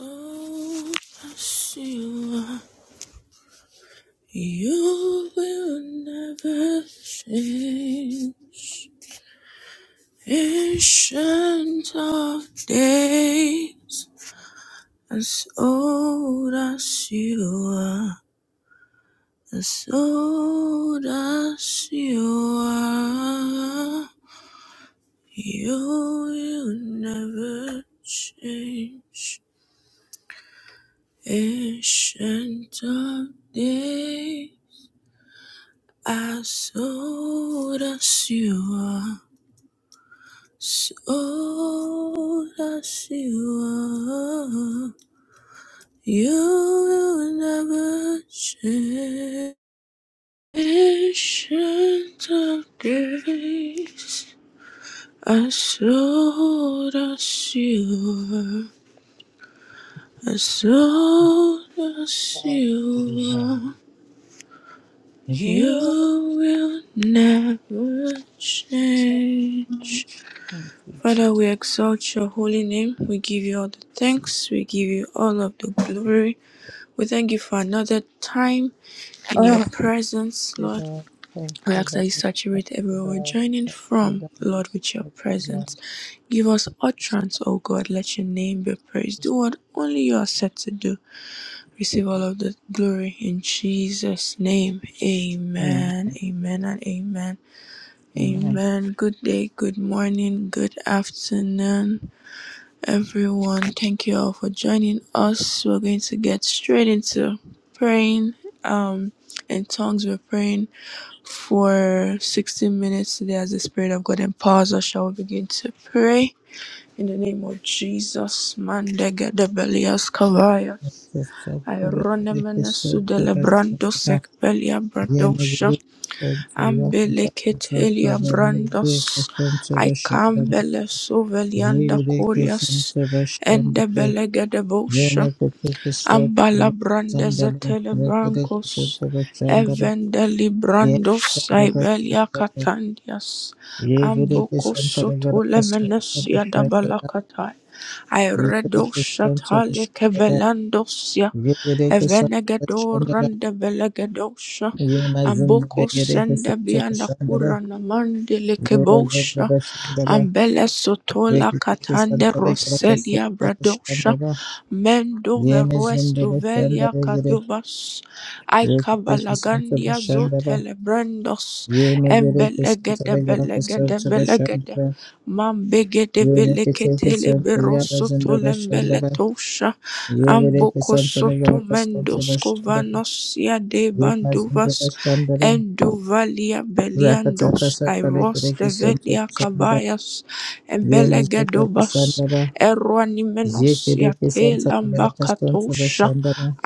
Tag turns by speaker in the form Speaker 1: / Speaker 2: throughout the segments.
Speaker 1: Oh, Sheila, you will never change. Ancient of days, as old as you are, as old as you are, you will never change. Ancient of days. I sold us you up, sold you You will never change. Ancient of grace, I sold us you I
Speaker 2: You
Speaker 1: sold us you You will never change.
Speaker 2: change. Thank you,
Speaker 1: Father, we exalt your holy name. We give you all the
Speaker 2: Jesus.
Speaker 1: thanks. We give you all of the glory. We thank you for another time in your
Speaker 2: Ah,
Speaker 1: presence,
Speaker 2: you
Speaker 1: Lord.
Speaker 2: Lord. Thank
Speaker 1: We
Speaker 2: you,
Speaker 1: ask that
Speaker 2: Lord.
Speaker 1: you
Speaker 2: Thank
Speaker 1: saturate
Speaker 2: you,
Speaker 1: everywhere we're
Speaker 2: Lord.
Speaker 1: joining
Speaker 2: Thank you,
Speaker 1: from,
Speaker 2: Lord.
Speaker 1: Lord, with your
Speaker 2: Thank you,
Speaker 1: presence.
Speaker 2: Lord.
Speaker 1: Give us utterance, O God. Let your name be praised. Do what only you are set to do. Receive all of the glory in Jesus' name. Amen.
Speaker 2: Amen.
Speaker 1: Amen and amen.
Speaker 2: Amen.
Speaker 1: Amen. Good day, good morning, good afternoon everyone. Thank you all for joining us. We're going to get straight into praying um, in tongues. We're praying for 16 minutes today as the Spirit of God empowers us. Shall we begin to pray? In the name of Jesus, Mandega de Belias Kavaya,
Speaker 2: Sister, Yes. the
Speaker 1: Ironemenes
Speaker 2: Yes.
Speaker 1: Sudele Brando
Speaker 2: profession.
Speaker 1: Sek Belia
Speaker 2: Yeah, make it. Thank you, Lord. Thank you, Lord. Thank you,
Speaker 1: Ambeleketelia
Speaker 2: Lord. Make it a
Speaker 1: brandos, I
Speaker 2: Christian profession.
Speaker 1: Icambele suvelianda
Speaker 2: Yireke
Speaker 1: curias,
Speaker 2: sente
Speaker 1: and the
Speaker 2: bashandale,
Speaker 1: belegade bush,
Speaker 2: remeke teke
Speaker 1: Ambala
Speaker 2: sote,
Speaker 1: brandes
Speaker 2: sandale,
Speaker 1: etele
Speaker 2: rekereke
Speaker 1: brancos,
Speaker 2: sente bashandale,
Speaker 1: Evendeli brandos
Speaker 2: yensande
Speaker 1: Sibelia
Speaker 2: bashandale,
Speaker 1: katandias,
Speaker 2: yireke
Speaker 1: Amboko
Speaker 2: sentale garaka sente
Speaker 1: Sotolemenesia
Speaker 2: bashandale,
Speaker 1: Dabalakatai Iredo
Speaker 2: yireke sente
Speaker 1: Shatale
Speaker 2: bashandale,
Speaker 1: Kevelandosia
Speaker 2: yireke sente
Speaker 1: Evenegedo
Speaker 2: bashandale,
Speaker 1: Rande Belegedosha
Speaker 2: yemazinde
Speaker 1: Amboko
Speaker 2: yireke
Speaker 1: Senda
Speaker 2: sente bashandale,
Speaker 1: Bianakura Namandele
Speaker 2: yireke
Speaker 1: Kebosha
Speaker 2: bashandale,
Speaker 1: Ambele Sotola
Speaker 2: rekereke
Speaker 1: Katande
Speaker 2: sentale garaka
Speaker 1: Roselia
Speaker 2: sente
Speaker 1: Bradosha
Speaker 2: bashandale,
Speaker 1: Mendo
Speaker 2: yemezinde
Speaker 1: Veruesto Velia
Speaker 2: bashandale,
Speaker 1: kadobas.
Speaker 2: Yekitesh Santa
Speaker 1: Aikabalagandia
Speaker 2: Shandaba,
Speaker 1: zotelebrandos
Speaker 2: Ye Megere Santa
Speaker 1: embelegede
Speaker 2: Regada
Speaker 1: belegede
Speaker 2: Santa
Speaker 1: belegede
Speaker 2: Shandaba,
Speaker 1: mambegede
Speaker 2: Ye Megate
Speaker 1: beleketele
Speaker 2: Santa Yara
Speaker 1: berosoto
Speaker 2: Zendaba Shandaba,
Speaker 1: lembeletosha
Speaker 2: Ye Vere Santa
Speaker 1: ambokosoto
Speaker 2: Regada Santa Shandaba,
Speaker 1: mendoskovanosia de
Speaker 2: Ye Mazendaba
Speaker 1: banduvas
Speaker 2: Shandaba,
Speaker 1: enduvalia
Speaker 2: Rakataka
Speaker 1: beliandos
Speaker 2: Santa
Speaker 1: airos
Speaker 2: Regada Santa
Speaker 1: develia
Speaker 2: Shandaba,
Speaker 1: kabayas
Speaker 2: Ye Mizendaba
Speaker 1: embelegedobas
Speaker 2: Shandaba,
Speaker 1: animenos
Speaker 2: Ye Kedeke
Speaker 1: yate
Speaker 2: Santa Regada Santa
Speaker 1: lambakatosha
Speaker 2: Shandaba,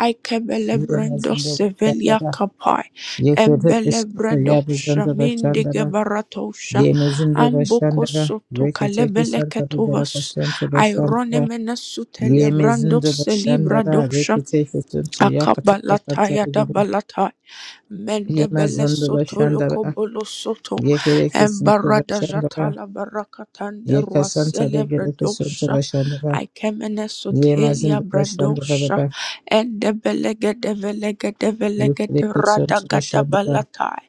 Speaker 2: Ye
Speaker 1: aikebelebrendos
Speaker 2: Mazendaba
Speaker 1: sevelia
Speaker 2: Shandaba,
Speaker 1: kapai
Speaker 2: Ye Kedeke Santa Yara
Speaker 1: embelebredosha
Speaker 2: Zendaba Shandaba,
Speaker 1: mindigebaratosha
Speaker 2: Yemezinde başlandıra,
Speaker 1: ambokosoto
Speaker 2: reketeki santarı
Speaker 1: kalebeleketovas
Speaker 2: garakasanta başlandıra,
Speaker 1: aironemenesutelebrandos
Speaker 2: Yemezinde başlandıra,
Speaker 1: selibradosha
Speaker 2: reketeki santarı yakataka
Speaker 1: Akabalataya
Speaker 2: santarı
Speaker 1: da
Speaker 2: geri,
Speaker 1: balata mendebele
Speaker 2: Yemezinde
Speaker 1: soto
Speaker 2: başlandıra,
Speaker 1: lokobolo soto
Speaker 2: yekereki santarı
Speaker 1: embarada
Speaker 2: başlandıra,
Speaker 1: jatala barakatanda
Speaker 2: yeka santarı
Speaker 1: ruasele
Speaker 2: gereki santarı
Speaker 1: bradosha
Speaker 2: başlandıra,
Speaker 1: aikemene sotelia
Speaker 2: Yemezinde başlandıra
Speaker 1: bradosha
Speaker 2: baba,
Speaker 1: endebelega develega develega de
Speaker 2: yekereki santarı
Speaker 1: radagata
Speaker 2: başlandıra,
Speaker 1: balatai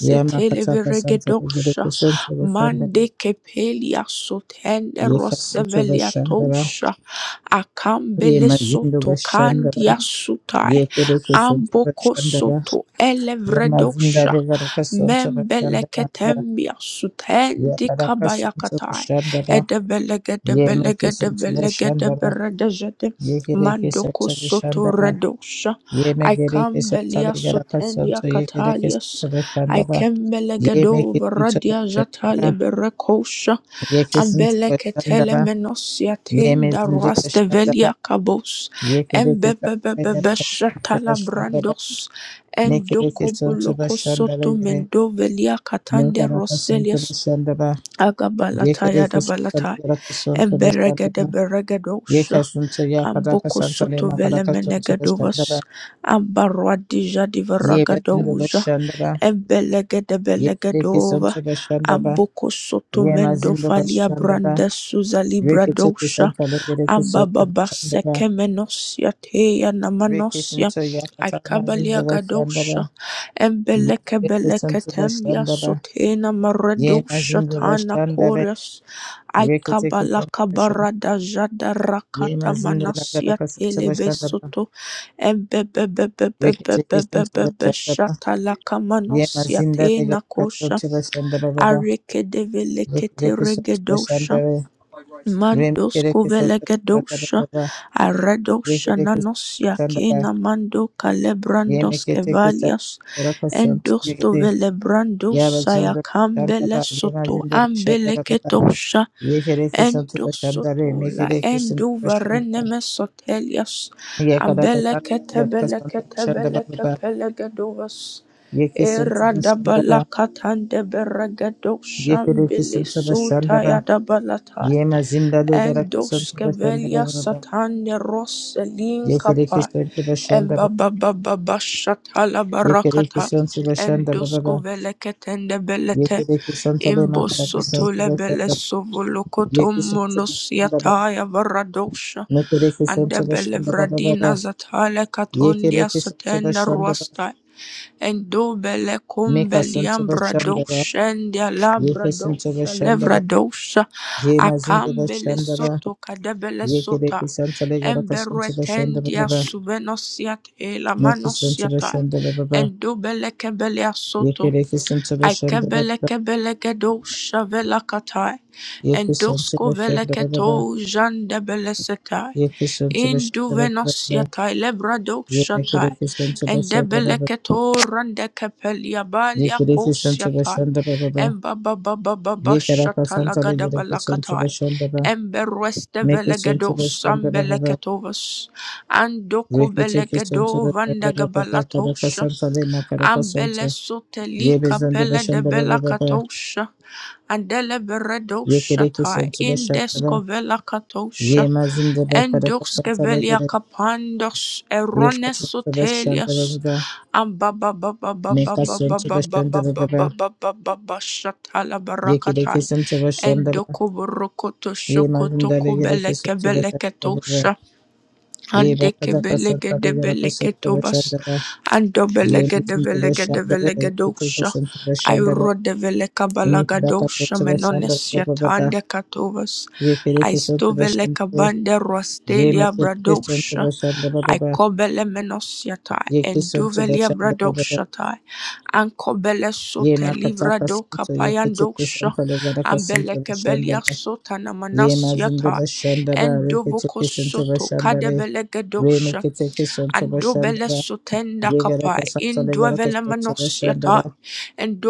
Speaker 2: Yama kataka santarı
Speaker 1: viregedosha
Speaker 2: gereki santarı başlandıra,
Speaker 1: mande kepelia sotende
Speaker 2: yeka santarı
Speaker 1: rosevelia
Speaker 2: başlandıra,
Speaker 1: akambele
Speaker 2: Yemezinde
Speaker 1: soto
Speaker 2: başlandıra,
Speaker 1: kandia sutai
Speaker 2: yekereke sontora
Speaker 1: amboko
Speaker 2: shandara
Speaker 1: soto
Speaker 2: yemazinda
Speaker 1: elevredosha
Speaker 2: regaraka sontora shandara
Speaker 1: membeleketembia sutendi
Speaker 2: yakaraka sontora
Speaker 1: kabayakatai
Speaker 2: shandara yemeke sontora shandara
Speaker 1: edebelegedebelegedebelegedeberedejede
Speaker 2: yekereke
Speaker 1: mandoko
Speaker 2: sontora
Speaker 1: soto
Speaker 2: shandara
Speaker 1: redosha
Speaker 2: yemegereke sontora
Speaker 1: aikambelia
Speaker 2: garaka
Speaker 1: sotendia
Speaker 2: sonto yekereke
Speaker 1: katalias
Speaker 2: sontora shandara
Speaker 1: aikembelegedo
Speaker 2: yemeke sontora
Speaker 1: radia
Speaker 2: shandara
Speaker 1: zatale berekosha
Speaker 2: yeke sontora
Speaker 1: Ambeleketele
Speaker 2: shandara
Speaker 1: menosia tenda
Speaker 2: yemezindora shandara
Speaker 1: ruastevelia kabos.
Speaker 2: yekereke sontora garaka sontora
Speaker 1: Embebebebeshatala
Speaker 2: shandara
Speaker 1: brandos.
Speaker 2: mekereke sontora
Speaker 1: Endokoboloko soto
Speaker 2: shandara
Speaker 1: mendovelia katande
Speaker 2: Negara
Speaker 1: roselia
Speaker 2: kasunto bashandaba,
Speaker 1: Agabalata
Speaker 2: yekere kusanta
Speaker 1: Yadabalata
Speaker 2: negara kasunto
Speaker 1: Emberegede
Speaker 2: bashandaba,
Speaker 1: Beregedosha
Speaker 2: yeka sunto ya kadaka
Speaker 1: Amboko
Speaker 2: santa
Speaker 1: Soto
Speaker 2: lema kadaka sunto
Speaker 1: Velemenegedovas
Speaker 2: bashandaba,
Speaker 1: Ambarwadija
Speaker 2: ye bezindo
Speaker 1: Divaragadoja
Speaker 2: bashandaba,
Speaker 1: Embelegede
Speaker 2: yekere
Speaker 1: Belegedova
Speaker 2: kusunto bashandaba,
Speaker 1: Amboko Soto
Speaker 2: ye
Speaker 1: Mendo
Speaker 2: mazindo
Speaker 1: Falia
Speaker 2: bashandaba,
Speaker 1: Branda Suza
Speaker 2: rekete
Speaker 1: Libradosha
Speaker 2: kusanta negara kusunto
Speaker 1: Ambababa
Speaker 2: bashandaba,
Speaker 1: Sekemenosia Teya
Speaker 2: reke
Speaker 1: Namanosia
Speaker 2: sunto ya kataka mazindo
Speaker 1: Akabalia
Speaker 2: bashandaba,
Speaker 1: Gadosha Embeleke
Speaker 2: yekere kusunto
Speaker 1: beleketem
Speaker 2: bashandaba,
Speaker 1: yasotena maredu
Speaker 2: ye mazindo
Speaker 1: shatana
Speaker 2: bashandaba,
Speaker 1: kores
Speaker 2: rekete kusunto
Speaker 1: aikabalaka
Speaker 2: bashandaba,
Speaker 1: barada jada
Speaker 2: ye
Speaker 1: rakata
Speaker 2: mazindo nagara
Speaker 1: manasia
Speaker 2: kasunto bashandaba,
Speaker 1: telebesoto
Speaker 2: Rekisikistan to the
Speaker 1: embebebebebebebebebe
Speaker 2: Chandaba,
Speaker 1: shatalaka manasia
Speaker 2: Yemazinda Lega
Speaker 1: tena
Speaker 2: Kato
Speaker 1: kosha
Speaker 2: to the Shandababa,
Speaker 1: areke develekete
Speaker 2: Rekis of the
Speaker 1: regedosha
Speaker 2: Shandare, Rem
Speaker 1: Mandos
Speaker 2: Kerekis of the
Speaker 1: Kovelekadosha
Speaker 2: Shandababa,
Speaker 1: Aradosha
Speaker 2: Rekis
Speaker 1: Nanosia
Speaker 2: Shandaba,
Speaker 1: Kena Mando Kalebrandos
Speaker 2: Yemekitikis of
Speaker 1: Kevalias
Speaker 2: Kerakasan to
Speaker 1: Endosto
Speaker 2: Yigidi,
Speaker 1: Velebrandos
Speaker 2: Yabazunda
Speaker 1: Sayakambele
Speaker 2: Shandaba,
Speaker 1: Soto
Speaker 2: Yemazinda
Speaker 1: ambeleke
Speaker 2: Shandababa,
Speaker 1: dosha
Speaker 2: Yekerekis of the
Speaker 1: endos
Speaker 2: Shandare,
Speaker 1: soto la,
Speaker 2: Mekerekis of the
Speaker 1: Endosotola
Speaker 2: Shandaba,
Speaker 1: Enduvareneme Sotelias
Speaker 2: Yakarakasan,
Speaker 1: ambeleke
Speaker 2: Yakasan
Speaker 1: tebeleke
Speaker 2: to the
Speaker 1: tebeleke
Speaker 2: Shandababa,
Speaker 1: Ambeleketebeleketebelekepelegadovas
Speaker 2: Yekis of the Shandaba,
Speaker 1: Eradabalakatande Beregadosha
Speaker 2: Yekerekis
Speaker 1: Mbele
Speaker 2: of the Shandaba,
Speaker 1: Sutayadabalatai
Speaker 2: ये मैं जिंदा लेकर संत
Speaker 1: Endos
Speaker 2: बसंत
Speaker 1: Kevelia
Speaker 2: बबा
Speaker 1: Satande Roselin
Speaker 2: ये करे कि
Speaker 1: Kapa
Speaker 2: संत बसंत बबा
Speaker 1: Eba Baba Baba Shatala
Speaker 2: ये करे कि
Speaker 1: Barakata
Speaker 2: संत बसंत
Speaker 1: Endos
Speaker 2: बबा
Speaker 1: Koveleketende
Speaker 2: ये
Speaker 1: Belete
Speaker 2: करे कि संत ले ना हरा कि संत
Speaker 1: Imbosotole Bele
Speaker 2: बसंत ये
Speaker 1: Sovolokotom
Speaker 2: कि संत बसंत बबा
Speaker 1: Monosiataya Varadosha
Speaker 2: मैं करे कि
Speaker 1: and the
Speaker 2: संत बसंत बबा
Speaker 1: Belevradina
Speaker 2: बबा
Speaker 1: Zatale
Speaker 2: ये करे
Speaker 1: Katondia
Speaker 2: कि संत
Speaker 1: Satenda
Speaker 2: बसंत बबा
Speaker 1: Ruasta and do Bele
Speaker 2: मैं का संत
Speaker 1: Cumbeliam
Speaker 2: बसंत बबा
Speaker 1: Bradosha and the
Speaker 2: ये के
Speaker 1: Labradosha
Speaker 2: संत बसंत बबा
Speaker 1: Levradosha
Speaker 2: ये मजिंदा
Speaker 1: Akambele
Speaker 2: बसंत बबा
Speaker 1: soto kadebele
Speaker 2: ये करे
Speaker 1: sota.
Speaker 2: कि संत ले गरा का संत बसंत
Speaker 1: Emberetendia
Speaker 2: बबा
Speaker 1: suvenosiat
Speaker 2: मैं कि संत
Speaker 1: elamanosia tai.
Speaker 2: बसंत बबा
Speaker 1: Endubele kebelia
Speaker 2: ये
Speaker 1: soto.
Speaker 2: करे कि संत बसंत बबा
Speaker 1: Aikebele kebele gedo shavela katai, and
Speaker 2: Yefficient to the
Speaker 1: dosko vele
Speaker 2: Shandaraba,
Speaker 1: keto jande bele setai,
Speaker 2: Yefficient to the
Speaker 1: In duvenos
Speaker 2: Shandaraba,
Speaker 1: yatai lebrado shatai,
Speaker 2: Yekification to the
Speaker 1: endebele
Speaker 2: Shandaraba,
Speaker 1: keto rande kepelia balia kos
Speaker 2: Yekification to the
Speaker 1: yatai,
Speaker 2: Shandaraba,
Speaker 1: embaba baba baba
Speaker 2: Yekaraka
Speaker 1: shatala
Speaker 2: Santa
Speaker 1: gada bala
Speaker 2: Yekification to the
Speaker 1: katai,
Speaker 2: Shandaba,
Speaker 1: emberweste vele
Speaker 2: Makison to
Speaker 1: gedo
Speaker 2: the
Speaker 1: sambele
Speaker 2: Shandaraba,
Speaker 1: ketovas, andoko bele
Speaker 2: Rikitikison to
Speaker 1: gedo
Speaker 2: the
Speaker 1: vanda
Speaker 2: Shandaraba, Karaka Santa Lima Karaka
Speaker 1: Ambele
Speaker 2: Santa,
Speaker 1: sotelika
Speaker 2: Yebizan to the
Speaker 1: pele de bela
Speaker 2: Shandaraba,
Speaker 1: katosha. Andele beredosha ta
Speaker 2: Yekification to the Shandaba,
Speaker 1: indescovela katosha.
Speaker 2: Yemazin to the Karaka
Speaker 1: Endoskevelia
Speaker 2: Santa
Speaker 1: capandos erones
Speaker 2: Yekification to the
Speaker 1: sotelius.
Speaker 2: Shandaraba,
Speaker 1: Ambaba baba baba baba
Speaker 2: Makason to the
Speaker 1: baba
Speaker 2: Shandaraba,
Speaker 1: baba baba baba shatala barakatai.
Speaker 2: Yekirekesin çabaşlandırı.
Speaker 1: Endokoborokoto
Speaker 2: Ye
Speaker 1: shokoto
Speaker 2: mazindale gerekesin
Speaker 1: kobeleke
Speaker 2: çabaşlandırı.
Speaker 1: beleketosha. And
Speaker 2: Ye
Speaker 1: Andeke
Speaker 2: bakacak
Speaker 1: belege
Speaker 2: asırtları
Speaker 1: de
Speaker 2: gerekesin
Speaker 1: belege tobas.
Speaker 2: çabaşlandırı.
Speaker 1: Ando
Speaker 2: Ye
Speaker 1: belege de
Speaker 2: mizin
Speaker 1: belege de
Speaker 2: çabaşlandırı.
Speaker 1: belege dosha.
Speaker 2: Yekirekesin çabaşlandırı.
Speaker 1: Iro de veleka
Speaker 2: Ümit
Speaker 1: balaga
Speaker 2: harakatı
Speaker 1: dosha
Speaker 2: çabaşlandırı.
Speaker 1: menones
Speaker 2: Baba.
Speaker 1: yatande katovas. I
Speaker 2: Yekirekesin
Speaker 1: stovele
Speaker 2: çabaşlandırı.
Speaker 1: kabande
Speaker 2: Ye
Speaker 1: rostelia
Speaker 2: mekirekesin
Speaker 1: bradosha.
Speaker 2: çabaşlandırı.
Speaker 1: I
Speaker 2: Baba.
Speaker 1: kobele menos yatai. and
Speaker 2: Yekisin
Speaker 1: duvelia
Speaker 2: çabaşlandırı. Baba.
Speaker 1: bradosha tai. And kobele
Speaker 2: Ye
Speaker 1: sote livra do
Speaker 2: makatakasin çabaşlandırı.
Speaker 1: kapayan dosha. and
Speaker 2: Yekirekesin
Speaker 1: Ambeleke belia
Speaker 2: çabaşlandırı.
Speaker 1: sota
Speaker 2: Ye
Speaker 1: namanas
Speaker 2: mazinda
Speaker 1: yatai.
Speaker 2: bashanda ba reke
Speaker 1: Endovoko
Speaker 2: teke sento
Speaker 1: soto Endovokosoto
Speaker 2: bashanda re re
Speaker 1: kadebelegedosa
Speaker 2: meke teke sento bashanda
Speaker 1: andobele
Speaker 2: ba
Speaker 1: sotenda
Speaker 2: ye gara
Speaker 1: kapai,
Speaker 2: kasanta le gara
Speaker 1: indwevele
Speaker 2: kasanta
Speaker 1: menos
Speaker 2: bashanda ba
Speaker 1: yatai,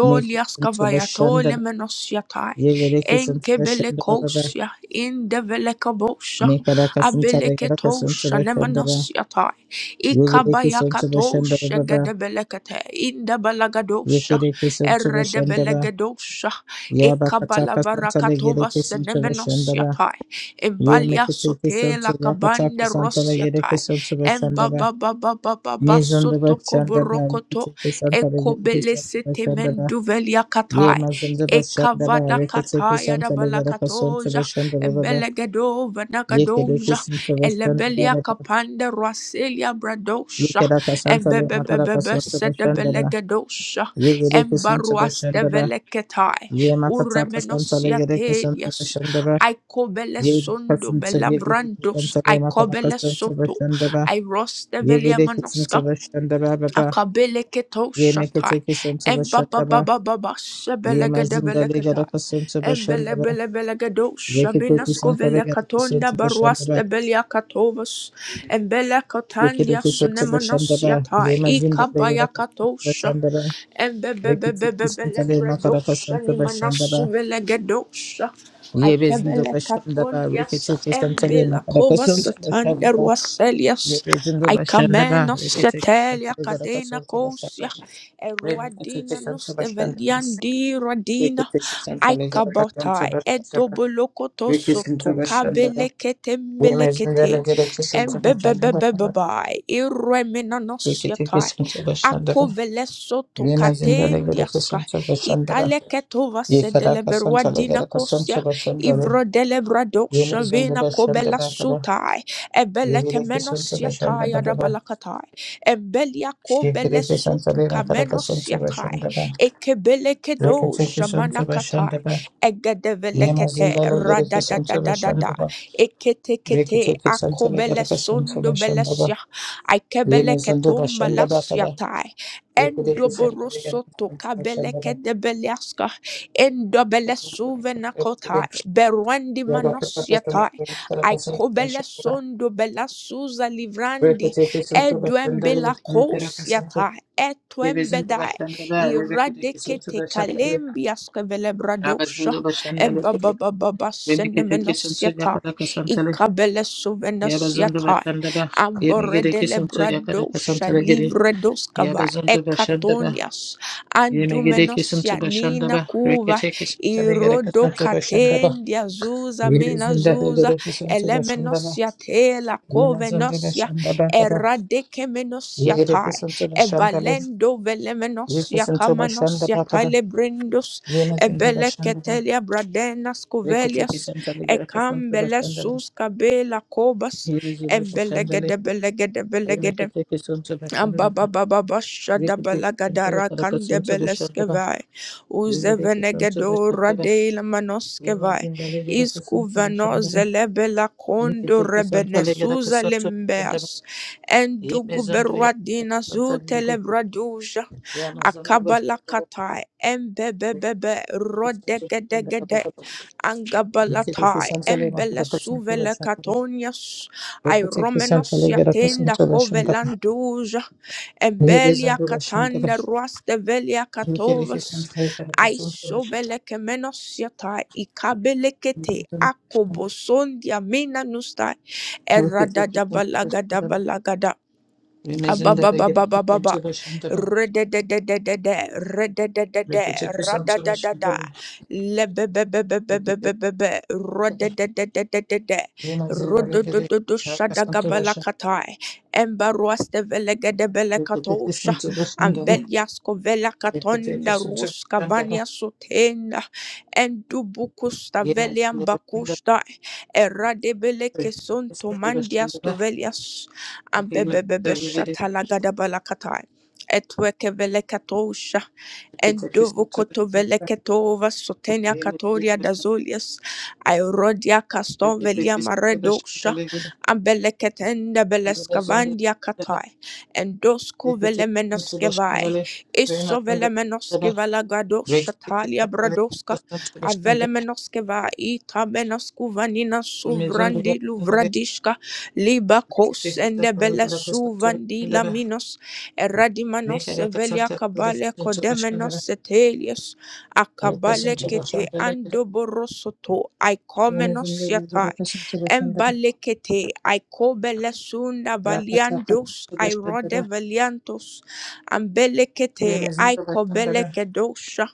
Speaker 2: meke sento bashanda
Speaker 1: kavayatole
Speaker 2: ba
Speaker 1: menos yatai,
Speaker 2: ye gara kasanta
Speaker 1: enkebele
Speaker 2: bashanda ba ba
Speaker 1: kosia, indevele kabosia,
Speaker 2: me gara kasanta
Speaker 1: abele
Speaker 2: le gara kasanta
Speaker 1: ketosha
Speaker 2: bashanda ba
Speaker 1: nemenos yatai,
Speaker 2: ye gara
Speaker 1: ikabaya
Speaker 2: kasanta bashanda ba
Speaker 1: katosha
Speaker 2: ba ba
Speaker 1: gedebele kete, indebele
Speaker 2: ye
Speaker 1: gadosha,
Speaker 2: gara kasanta bashanda
Speaker 1: eredebele
Speaker 2: ba
Speaker 1: gadosha,
Speaker 2: ya ba kata
Speaker 1: ikabala
Speaker 2: kasanta le gara
Speaker 1: varakatova
Speaker 2: kasanta
Speaker 1: senemenos
Speaker 2: bashanda ba
Speaker 1: yatai,
Speaker 2: ye
Speaker 1: imbalia
Speaker 2: meke teke
Speaker 1: sotela
Speaker 2: sento ya kata
Speaker 1: kabande
Speaker 2: kasanta le
Speaker 1: ros
Speaker 2: gara
Speaker 1: yatai
Speaker 2: kasanta
Speaker 1: Emba
Speaker 2: bashanda ba
Speaker 1: ba ba ba ba ba ba
Speaker 2: Mezondaba
Speaker 1: soto
Speaker 2: Shandaba
Speaker 1: kovorokoto.
Speaker 2: Rikiteke Santa Leveraka
Speaker 1: Ekobele
Speaker 2: Santaba
Speaker 1: sete
Speaker 2: Shandaba
Speaker 1: menduvelia
Speaker 2: Ye
Speaker 1: katai.
Speaker 2: Mazandaba Shandaba
Speaker 1: Ekavada
Speaker 2: Rikiteke
Speaker 1: kataya
Speaker 2: Santa
Speaker 1: da
Speaker 2: Leveraka Santaba
Speaker 1: balakatoja.
Speaker 2: Shandaba
Speaker 1: Embelegedo
Speaker 2: Yekedeke
Speaker 1: vanagadoja.
Speaker 2: Sintaba
Speaker 1: Elebelia
Speaker 2: Shandaba
Speaker 1: kapande raselia bradosha.
Speaker 2: Yekedaka Santa Leveraka
Speaker 1: Embebebebebe
Speaker 2: Santaba
Speaker 1: sete
Speaker 2: Shandaba
Speaker 1: belegadosha.
Speaker 2: Yegereke Santaba
Speaker 1: Embaruas de
Speaker 2: Shandaba
Speaker 1: veleketai.
Speaker 2: Ye Makataka Santa
Speaker 1: Uremenosia
Speaker 2: Leveraka Santaba
Speaker 1: telias.
Speaker 2: Shandaba
Speaker 1: I cobele
Speaker 2: Ye
Speaker 1: sondo
Speaker 2: Bakasinta Yegereke
Speaker 1: belavrandos.
Speaker 2: Santa
Speaker 1: I
Speaker 2: Leveraka
Speaker 1: cobele
Speaker 2: Santaba
Speaker 1: soto.
Speaker 2: Shandaba
Speaker 1: Iroste velia
Speaker 2: Yegereke
Speaker 1: manoska.
Speaker 2: Santaba Shandaba Baba
Speaker 1: Akabele keto
Speaker 2: Ye
Speaker 1: shatai.
Speaker 2: Meketeke Santaba
Speaker 1: Emba ba
Speaker 2: Shandaba
Speaker 1: ba ba ba ba
Speaker 2: Ye
Speaker 1: shebelega
Speaker 2: mazinda lega da
Speaker 1: debelekatai.
Speaker 2: kasun to
Speaker 1: Embele
Speaker 2: bashandara.
Speaker 1: bele bele gedo
Speaker 2: Ye ke
Speaker 1: shabina
Speaker 2: teki santa
Speaker 1: skovele
Speaker 2: lega da kasun to
Speaker 1: katonda baruaste
Speaker 2: bashandara.
Speaker 1: belia katovas. Embele
Speaker 2: Ye ke
Speaker 1: katandia
Speaker 2: teki santa
Speaker 1: sunemonos
Speaker 2: bashandara.
Speaker 1: yatai.
Speaker 2: Ye mazinda lega
Speaker 1: Ikabaya
Speaker 2: da kasun to
Speaker 1: katosha.
Speaker 2: bashandara. Ye ke teki santa
Speaker 1: Embebebebebele
Speaker 2: le makara
Speaker 1: bredosha
Speaker 2: kasun to
Speaker 1: nimanasu Embebebebebebelebredosha
Speaker 2: bashandara.
Speaker 1: nimanasuvelegedosha.
Speaker 2: Ye bezindo
Speaker 1: Aikebele
Speaker 2: bashandara. Ye ke
Speaker 1: katoliasa
Speaker 2: teki santa le
Speaker 1: embela
Speaker 2: makara
Speaker 1: kova
Speaker 2: kasun to
Speaker 1: satanda
Speaker 2: bashandara. Ye
Speaker 1: ruaselias.
Speaker 2: bezindo
Speaker 1: I
Speaker 2: bashandara.
Speaker 1: command us
Speaker 2: Ye ke teki santa
Speaker 1: setelia
Speaker 2: lega da
Speaker 1: cadena
Speaker 2: kasun to
Speaker 1: cosia
Speaker 2: bashandara. Ye ke teki
Speaker 1: eruadina
Speaker 2: santa bashandara.
Speaker 1: nusteveliandi
Speaker 2: Ye
Speaker 1: radina
Speaker 2: teki santa
Speaker 1: I
Speaker 2: lega da kasun
Speaker 1: kabota
Speaker 2: to bashandara.
Speaker 1: edobolokoto
Speaker 2: Ye ke santa
Speaker 1: soto
Speaker 2: bashandara.
Speaker 1: kabelekete
Speaker 2: Yemezindele
Speaker 1: mbelekete
Speaker 2: gerekçesi başlandıra kadar
Speaker 1: embebebebebai iremina
Speaker 2: yeketi
Speaker 1: nosyatai
Speaker 2: kesince başlandıra.
Speaker 1: akovele soto
Speaker 2: Yemezindele
Speaker 1: katendiaska
Speaker 2: gerekçesi başlandıra.
Speaker 1: italeketo
Speaker 2: Yekara
Speaker 1: vasedeleberua
Speaker 2: kasançala
Speaker 1: dina
Speaker 2: gere
Speaker 1: kosia
Speaker 2: kasança başlandıra. Yemezinde
Speaker 1: ivrodelebradokshavina kobela
Speaker 2: başlandıra kadar
Speaker 1: suta ebeleke
Speaker 2: yekere
Speaker 1: menos
Speaker 2: kesince
Speaker 1: yatai
Speaker 2: başlandıra kadar.
Speaker 1: adabalakatai embelia ko
Speaker 2: Şekere
Speaker 1: bele
Speaker 2: kesançala
Speaker 1: sutu
Speaker 2: gere kadar
Speaker 1: kamenos
Speaker 2: kasança
Speaker 1: yatai
Speaker 2: başlandıra.
Speaker 1: ekebeleke do
Speaker 2: Yekete kesince
Speaker 1: shamanakatai
Speaker 2: başlandıra.
Speaker 1: egedevelekete
Speaker 2: Yemezindele gerekçesi
Speaker 1: radadadadadada
Speaker 2: başlandıra.
Speaker 1: eketekete
Speaker 2: Yekete kesançala
Speaker 1: akobele
Speaker 2: gere kasança
Speaker 1: sundo
Speaker 2: başlandıra.
Speaker 1: belesya aikebeleke
Speaker 2: Yemezinde başlandıra
Speaker 1: tombalas
Speaker 2: kadar.
Speaker 1: yatai
Speaker 2: Yekere kesince
Speaker 1: Endoborosoto kabeleke
Speaker 2: başlandıra.
Speaker 1: debeliaska
Speaker 2: Yabazunda
Speaker 1: endobele suvena kotai berwendi manos yatai. Aikobele sondo bela suza livrandi edwembela kosiata etwembedai iradekete kalembia skevelebradosha embabababa senemenosiatai ikabele suvenosiatai amboredele bradosha livredoskava
Speaker 2: Rekete
Speaker 1: ekatonias andumenosia nina kuva irodokatendia zuza menazuza elemenosia te la
Speaker 2: Yena zondele
Speaker 1: covenosia
Speaker 2: shanda bakada.
Speaker 1: eradike menosia
Speaker 2: Yegede
Speaker 1: tai
Speaker 2: kisun to the shandale.
Speaker 1: ebalendo velemenosia
Speaker 2: Yekisun to the shanda
Speaker 1: kamanosia
Speaker 2: bakada.
Speaker 1: tale brindus
Speaker 2: Yena zindo the shandaba.
Speaker 1: ebeleketelia bradenas
Speaker 2: Rekete
Speaker 1: covelias
Speaker 2: kisun to the garakasun to the shandaba.
Speaker 1: ecambelesus cabela cobas
Speaker 2: Yebizindo the shandale.
Speaker 1: embelegede
Speaker 2: Remekete kisun to the shandaba. Rekete kisun
Speaker 1: Abababababashadabalagada
Speaker 2: to the garakasun to the shandaba.
Speaker 1: kandebeleskevai.
Speaker 2: Yegede kisun to the
Speaker 1: Uzevenegedora
Speaker 2: shandaba.
Speaker 1: de la
Speaker 2: Yena
Speaker 1: manoskevai.
Speaker 2: zindale garakasun to the
Speaker 1: Iskuvano
Speaker 2: shandaba.
Speaker 1: zelebela kondo
Speaker 2: Rekete kisun to the
Speaker 1: rebenesuza
Speaker 2: garakasun to the shandaba.
Speaker 1: limbeas.
Speaker 2: Yebizindo ya
Speaker 1: Enduguberadina
Speaker 2: garakasun to the yede.
Speaker 1: zutelebraduja.
Speaker 2: Yama zindo the shandaba.
Speaker 1: Akabalakatai. Embebebebe
Speaker 2: Rekete kisun to the
Speaker 1: rodegedegede.
Speaker 2: shandaba. Rekete
Speaker 1: Angabalatai.
Speaker 2: santale makaraka santura
Speaker 1: Embelesuvele
Speaker 2: shantara.
Speaker 1: katonias. I
Speaker 2: Rekete
Speaker 1: romenos
Speaker 2: santale garaka
Speaker 1: yatenda
Speaker 2: santura shantara.
Speaker 1: kovelanduja.
Speaker 2: Ye
Speaker 1: Embelia
Speaker 2: bezundura shantara.
Speaker 1: katanda ruaste velia
Speaker 2: Rekete
Speaker 1: katovas.
Speaker 2: santale garaka
Speaker 1: I
Speaker 2: santura shantara.
Speaker 1: sobeleke menos yata
Speaker 2: Ye
Speaker 1: ikabelekete
Speaker 2: bezundura shantara.
Speaker 1: akobosondia mina nusta
Speaker 2: Rekete
Speaker 1: eradada
Speaker 2: santura
Speaker 1: balagada.
Speaker 2: shantara.
Speaker 1: balagada
Speaker 2: Ye mezundura garaka
Speaker 1: Ababababababa.
Speaker 2: santura shantara.
Speaker 1: Rededededede. Redededede.
Speaker 2: Rekete santura
Speaker 1: Radadadada.
Speaker 2: shantara. Rekete
Speaker 1: Lebebebebebebebebe.
Speaker 2: santara.
Speaker 1: Rodededededede.
Speaker 2: Ye mezundura garaka santura shantara. Rekete santura shantara. Rekete
Speaker 1: Rododododo
Speaker 2: santura shantara.
Speaker 1: shadagabalakatai. Embaruaste velegedebelekatosha. Ambeliasko velakatonda ruska vania sutenda. Endubukusta
Speaker 2: Ye
Speaker 1: veliambakusta. Eradebeleke sonto
Speaker 2: mezundura
Speaker 1: mandias
Speaker 2: shantara. Rakataka
Speaker 1: Ambebebebe
Speaker 2: Rakataka
Speaker 1: shatalagadabala Etweke velekatosha endovo koto veleketova sotenia katoria dazolius airodia caston velia maredosha ambeleketenda belescavandia katai endosco velemenoskevai isso velemenoskeva gadosha talia bradoska avelemenoskeva ita menoskuvanina suvrandi luvradiska Liba kos and the bella suvandi laminos, eradimanos, evelia kabale codemenos etelius, akabale kete ando borosoto, icomenos yatai, embale kete aikobele sunda valiandos, irode valiantos,
Speaker 2: Rakataka
Speaker 1: kedosha,
Speaker 2: Rakataka
Speaker 1: icobelekedosha,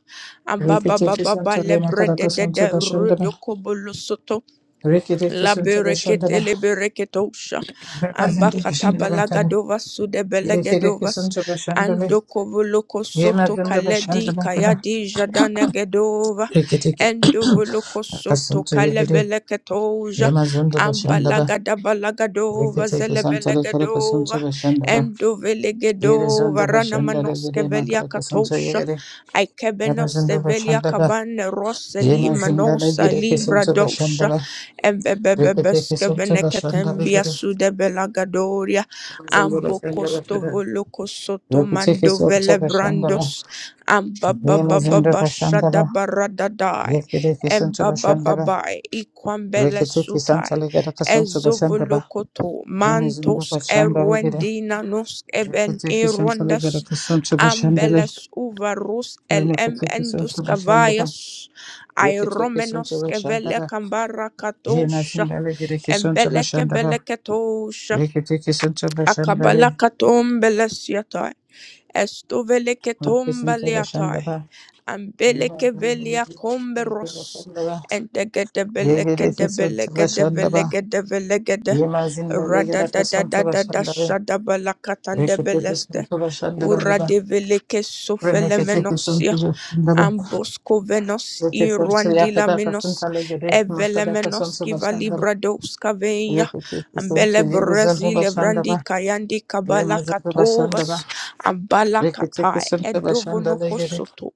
Speaker 2: Rikitiki
Speaker 1: ambabababa
Speaker 2: Santalena
Speaker 1: lebrede
Speaker 2: Karaka
Speaker 1: de de
Speaker 2: Santaba Shandaba,
Speaker 1: rudo kobolosoto.
Speaker 2: Rikitiki
Speaker 1: La
Speaker 2: Santaba
Speaker 1: berekete
Speaker 2: Shandaba,
Speaker 1: le bereketosha.
Speaker 2: Rabazindiki
Speaker 1: Ambakata
Speaker 2: Shandaba Kada,
Speaker 1: balagadova sude
Speaker 2: Rikitiki
Speaker 1: belegadovas.
Speaker 2: Santaba Shandaba,
Speaker 1: Andokovoloko soto
Speaker 2: Yamazandaba
Speaker 1: kaledi
Speaker 2: Shandaba Kada,
Speaker 1: kayadi jadanegedova.
Speaker 2: Rikitiki
Speaker 1: Endovoloko soto
Speaker 2: Akasantu Yigiri,
Speaker 1: kalebeleketoja.
Speaker 2: Yamazandaba Shandaba,
Speaker 1: Ambalagada balagadova
Speaker 2: Rikitiki Santale Karaka
Speaker 1: zelebelegadova.
Speaker 2: Santaba Shandaba,
Speaker 1: Endovelegedova
Speaker 2: Yerizandaba Shandala
Speaker 1: ranamanoske
Speaker 2: Giri Makaraka Santu
Speaker 1: veliakatosha.
Speaker 2: Yigiri,
Speaker 1: Aikebenoste
Speaker 2: Yamazandaba Shandaba,
Speaker 1: veliakabane roseli
Speaker 2: Yamazindala
Speaker 1: manosa
Speaker 2: Giri
Speaker 1: libra
Speaker 2: Kisantaba Shandaba, Rikitiki Santaba Shandaba
Speaker 1: Ebebebebeskavenekatembia
Speaker 2: Giri,
Speaker 1: sudebelagadoria
Speaker 2: Yamazandaba Shandaba Kada,
Speaker 1: ambokostovolukosoto
Speaker 2: Rekitekisonto Kashandara,
Speaker 1: mandovelebrandos
Speaker 2: Remazinda Kashandara,
Speaker 1: ambababababashadabaradadai
Speaker 2: Yekitekisonto Kashandara,
Speaker 1: embabababai
Speaker 2: Rekitekisanta
Speaker 1: ikwambelesutai
Speaker 2: Legata Kasonto Kashandara,
Speaker 1: ezovolokoto
Speaker 2: Remazinda
Speaker 1: mantos
Speaker 2: Kashandara Gede,
Speaker 1: eruendinanos even
Speaker 2: Rekitekisanta
Speaker 1: erondas
Speaker 2: Legata Kasonto Kashandale,
Speaker 1: Ambelus uvarus el em endus
Speaker 2: Remakitekisonto Kashandara,
Speaker 1: cavaius, aeromenos
Speaker 2: Rekitekisonto
Speaker 1: cevele
Speaker 2: Kashandara,
Speaker 1: cambara catosha,
Speaker 2: Remazinda Legate Kisonto
Speaker 1: embele
Speaker 2: Kashandara,
Speaker 1: cebele catosha,
Speaker 2: Rekitekisonto
Speaker 1: acabala
Speaker 2: Kashandare,
Speaker 1: catum belesiata. Estoveleke
Speaker 2: Rekisinto
Speaker 1: tombaliatai.
Speaker 2: Kashandara,
Speaker 1: Ambeleke velia comberos. And the gedebeleke
Speaker 2: Yekitekisonto
Speaker 1: debeleke
Speaker 2: Kashandara,
Speaker 1: develeke develegede.
Speaker 2: Yemazinda
Speaker 1: Rada
Speaker 2: legera
Speaker 1: da da da
Speaker 2: kasonto
Speaker 1: da da
Speaker 2: bashandaba.
Speaker 1: shadabalakatan
Speaker 2: Rekete
Speaker 1: debeleste.
Speaker 2: sonto bashandaba
Speaker 1: Ura
Speaker 2: baba.
Speaker 1: de develeke
Speaker 2: Remekete sonto
Speaker 1: sofelemenosia.
Speaker 2: bashandaba.
Speaker 1: Ambosco venos
Speaker 2: Rete sonto
Speaker 1: irwandila
Speaker 2: yakata
Speaker 1: menos
Speaker 2: kasonto legere
Speaker 1: Evele
Speaker 2: makada
Speaker 1: menos
Speaker 2: kasonto
Speaker 1: kiva
Speaker 2: bashandaba.
Speaker 1: kivalibra doska veia
Speaker 2: Rekete
Speaker 1: ambele
Speaker 2: sonto legere zonto
Speaker 1: brasile vrandi
Speaker 2: bashandaba.
Speaker 1: kayandi kabala
Speaker 2: Remazinda
Speaker 1: katovas
Speaker 2: bashandaba.
Speaker 1: Abalakata
Speaker 2: Rekete sonto bashanda
Speaker 1: edovonoko
Speaker 2: legere.
Speaker 1: soto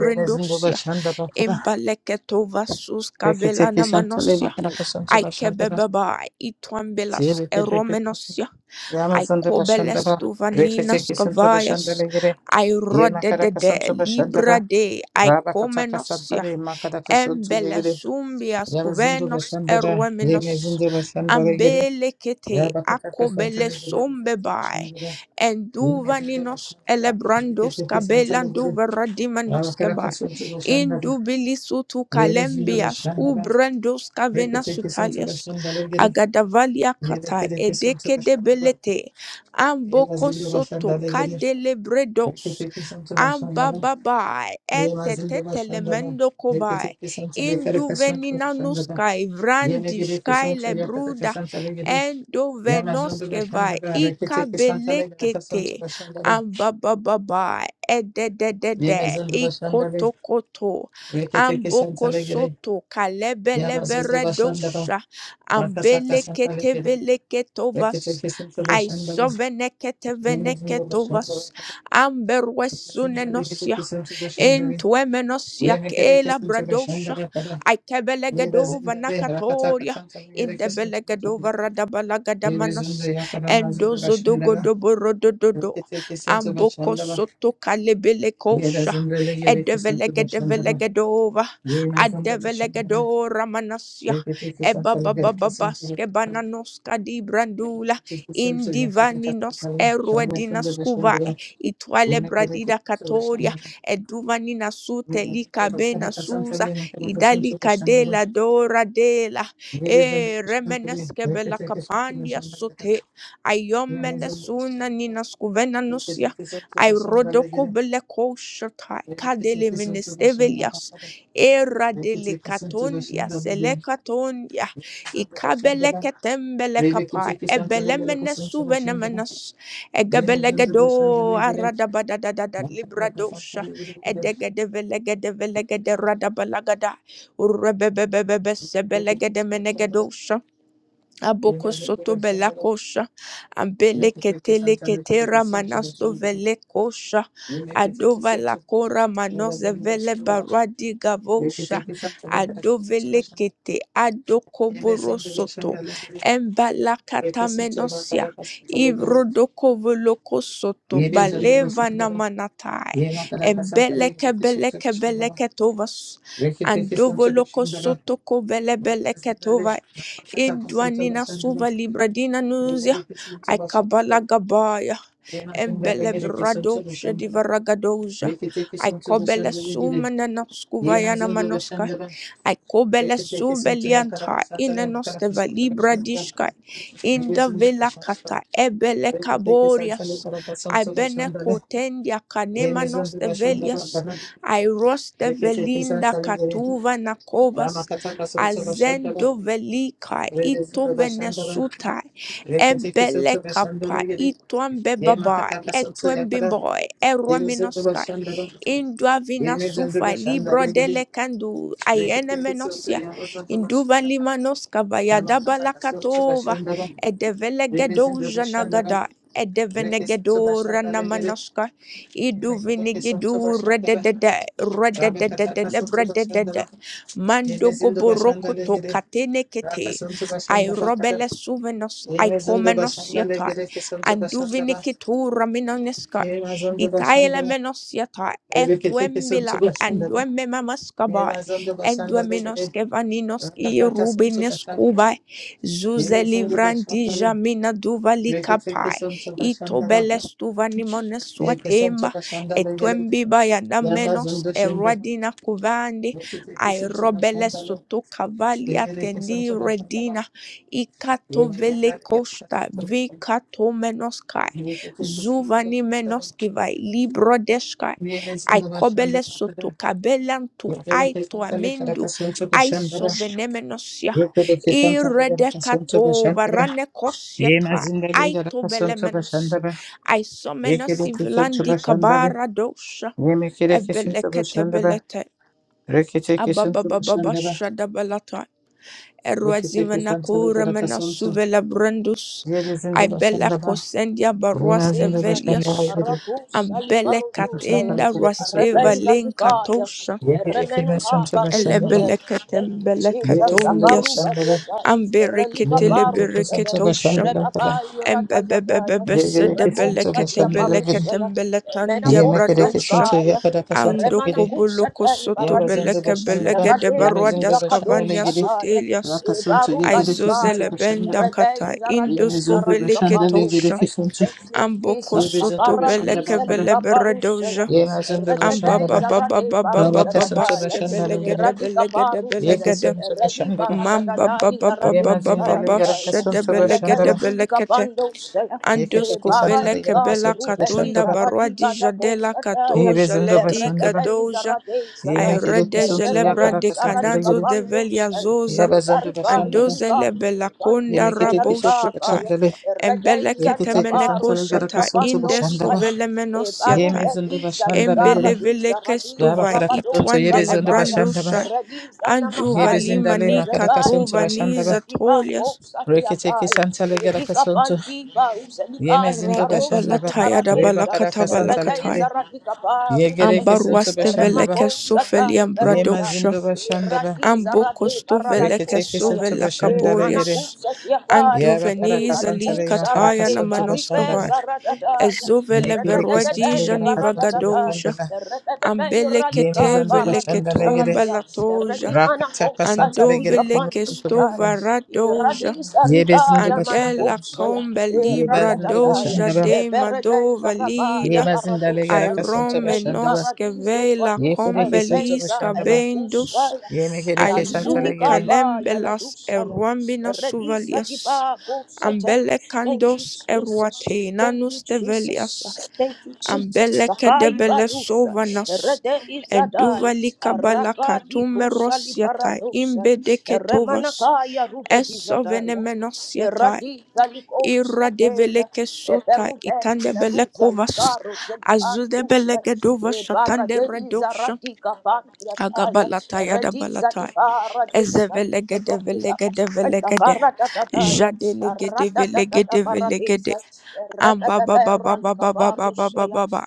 Speaker 2: Remazinda bashandaba kada.
Speaker 1: imbaleketo vasus kavelana
Speaker 2: Rekete sonto le
Speaker 1: manosia
Speaker 2: makada kasonto bashandaba.
Speaker 1: aikebebeba itwambelas
Speaker 2: Yebekete
Speaker 1: eromenosia
Speaker 2: Yamazinda
Speaker 1: aikobeles
Speaker 2: bashandaba.
Speaker 1: tuvaninas
Speaker 2: Rekete sonto
Speaker 1: kavayas
Speaker 2: bashandaba legere. Yemakada
Speaker 1: airodedede
Speaker 2: kasonto
Speaker 1: libra
Speaker 2: bashandaba.
Speaker 1: de
Speaker 2: Rabakataka
Speaker 1: aikomenosia
Speaker 2: Santale, Makataka Suntu Yegede,
Speaker 1: Embelesumbias
Speaker 2: Yamazundu
Speaker 1: cuvenos
Speaker 2: Bashandaba,
Speaker 1: erueminos.
Speaker 2: Yemezundu Bashandaba Yegede,
Speaker 1: Ambelekete
Speaker 2: Rabakataka Santale,
Speaker 1: akobelesumbebai.
Speaker 2: Yegede, Yemezundu
Speaker 1: Enduvaninos
Speaker 2: Bashandaba,
Speaker 1: elebrandos
Speaker 2: Rekete Santale Yegede,
Speaker 1: cabelanduverdiminos
Speaker 2: Rabakataka
Speaker 1: kebai.
Speaker 2: Suntu Bashandaba,
Speaker 1: Indubilisutu
Speaker 2: Yemezundu
Speaker 1: calembias
Speaker 2: Bashandaba,
Speaker 1: ubrandos
Speaker 2: Rekete Suntu
Speaker 1: cavenasutalias.
Speaker 2: Bashandaba Yegede,
Speaker 1: Agadavalia kata
Speaker 2: Yedekede Suntu
Speaker 1: edeke
Speaker 2: Bashandaba,
Speaker 1: debelete. Amboko
Speaker 2: Yemazundu
Speaker 1: soto
Speaker 2: Bashandaba Yegede,
Speaker 1: cadelebredos.
Speaker 2: Rekete Suntu Bashandaba,
Speaker 1: Ambababai,
Speaker 2: Yemazundu Bashandaba,
Speaker 1: etetetelemendo kobai,
Speaker 2: Rekete Santale Karaka Suntu Bashandaba,
Speaker 1: induveninanuskai,
Speaker 2: Yine gidip bir
Speaker 1: vrandiskai
Speaker 2: sonuçta yakata
Speaker 1: lebruda,
Speaker 2: kesan çale gidip. Yemezundu
Speaker 1: endovenoskevai,
Speaker 2: başında be. Rekete kesan çale gidip.
Speaker 1: ikabelekete,
Speaker 2: Sonuçta başında be.
Speaker 1: ambababai, edededede,
Speaker 2: Yemezundu başında be.
Speaker 1: ikotokoto,
Speaker 2: Rekete kesan çale gidip.
Speaker 1: ambokosoto,
Speaker 2: Yemezundu başında be.
Speaker 1: kalebeleveredosha,
Speaker 2: Arka saka kesan çale gidip.
Speaker 1: ambeleketeveliketovas,
Speaker 2: Rekete kesan çale
Speaker 1: I
Speaker 2: başında be. Yemezundu başında
Speaker 1: soveneketeveniketovas,
Speaker 2: be. Yemezundu rekete
Speaker 1: Amberwesunenosia,
Speaker 2: kesan çale başında be.
Speaker 1: Intuemenosia,
Speaker 2: Yemekede
Speaker 1: Kela
Speaker 2: kesan çale başında
Speaker 1: Bradosha,
Speaker 2: be. Kada. Yemezundu
Speaker 1: Aikebelegedova
Speaker 2: be. Rakata
Speaker 1: Nakatoria,
Speaker 2: kesan çale gidip. Kesan çale başında
Speaker 1: Indebelegedova
Speaker 2: be. Yemezundu
Speaker 1: Radabalagadamanus,
Speaker 2: yakadan azındı başında be.
Speaker 1: Endozodogodoborodododo,
Speaker 2: Rekete kesan çale
Speaker 1: Amboko
Speaker 2: başında be.
Speaker 1: Soto Kalebilekosha,
Speaker 2: Yerazandala yedeki santala shandala.
Speaker 1: Edevelegedova,
Speaker 2: Yenazandala shandala.
Speaker 1: Adevelegedora Manasia,
Speaker 2: Yeketeki santala gerka santala
Speaker 1: Ebabababaske
Speaker 2: shandala.
Speaker 1: Bananoska di Brandula,
Speaker 2: Yeketeki santala gerka
Speaker 1: Indivaninos
Speaker 2: santala. Shandala shandala.
Speaker 1: Eruedinas itwale
Speaker 2: Yenazandala
Speaker 1: bradida
Speaker 2: santala shandala. Yenazandala gerka santala.
Speaker 1: katoria eduvani nasute
Speaker 2: Yenazandala
Speaker 1: likabe nasuza
Speaker 2: santala
Speaker 1: idali
Speaker 2: shandala.
Speaker 1: kadela dora dela e
Speaker 2: Yerazandala shandala.
Speaker 1: remeneske bela
Speaker 2: Yeketeki santala
Speaker 1: kapandia
Speaker 2: shandala. Yenazandala shandala. Yeketeki santala shandala. Yeketeki
Speaker 1: sote ayomene
Speaker 2: santala shandala. Yeketeki
Speaker 1: suna nina skuvena nusia ay rodoko bele koshata kadele menestevelias era dele katondia sele katondia
Speaker 2: santala
Speaker 1: ikabele
Speaker 2: shandala. Thank
Speaker 1: ketembele kapa ebele mene suvene Egebelegado aradabadadadada libradosha edegedevelegedevelegederadabelagada urebebebebebesebelegedemenegedosha Aboko soto bela kosha, ambele ketele ketera manasto vele kosha, adova la kora manos vele baradi gavosha, adovele kete adoko voro soto, embala kata menosia, ivrodoko voloko soto, baleva na manatai, embele kebele kebele
Speaker 2: you.
Speaker 1: ketovas,
Speaker 2: Rekete
Speaker 1: andovolo kosoto kovele bele Indwanina suva libradina nuzia. Aikabala gabaya. Embele bradosha divaragadosha. I kobele sumana noskuvayana manoska. I kobele subelianta inanoste valibra dishka. Inda vela kata ebele kaborias. I bene kotendia kanemanos de velias. I roste velinda katuva nakovas. Azendo velika ito venesuta
Speaker 2: Reketeke
Speaker 1: Ebele
Speaker 2: soto
Speaker 1: kapa
Speaker 2: başandara gere.
Speaker 1: itwambe
Speaker 2: Ye
Speaker 1: baba
Speaker 2: makataka soto
Speaker 1: etwembe
Speaker 2: yakara.
Speaker 1: boy
Speaker 2: Ye rezendo
Speaker 1: erominoska
Speaker 2: başandara.
Speaker 1: Indua vina
Speaker 2: Ye rezendo
Speaker 1: sufa libro
Speaker 2: başandara gere.
Speaker 1: dele kandu ayene
Speaker 2: Reketeke soto
Speaker 1: menosia
Speaker 2: yakazando
Speaker 1: induva
Speaker 2: başandara.
Speaker 1: limanoska
Speaker 2: Rama
Speaker 1: vayadaba
Speaker 2: kataka soto
Speaker 1: lakatova
Speaker 2: başandara.
Speaker 1: balakatova
Speaker 2: Ye rezendo
Speaker 1: edevelegedoja
Speaker 2: başandara.
Speaker 1: nagada
Speaker 2: Reke soto
Speaker 1: edevenegedora
Speaker 2: başandara gere.
Speaker 1: namanoska
Speaker 2: Reketeke soto
Speaker 1: iduvinigidu
Speaker 2: başandara.
Speaker 1: rededede
Speaker 2: Rama
Speaker 1: rededede
Speaker 2: kataka soto
Speaker 1: lebrededede
Speaker 2: başandara. Ye rezendo başandara
Speaker 1: mandogoborokoto
Speaker 2: gere. Raka
Speaker 1: katenekete
Speaker 2: soto başandara
Speaker 1: airobele
Speaker 2: kadar.
Speaker 1: suvenos
Speaker 2: Ye rezendo başandara
Speaker 1: aikomenosiotai
Speaker 2: gere. Ke soto başandara.
Speaker 1: anduvinikituraminoneska
Speaker 2: Ye rezendo
Speaker 1: Ikaela
Speaker 2: başandara.
Speaker 1: menos yata
Speaker 2: Rekete
Speaker 1: etwembila
Speaker 2: kesintu başında da.
Speaker 1: andwembe mamas kaba
Speaker 2: Yemezinde başında da
Speaker 1: endweminos
Speaker 2: gede.
Speaker 1: kevaninos i
Speaker 2: Rakata kesintu
Speaker 1: rubines
Speaker 2: başında da.
Speaker 1: kuba zuze
Speaker 2: Yemezinde başında
Speaker 1: livrandi
Speaker 2: da.
Speaker 1: jamina duvali
Speaker 2: Rekete
Speaker 1: kapai
Speaker 2: kesintu başında da.
Speaker 1: itobeles tuvanimones
Speaker 2: Ye
Speaker 1: swatemba
Speaker 2: kesintu başında da gede.
Speaker 1: etwembi bayana menos
Speaker 2: Yemezinde şimdi de.
Speaker 1: eradina kuvandi
Speaker 2: Rekete kesintu
Speaker 1: airobeles
Speaker 2: başında da.
Speaker 1: kavali
Speaker 2: Yere
Speaker 1: atendi
Speaker 2: kesintu başında da.
Speaker 1: redina ikato
Speaker 2: Yemezinde
Speaker 1: vele
Speaker 2: de gede
Speaker 1: costa
Speaker 2: kesintu başında da.
Speaker 1: vikato menos kai
Speaker 2: Rekete kesintu başında da. Yemezinde başında da. Rekete kesintu başında da. Rekete kesintu başında da.
Speaker 1: Zuvani menoskivai libro deskai aikobele soto kabelantu aito amendu aiso venemenosia
Speaker 2: Rekete kesin tu
Speaker 1: iredekato
Speaker 2: başında da.
Speaker 1: varane
Speaker 2: Ye
Speaker 1: kosiata
Speaker 2: mazindale yara
Speaker 1: aito
Speaker 2: kason to bashanda
Speaker 1: belemenos
Speaker 2: ba. Ye kere
Speaker 1: aisomenos
Speaker 2: keson to
Speaker 1: ivlandi
Speaker 2: bashanda ba.
Speaker 1: kabara dosha
Speaker 2: Ye me kere keson to
Speaker 1: ebelekete
Speaker 2: bashandaba.
Speaker 1: belete
Speaker 2: Rekete keson to bashandaba.
Speaker 1: ababababasha
Speaker 2: Rekete keson to le
Speaker 1: Eruazivenakura
Speaker 2: yara kason to.
Speaker 1: menasuvela brandus.
Speaker 2: Ye bezindo
Speaker 1: Ibele
Speaker 2: bashandaba.
Speaker 1: kosendia
Speaker 2: Ye
Speaker 1: baruaste
Speaker 2: mazindo
Speaker 3: Deza,
Speaker 2: bashandaba
Speaker 1: velias.
Speaker 2: yere.
Speaker 3: Rakus
Speaker 1: Ambele
Speaker 2: Kason to
Speaker 3: Alibaruzaya,
Speaker 1: katenda
Speaker 2: le kere keson to
Speaker 1: rasteva
Speaker 2: bash.
Speaker 3: Rebeza Vikaya,
Speaker 1: linkatosha.
Speaker 2: Ye kere
Speaker 3: Remena
Speaker 2: keson to bashandaba.
Speaker 3: Kabarusete,
Speaker 1: Elebele
Speaker 3: thank you,
Speaker 1: ketembele
Speaker 2: Ye
Speaker 3: Jesus,
Speaker 2: bezindo
Speaker 3: Akaru
Speaker 1: katondias.
Speaker 2: ba.
Speaker 3: Badiaza,
Speaker 2: Ye
Speaker 3: Relika
Speaker 2: me
Speaker 1: Ambereketele
Speaker 2: kere keson
Speaker 3: Barusete,
Speaker 2: to
Speaker 1: bereketosha.
Speaker 2: bashanda ba
Speaker 3: Rebaba
Speaker 2: kada.
Speaker 3: Iradazadaya,
Speaker 2: Ye kere keson
Speaker 1: Embebebebebele
Speaker 2: to
Speaker 3: Rekosatia
Speaker 2: bashanda ba
Speaker 1: ketebele
Speaker 2: yere.
Speaker 3: Barusaya,
Speaker 1: ketembele tandia
Speaker 2: Ye
Speaker 3: Menako
Speaker 2: me kere keson
Speaker 1: bradosha.
Speaker 2: to
Speaker 3: Salikaya.
Speaker 2: yakada kason
Speaker 1: Ando
Speaker 2: to
Speaker 3: Remana
Speaker 1: kobolo
Speaker 3: kushata
Speaker 1: kosoto
Speaker 2: Yabazında
Speaker 3: ibaradise.
Speaker 1: beleke
Speaker 2: başında
Speaker 1: belege
Speaker 2: da
Speaker 1: de
Speaker 3: Radela
Speaker 1: baruadas
Speaker 3: diza
Speaker 2: yemezinde başında ne
Speaker 1: cavania
Speaker 2: gidi.
Speaker 3: kadoshataya.
Speaker 1: sotelias
Speaker 2: Rakasın
Speaker 3: Ibaru
Speaker 2: suya gidi kesin
Speaker 1: Aizozele
Speaker 3: kalikaya.
Speaker 2: su başında
Speaker 1: benda
Speaker 2: da
Speaker 3: Rebei
Speaker 1: kata
Speaker 3: zaradis
Speaker 1: indosko
Speaker 2: yemezinde
Speaker 1: velike
Speaker 2: başında ne gidi
Speaker 1: tosha
Speaker 3: zaradikapadosai.
Speaker 2: kesin su.
Speaker 3: Thank you,
Speaker 1: amboko
Speaker 3: Jesus.
Speaker 1: soto
Speaker 2: Yemezinde başında
Speaker 3: Paradise
Speaker 1: beleke
Speaker 2: da para.
Speaker 1: vele
Speaker 3: likaparusaya.
Speaker 1: beredoja
Speaker 2: Yemezinde
Speaker 3: Rededei
Speaker 2: başında
Speaker 1: ambaba
Speaker 2: da
Speaker 1: baba
Speaker 3: zarade
Speaker 1: baba baba
Speaker 2: Rabakasın su
Speaker 3: barutadadaya.
Speaker 1: baske
Speaker 2: başında ne
Speaker 1: belegede
Speaker 2: gidi.
Speaker 1: belegede
Speaker 3: Radikaparuzede.
Speaker 1: belegede
Speaker 2: Yekesin su başında da
Speaker 1: mamba
Speaker 3: Relibaradadadai
Speaker 1: baba baba
Speaker 3: zarados
Speaker 2: yemezinde
Speaker 1: baba
Speaker 2: le
Speaker 3: zaradadaya.
Speaker 2: yarakasın
Speaker 1: shede
Speaker 2: su başında
Speaker 3: Redei
Speaker 1: belegede
Speaker 2: da
Speaker 1: belekete
Speaker 3: zulikapandosaya.
Speaker 2: yekete kesin su
Speaker 1: Andoskovele
Speaker 2: le
Speaker 3: Baradiga
Speaker 1: Kebela
Speaker 2: yarakasın su
Speaker 3: irubedi
Speaker 2: başında
Speaker 1: Katunda
Speaker 2: da
Speaker 1: Barwadi
Speaker 3: zaradiga da
Speaker 1: Jadela Kato
Speaker 3: koshataya.
Speaker 2: yemezinde
Speaker 1: Jaledi
Speaker 2: başında da
Speaker 3: Erredadei
Speaker 1: Gadoja
Speaker 3: zaradei zadai.
Speaker 2: yemek ile
Speaker 1: Ayrede
Speaker 2: kesin su
Speaker 1: Jelebra de
Speaker 3: Erredelus
Speaker 2: yakarakasın su le
Speaker 3: aradika
Speaker 1: Cadanzo
Speaker 2: gidi.
Speaker 1: de Velia
Speaker 3: pandus.
Speaker 1: Zosa
Speaker 2: Yabazında
Speaker 3: Ibarika
Speaker 2: başında da
Speaker 3: yulika
Speaker 1: Andozele Belaconda
Speaker 3: zidikandus.
Speaker 2: yemek ile
Speaker 1: Rabo
Speaker 2: kesin su
Speaker 1: Shatai
Speaker 3: Ayaribakaya.
Speaker 2: başında
Speaker 3: Erredei
Speaker 1: Embele
Speaker 3: zarika
Speaker 2: Reketeke
Speaker 1: Ketemeneko
Speaker 2: santale
Speaker 3: barus
Speaker 2: gara
Speaker 3: elika
Speaker 1: Shatai
Speaker 2: kasonto
Speaker 3: pandus.
Speaker 1: Indesko
Speaker 2: bashandaba.
Speaker 3: Aya.
Speaker 1: Velemenos
Speaker 2: Yeme
Speaker 1: Yatai
Speaker 2: zondo
Speaker 3: Ibarubedi zalika
Speaker 2: bashandale gere.
Speaker 1: Embele
Speaker 3: radei
Speaker 1: Vele
Speaker 3: zaradei
Speaker 2: Yaba
Speaker 1: Kestovai
Speaker 2: kara
Speaker 3: zarabadus
Speaker 2: kasonto
Speaker 1: Itwan
Speaker 2: yebe zondo
Speaker 3: zakapaya.
Speaker 1: Delebrando
Speaker 2: bashandaba.
Speaker 1: Shai
Speaker 3: Erredi
Speaker 1: Andu
Speaker 2: Yebe
Speaker 3: zanamakaya.
Speaker 2: zindale
Speaker 1: Valimani
Speaker 2: makara
Speaker 3: Errebai
Speaker 2: kasonto
Speaker 1: Katova
Speaker 2: bashanda
Speaker 3: zalus
Speaker 2: ba.
Speaker 1: Niza
Speaker 3: Tipa,
Speaker 1: Tolias
Speaker 3: kosa
Speaker 2: Reketeke
Speaker 3: diatai,
Speaker 2: santale gara
Speaker 3: elika
Speaker 2: kasonto.
Speaker 3: pandi baus, elika
Speaker 2: Yemezindo
Speaker 3: ibaros,
Speaker 2: bashanda ba.
Speaker 1: Radabalataya
Speaker 2: Reba
Speaker 3: edibaradesa,
Speaker 2: kara
Speaker 1: dabalakata
Speaker 2: kasantale
Speaker 1: balakatai.
Speaker 3: eredeza
Speaker 2: gere.
Speaker 3: radika barus,
Speaker 2: Yegere kesonto
Speaker 1: Ambaruaste
Speaker 2: bashanda
Speaker 3: erema
Speaker 2: ba.
Speaker 1: veleke
Speaker 3: kosa
Speaker 1: sofeli
Speaker 3: tai
Speaker 2: Yema
Speaker 3: veroda,
Speaker 1: ambradosha.
Speaker 2: bashanda ba.
Speaker 3: eradiza rade
Speaker 1: Ambokosto
Speaker 3: baralal
Speaker 1: veleke
Speaker 2: Reketeke
Speaker 3: kosa ya,
Speaker 2: santo
Speaker 3: e
Speaker 2: bashandale
Speaker 3: mana
Speaker 2: gere.
Speaker 1: sovelakaborius.
Speaker 2: Yaba kara
Speaker 3: La
Speaker 1: Anduvenis
Speaker 3: di u
Speaker 1: ali
Speaker 2: kasantale
Speaker 3: sara
Speaker 2: makara
Speaker 1: kataya
Speaker 3: de
Speaker 2: kasonto
Speaker 3: baribe
Speaker 1: namanoskavai.
Speaker 2: bashandaba.
Speaker 3: zara da da
Speaker 1: Ezovele
Speaker 3: ra da
Speaker 2: Yegere
Speaker 3: da da da
Speaker 2: kesantale
Speaker 1: veruadija
Speaker 2: gara
Speaker 3: bara da
Speaker 2: kasonto
Speaker 3: da
Speaker 2: bashanda
Speaker 1: nivagadoja.
Speaker 2: ba.
Speaker 3: da ra da da da ra li
Speaker 2: Yeme
Speaker 1: Ambelekete
Speaker 2: bashanda
Speaker 3: sara
Speaker 2: bashandale
Speaker 3: de
Speaker 1: veleketomba
Speaker 3: ya ra di
Speaker 1: latoja.
Speaker 3: mana ko
Speaker 2: Rakataka
Speaker 3: sa
Speaker 2: Santa
Speaker 3: ya di
Speaker 2: Legereke
Speaker 1: Andoveleke
Speaker 3: panti
Speaker 2: Mento
Speaker 3: sa
Speaker 2: Bashanda.
Speaker 3: i ra
Speaker 1: stovaradoja.
Speaker 2: Yebezindo
Speaker 3: ya mana ko
Speaker 2: Bashandaba.
Speaker 1: Andela
Speaker 3: ya
Speaker 1: combe
Speaker 3: e ra
Speaker 1: libra
Speaker 3: da da
Speaker 2: Yebazindo
Speaker 3: ya
Speaker 1: doja
Speaker 2: Bashandaba.
Speaker 3: e
Speaker 1: de
Speaker 3: bere da
Speaker 1: madova
Speaker 3: zara ba ya
Speaker 1: lida
Speaker 3: bara
Speaker 2: Yebazinda
Speaker 3: du sa
Speaker 2: Legaraka Santa
Speaker 3: re di
Speaker 2: Bashandaba.
Speaker 1: Airomenos
Speaker 3: zo pa
Speaker 1: kevela
Speaker 3: sa
Speaker 2: Yekereke
Speaker 3: ri
Speaker 2: Santa
Speaker 1: combelis
Speaker 3: e ne
Speaker 2: Bashandaba.
Speaker 1: cabendus
Speaker 3: kusa ya
Speaker 2: Yemekereke Santa
Speaker 3: ayukuni
Speaker 1: Aizu
Speaker 3: ka
Speaker 2: Legere.
Speaker 3: ba ya la
Speaker 1: kalembelas
Speaker 3: du ya
Speaker 1: eruambinas
Speaker 3: Radisa di
Speaker 1: suvalias,
Speaker 3: babo sete. Thank you,
Speaker 1: ambelecandos
Speaker 3: Jesus. Thank you,
Speaker 1: eruatenanus
Speaker 3: Jesus.
Speaker 1: develias,
Speaker 3: Thank you, Jesus. Sakai
Speaker 1: ambelecedebele
Speaker 3: balusa.
Speaker 1: sovanas,
Speaker 3: Rede izadai. Araba di kusa li
Speaker 1: enduvalicabalacatumeros yata
Speaker 3: paradosa.
Speaker 1: imbedeketovas,
Speaker 3: Remanakaya rubedi zadai.
Speaker 1: essovenemenos
Speaker 3: Eradika likosateya.
Speaker 1: Iradeveleke sota
Speaker 3: Eberube
Speaker 1: itande
Speaker 3: izaruza
Speaker 1: itandebelekovas
Speaker 3: likaro zedandusha.
Speaker 1: azudebelekedovas shatande
Speaker 3: Ebarade
Speaker 1: redosha
Speaker 3: izaradika bandiataya.
Speaker 1: agabalata
Speaker 3: Erediza
Speaker 1: yadabalatai
Speaker 3: ibaradisa. The
Speaker 1: ezevelegede
Speaker 3: Lord is our
Speaker 1: velegede
Speaker 3: strength.
Speaker 1: velegede
Speaker 3: Akaratataya.
Speaker 1: jadelegede
Speaker 3: Aratatata
Speaker 1: velegede
Speaker 3: paradisa.
Speaker 1: Am ba ba ba
Speaker 3: Erebebebera
Speaker 1: ba ba ba ba ba ba ba
Speaker 3: likabarushaya.
Speaker 1: ba ba.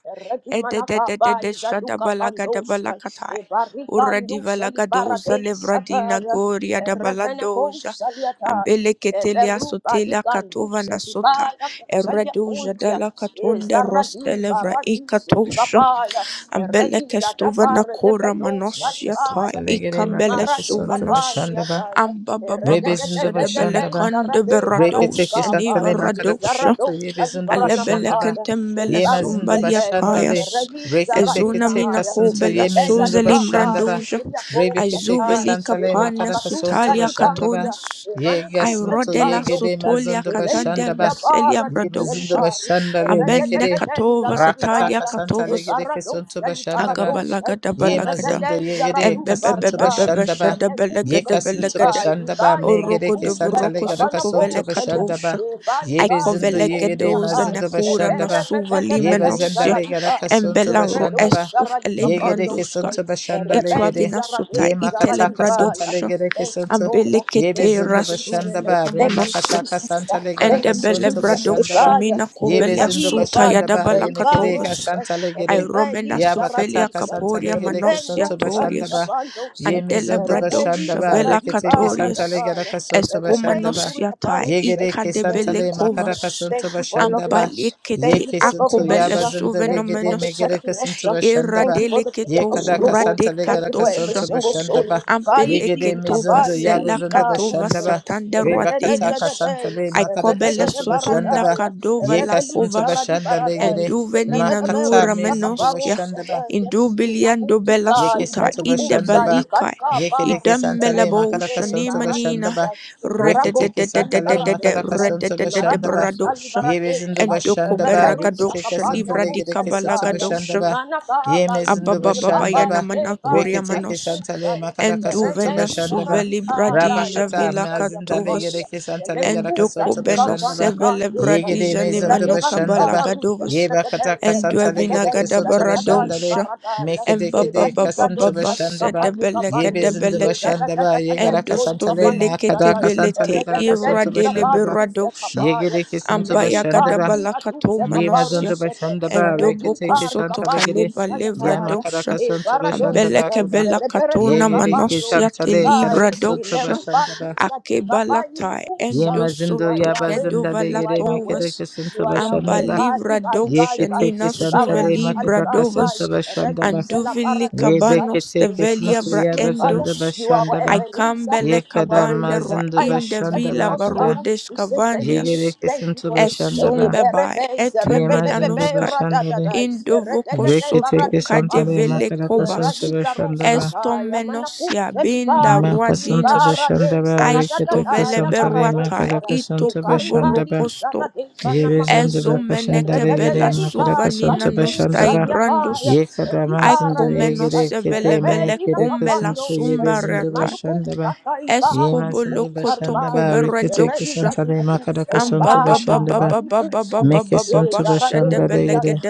Speaker 1: E de de de de
Speaker 3: Eredimanakaba
Speaker 1: de shada
Speaker 3: izaluka
Speaker 1: balaga da
Speaker 3: bandosha.
Speaker 1: balakatai. Uradi
Speaker 3: Ebarikandusha
Speaker 1: valaga doza
Speaker 3: libaradisa.
Speaker 1: levradina goria da
Speaker 3: Erebene
Speaker 1: baladoja.
Speaker 3: kousa liataya.
Speaker 1: Ambele ketelia
Speaker 3: Eberuba
Speaker 1: sotelia katova
Speaker 3: ligandus
Speaker 1: nasota.
Speaker 3: edibaya kusalia
Speaker 1: Eredoja da
Speaker 3: kontia.
Speaker 1: la katonde
Speaker 3: Ezaradi
Speaker 1: roste levra
Speaker 3: baradi
Speaker 1: ikatosha.
Speaker 3: zorikabaya.
Speaker 1: Ambele
Speaker 3: Ereiza
Speaker 1: kestova
Speaker 3: dabare
Speaker 1: nakora
Speaker 3: debedo
Speaker 2: Yaka
Speaker 1: manosia tai.
Speaker 2: Santa
Speaker 3: salibaya.
Speaker 2: Legere
Speaker 1: Ikambele
Speaker 2: Makaraka
Speaker 3: Maradika
Speaker 2: Santa
Speaker 1: suvanos.
Speaker 3: bandia
Speaker 2: Bashandaba.
Speaker 3: daya.
Speaker 1: Amba baba basha
Speaker 2: Rebezindo
Speaker 1: de bele
Speaker 3: Erededededede
Speaker 2: Bashandaba.
Speaker 1: konde
Speaker 3: izarade
Speaker 1: berados.
Speaker 2: Reketeke
Speaker 3: baradika
Speaker 1: Eniva
Speaker 3: paya.
Speaker 2: shantale makaraka
Speaker 1: radosha.
Speaker 2: soto
Speaker 3: Izarado
Speaker 2: ye bezundo
Speaker 3: salibarana
Speaker 1: Alebele
Speaker 2: bashanda ba.
Speaker 3: makaya.
Speaker 1: kentembele
Speaker 2: ye
Speaker 3: Ebarus
Speaker 2: zindu
Speaker 1: sumbalia
Speaker 3: eteye.
Speaker 2: bashanda le.
Speaker 1: tayas.
Speaker 3: Eredi
Speaker 2: Reketeke
Speaker 1: Ezuna
Speaker 2: teka
Speaker 3: zaradidaya.
Speaker 2: santo
Speaker 1: minakobela
Speaker 2: ye
Speaker 3: Erebeya
Speaker 2: zindu
Speaker 1: suzeli
Speaker 2: bashanda
Speaker 3: ligapaya.
Speaker 2: ba.
Speaker 1: mranduja.
Speaker 3: Izriya po
Speaker 2: Rebeketeke
Speaker 3: sataya.
Speaker 1: Azuveli
Speaker 2: santale
Speaker 1: kapana
Speaker 2: makaraka sonto
Speaker 3: Padusa
Speaker 1: sutalia
Speaker 2: bashanda ba.
Speaker 3: Libandia,
Speaker 1: katonas.
Speaker 2: ye
Speaker 3: Emanusa
Speaker 2: santo ye
Speaker 1: Irodela
Speaker 2: gede
Speaker 3: Libandosa,
Speaker 1: sutolia
Speaker 2: mazundu bashanda
Speaker 1: katandel
Speaker 3: Emeliculia
Speaker 2: ba.
Speaker 1: roselia
Speaker 2: ye
Speaker 3: Baradusa
Speaker 2: zindu
Speaker 1: bradosha.
Speaker 3: Libari,
Speaker 2: bashanda le
Speaker 1: Amende
Speaker 2: mekede.
Speaker 3: Regadenza
Speaker 1: katova zatalia
Speaker 2: Rakataka
Speaker 3: Radicaya,
Speaker 2: santale
Speaker 1: katovas.
Speaker 2: gede sonto
Speaker 3: Ebaradosa
Speaker 2: bashanda ba.
Speaker 3: Libaradosa,
Speaker 1: Agabalagada
Speaker 2: Ye
Speaker 1: balagada.
Speaker 2: mazondo ye
Speaker 3: Regadenza
Speaker 2: gere
Speaker 3: Radu
Speaker 2: kasanto
Speaker 3: Baribai,
Speaker 2: bashanda ba.
Speaker 1: Embebebebebebeshada
Speaker 2: Ye
Speaker 1: belegede
Speaker 2: kasanto
Speaker 1: velegede.
Speaker 3: Emeculicatai,
Speaker 2: bashanda ba me
Speaker 3: Ibaiza
Speaker 2: gere
Speaker 1: Oroko
Speaker 2: ke
Speaker 1: de
Speaker 3: Libusa,
Speaker 2: santa le
Speaker 1: voroko
Speaker 2: gere
Speaker 3: Babana
Speaker 1: soto
Speaker 2: kasanto
Speaker 3: Poselia,
Speaker 2: bashanda
Speaker 1: velekatosha.
Speaker 2: ba. Ye
Speaker 1: Aiko
Speaker 3: Ebalica in
Speaker 2: bezindo
Speaker 3: a
Speaker 2: ye gere
Speaker 3: Pontia
Speaker 1: velegedoza
Speaker 3: Pai,
Speaker 2: mazindo
Speaker 1: nakura
Speaker 2: bashanda ba.
Speaker 1: nasuva
Speaker 2: Ye
Speaker 3: Eberepepepepeza
Speaker 2: bazenda
Speaker 1: limenosia.
Speaker 2: le gere
Speaker 3: Radica,
Speaker 2: kasanto
Speaker 1: Embela ro
Speaker 2: bashanda ba.
Speaker 1: es
Speaker 3: Redosa
Speaker 1: uf
Speaker 3: Radica
Speaker 2: Ye gere ke
Speaker 1: elemrandushka.
Speaker 2: santo bashanda le
Speaker 3: Pandosa,
Speaker 1: Itwa
Speaker 3: Hey,
Speaker 1: vinasuta
Speaker 2: Ye
Speaker 3: Zarabim,
Speaker 2: makata kasanta
Speaker 3: Zaradibaya.
Speaker 2: le
Speaker 1: itelebradoksha.
Speaker 2: gere ke
Speaker 3: Thank you,
Speaker 2: santo.
Speaker 3: Lord.
Speaker 2: Ye
Speaker 1: Ambelekete
Speaker 3: Thank you,
Speaker 2: bezindo
Speaker 3: Jesus.
Speaker 2: bashanda
Speaker 1: rasuvele
Speaker 2: ba. Re
Speaker 3: Thank you,
Speaker 1: kamanosia.
Speaker 2: makata
Speaker 3: Jesus.
Speaker 2: kasanta le gere
Speaker 3: Thank you,
Speaker 1: Endebele
Speaker 2: kasanto
Speaker 3: Jesus.
Speaker 2: bashanda
Speaker 1: bradosh
Speaker 2: ba.
Speaker 3: Ekaya
Speaker 1: mina
Speaker 2: Ye
Speaker 3: is
Speaker 1: kovelia
Speaker 2: bezindo
Speaker 3: Ali
Speaker 1: suta
Speaker 3: Abaya.
Speaker 2: bashanda ba.
Speaker 1: yadabala
Speaker 2: Ye mekere
Speaker 1: katovus
Speaker 3: Ribaros,
Speaker 2: kasanta le gere.
Speaker 3: Ribeli
Speaker 1: Iromena
Speaker 2: Ya bakata
Speaker 1: sofelia
Speaker 3: Zaradisa.
Speaker 2: kasanta
Speaker 1: caporia
Speaker 2: legere
Speaker 1: manosia
Speaker 2: kesonto
Speaker 3: Ribendos,
Speaker 2: bashanda ba.
Speaker 1: torius
Speaker 3: Alikabandos.
Speaker 2: Ye
Speaker 1: Antele
Speaker 2: mezondo
Speaker 3: Rebeli
Speaker 1: bradosh
Speaker 2: bashanda ba.
Speaker 1: vela
Speaker 2: Rekete
Speaker 3: Zaradibara
Speaker 2: kesanta
Speaker 1: catorius
Speaker 2: legere
Speaker 3: Dakaya.
Speaker 2: kasonto bashanda
Speaker 3: Rebei
Speaker 2: ba.
Speaker 1: Escomanosia ta
Speaker 3: Zuriaparus.
Speaker 2: Yegere
Speaker 1: ica
Speaker 3: Thank
Speaker 2: kesanta
Speaker 1: debele
Speaker 3: you,
Speaker 2: le makara
Speaker 3: Jesus.
Speaker 1: covas
Speaker 3: Thank
Speaker 2: kasonto
Speaker 3: you for
Speaker 2: bashanda
Speaker 3: loving
Speaker 2: ba.
Speaker 3: us.
Speaker 2: Ye
Speaker 3: Thank
Speaker 1: Ambalikete
Speaker 3: you for
Speaker 2: kesonto
Speaker 3: loving
Speaker 2: ya
Speaker 1: akobele
Speaker 3: us.
Speaker 2: bazında
Speaker 3: Thank you for
Speaker 2: legere
Speaker 1: suvenomenosia
Speaker 2: megere
Speaker 3: protecting us.
Speaker 2: kasonto bashanda
Speaker 1: Ira
Speaker 3: Thank
Speaker 2: ba.
Speaker 3: you for the prayer
Speaker 2: Ye
Speaker 1: delicato
Speaker 3: house
Speaker 2: kada
Speaker 3: global.
Speaker 2: kasanta
Speaker 3: Thank
Speaker 2: legere
Speaker 3: you for every
Speaker 2: kasonto
Speaker 3: single
Speaker 2: bashanda
Speaker 3: soul.
Speaker 2: ba.
Speaker 1: Ampele
Speaker 3: Praise thee,
Speaker 2: Yegere
Speaker 3: the
Speaker 1: ketova
Speaker 3: Papa
Speaker 2: mezondo
Speaker 3: is
Speaker 2: ya
Speaker 3: a
Speaker 1: sela
Speaker 2: bazında
Speaker 3: dear
Speaker 1: katova
Speaker 2: bashanda
Speaker 3: Rusaya.
Speaker 2: ba.
Speaker 1: satanda
Speaker 2: Re bakata
Speaker 1: ruatenas.
Speaker 2: kasanta
Speaker 3: Redededededey.
Speaker 2: le
Speaker 1: I
Speaker 2: makara
Speaker 1: cobele
Speaker 2: kasonto bashanda
Speaker 1: sotunda
Speaker 2: ba.
Speaker 3: Rededededbaradaya.
Speaker 1: kadova
Speaker 2: Ye
Speaker 1: la
Speaker 2: kasonto
Speaker 3: Rebelusara
Speaker 1: cobas.
Speaker 3: di
Speaker 2: bashanda
Speaker 1: And
Speaker 2: legere.
Speaker 3: baradai.
Speaker 1: duvenina
Speaker 2: Makata
Speaker 1: nura
Speaker 3: Rebebeberusa
Speaker 2: mezindula
Speaker 1: menoskia.
Speaker 2: shanda
Speaker 3: kaparusetey.
Speaker 1: Indubilian dobela
Speaker 3: Inakutika
Speaker 2: Yeke
Speaker 1: suta.
Speaker 2: sinto
Speaker 1: Inde
Speaker 3: ibedukunsai.
Speaker 2: bashandaba.
Speaker 1: balikai.
Speaker 2: Yeke
Speaker 3: Kankapa
Speaker 2: deke
Speaker 3: rusaya
Speaker 1: Idembele
Speaker 2: santale
Speaker 1: bo
Speaker 2: makaraka
Speaker 3: e
Speaker 2: sonto
Speaker 1: shanimanina.
Speaker 3: baradisa,
Speaker 2: bashandaba. Reke teke
Speaker 3: maradosa
Speaker 2: santale
Speaker 1: Rededededededede.
Speaker 2: makaraka
Speaker 3: liberadesa,
Speaker 2: sonto bashandaba.
Speaker 3: maradosa
Speaker 1: Rededededebradosha.
Speaker 2: Yebe zindo
Speaker 3: liberadesa,
Speaker 2: bashandaba. Reke
Speaker 3: reberusa
Speaker 2: teke
Speaker 1: Endokoberagadosa.
Speaker 3: cabando
Speaker 1: Livra
Speaker 2: santale
Speaker 1: di
Speaker 2: gedeke sonto
Speaker 3: uxalicaia,
Speaker 1: kabalagadosa.
Speaker 2: bashandaba.
Speaker 3: manacaba
Speaker 2: Yeme zindo
Speaker 1: Ababa baba yana
Speaker 2: bashandaba.
Speaker 3: uzirabande
Speaker 2: Reke
Speaker 1: manakoria
Speaker 3: bai
Speaker 2: teke
Speaker 1: manos
Speaker 2: santale
Speaker 3: calucusaya,
Speaker 2: makaraka sonto
Speaker 1: enduvena
Speaker 3: redeisa
Speaker 2: bashandaba.
Speaker 1: suveli
Speaker 3: radicada e
Speaker 1: bradija
Speaker 2: Rabakata
Speaker 1: vila
Speaker 3: rosalia
Speaker 2: mazindale
Speaker 1: katovus
Speaker 3: cabalia,
Speaker 2: gedeke santale gadaka
Speaker 3: menucusa
Speaker 1: endoko
Speaker 2: sonto
Speaker 3: de
Speaker 2: bashandaba.
Speaker 1: benosevele
Speaker 3: campanicandesa,
Speaker 2: Yege de
Speaker 1: bradija
Speaker 2: mezondo
Speaker 3: Ready,
Speaker 1: nemanoka
Speaker 2: bashandaba.
Speaker 1: balagadovus
Speaker 2: Yeba kataka santale
Speaker 1: enduevina
Speaker 2: gedeke sonto bashandale.
Speaker 1: gadabaradosha
Speaker 2: Mekedekede kasıntı başında ba. Ye bezindi
Speaker 1: embabababababasedebelekedebelete
Speaker 2: başında ba. Ye gara kasantale ma kada
Speaker 1: endostovelekedebelete
Speaker 2: kasantale gara kasıntı başında ba.
Speaker 1: iradeleberadosa
Speaker 2: Ye gere kesinti başında ba.
Speaker 1: Ambayagadabala
Speaker 2: Be
Speaker 1: manosia
Speaker 2: mazundu başında ba.
Speaker 1: endobo
Speaker 2: Rekete
Speaker 1: kosoto
Speaker 2: kesantale gere.
Speaker 1: kaleba levra
Speaker 2: ya ma kada
Speaker 1: dosha
Speaker 2: kasıntı başında
Speaker 3: Paradox,
Speaker 2: ba kada.
Speaker 1: ambelekebela
Speaker 3: Reberedo
Speaker 2: Ye
Speaker 1: katona
Speaker 2: gere
Speaker 3: Cabando,
Speaker 1: manosia
Speaker 2: kesantale gara
Speaker 1: telibra
Speaker 2: kasıntı
Speaker 1: dosha
Speaker 3: Imeruba
Speaker 2: başında ba.
Speaker 3: Disa Dekapa
Speaker 1: akebalatai
Speaker 2: Ye
Speaker 3: Ilikusa. You
Speaker 2: mazindu
Speaker 3: are
Speaker 1: endosoto
Speaker 2: ya
Speaker 3: Yahweh,
Speaker 2: bazindale
Speaker 3: you are
Speaker 2: gere
Speaker 3: Yahweh.
Speaker 1: kedovalatovas
Speaker 2: mekede
Speaker 3: You
Speaker 2: kesinti
Speaker 3: are
Speaker 2: başında
Speaker 3: Yahweh,
Speaker 2: ba.
Speaker 3: God,
Speaker 1: ambalivra
Speaker 3: Ibai,
Speaker 2: Ye
Speaker 3: Ibai,
Speaker 1: dosha
Speaker 3: Ibai,
Speaker 2: kete
Speaker 1: nina suve
Speaker 2: kesantale
Speaker 3: Ibaros,
Speaker 2: ma
Speaker 1: libra
Speaker 2: kada
Speaker 3: Aligai,
Speaker 1: dovas
Speaker 3: Ibai,
Speaker 2: kasıntı başında
Speaker 3: Redux,
Speaker 2: ba.
Speaker 3: La
Speaker 1: anduvili
Speaker 2: Ye
Speaker 3: Paradisa.
Speaker 1: kabanos
Speaker 2: Yebekete
Speaker 3: You are the
Speaker 1: tevelia
Speaker 2: kesintu
Speaker 1: bra
Speaker 3: consuming fire.
Speaker 2: yabazanda
Speaker 1: endos
Speaker 3: You are our
Speaker 2: bashandaba.
Speaker 3: Ebenezer.
Speaker 1: aikambele
Speaker 3: You are
Speaker 2: Yekada
Speaker 3: the ring
Speaker 1: kabanda
Speaker 3: of
Speaker 1: ra
Speaker 2: mazında
Speaker 3: fire
Speaker 1: inda
Speaker 3: protecting
Speaker 1: vila
Speaker 2: bashandaba
Speaker 3: us,
Speaker 2: kada.
Speaker 3: Father.
Speaker 1: barodes
Speaker 3: We say thank
Speaker 2: Ye
Speaker 3: you.
Speaker 2: Yegere
Speaker 1: kavanias
Speaker 3: Thank you
Speaker 2: kesintu
Speaker 3: for this day.
Speaker 2: bashandaba.
Speaker 1: Esombebai,
Speaker 3: Iberebe,
Speaker 2: Yemazında
Speaker 3: Izerebebebebe,
Speaker 1: Etwembedanoska,
Speaker 2: bashandale.
Speaker 3: Radadadai, Eregedede
Speaker 2: Rekete
Speaker 1: Indovokosoto,
Speaker 3: baradika
Speaker 2: kesantale
Speaker 3: paruse.
Speaker 1: Kadevele
Speaker 2: makada kasuntu
Speaker 1: Kobas,
Speaker 3: Eragiza
Speaker 2: bashandaba.
Speaker 3: rosataya
Speaker 1: Estomenosia,
Speaker 3: manakuse
Speaker 1: Binda
Speaker 3: libai.
Speaker 2: Man kasuntu
Speaker 1: Ruadinas,
Speaker 3: Ibara de
Speaker 2: bashandaba. Rekete
Speaker 1: Aistovele
Speaker 3: saradadadaya
Speaker 2: kesantale
Speaker 1: Beruata,
Speaker 2: makada
Speaker 3: paradosara.
Speaker 2: kasuntu bashanda ba.
Speaker 3: Ekaribali
Speaker 1: Itokoborokosto,
Speaker 3: sarade
Speaker 2: Yebezanda
Speaker 3: banamakose.
Speaker 2: bakashandale
Speaker 3: Eregedede
Speaker 1: Ezomenekebela
Speaker 2: gere makada
Speaker 3: ibai
Speaker 1: Suvanina
Speaker 2: kasuntu
Speaker 1: Nusta
Speaker 3: kalukusa
Speaker 2: bashandaba.
Speaker 3: diabaya.
Speaker 1: Ibrandus,
Speaker 2: Yekada
Speaker 3: Ekibara
Speaker 2: mazında
Speaker 3: de sa.
Speaker 2: yegere
Speaker 1: Aikomenosevele
Speaker 2: kede me
Speaker 1: Bele
Speaker 3: Repeli la
Speaker 2: kede
Speaker 1: Kombela
Speaker 2: kesintu ye
Speaker 3: kapandose.
Speaker 2: bezanda bashanda
Speaker 3: Emanukusa
Speaker 2: ba.
Speaker 3: kaibai
Speaker 2: Yema sundu
Speaker 3: lukusa
Speaker 2: bashanda ba
Speaker 3: ribaya.
Speaker 2: rikete
Speaker 1: Eskobolokotokoberedosha.
Speaker 3: Ereiza
Speaker 2: kisanta de
Speaker 3: diadusa
Speaker 2: makaraka suntu
Speaker 3: ibaba
Speaker 2: bashanda ba
Speaker 3: balukusana.
Speaker 2: meke suntu bashanda de
Speaker 3: Ezaradeya,
Speaker 2: yede
Speaker 1: soto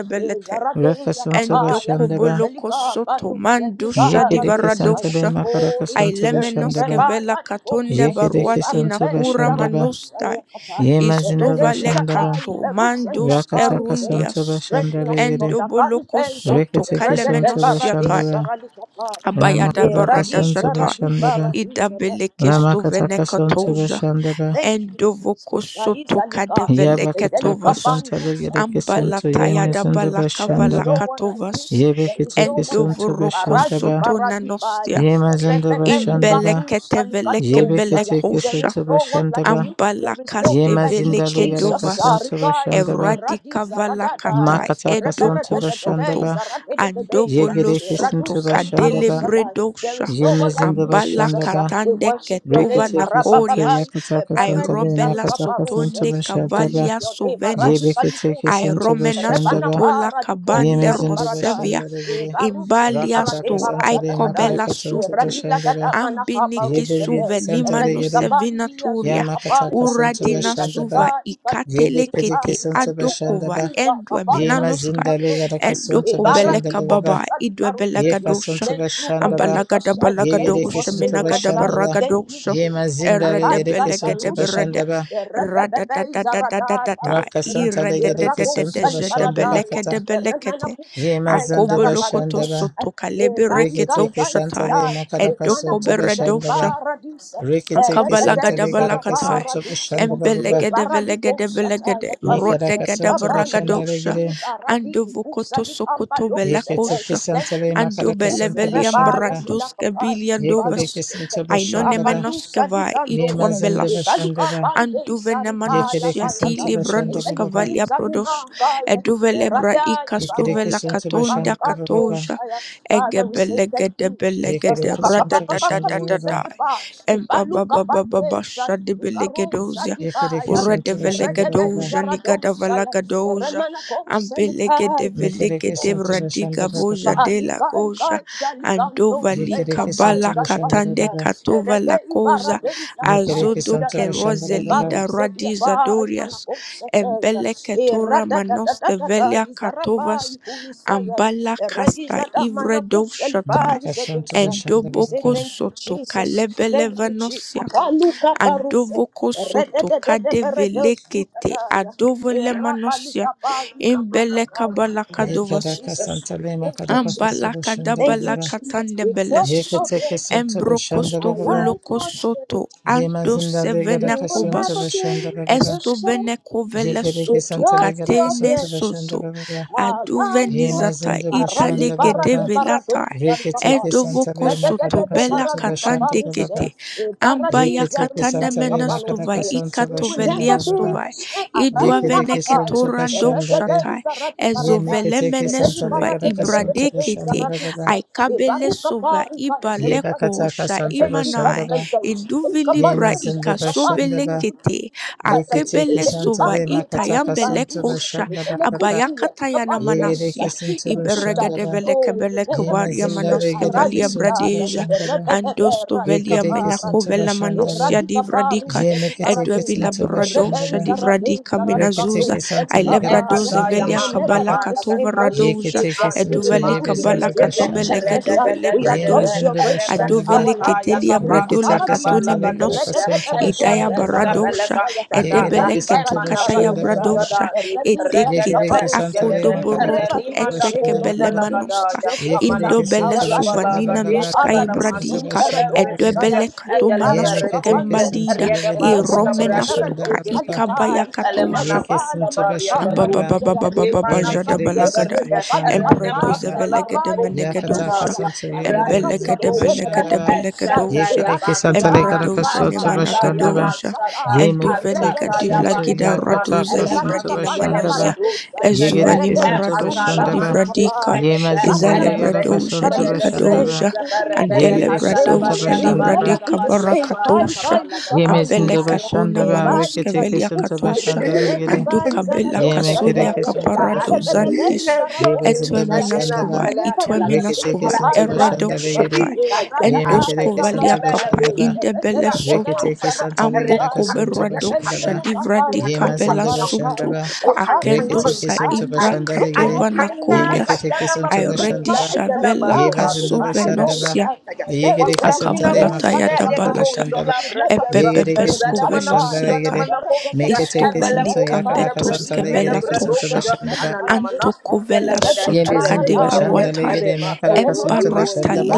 Speaker 2: raka
Speaker 3: Ezaradeya
Speaker 2: suntu
Speaker 3: Kabaya,
Speaker 2: bashanda ba
Speaker 3: Ezelika
Speaker 1: Endokobolokosoto
Speaker 3: Banu Sebika
Speaker 2: yeke de kisanta
Speaker 3: Radesaya,
Speaker 2: de
Speaker 1: mandushadivaradosha.
Speaker 2: makaraka
Speaker 3: Holy
Speaker 2: suntu
Speaker 3: Spirit,
Speaker 2: bashanda
Speaker 1: Ailemenoske
Speaker 2: ba
Speaker 1: vela
Speaker 3: Rebala
Speaker 1: katonde
Speaker 3: Dibosa,
Speaker 2: yeke de
Speaker 1: baruati
Speaker 2: kisuntu
Speaker 3: Ibarube
Speaker 1: nakura
Speaker 2: bashanda ba
Speaker 1: manusta
Speaker 3: Zaradosania Kabaya,
Speaker 2: yema zindu
Speaker 1: istovale
Speaker 2: bashanda ba
Speaker 3: Redezilaka,
Speaker 1: kato
Speaker 3: Iberusenia
Speaker 1: mandus
Speaker 2: raka taka
Speaker 3: Karusea,
Speaker 2: suntu
Speaker 1: erundias
Speaker 2: bashanda
Speaker 3: strengthen
Speaker 2: de
Speaker 3: us,
Speaker 2: yede
Speaker 3: Lord,
Speaker 1: endoboloko
Speaker 3: Akarubeza,
Speaker 1: soto
Speaker 2: rikete kisuntu
Speaker 3: Redede
Speaker 1: kalemenos
Speaker 2: bashanda ba
Speaker 3: Baradesa Ralikapaya,
Speaker 1: Abayada
Speaker 2: ramakataka
Speaker 1: barada
Speaker 2: suntu
Speaker 3: Eradisa
Speaker 1: zata
Speaker 2: bashanda ba
Speaker 3: Radibaradisa.
Speaker 1: idabeleke
Speaker 3: Ah, Father,
Speaker 1: stovene
Speaker 2: ramakataka
Speaker 3: we say
Speaker 2: suntu
Speaker 3: thank
Speaker 1: katoja
Speaker 3: you.
Speaker 2: bashanda ba
Speaker 3: Thank you, Jesus.
Speaker 1: endovoko soto
Speaker 3: Shaizalika,
Speaker 1: kadevele
Speaker 2: Yabakata
Speaker 3: Ezelika
Speaker 1: ketovas
Speaker 2: kasanta
Speaker 3: Bandusha.
Speaker 2: legere
Speaker 3: There is
Speaker 2: kesunto
Speaker 3: no
Speaker 2: ye
Speaker 3: one like
Speaker 1: ambalatayada
Speaker 2: mezundo
Speaker 3: you.
Speaker 1: balaka
Speaker 3: There is no
Speaker 2: bashandaba.
Speaker 3: one like you.
Speaker 1: valakatovas
Speaker 2: Yebe
Speaker 3: There is
Speaker 2: kete
Speaker 3: no one like
Speaker 2: kesunto
Speaker 3: you.
Speaker 1: endovoroko
Speaker 3: Barazi
Speaker 2: bashandaba.
Speaker 1: soto nanostia
Speaker 3: Baradibaya.
Speaker 2: Ye mazundo
Speaker 3: Rebebe
Speaker 2: bashandaba.
Speaker 3: Ikatu
Speaker 1: imbeleketevele
Speaker 2: Yebe
Speaker 3: Salikadosaya.
Speaker 2: kete
Speaker 3: There
Speaker 1: kembelekosha
Speaker 3: is
Speaker 2: kesunto
Speaker 3: no one like
Speaker 2: bashandaba.
Speaker 3: you. There is no
Speaker 2: Ye
Speaker 1: Ambalakaste
Speaker 3: one like you,
Speaker 2: mazinda
Speaker 1: veleke
Speaker 2: legere
Speaker 3: Jesus.
Speaker 1: dovas
Speaker 2: kasunto
Speaker 3: Sarikai,
Speaker 2: bashandaba.
Speaker 3: Iradi
Speaker 1: eradika valakata
Speaker 3: Zaradadaya,
Speaker 2: Makata kasunto
Speaker 1: edoko
Speaker 3: Reberedededei
Speaker 1: soto
Speaker 2: bashandaba.
Speaker 3: Zaradededei
Speaker 2: Ye
Speaker 1: andovolo
Speaker 2: gere
Speaker 3: Iradu
Speaker 1: soto
Speaker 2: kesunto
Speaker 1: kadele
Speaker 2: bashandaba.
Speaker 3: Salikarusatai. There
Speaker 1: bredosha
Speaker 3: is
Speaker 2: Ye
Speaker 3: no one like
Speaker 2: mezindo
Speaker 3: you, Jesus.
Speaker 2: bashandaba.
Speaker 3: We
Speaker 1: ambalakatande
Speaker 3: worship your
Speaker 1: ketova
Speaker 3: name,
Speaker 2: Rekete kesunto
Speaker 1: nakorias
Speaker 3: Arababai,
Speaker 2: yakata kasanta
Speaker 3: Eberedi
Speaker 2: le
Speaker 1: aerobela
Speaker 2: makata
Speaker 3: Zarkaparuse.
Speaker 2: kasunto
Speaker 1: sotonde
Speaker 3: We worship
Speaker 2: bashandaba.
Speaker 1: kavalia
Speaker 3: your name, Aradi
Speaker 2: Yebe
Speaker 1: sovenos
Speaker 2: kete kesunto
Speaker 1: aeromena
Speaker 3: Palukusatia,
Speaker 2: bashandaba.
Speaker 1: sotola
Speaker 3: bara di
Speaker 1: kabande
Speaker 3: bosa li
Speaker 2: Yemezinde
Speaker 3: baradai.
Speaker 2: başlandara
Speaker 3: E
Speaker 2: göre
Speaker 3: baruse di
Speaker 1: imbalia
Speaker 3: parade
Speaker 2: Rakataka
Speaker 1: sto
Speaker 3: barada da
Speaker 2: Santale
Speaker 3: da dai.
Speaker 1: aikobela
Speaker 2: Makaraka
Speaker 3: E
Speaker 2: Santo
Speaker 1: sutu
Speaker 3: radila da
Speaker 2: Bashandara
Speaker 3: manaka
Speaker 1: ambiniki
Speaker 3: baruse
Speaker 2: Yebe
Speaker 1: suve
Speaker 3: E
Speaker 2: Santale
Speaker 1: nimanu
Speaker 3: radika
Speaker 2: göre
Speaker 3: bandi
Speaker 1: sevinaturia
Speaker 3: azule
Speaker 2: Yamakataka
Speaker 3: kapaya.
Speaker 2: Santo
Speaker 3: E
Speaker 1: uradina
Speaker 3: yaduka
Speaker 1: suva
Speaker 2: Bashandara Yebe
Speaker 3: ikalikutika
Speaker 1: ikatelekete
Speaker 2: Kedeke Santo
Speaker 1: adokova
Speaker 2: Bashandara
Speaker 3: izalikukuntika
Speaker 1: endwe
Speaker 3: kapaya
Speaker 2: Yema
Speaker 1: minanoska
Speaker 2: Zindale
Speaker 3: kapandosa.
Speaker 2: Garaka
Speaker 3: E
Speaker 2: Santo
Speaker 1: endokobeleka
Speaker 3: baradi
Speaker 1: baba
Speaker 2: Bashandara
Speaker 3: di baruse
Speaker 2: Yeka
Speaker 1: idwebelegadosha
Speaker 2: Santo
Speaker 3: Thank you for
Speaker 2: Bashandara
Speaker 3: loving
Speaker 1: ambalagada
Speaker 3: us. I thank you
Speaker 2: Yegereke
Speaker 3: for
Speaker 1: balagadosha
Speaker 2: Santo
Speaker 3: saving
Speaker 1: minagada
Speaker 3: us. I
Speaker 2: Bashandara
Speaker 3: thank you,
Speaker 1: baragadosha
Speaker 2: Yema
Speaker 3: Jesus.
Speaker 2: Zindale
Speaker 3: Akai kai
Speaker 2: Gereke Santo
Speaker 3: baruse
Speaker 1: eredebelegedeberde
Speaker 3: dia.
Speaker 2: Bashandara
Speaker 3: E rebebebe
Speaker 1: radadadadadadadada
Speaker 2: Raka Santale Gereke
Speaker 3: Rakus
Speaker 2: Santo Bashandara
Speaker 3: Alibaradaya,
Speaker 2: Kata
Speaker 1: irededededezedebelekedebelekete
Speaker 3: Remanakus,
Speaker 2: Yema Zanda
Speaker 1: Akobolokoto
Speaker 2: Bashandara
Speaker 3: Zarabalukus,
Speaker 1: soto kalebere
Speaker 3: Baika
Speaker 1: keto
Speaker 2: Rikitiki
Speaker 1: shata
Speaker 2: Santale
Speaker 3: Gaisudai,
Speaker 2: Makaraka
Speaker 1: edoko
Speaker 2: Sunto
Speaker 3: Manakus
Speaker 1: beredo shata.
Speaker 2: Bashandaba.
Speaker 3: Alibaradis,
Speaker 2: Rikitiki
Speaker 3: Redadei
Speaker 2: Santale Karaka
Speaker 1: Akabalagadabalakatai,
Speaker 2: Sunto
Speaker 3: Zaraparadusaya,
Speaker 2: Bashandaba Baba.
Speaker 3: Baralikos Ataya,
Speaker 1: Embelegedevelegedebelekede,
Speaker 3: Parusa
Speaker 2: Mikaraka Sunto
Speaker 3: Tikabandia,
Speaker 2: Bashandale
Speaker 1: Rotegadabaragadosa,
Speaker 2: Gire.
Speaker 3: Ibaradikus Alikambados.
Speaker 2: Yikitiki
Speaker 1: Andovokotosokotovelakosha,
Speaker 3: Thank
Speaker 2: Santale
Speaker 3: you,
Speaker 2: Makaraka
Speaker 3: Jesus.
Speaker 2: Sunto
Speaker 3: Rebaya
Speaker 2: Bashandaba.
Speaker 3: Silapapai. Father, we
Speaker 1: Andobeleveliambranduskabiliandovas,
Speaker 2: Yikidiki
Speaker 3: say thank
Speaker 2: Sunto
Speaker 3: you. God
Speaker 2: Bashandaba.
Speaker 3: kandusa di
Speaker 1: Ainonemenoskavai,
Speaker 2: Yema
Speaker 3: kandose
Speaker 2: Zende
Speaker 1: Ituambelas,
Speaker 3: ikaluka
Speaker 2: Bashandaba.
Speaker 3: pande isarifa ya
Speaker 2: Yikidiki
Speaker 3: gaya
Speaker 2: Sunto
Speaker 3: gaya
Speaker 1: Anduvenemanosiatili
Speaker 2: Bashandaba Baba.
Speaker 3: ezeluku
Speaker 1: Branduskavalia
Speaker 3: zanima
Speaker 1: Prodos,
Speaker 3: gaya
Speaker 1: Eduvelebra
Speaker 3: erada
Speaker 2: Yikidiki
Speaker 3: ibarusa
Speaker 2: Sunto
Speaker 1: Ikastovelakatonda
Speaker 2: Bashandaba
Speaker 1: Katoja,
Speaker 2: Baba.
Speaker 3: abarukandusa ya Father we say thank you Jesus
Speaker 1: Egebelegedebelekede,
Speaker 2: Yikidiki Sunto Bashandaba
Speaker 3: kakakakakatusa
Speaker 2: Baba.
Speaker 1: Radadadadadadai.
Speaker 3: kipa
Speaker 1: Empa ba
Speaker 3: ibaluka
Speaker 1: ba ba ba ba
Speaker 3: pande isa
Speaker 1: shadi
Speaker 3: ikarusa
Speaker 1: belegedosia.
Speaker 3: di
Speaker 2: Yikidiki
Speaker 3: baya
Speaker 2: Sunto
Speaker 1: Urede
Speaker 2: Bashandaba
Speaker 3: erede
Speaker 2: Baba.
Speaker 1: velegedosia nigada
Speaker 3: izaradosa ya E
Speaker 1: valagadosia.
Speaker 3: remana kose
Speaker 1: Ampelege de velege
Speaker 3: E
Speaker 2: Mikidiki
Speaker 1: de
Speaker 2: Sunto
Speaker 3: E
Speaker 1: radiga
Speaker 2: Bashandaba Baba.
Speaker 1: voja de la goja. Andova lika
Speaker 2: Yekereke
Speaker 1: bala
Speaker 2: santo bashanda
Speaker 1: katande
Speaker 2: baba.
Speaker 1: katova la cosa.
Speaker 2: Mekereke
Speaker 1: Azodo
Speaker 2: santo
Speaker 1: ke
Speaker 2: bashanda
Speaker 3: E
Speaker 2: baba.
Speaker 3: baru
Speaker 1: roselida
Speaker 3: se dia
Speaker 1: radiza
Speaker 3: bai mana
Speaker 1: dorias.
Speaker 3: kosa
Speaker 1: Embele
Speaker 3: te e
Speaker 1: ketura
Speaker 3: rada da da
Speaker 1: manos
Speaker 3: da
Speaker 1: de
Speaker 3: da da
Speaker 1: velia
Speaker 3: izaraba
Speaker 1: katovas.
Speaker 3: ikunisaya
Speaker 1: Ambala
Speaker 3: e re
Speaker 1: casta
Speaker 3: izada
Speaker 1: ivre
Speaker 3: mana kuseli bai
Speaker 2: Maka santo
Speaker 3: zedusa.
Speaker 2: bashanda
Speaker 3: We say
Speaker 1: Endoboko
Speaker 2: baba.
Speaker 3: thank you,
Speaker 1: soto
Speaker 3: Jesus. Thank you, Jesus.
Speaker 1: kalebelevanosia.
Speaker 3: Akaluka baruse.
Speaker 1: Andovoko soto
Speaker 3: Redededede beredo
Speaker 1: kadevelekete
Speaker 3: sutadaya. Thank
Speaker 1: adovolemanosia.
Speaker 3: you,
Speaker 1: Imbelekabalakadovas.
Speaker 2: Yekereke
Speaker 3: Jesus.
Speaker 2: santo lema
Speaker 3: Thank you,
Speaker 2: kadaka
Speaker 3: Jesus.
Speaker 2: santo bashanda
Speaker 3: Thank you,
Speaker 2: baba.
Speaker 3: Jesus. We
Speaker 1: Ambalakadabalakatandebeles.
Speaker 3: touch your
Speaker 2: Yeketeke
Speaker 3: grace.
Speaker 2: santo bashanda
Speaker 3: Our
Speaker 2: baba.
Speaker 3: life was
Speaker 1: soto.
Speaker 3: saved.
Speaker 2: Yema
Speaker 1: Ando
Speaker 2: zinda
Speaker 3: We
Speaker 2: legereke
Speaker 3: will
Speaker 1: sevenakobas.
Speaker 2: santo
Speaker 3: never be
Speaker 2: bashanda baba.
Speaker 3: the
Speaker 1: Esto
Speaker 3: same.
Speaker 1: bene covele
Speaker 2: Yekereke
Speaker 1: suto
Speaker 2: santo
Speaker 3: Without
Speaker 2: legereke
Speaker 3: your
Speaker 1: katene
Speaker 2: santo
Speaker 3: grace,
Speaker 2: bashanda
Speaker 1: soto.
Speaker 2: baba.
Speaker 3: our life
Speaker 1: Aduveni
Speaker 2: Yema
Speaker 3: must be
Speaker 1: zata
Speaker 2: zinda
Speaker 3: a arati
Speaker 1: itale
Speaker 2: bashanda
Speaker 1: gede
Speaker 3: parati
Speaker 2: baba.
Speaker 3: parado
Speaker 1: velata.
Speaker 3: salikapa.
Speaker 2: Reketeke santo
Speaker 1: Edovoko
Speaker 2: lema
Speaker 1: soto
Speaker 2: kadaka
Speaker 3: Retetetete
Speaker 1: bela
Speaker 2: santo
Speaker 3: paradluka
Speaker 2: bashanda
Speaker 1: katande
Speaker 3: paruse.
Speaker 2: baba.
Speaker 1: kete.
Speaker 3: E parati
Speaker 1: Ambaya
Speaker 2: Yeketeke
Speaker 3: zaru
Speaker 1: katane
Speaker 2: santo lema
Speaker 1: menestova
Speaker 2: kadaka
Speaker 3: salikapanosaya.
Speaker 2: santo
Speaker 3: We will
Speaker 2: bashanda
Speaker 1: ikatovelia
Speaker 3: never
Speaker 2: baba.
Speaker 3: be the
Speaker 1: stova.
Speaker 3: same.
Speaker 1: Idua
Speaker 3: Arani
Speaker 2: Yekedeki
Speaker 1: veneke
Speaker 3: manakai.
Speaker 2: Santo
Speaker 1: torandok
Speaker 3: Retete
Speaker 2: Bashandare,
Speaker 1: shatai.
Speaker 3: zarati paradai.
Speaker 1: Ezovele
Speaker 2: Yemeketeki
Speaker 3: Regi
Speaker 2: Santa
Speaker 1: menesuva
Speaker 2: Legadaka Santo
Speaker 1: ibrade
Speaker 3: paratete
Speaker 1: kete.
Speaker 2: Bashandabala,
Speaker 3: zaratusai. E
Speaker 1: Aikabele
Speaker 3: baruka
Speaker 1: sova
Speaker 3: parika zeluka
Speaker 1: ibaleko
Speaker 2: Yebakataka
Speaker 3: tusa.
Speaker 1: sha
Speaker 3: E
Speaker 2: Santa
Speaker 3: peti
Speaker 1: imanai.
Speaker 2: Bashandaba,
Speaker 3: katentai. E
Speaker 1: Induvili bra
Speaker 3: kapandosai.
Speaker 2: Yemazinda
Speaker 3: Kapai
Speaker 1: ikasovele
Speaker 2: Bashandaba,
Speaker 3: kulukutu.
Speaker 1: kete
Speaker 3: Oh,
Speaker 2: Yeketeki
Speaker 1: akebele
Speaker 2: Santa
Speaker 1: sova
Speaker 2: Le Makataka
Speaker 1: itayambele
Speaker 2: Santo
Speaker 1: kosha
Speaker 2: Bashandaba Papa,
Speaker 1: abayakatayana
Speaker 2: Yegedeki
Speaker 1: manasia
Speaker 2: Santo Bashandara,
Speaker 1: iberegedevele
Speaker 3: we will
Speaker 1: kebele
Speaker 3: never be
Speaker 1: kebaria
Speaker 3: the
Speaker 2: Yemazinda
Speaker 3: same.
Speaker 1: manoske
Speaker 2: Legedeki
Speaker 1: valia
Speaker 2: Santo
Speaker 3: Arazida, yes,
Speaker 1: bradeja
Speaker 2: Bashandara,
Speaker 3: Rebebe,
Speaker 1: andosto
Speaker 3: Radica
Speaker 1: velia
Speaker 2: Yekedeki Santo
Speaker 3: Paradise,
Speaker 1: menakovela manosia
Speaker 2: Bashandare,
Speaker 3: Radica
Speaker 1: divradika
Speaker 3: Parus, radica
Speaker 2: Yemeketeki
Speaker 1: edwevila
Speaker 3: Paradeva,
Speaker 2: Santo
Speaker 1: bradosha
Speaker 3: Rebez,
Speaker 2: Bashandara,
Speaker 3: Aradez,
Speaker 1: divradika
Speaker 3: Aradicato,
Speaker 1: minazuza
Speaker 2: Reketeki Santa Legadaka
Speaker 3: Shelipapa,
Speaker 1: ailebradoze
Speaker 3: yes,
Speaker 2: Santo
Speaker 3: we
Speaker 1: velia
Speaker 3: will
Speaker 2: Bashandaba,
Speaker 3: never
Speaker 1: kabala
Speaker 3: be the
Speaker 1: katova
Speaker 3: same, Lord
Speaker 2: Ye
Speaker 1: radoja
Speaker 3: Jesus. We
Speaker 2: Yeketekesinto
Speaker 3: will
Speaker 1: eduveli
Speaker 3: never be the
Speaker 1: kabala
Speaker 2: yebezondo
Speaker 3: same, Lord
Speaker 2: bashandara.
Speaker 3: Jesus.
Speaker 1: katomelegedo
Speaker 3: We have touched
Speaker 1: bradoja
Speaker 3: your
Speaker 2: Yemazindo
Speaker 3: grace.
Speaker 2: bashandara.
Speaker 1: adovele
Speaker 3: Our life must
Speaker 1: ketelia
Speaker 3: change.
Speaker 1: bradola
Speaker 3: Paradise,
Speaker 2: Reketekesanta
Speaker 1: katone menosia
Speaker 2: lekarakasonto
Speaker 1: idaya
Speaker 3: today,
Speaker 2: bashandara baba.
Speaker 1: baradosha
Speaker 3: Zaradosaya,
Speaker 2: Ye
Speaker 3: Radi
Speaker 2: Yegerekesinto
Speaker 1: edebeleketo
Speaker 3: Baradi
Speaker 1: kataya
Speaker 2: bashandara baba.
Speaker 3: Baradadaya,
Speaker 1: bradosha
Speaker 3: Radu
Speaker 2: Ye
Speaker 3: Salika
Speaker 1: edekete
Speaker 2: Yekerekesanta
Speaker 3: We will never
Speaker 1: akodoboroto
Speaker 3: be
Speaker 2: lemakarakasonto
Speaker 3: the same,
Speaker 2: bashandara
Speaker 3: Lord.
Speaker 1: etekebele
Speaker 2: baba.
Speaker 3: We
Speaker 1: manusta
Speaker 3: touched your
Speaker 2: Ye
Speaker 3: grace.
Speaker 1: indobele
Speaker 2: Yekerekesonto
Speaker 3: Our life was
Speaker 2: bashandara
Speaker 1: suvanina
Speaker 3: changed.
Speaker 2: baba.
Speaker 1: nuska
Speaker 3: Aradi
Speaker 2: Karakasonto
Speaker 1: ibradika
Speaker 3: Salika
Speaker 2: bashandara yere.
Speaker 3: Radosaya,
Speaker 1: edebele katomana
Speaker 3: Baradi
Speaker 2: Yemeketekesinto
Speaker 3: Pandosa,
Speaker 1: sokembalida
Speaker 2: yegerekesanto
Speaker 1: iromena
Speaker 3: Redadadada
Speaker 2: bashandara
Speaker 1: stoka
Speaker 2: baba.
Speaker 1: ikabaya
Speaker 3: Radosalikai,
Speaker 2: Ye
Speaker 3: Berubali
Speaker 2: Yekesinto
Speaker 3: Manaka
Speaker 1: a
Speaker 2: bashandara.
Speaker 3: We will
Speaker 1: bababababababaja
Speaker 3: never be the
Speaker 1: babalagada.
Speaker 2: Yemekerekesanto
Speaker 3: same.
Speaker 1: A
Speaker 2: bashandara
Speaker 1: bradoze
Speaker 2: baba.
Speaker 3: Kalukampandia,
Speaker 1: belge de
Speaker 3: Kabai,
Speaker 1: menego
Speaker 2: Yakataka
Speaker 1: dozha.
Speaker 3: Yukusaya.
Speaker 2: Santa
Speaker 3: We
Speaker 1: A
Speaker 3: will never
Speaker 2: Yegademis
Speaker 3: be
Speaker 1: belge
Speaker 2: in the
Speaker 3: the
Speaker 1: de
Speaker 3: same.
Speaker 1: belge de
Speaker 2: Bashandaba,
Speaker 1: belge
Speaker 3: Belekusai,
Speaker 1: dozha.
Speaker 2: Yekedeki
Speaker 1: A
Speaker 2: Santa
Speaker 3: Barakupa,
Speaker 2: Lekaraka
Speaker 1: bradozha
Speaker 3: Ranika
Speaker 1: ne
Speaker 2: Soto
Speaker 1: managa
Speaker 3: Barupeli
Speaker 2: Bashandaba,
Speaker 1: dozha.
Speaker 3: Kopsata,
Speaker 1: A
Speaker 2: Ye make a
Speaker 1: tuve
Speaker 2: take this
Speaker 1: negativla
Speaker 2: into
Speaker 1: gida
Speaker 3: Eretetetetetetete,
Speaker 1: radose
Speaker 2: Yakataka
Speaker 1: li
Speaker 2: Santa
Speaker 3: Eradika
Speaker 1: vradina
Speaker 3: Panda
Speaker 1: manosia.
Speaker 2: Bashandaba,
Speaker 3: Paradosa,
Speaker 1: Ezuvani
Speaker 2: Yegedeki
Speaker 1: man
Speaker 2: Santa
Speaker 3: Ereberusa di
Speaker 1: radose li
Speaker 2: Bashandaba,
Speaker 3: Baradika
Speaker 1: vradika.
Speaker 3: Pai,
Speaker 2: Ye Mazinda
Speaker 1: Ezale
Speaker 3: Ebaranakosa
Speaker 2: Legaraka
Speaker 3: di
Speaker 1: bradozha
Speaker 2: Santa
Speaker 1: dika
Speaker 3: Paradosa.
Speaker 2: Bashandaba,
Speaker 1: dozha.
Speaker 3: We will never be
Speaker 1: Antale
Speaker 3: the
Speaker 2: Yegedeki
Speaker 3: same,
Speaker 2: Santa
Speaker 1: bradozha
Speaker 3: we
Speaker 1: li
Speaker 3: will never
Speaker 2: Bashandaba,
Speaker 3: be
Speaker 1: vradika
Speaker 3: the same. Pai
Speaker 1: barakatozha.
Speaker 3: Pai Luka
Speaker 2: Ye
Speaker 1: A
Speaker 2: Mazinda
Speaker 3: Pandusa,
Speaker 1: belka tona
Speaker 2: Bashandaba,
Speaker 3: Eba
Speaker 1: manoske
Speaker 2: Rikiteki
Speaker 1: velja
Speaker 2: Santa
Speaker 3: Izalukusa,
Speaker 1: katozha.
Speaker 2: Bashandalegade,
Speaker 3: Erediba
Speaker 1: Anduka Bela
Speaker 2: Ye
Speaker 3: Izaladosa
Speaker 2: make a
Speaker 1: Kasulia
Speaker 2: deki
Speaker 3: Taya,
Speaker 2: Santa
Speaker 1: Kaparado
Speaker 2: Bashandaba,
Speaker 3: Erebebebe
Speaker 1: Zandis
Speaker 2: Ye
Speaker 1: Etwe
Speaker 2: Mazinda
Speaker 3: We
Speaker 1: Minaskuva
Speaker 2: Bashandaba,
Speaker 3: will never
Speaker 1: Itwe
Speaker 3: be the same.
Speaker 2: Rikiteki
Speaker 1: Minaskuva
Speaker 2: Santa
Speaker 3: Pai Pai
Speaker 1: Eredo
Speaker 3: Lusa,
Speaker 2: Bashandalegade.
Speaker 1: Shatai
Speaker 3: you
Speaker 2: Yemekereke
Speaker 4: Don't
Speaker 1: Endoskuva
Speaker 2: santo
Speaker 1: kapa
Speaker 2: bashandaba.
Speaker 1: Indebele Soto
Speaker 2: Reketeke santo legeraka
Speaker 1: Amboko
Speaker 2: santo
Speaker 1: Berado
Speaker 2: bashandaba.
Speaker 1: Shadivradi Kabela
Speaker 2: Yemazında
Speaker 1: Soto
Speaker 2: bashandaba. Reketeke
Speaker 1: Akendosa
Speaker 2: santo
Speaker 1: Ibra Katova
Speaker 2: bashandalegere.
Speaker 1: Nakolias
Speaker 2: Yemeketeke santo
Speaker 1: Iredi
Speaker 2: bashandaba.
Speaker 1: Shavela
Speaker 2: Yemazında
Speaker 1: Kasove
Speaker 2: bashandaba.
Speaker 1: nosia
Speaker 2: Yegereke santo
Speaker 1: Akabalata
Speaker 2: lemakaka santo
Speaker 1: Yadabalata
Speaker 2: bashandaba.
Speaker 3: would never be
Speaker 2: Yegereke santo
Speaker 1: Ebebebeskovenosiata
Speaker 2: bashandalegere. Meketeke santo
Speaker 3: the
Speaker 2: yakaraka santo
Speaker 3: same.
Speaker 2: legereke santo
Speaker 3: Zeripa,
Speaker 1: Istovalikambetoskevelatosha
Speaker 2: bashandaba.
Speaker 1: Antokovela
Speaker 2: Yemezinde
Speaker 1: Sotokadevaruata
Speaker 2: bashandalegere makaraka santo
Speaker 1: Embarata
Speaker 2: bashandaba.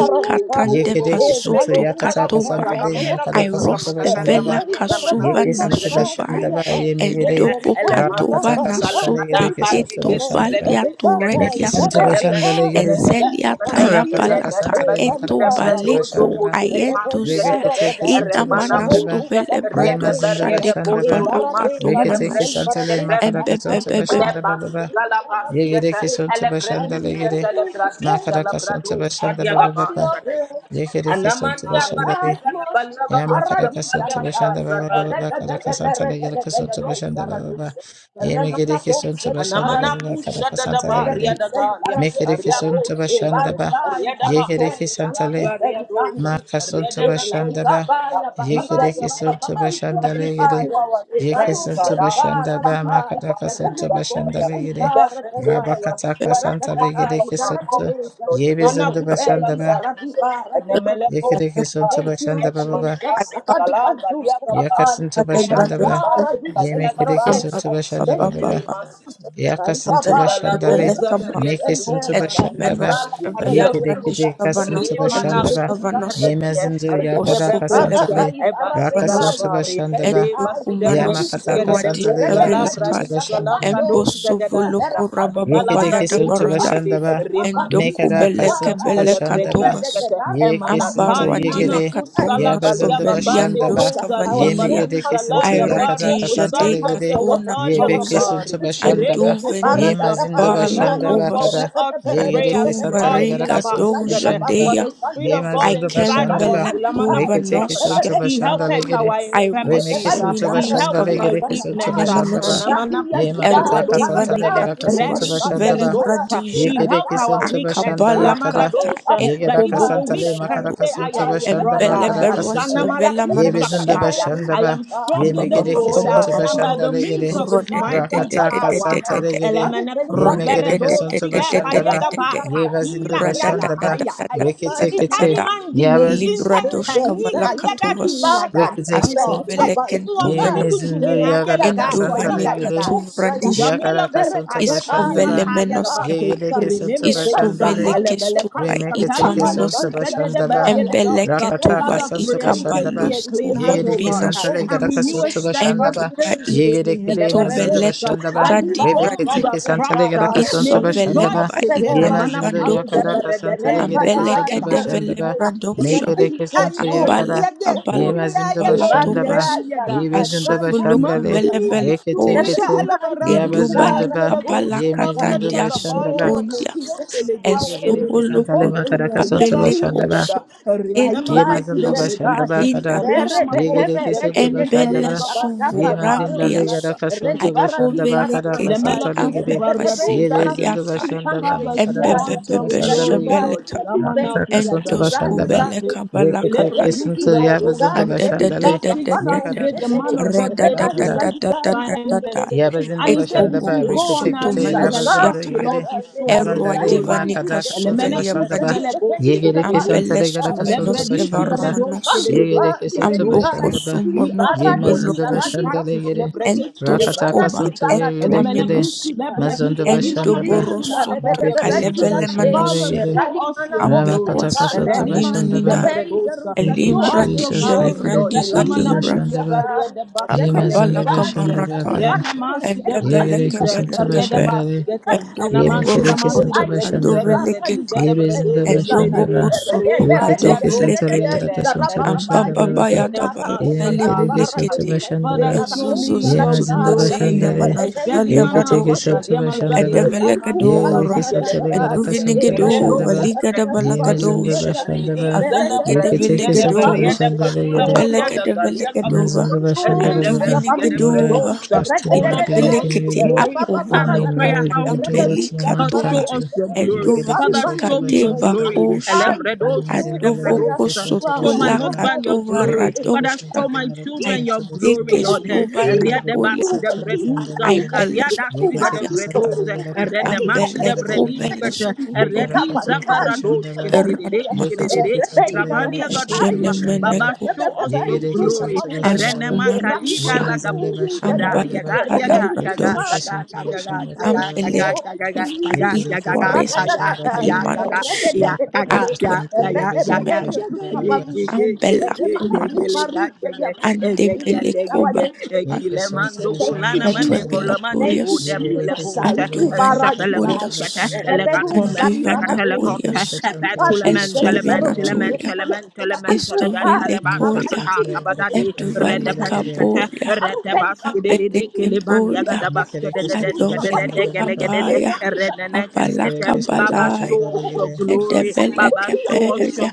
Speaker 2: Yekere kesintu yakata kasanta
Speaker 1: Sotokatovai
Speaker 2: de makara kasanta bashanda
Speaker 1: Irostevela
Speaker 2: ba
Speaker 1: Kasuva
Speaker 2: yekesintu bashanda
Speaker 1: Nasuvai
Speaker 2: ba yemegere
Speaker 3: Zalipa,
Speaker 2: rabakata
Speaker 1: Endobokatova
Speaker 2: kasanta legere kesintu
Speaker 3: Zalipa,
Speaker 2: bashanda ba
Speaker 1: Nasoteketovalia
Speaker 3: Zalipa,
Speaker 2: mekesintu
Speaker 1: Torediaskai
Speaker 3: Zarade
Speaker 2: bashanda
Speaker 3: gare
Speaker 2: legere
Speaker 3: kosa tika
Speaker 1: Ezelia
Speaker 3: pantiza,
Speaker 2: rakata
Speaker 1: Tayabalata
Speaker 2: kasanta
Speaker 3: e
Speaker 2: le makara
Speaker 1: Eto
Speaker 3: zalika
Speaker 2: kasanta
Speaker 3: barusa
Speaker 1: Baleko
Speaker 2: bashanda
Speaker 3: ya,
Speaker 2: ba
Speaker 3: e rebeli
Speaker 1: Ayedusia
Speaker 3: gara
Speaker 2: rebekete
Speaker 3: gada,
Speaker 2: kesintu
Speaker 1: Ina
Speaker 3: e
Speaker 2: bashanda
Speaker 3: rebeli
Speaker 2: ba
Speaker 1: Manasto
Speaker 3: kusa
Speaker 1: Velebradok
Speaker 2: yemazindu
Speaker 3: libaradeza ya,
Speaker 1: Shadeka
Speaker 2: bashanda
Speaker 3: e
Speaker 2: ba
Speaker 3: barade
Speaker 1: Balakato
Speaker 2: rekete
Speaker 3: karusa
Speaker 1: Manos
Speaker 2: kesanta le
Speaker 3: libaradeza,
Speaker 2: makara kasanta
Speaker 3: haruka
Speaker 1: Ebebebebe
Speaker 2: bashanda
Speaker 3: ya,
Speaker 2: ba ba ba.
Speaker 3: e yaga
Speaker 2: yegere
Speaker 3: kusa ya,
Speaker 2: kesintu
Speaker 3: I
Speaker 2: bashanda
Speaker 3: will never
Speaker 2: legere
Speaker 3: be the same.
Speaker 2: makara kasanta
Speaker 3: I
Speaker 2: bashanda ba ba ba
Speaker 3: touch
Speaker 2: ba.
Speaker 3: your grace.
Speaker 2: yekere kesintu
Speaker 3: My
Speaker 2: bashanda
Speaker 3: life must be
Speaker 2: Yamakadaka
Speaker 3: paradise
Speaker 2: Sunto
Speaker 3: aradai.
Speaker 2: Bashanda Baba Baba Kadaka Santa Legedaka Sunto
Speaker 3: Erebebebeberedelegededei
Speaker 2: Bashanda Baba
Speaker 3: zaraduse.
Speaker 2: Yemegedeki Sunto
Speaker 3: Eremanakose di
Speaker 2: Bashanda Baba
Speaker 3: paradisea.
Speaker 2: Kadaka Santa Legede
Speaker 3: Erekuse di
Speaker 2: Mekedeki
Speaker 3: paradisea.
Speaker 2: Sunto Bashanda Ba
Speaker 3: Ebarubai barubei
Speaker 2: Yegedeki Santa Le
Speaker 3: zanakube di banduse.
Speaker 2: Maka Sunto
Speaker 3: Eh, La di
Speaker 2: Bashanda Ba
Speaker 3: kabaya, baba baya
Speaker 2: Yekedeki
Speaker 3: baba
Speaker 2: Sunto
Speaker 3: baba
Speaker 2: Bashanda
Speaker 3: kunti
Speaker 2: Legede
Speaker 3: baya e
Speaker 2: Yeke
Speaker 3: baro
Speaker 2: Sunto
Speaker 3: sei bara
Speaker 2: Bashanda
Speaker 3: di
Speaker 2: Ba
Speaker 3: baya
Speaker 2: Makadaka
Speaker 3: e
Speaker 2: Sunto
Speaker 3: remene bo
Speaker 2: Bashanda
Speaker 3: sei
Speaker 2: Legede
Speaker 3: bara da baya e
Speaker 2: Rabakataka
Speaker 3: rata
Speaker 2: Santa
Speaker 3: da baya
Speaker 2: Legedeki
Speaker 3: zara tu
Speaker 2: Sunto
Speaker 3: rosa e
Speaker 2: Yebizundo Bashanda
Speaker 3: rubeli
Speaker 2: Ba
Speaker 3: zara di bara di mandosa
Speaker 2: Yekedeki Sunto
Speaker 3: Thank you,
Speaker 2: Bashanda Baba
Speaker 3: Jesus. Akadi kandu sekapan.
Speaker 2: Yakasinto
Speaker 3: Iman
Speaker 2: Bashandaba,
Speaker 3: di
Speaker 5: Freedom
Speaker 3: sen
Speaker 5: Masunto,
Speaker 3: paradosa.
Speaker 2: Yemekidikisunto Bashandaba
Speaker 3: Thank you,
Speaker 2: Baba,
Speaker 5: Liberator
Speaker 3: Jesus.
Speaker 5: Masunto,
Speaker 2: Yakasinto
Speaker 3: Arikaba, it's a
Speaker 2: Bashandale,
Speaker 3: refuge
Speaker 5: Imasunto,
Speaker 3: and
Speaker 2: Mekisunto
Speaker 3: paradise.
Speaker 5: Liberator
Speaker 1: Etomenos
Speaker 2: Bashandaba,
Speaker 3: Thank you for loving
Speaker 5: Masunto,
Speaker 3: us.
Speaker 1: Velebradis
Speaker 3: sir. Thank
Speaker 1: Kavanos
Speaker 3: you
Speaker 2: Yekidikidikasunto
Speaker 3: for
Speaker 1: Elus
Speaker 3: redeeming
Speaker 5: Nada
Speaker 2: Bashandaba,
Speaker 3: us. sir.
Speaker 1: Kavanos
Speaker 3: Thank
Speaker 5: Masunto,
Speaker 3: you for
Speaker 2: Yemezindu
Speaker 3: saving us.
Speaker 1: Bosco
Speaker 2: Yakadaka
Speaker 5: Liberator
Speaker 3: Baraba,
Speaker 1: Velebrad
Speaker 2: Santale,
Speaker 5: Masunto,
Speaker 3: Ibarabe,
Speaker 1: Kavanos
Speaker 2: Rakasunto Bashandaba,
Speaker 3: Ibarabelai,
Speaker 1: Edukumanos
Speaker 5: Masunto,
Speaker 2: Yamakataka
Speaker 3: Yakuseya,
Speaker 2: Santale,
Speaker 1: eruadisha
Speaker 3: Rebella,
Speaker 5: Liberator
Speaker 1: velatai,
Speaker 2: Yarakasunto
Speaker 3: Dusa,
Speaker 5: Masunto, Liberator Masunto, Liberator
Speaker 3: Abandos, Eberapa,
Speaker 5: Masunto,
Speaker 3: Kapan,
Speaker 2: Yekedeki suntu
Speaker 3: Yakupan,
Speaker 1: embosovolokorabababayadabaradai,
Speaker 5: Liberator
Speaker 2: bashandaba.
Speaker 3: Ekapa,
Speaker 5: Masunto,
Speaker 3: Dusa,
Speaker 2: Mekara kasuntu
Speaker 5: Liberator
Speaker 3: Kaba,
Speaker 5: Masunto,
Speaker 2: bashandaba.
Speaker 1: endokubelekebelekatovas,
Speaker 5: Masunto,
Speaker 3: Rebecca,
Speaker 5: Liberator
Speaker 3: Barikapa,
Speaker 2: Yekisuntu
Speaker 5: Masunto,
Speaker 3: Rebecca,
Speaker 2: yegede.
Speaker 3: Dusa. As the
Speaker 2: Yabazundu
Speaker 3: dear comes for
Speaker 1: ambaruadilakatonastoveliandos
Speaker 2: bashandaba.
Speaker 3: water, our
Speaker 1: kavalia,
Speaker 3: soul
Speaker 2: Yemegede
Speaker 3: comes for
Speaker 2: kisuntu
Speaker 3: you, Lord.
Speaker 2: yakata
Speaker 3: As the
Speaker 1: airedija
Speaker 2: kasanta
Speaker 3: dear comes for
Speaker 2: legede.
Speaker 3: for
Speaker 5: Nada
Speaker 3: water. Our
Speaker 5: Masunto,
Speaker 2: Yebeke
Speaker 1: dekatonazuza,
Speaker 3: soul
Speaker 2: suntu
Speaker 3: is for
Speaker 5: Liberator Masunto,
Speaker 3: you,
Speaker 2: bashandaba.
Speaker 3: Lord.
Speaker 5: Liberator
Speaker 3: Paradada,
Speaker 2: Yemazindu
Speaker 3: paradadaya.
Speaker 2: bashandaba
Speaker 1: anduvenikabaalakovas,
Speaker 2: kada.
Speaker 3: Erekete,
Speaker 2: Yegede kisanta legara
Speaker 3: perededededededaya.
Speaker 2: kasuntu
Speaker 3: Eralika,
Speaker 2: bashandaba.
Speaker 3: paruta,
Speaker 1: anduvaregadojadeia,
Speaker 3: likanto, sadi.
Speaker 2: Yemazundu bashandaba.
Speaker 3: Eparukanti, ai.
Speaker 2: Rekete
Speaker 1: aikembeletuvanos
Speaker 3: Zerekete,
Speaker 2: kisuntu
Speaker 3: ai.
Speaker 2: bashanda legede.
Speaker 3: Zaranamakuse.
Speaker 2: Remeke
Speaker 1: Airoshe
Speaker 3: Erepadi,
Speaker 2: suntu
Speaker 3: zara,
Speaker 2: bashanda
Speaker 1: minanoskava
Speaker 2: legede
Speaker 3: ufata,
Speaker 2: kisuntu
Speaker 3: ai.
Speaker 2: ba.
Speaker 1: ikanemanosia
Speaker 3: Eradia,
Speaker 2: Ye
Speaker 3: diva,
Speaker 2: makata
Speaker 3: ai.
Speaker 2: kasanta
Speaker 3: Paradadai,
Speaker 2: legera
Speaker 3: ruka,
Speaker 1: erodivanikatova
Speaker 2: kasunta
Speaker 3: likanto,
Speaker 2: bashanda
Speaker 1: suveli
Speaker 2: ba.
Speaker 3: saya.
Speaker 2: Ye
Speaker 1: bradija
Speaker 2: kere
Speaker 3: Eralika,
Speaker 2: kisunta
Speaker 3: paruta,
Speaker 2: bashanda ba
Speaker 3: likanto,
Speaker 2: kada.
Speaker 1: akabalakata
Speaker 3: Salika,
Speaker 2: Ye gera
Speaker 3: malika,
Speaker 2: kasanta le
Speaker 3: yadadaya,
Speaker 2: makara
Speaker 1: ekobokosoto
Speaker 2: kasunta
Speaker 3: yadikaya,
Speaker 2: bashanda ba kada
Speaker 3: dadadadaya.
Speaker 1: enveleberoste
Speaker 2: kasunta. Ye bizunda
Speaker 1: velamanosia
Speaker 2: bashanda
Speaker 3: Erekete,
Speaker 2: ba. Ye megere kisunta
Speaker 1: hababababababa
Speaker 3: Oh,
Speaker 2: bashanda legere.
Speaker 3: Jesus Christ, I
Speaker 2: Rakata
Speaker 3: thank you,
Speaker 2: kasanta
Speaker 3: God.
Speaker 1: rodededededededede
Speaker 2: legere.
Speaker 3: Father, thank
Speaker 2: Ye
Speaker 3: my God.
Speaker 2: megere kisunta
Speaker 3: my
Speaker 2: bashanda ba.
Speaker 1: rodededededededede
Speaker 2: Ye bazindu bashanda ba.
Speaker 3: God,
Speaker 2: Rekete
Speaker 3: my
Speaker 2: kete.
Speaker 1: radadadadadadadadadada
Speaker 3: God,
Speaker 2: Ya
Speaker 3: Holy
Speaker 2: baz
Speaker 3: Spirit, thank you. Thank
Speaker 1: libradoshkavalakatovas
Speaker 3: you, Father. Thank you,
Speaker 2: rekete kisunta.
Speaker 3: Father. Thank you,
Speaker 2: Ye
Speaker 3: God.
Speaker 2: mezindu
Speaker 3: Eh,
Speaker 2: ya gada
Speaker 3: ratata,
Speaker 2: kasanta
Speaker 3: izaraba,
Speaker 1: Indovanika
Speaker 2: legere.
Speaker 3: ikosaya.
Speaker 1: tuvradishka
Speaker 2: Yakaraka Santa
Speaker 3: Reperete, deba,
Speaker 2: Bashandaba,
Speaker 3: ikuria, para,
Speaker 1: iskovelemenoskeva
Speaker 3: ika.
Speaker 2: Yegedeke Santa
Speaker 3: Reperika,
Speaker 2: Bashandare,
Speaker 3: paru, sekai,
Speaker 1: istuvelekestova
Speaker 3: baruka,
Speaker 2: Remeketeke Santa
Speaker 1: itwaminosta
Speaker 3: pandantia,
Speaker 2: Bashandaba,
Speaker 3: sekaya. We never
Speaker 1: embeleketova
Speaker 2: Rakataka
Speaker 3: be
Speaker 2: Santa
Speaker 3: still, Lord.
Speaker 2: Bashandaba,
Speaker 3: We say thank
Speaker 2: Yegedeke
Speaker 3: you.
Speaker 2: Santa
Speaker 3: Thank you,
Speaker 1: ikabaloskuvambinasutu
Speaker 2: Legadaka Santa
Speaker 3: Jesus. Thank
Speaker 2: Bashandaba,
Speaker 3: you,
Speaker 1: enduva
Speaker 3: Jesus.
Speaker 1: ika
Speaker 2: Yegedeke
Speaker 3: Thank you,
Speaker 2: Mazunda
Speaker 3: Jesus.
Speaker 1: itoveleto
Speaker 2: Bashandaba,
Speaker 3: Kaiba Ivaru
Speaker 2: Rebeketeke
Speaker 1: shadivradika
Speaker 2: Santa
Speaker 3: Kenta
Speaker 2: Legadaka Santa
Speaker 3: Paradise.
Speaker 2: Bashandaba,
Speaker 1: isovelemba
Speaker 3: Rabada Radika
Speaker 2: Yemazinda
Speaker 3: Parose.
Speaker 1: italebandokovo
Speaker 2: Yakadaka Santa Legadaka
Speaker 3: Relibada
Speaker 2: Santa
Speaker 3: Dai
Speaker 2: Bashandaba,
Speaker 3: Zeradai.
Speaker 1: ambelekedevelebradosha
Speaker 2: Mekedeke
Speaker 3: Rabadiko
Speaker 2: Santa
Speaker 3: Saliman.
Speaker 2: Yakada, Yemazinda
Speaker 3: Ebari
Speaker 1: ambalakabalakabalatovas
Speaker 2: Bashandaba,
Speaker 3: Beli Zariba
Speaker 2: Yebezinda
Speaker 3: Kaiba
Speaker 2: Bashandale,
Speaker 3: Zerikabai.
Speaker 1: asovolokovelebelekoze
Speaker 3: Rebeli
Speaker 2: Rekete
Speaker 3: Mai Zuribara
Speaker 1: Edubalika
Speaker 2: Yabazundaba,
Speaker 3: Go
Speaker 2: Yemezinda
Speaker 3: Salibaria.
Speaker 1: balakatandia
Speaker 2: Bashandaba,
Speaker 3: Oh,
Speaker 1: sotondia
Speaker 3: Jesus, I want
Speaker 2: Yegere
Speaker 3: to
Speaker 1: esobolo
Speaker 2: kesantale makara
Speaker 1: kotoka
Speaker 3: thank
Speaker 2: kasonto
Speaker 3: you,
Speaker 2: bashanda ba.
Speaker 3: Lord.
Speaker 1: belekoso
Speaker 3: Vai,
Speaker 2: Ye
Speaker 3: vai,
Speaker 2: mazindo
Speaker 3: Gisele,
Speaker 1: etovenosia
Speaker 2: bashanda
Speaker 3: vai.
Speaker 2: ba kada.
Speaker 3: Bere,
Speaker 1: inanosta
Speaker 3: bebe,
Speaker 2: Yegere
Speaker 3: bere, de,
Speaker 2: kesonto
Speaker 3: de, de,
Speaker 2: bashanda
Speaker 3: de,
Speaker 1: embele
Speaker 2: ba.
Speaker 3: zaraka,
Speaker 2: Ye
Speaker 3: pare,
Speaker 2: mazinda
Speaker 3: Deus.
Speaker 1: suvurambias
Speaker 2: legara
Speaker 3: Reli,
Speaker 2: kasonto
Speaker 3: bara, di,
Speaker 2: bashanda ba
Speaker 3: bara,
Speaker 2: kada
Speaker 3: nama,
Speaker 1: aikovelekeite
Speaker 3: vai.
Speaker 2: kasanta legere.
Speaker 3: Rebe, bebe,
Speaker 2: Ye
Speaker 3: zara, tu,
Speaker 2: bezindo
Speaker 1: ambewasibaliatai
Speaker 3: sali,
Speaker 2: bashanda ba
Speaker 3: panto,
Speaker 2: makara
Speaker 3: sakaya.
Speaker 2: kasonto bashanda
Speaker 3: Zali, vai,
Speaker 2: legere.
Speaker 1: embebebebeshebeleta
Speaker 3: zali, vem,
Speaker 2: Rakata
Speaker 3: tia, di,
Speaker 2: kasonto
Speaker 3: zali,
Speaker 2: bashanda ba.
Speaker 3: kato.
Speaker 1: endoskobeleka
Speaker 2: Rekete
Speaker 3: Remeki
Speaker 2: kesonto ya
Speaker 3: atiga
Speaker 2: bazindo bashanda
Speaker 3: ibeluti
Speaker 2: le.
Speaker 3: kampando
Speaker 2: Mekara
Speaker 3: sede
Speaker 2: kasonto bashanda ba kada.
Speaker 3: rebaisa liga isa
Speaker 1: Ra-da-da-da-da-da-da-da.
Speaker 3: rededede isa
Speaker 2: Yabazindo bashanda
Speaker 3: sede
Speaker 2: ba
Speaker 1: Ekoboko
Speaker 3: iba
Speaker 1: soto
Speaker 2: reketekete
Speaker 3: saika
Speaker 2: rabazondo
Speaker 1: manosiata.
Speaker 2: yegere
Speaker 3: viyata e
Speaker 1: Erwa
Speaker 2: mazandale ma
Speaker 3: zalibandu
Speaker 1: divanika
Speaker 2: kadaka
Speaker 3: sede
Speaker 2: sonto
Speaker 1: suvelia
Speaker 2: bashanda ba
Speaker 1: bradija.
Speaker 3: rededede isa
Speaker 2: yegere
Speaker 3: rabandu
Speaker 2: kesanta
Speaker 1: Ambele
Speaker 2: le
Speaker 3: sede
Speaker 2: gadaka sonto
Speaker 1: suvenoske
Speaker 2: bashanda
Speaker 3: Jesus
Speaker 2: ba
Speaker 3: kandu
Speaker 1: varamanosia.
Speaker 3: pa
Speaker 2: yegere kesonto
Speaker 1: Amboko
Speaker 3: izelikai
Speaker 2: bashanda ba
Speaker 1: sumonoko
Speaker 2: ye
Speaker 3: ibarade isa
Speaker 2: mazondo
Speaker 1: bolokosto.
Speaker 2: bashanda
Speaker 3: radika
Speaker 2: le yegere
Speaker 3: pandu sede
Speaker 2: rakataka
Speaker 1: Entoskoba.
Speaker 3: ibaradi
Speaker 2: sonto
Speaker 3: barade
Speaker 2: yegere
Speaker 3: makusa
Speaker 2: kede
Speaker 1: Entwaminosia.
Speaker 2: mazondo
Speaker 3: Holy
Speaker 2: bashanda ba
Speaker 1: Endoboro
Speaker 3: Spirit,
Speaker 1: soto
Speaker 2: bebe kesonto
Speaker 1: kalebele
Speaker 2: bashanda
Speaker 3: Rebebebebebebebe,
Speaker 2: le
Speaker 1: manosia.
Speaker 2: yegere
Speaker 3: Ralimana
Speaker 1: Amberwa
Speaker 2: ramakataka
Speaker 3: Kostelibata,
Speaker 2: sonto
Speaker 1: suvenina
Speaker 2: bashanda ba
Speaker 1: ninae.
Speaker 3: Rebeza Rusa
Speaker 2: thank you
Speaker 3: Baba
Speaker 1: Elimbra
Speaker 3: de
Speaker 2: jesus
Speaker 1: dija
Speaker 3: Paz,
Speaker 2: rekere
Speaker 1: livrandi
Speaker 2: kesonto
Speaker 3: Rabiza
Speaker 1: kalibra.
Speaker 2: bashanda ba
Speaker 3: Lusata,
Speaker 2: ye
Speaker 3: Remena
Speaker 2: mazondo
Speaker 1: Akabalaka
Speaker 3: Kubati,
Speaker 2: bashanda
Speaker 1: barata
Speaker 2: ba
Speaker 3: Asukanto, Seta Antica,
Speaker 2: Yegereke santa
Speaker 1: Endebelekebelekebe,
Speaker 2: bashandare, yemekereke
Speaker 1: endokoborokoto
Speaker 2: santa bashandaba,
Speaker 1: kadovelekete,
Speaker 2: yebezinda bashandaba,
Speaker 1: endobokosoto
Speaker 2: reketeke santa
Speaker 1: kadovelekete,
Speaker 2: yaraka santa bashandaba baba,
Speaker 1: ambababayadabala
Speaker 2: yemekereke santa
Speaker 1: telebelekete,
Speaker 2: bashandaba, yemezinda bashandare, reketeke
Speaker 1: ezozozozozazilemanazadaliabradoja,
Speaker 2: santa bashandaba,
Speaker 1: endevelekedora,
Speaker 2: yegereke santa yaraka santa
Speaker 1: enduvinegedova,
Speaker 2: bashandaba, yemezinda
Speaker 1: ligadabalagadosha,
Speaker 2: bashandaba, reketeke santa
Speaker 1: avelegedevelegedova,
Speaker 2: bashandare
Speaker 3: Oh Lord,
Speaker 1: ambelegedevelegedova,
Speaker 3: you
Speaker 2: Mazumba
Speaker 3: are all
Speaker 2: Shandaba Baba.
Speaker 3: that
Speaker 2: Lord, I
Speaker 1: anduvinegedova,
Speaker 2: trust in you. I believe in you,
Speaker 1: Idabelekete
Speaker 2: Lord. And
Speaker 1: akuvulu
Speaker 2: I know you will do what
Speaker 1: kutayambelika
Speaker 2: no man can
Speaker 1: katova
Speaker 2: do. You get a
Speaker 1: eduvani
Speaker 2: kiss on to
Speaker 1: kateva
Speaker 2: Bashandaba Baba.
Speaker 1: kosha
Speaker 2: Mazumba Lord, a kiss on to
Speaker 1: adovokosotula
Speaker 2: Bashandaba.
Speaker 1: katova
Speaker 2: Rekete kiss on
Speaker 1: radosha
Speaker 2: kiss on to Bashandaba.
Speaker 1: ayadekestuva
Speaker 2: Yene get a
Speaker 1: nakuria
Speaker 2: kiss on to Bashandaba. Rekete kiss on
Speaker 1: aibelestuvaniasta
Speaker 2: kiss on to Bashandaba Baba.
Speaker 1: abelekobelestoto
Speaker 2: Rekete kiss on to Bashandaba. Rekete kiss on kiss on
Speaker 1: eradamanas
Speaker 2: to Bashandaba.
Speaker 1: jenemeneko
Speaker 2: Yegere kiss on to Bashandaba.
Speaker 1: askumanosia
Speaker 2: Yemazinde başında baba.
Speaker 1: ambalatalabradosh
Speaker 2: Yekedeki suntu başında
Speaker 1: Am belle
Speaker 2: baba.
Speaker 3: Oh,
Speaker 1: ke tofa i
Speaker 3: Jesus.
Speaker 2: Yekedeki suntu
Speaker 1: koresu
Speaker 2: başında
Speaker 1: di
Speaker 2: begeri.
Speaker 1: manos
Speaker 2: Vaka kaka
Speaker 1: atue
Speaker 2: suntu
Speaker 1: tu
Speaker 3: Ratatata,
Speaker 2: yebezinde
Speaker 1: menos
Speaker 2: başında baba.
Speaker 1: am bela kuma nos ande bela koba
Speaker 2: Yeke
Speaker 3: we say
Speaker 2: suntu
Speaker 3: thank you,
Speaker 2: başında
Speaker 1: atue
Speaker 3: Jesus.
Speaker 2: bakara.
Speaker 3: Thank
Speaker 1: bilaturias
Speaker 3: you,
Speaker 2: Yegereki
Speaker 3: Jesus.
Speaker 2: suntu be
Speaker 3: Saitu
Speaker 1: anduven
Speaker 2: makaraka suntu
Speaker 3: barajidai.
Speaker 1: acurias
Speaker 2: başında
Speaker 3: Reperu
Speaker 2: baba.
Speaker 3: sali
Speaker 1: anduven
Speaker 3: baradei.
Speaker 1: acurias
Speaker 2: Yekedeki suntu
Speaker 3: Abika du
Speaker 2: başında
Speaker 3: seli
Speaker 1: estuve
Speaker 2: baba
Speaker 3: bero du
Speaker 2: baba.
Speaker 3: seli
Speaker 1: natural
Speaker 3: mane. Kakan du
Speaker 1: estuve
Speaker 3: bari
Speaker 2: Nike
Speaker 3: kakan
Speaker 1: lecoria
Speaker 2: suntu be
Speaker 3: Jesus.
Speaker 2: baba başında
Speaker 1: estuve
Speaker 2: begeri
Speaker 3: Kakan
Speaker 2: geri.
Speaker 3: Jesus.
Speaker 1: licoria
Speaker 3: Aru ben kakan
Speaker 1: abelke
Speaker 3: Jesus.
Speaker 1: voria
Speaker 3: Reperu
Speaker 2: Yekedeki suntu
Speaker 1: anduve
Speaker 3: kakan
Speaker 1: le
Speaker 2: başında
Speaker 3: du.
Speaker 2: baba baba.
Speaker 1: cabaya
Speaker 3: Rani
Speaker 1: abala
Speaker 2: Yekedeki suntu
Speaker 1: cabala
Speaker 2: başında
Speaker 3: Oh,
Speaker 2: begeri.
Speaker 1: ande
Speaker 3: Jesus. Oh,
Speaker 1: belke belia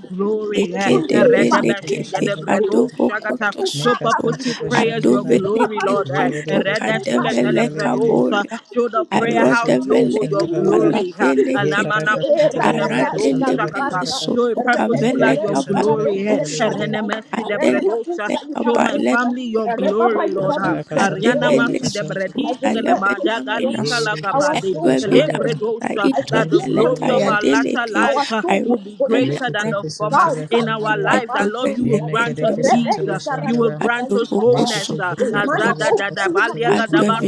Speaker 2: Yekedeki suntu
Speaker 1: Ekedevelekete
Speaker 2: başında baba.
Speaker 1: kadovokoto
Speaker 2: Make
Speaker 1: soto
Speaker 2: Nikasun to the Shandaba,
Speaker 1: adoveleke soto
Speaker 2: Yerikasun to the
Speaker 1: kadeveleka
Speaker 2: Shandali,
Speaker 1: boria
Speaker 2: Yerikasun to the
Speaker 1: arodeveleka
Speaker 2: Shandaba,
Speaker 3: Jesus. Jesus.
Speaker 1: baladelekete
Speaker 3: I
Speaker 2: Yekarakasun
Speaker 3: desire
Speaker 2: to the Yerikasun to the
Speaker 1: aradelebele
Speaker 2: Shandaba,
Speaker 1: soto kaveleka
Speaker 2: Nikirikasun to the
Speaker 1: balatosha
Speaker 2: Shandali,
Speaker 1: adelebeleka baletokoto soto
Speaker 2: Akarakasun to the
Speaker 1: adevele
Speaker 2: Yerikasun to
Speaker 1: soto
Speaker 2: the Shandaba,
Speaker 3: peace
Speaker 1: talevelia
Speaker 3: for
Speaker 1: minas
Speaker 3: what our
Speaker 2: Yerikasun to the
Speaker 3: soul panteth.
Speaker 2: Shandaba,
Speaker 1: eduevidakata
Speaker 3: I fear
Speaker 1: itueveleta
Speaker 2: Yemazindali,
Speaker 3: panteth
Speaker 2: Yerikasun to
Speaker 1: yadeleke
Speaker 2: the
Speaker 3: our
Speaker 2: Shandaba,
Speaker 3: soul. oh, you
Speaker 2: Rikitikisun to
Speaker 3: are
Speaker 2: the Shandali,
Speaker 1: Edevelekedeve
Speaker 2: Yemakirikasun to the Shandaba, Rikitikisun to the
Speaker 1: adovokosotoredosha
Speaker 2: Yerikasun to the Shandaba,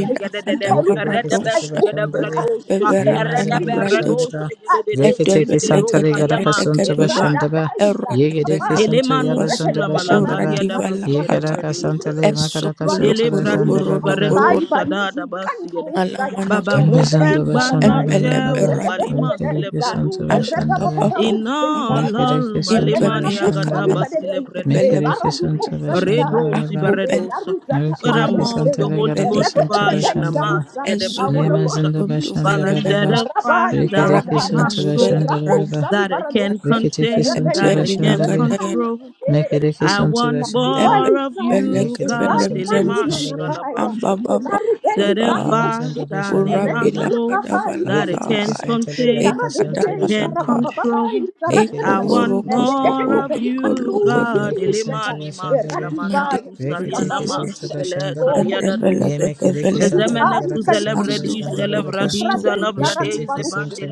Speaker 2: Yekereke santara shandale. Ye mazandara
Speaker 1: deveradalabradosha
Speaker 2: shandara. Reketeke santale garaka santaba
Speaker 1: edevelegedevelegedova
Speaker 2: shandaba. Yekereke santara
Speaker 1: erodevenakadovas
Speaker 2: yabazandaba shandaba.
Speaker 3: the
Speaker 2: Yekaraka
Speaker 1: oradivalakatai
Speaker 3: consuming
Speaker 2: santale makaraka
Speaker 3: you are the
Speaker 2: santaba
Speaker 3: consuming
Speaker 2: shandaba baba.
Speaker 3: fire by
Speaker 1: esovolokoroborodoborodov
Speaker 3: usually can't fire.
Speaker 1: alamanakatai
Speaker 3: Rebei
Speaker 2: Yabazandaba
Speaker 3: Zaragai,
Speaker 2: shandaba baba.
Speaker 1: embeleberado
Speaker 2: Rekereke
Speaker 3: Rebeza,
Speaker 2: santaba shandale.
Speaker 3: Rebabarum Sen
Speaker 1: ambabababababa
Speaker 3: Baragai,
Speaker 2: Rekereke santaba
Speaker 3: Remanaku Sali
Speaker 2: shandale.
Speaker 3: Badere,
Speaker 1: indwevinakatamasevelebrada
Speaker 2: Mekereke
Speaker 3: Baraduko
Speaker 2: santaba shandaba
Speaker 3: Salidaya,
Speaker 2: baba.
Speaker 3: Zaruzata
Speaker 2: Rekereke
Speaker 3: Paro
Speaker 1: Umanos
Speaker 3: Seya,
Speaker 2: santale garaka santaba
Speaker 1: Velibrandisha
Speaker 3: Rebebe
Speaker 2: shandaba.
Speaker 3: Zarusa, I want to want
Speaker 2: Yemazinda
Speaker 1: Ezuvukusuntu
Speaker 3: you
Speaker 2: Bashanda
Speaker 3: Jesus,
Speaker 1: menos
Speaker 2: Baba
Speaker 3: Zarabai
Speaker 2: Rikidiki
Speaker 1: Ramina
Speaker 3: Zaragaya,
Speaker 2: Sunta
Speaker 1: Zuvela
Speaker 2: Bashanda
Speaker 3: Rako
Speaker 1: Brandisana
Speaker 2: Baba
Speaker 3: Sali Baradose,
Speaker 2: Rikidiki Sunta
Speaker 3: Rebenaku
Speaker 1: Edwevina
Speaker 2: Bashandale
Speaker 1: Kadaya
Speaker 2: Mekidiki Sunta
Speaker 3: Salidaya.
Speaker 2: Bashandale
Speaker 1: Eben
Speaker 3: Balisa,
Speaker 1: Beleke
Speaker 2: Rikidiki
Speaker 1: vele
Speaker 2: Sunta
Speaker 1: brandus.
Speaker 3: Zalikanumana
Speaker 2: Bashandale
Speaker 3: Kaya,
Speaker 1: Ambababa Baba
Speaker 3: Zarikanikamoche,
Speaker 2: Yemazinda Bashanda
Speaker 1: Urabila
Speaker 2: Baba
Speaker 3: Eletimana Papa is
Speaker 2: Rikidiki
Speaker 3: Alcusi,
Speaker 1: Kadavalatai
Speaker 2: Santa
Speaker 3: zara,
Speaker 2: Legaraka Sunta
Speaker 1: Ekadavalata
Speaker 2: Bashandale
Speaker 3: Zalikanunakaya, zara,
Speaker 2: Mekidiki Sunta
Speaker 3: Eletimanakabai, Zalikusi, zara, Zarabababai, Zaradekadai,
Speaker 1: Ekovorokoto
Speaker 2: Bashandale
Speaker 3: Ededededebelikanu,
Speaker 1: Odokolokodo
Speaker 2: Rikidiki Sunta
Speaker 3: Zalukuniseka,
Speaker 2: Bashandale
Speaker 1: Made
Speaker 3: Eradibai,
Speaker 2: Rikidiki
Speaker 1: Redivia
Speaker 2: Sunta
Speaker 3: Zikabadose.
Speaker 2: Bashandale
Speaker 1: and
Speaker 3: Oh, Jesus.
Speaker 1: Eveleke
Speaker 2: Yemekidiki Santa
Speaker 1: Develete
Speaker 3: Ai,
Speaker 2: Legaraka Sunta
Speaker 1: As the
Speaker 3: salicante.
Speaker 2: Bashandale
Speaker 3: Radei
Speaker 1: Volokosto
Speaker 3: sarali
Speaker 2: Rekete
Speaker 3: paruse.
Speaker 2: kesinti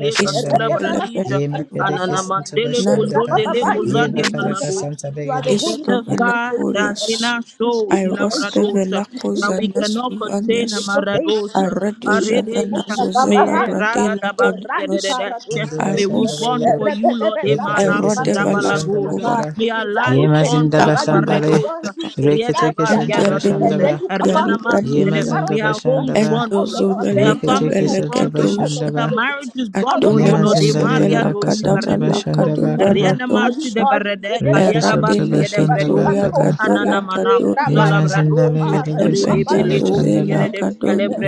Speaker 3: Rete
Speaker 2: başandare.
Speaker 1: Istovele
Speaker 3: beratu
Speaker 1: bele
Speaker 2: Ye
Speaker 3: sali
Speaker 1: su
Speaker 2: makede
Speaker 3: paradaya.
Speaker 2: kesinti
Speaker 1: nano
Speaker 2: başandara.
Speaker 3: Rapapapai
Speaker 1: sevelian
Speaker 2: Ye
Speaker 3: zuru sali
Speaker 2: bakaraka
Speaker 1: bredus.
Speaker 2: santare
Speaker 3: You are the
Speaker 2: gede.
Speaker 3: holy one
Speaker 2: Ye
Speaker 3: that
Speaker 1: Istovena
Speaker 3: was the
Speaker 1: corias.
Speaker 3: church. You speak the
Speaker 1: Iroste velaco
Speaker 3: face.
Speaker 1: zanestu vanias.
Speaker 3: Shake your face.
Speaker 1: Aredu javena zozela
Speaker 3: Babaranza,
Speaker 1: vradela caduvas.
Speaker 3: Eradica
Speaker 2: zindu
Speaker 3: Radosa,
Speaker 2: başandare
Speaker 1: Irosco
Speaker 2: gede.
Speaker 3: Rebebe
Speaker 2: Rekete
Speaker 3: Zaradi
Speaker 1: erode
Speaker 2: kesinti
Speaker 3: Barosa,
Speaker 2: başandara
Speaker 1: velascova.
Speaker 3: Yanaka,
Speaker 2: kara. Ye
Speaker 3: Zarupeni
Speaker 2: mazinda
Speaker 3: Zaradi
Speaker 2: başandare.
Speaker 1: Acabalasceva.
Speaker 3: Badiganti,
Speaker 2: Rekete
Speaker 3: Italia,
Speaker 2: kesinti
Speaker 1: Endue
Speaker 3: and then
Speaker 2: başandara.
Speaker 3: you
Speaker 1: benenusia libra
Speaker 3: capanto,
Speaker 2: Ye
Speaker 1: deja.
Speaker 2: mazinda
Speaker 3: Liberatiza,
Speaker 2: başandara.
Speaker 3: out of
Speaker 1: Endozo
Speaker 3: our belly
Speaker 1: velege
Speaker 3: shall
Speaker 2: Rekete
Speaker 3: flow,
Speaker 1: belege
Speaker 2: kesinti
Speaker 3: rivers of
Speaker 1: doja.
Speaker 2: başandara.
Speaker 3: liberty, out of
Speaker 2: Ye
Speaker 3: our
Speaker 1: Adomeno
Speaker 3: belly shall
Speaker 2: mazindare
Speaker 3: flow,
Speaker 1: sevela
Speaker 2: garaka santi
Speaker 1: cadavala
Speaker 3: rivers of living
Speaker 2: başandara
Speaker 3: water.
Speaker 1: cadova
Speaker 2: kara.
Speaker 1: radosha.
Speaker 3: Harikari
Speaker 2: Rekete
Speaker 3: vedeteba
Speaker 2: kesinti
Speaker 1: Eradele
Speaker 3: ikusa
Speaker 2: başandara
Speaker 1: Ketoria
Speaker 2: kara.
Speaker 3: likandosa ya
Speaker 1: Gadoria
Speaker 3: eh, raba
Speaker 2: Ye
Speaker 1: Gadorius.
Speaker 3: idari
Speaker 2: mazindare
Speaker 3: kapara
Speaker 2: garaka santi
Speaker 1: Aleberia
Speaker 3: lukabando
Speaker 2: başandara.
Speaker 1: Zozela
Speaker 3: sedele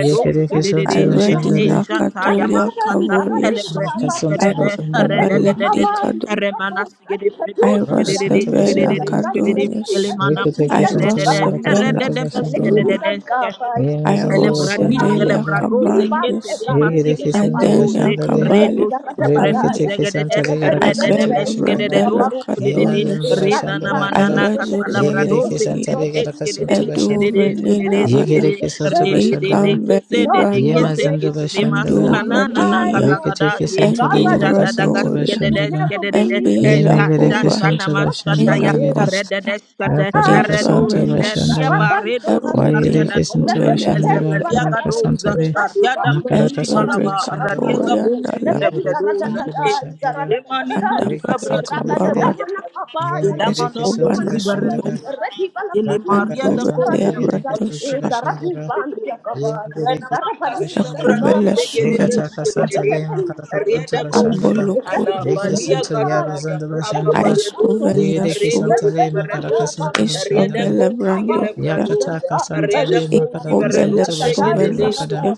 Speaker 3: rebe idari
Speaker 2: keshontala
Speaker 3: kamanikari
Speaker 2: shandale,
Speaker 1: Iredina Catolia
Speaker 3: rakatata izarani
Speaker 1: Cavorius.
Speaker 3: barabia
Speaker 2: yekasontala shandala,
Speaker 3: ebeni
Speaker 1: Irosevalenti
Speaker 3: makaba
Speaker 1: Cado.
Speaker 3: likadosa likadosa ya
Speaker 2: rakasontala
Speaker 3: eh,
Speaker 1: Irostevela
Speaker 2: shandala,
Speaker 3: zarikari zarikari
Speaker 1: Cadonius.
Speaker 3: zarikari
Speaker 2: yekete
Speaker 3: zarikari
Speaker 2: kesontala
Speaker 3: kapando
Speaker 1: Irosevela
Speaker 2: yekasontala
Speaker 3: ya
Speaker 2: shandala,
Speaker 1: Cadonius.
Speaker 3: letusa likaba
Speaker 2: yemazandala
Speaker 1: Irosevelia
Speaker 2: shandala baba,
Speaker 3: Zuri barka
Speaker 1: Cabandius.
Speaker 2: yekere
Speaker 3: zaruzeli
Speaker 2: kesontala
Speaker 3: paruse.
Speaker 1: Idenia
Speaker 2: shandale,
Speaker 3: Rebei
Speaker 1: Cabalia Cabandius.
Speaker 3: garadadadaya.
Speaker 2: rebekete kesontala
Speaker 3: Rebebebebebe
Speaker 1: Ibella
Speaker 2: yekasontala
Speaker 3: zuri
Speaker 2: shandala,
Speaker 1: Bradella
Speaker 3: kaparuse.
Speaker 2: yemazandala
Speaker 1: Cadonius.
Speaker 3: Eradi
Speaker 2: shandala kada,
Speaker 3: barikuse teya.
Speaker 2: yekere
Speaker 3: Thank you,
Speaker 1: Irezuzalendi
Speaker 2: kesontala
Speaker 3: Lord Jesus.
Speaker 2: yekasontala
Speaker 1: edu
Speaker 3: It
Speaker 2: shandala,
Speaker 3: will never be
Speaker 2: yekere
Speaker 1: venenaya
Speaker 3: the same
Speaker 2: kesontala shandala,
Speaker 3: without
Speaker 1: ikambelibrandi
Speaker 3: your
Speaker 2: yemazandala
Speaker 3: grace.
Speaker 1: andu
Speaker 2: shandala,
Speaker 3: Our lives
Speaker 1: bradiya
Speaker 3: must
Speaker 2: rekete
Speaker 3: change. God,
Speaker 2: kesontala
Speaker 1: edu
Speaker 3: Baradiada.
Speaker 2: yekasontala
Speaker 1: radoria
Speaker 3: It will
Speaker 2: shandala,
Speaker 3: never be the same
Speaker 2: Yenegere
Speaker 1: embilakuva
Speaker 2: kesinti
Speaker 3: without
Speaker 2: başında
Speaker 3: your
Speaker 2: legere.
Speaker 3: grace.
Speaker 1: enanosta
Speaker 2: Rakara kesinti
Speaker 1: etvarenos
Speaker 2: başında ba. Yegere
Speaker 1: erwadinas
Speaker 2: kesinti başında
Speaker 1: suvelendus
Speaker 2: ba. Rakara kesinti
Speaker 1: erwatinus
Speaker 2: le. Makara
Speaker 1: edu
Speaker 2: kesinti başında ba. Yegere
Speaker 1: erikatoriandalaturandus
Speaker 2: kesinti başında ba. Re kesinti legere.
Speaker 1: andabalakabarwata
Speaker 2: Yenegere kesinti başında ba.
Speaker 1: eskubanasuvenus
Speaker 2: Rakara
Speaker 1: andu
Speaker 2: kesinti legere kesinti
Speaker 1: beliabraduska
Speaker 2: başında ba. Yemubereki
Speaker 3: Thank
Speaker 2: Bashandana,
Speaker 3: you.
Speaker 1: ekubelesuvenus
Speaker 2: Rekataka
Speaker 3: Thank you,
Speaker 2: Santa Lema Katakatonto Bashandaba,
Speaker 1: Ambolokoramenos
Speaker 2: Rekisanto Yabazanda Bashandaba, Yereki
Speaker 1: aistoveniasouva
Speaker 2: Santa Lema Katakasunto Bashandaba,
Speaker 1: eistavelebrandousia
Speaker 2: Yakataka Santa Lema Katakasunto Bashandaba Kada,
Speaker 1: eikobelesovenosia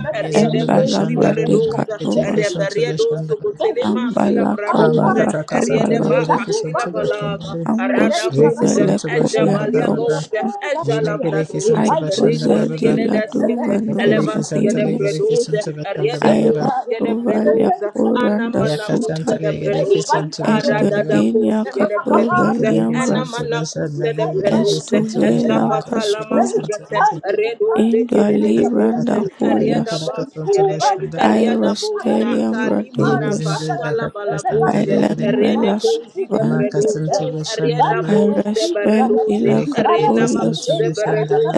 Speaker 2: Mizundo Bashandale, Rekiteki
Speaker 1: embalabradekadovas
Speaker 2: Santo
Speaker 3: Jesus.
Speaker 2: Bashandaba,
Speaker 3: Thank you, Jesus. I
Speaker 2: Rama
Speaker 3: can't
Speaker 2: Kataka Santa
Speaker 3: Jesus.
Speaker 1: ambalakabalakabalata
Speaker 2: Legereki
Speaker 3: Latin
Speaker 2: Santo
Speaker 3: bondage.
Speaker 2: Bashandale,
Speaker 3: Regaisa la
Speaker 2: Rekisanto
Speaker 3: confusia.
Speaker 2: Bashandaba Baba,
Speaker 1: ambostovelekoreandoksia
Speaker 2: Yemegereki Santo
Speaker 3: Jehovah,
Speaker 2: Bashandaba
Speaker 3: Thank
Speaker 2: Rekereke santa
Speaker 1: aikozediladouvenozadelias
Speaker 2: rekereke suntu bashanda baba. Yaka
Speaker 1: airostovaliakorandasuta
Speaker 2: santa rekereke suntu bashanda ba. Rekereke
Speaker 1: enduediniakatoveliambras
Speaker 2: suntu bashanda rekereke suntu
Speaker 1: Estovela
Speaker 2: bashanda rekereke
Speaker 1: Castova
Speaker 2: suntu bashanda.
Speaker 1: Indua libranda curios
Speaker 2: Makaraka suntu bashanda.
Speaker 1: aerostelium raduvis
Speaker 2: Yebizinde bakaraka santa rekere.
Speaker 3: you.
Speaker 2: Maka
Speaker 1: ailemmelastovandjas
Speaker 2: suntu bashanda ba. Rekereke
Speaker 1: aerestendilacatorius
Speaker 2: suntu bashanda ba.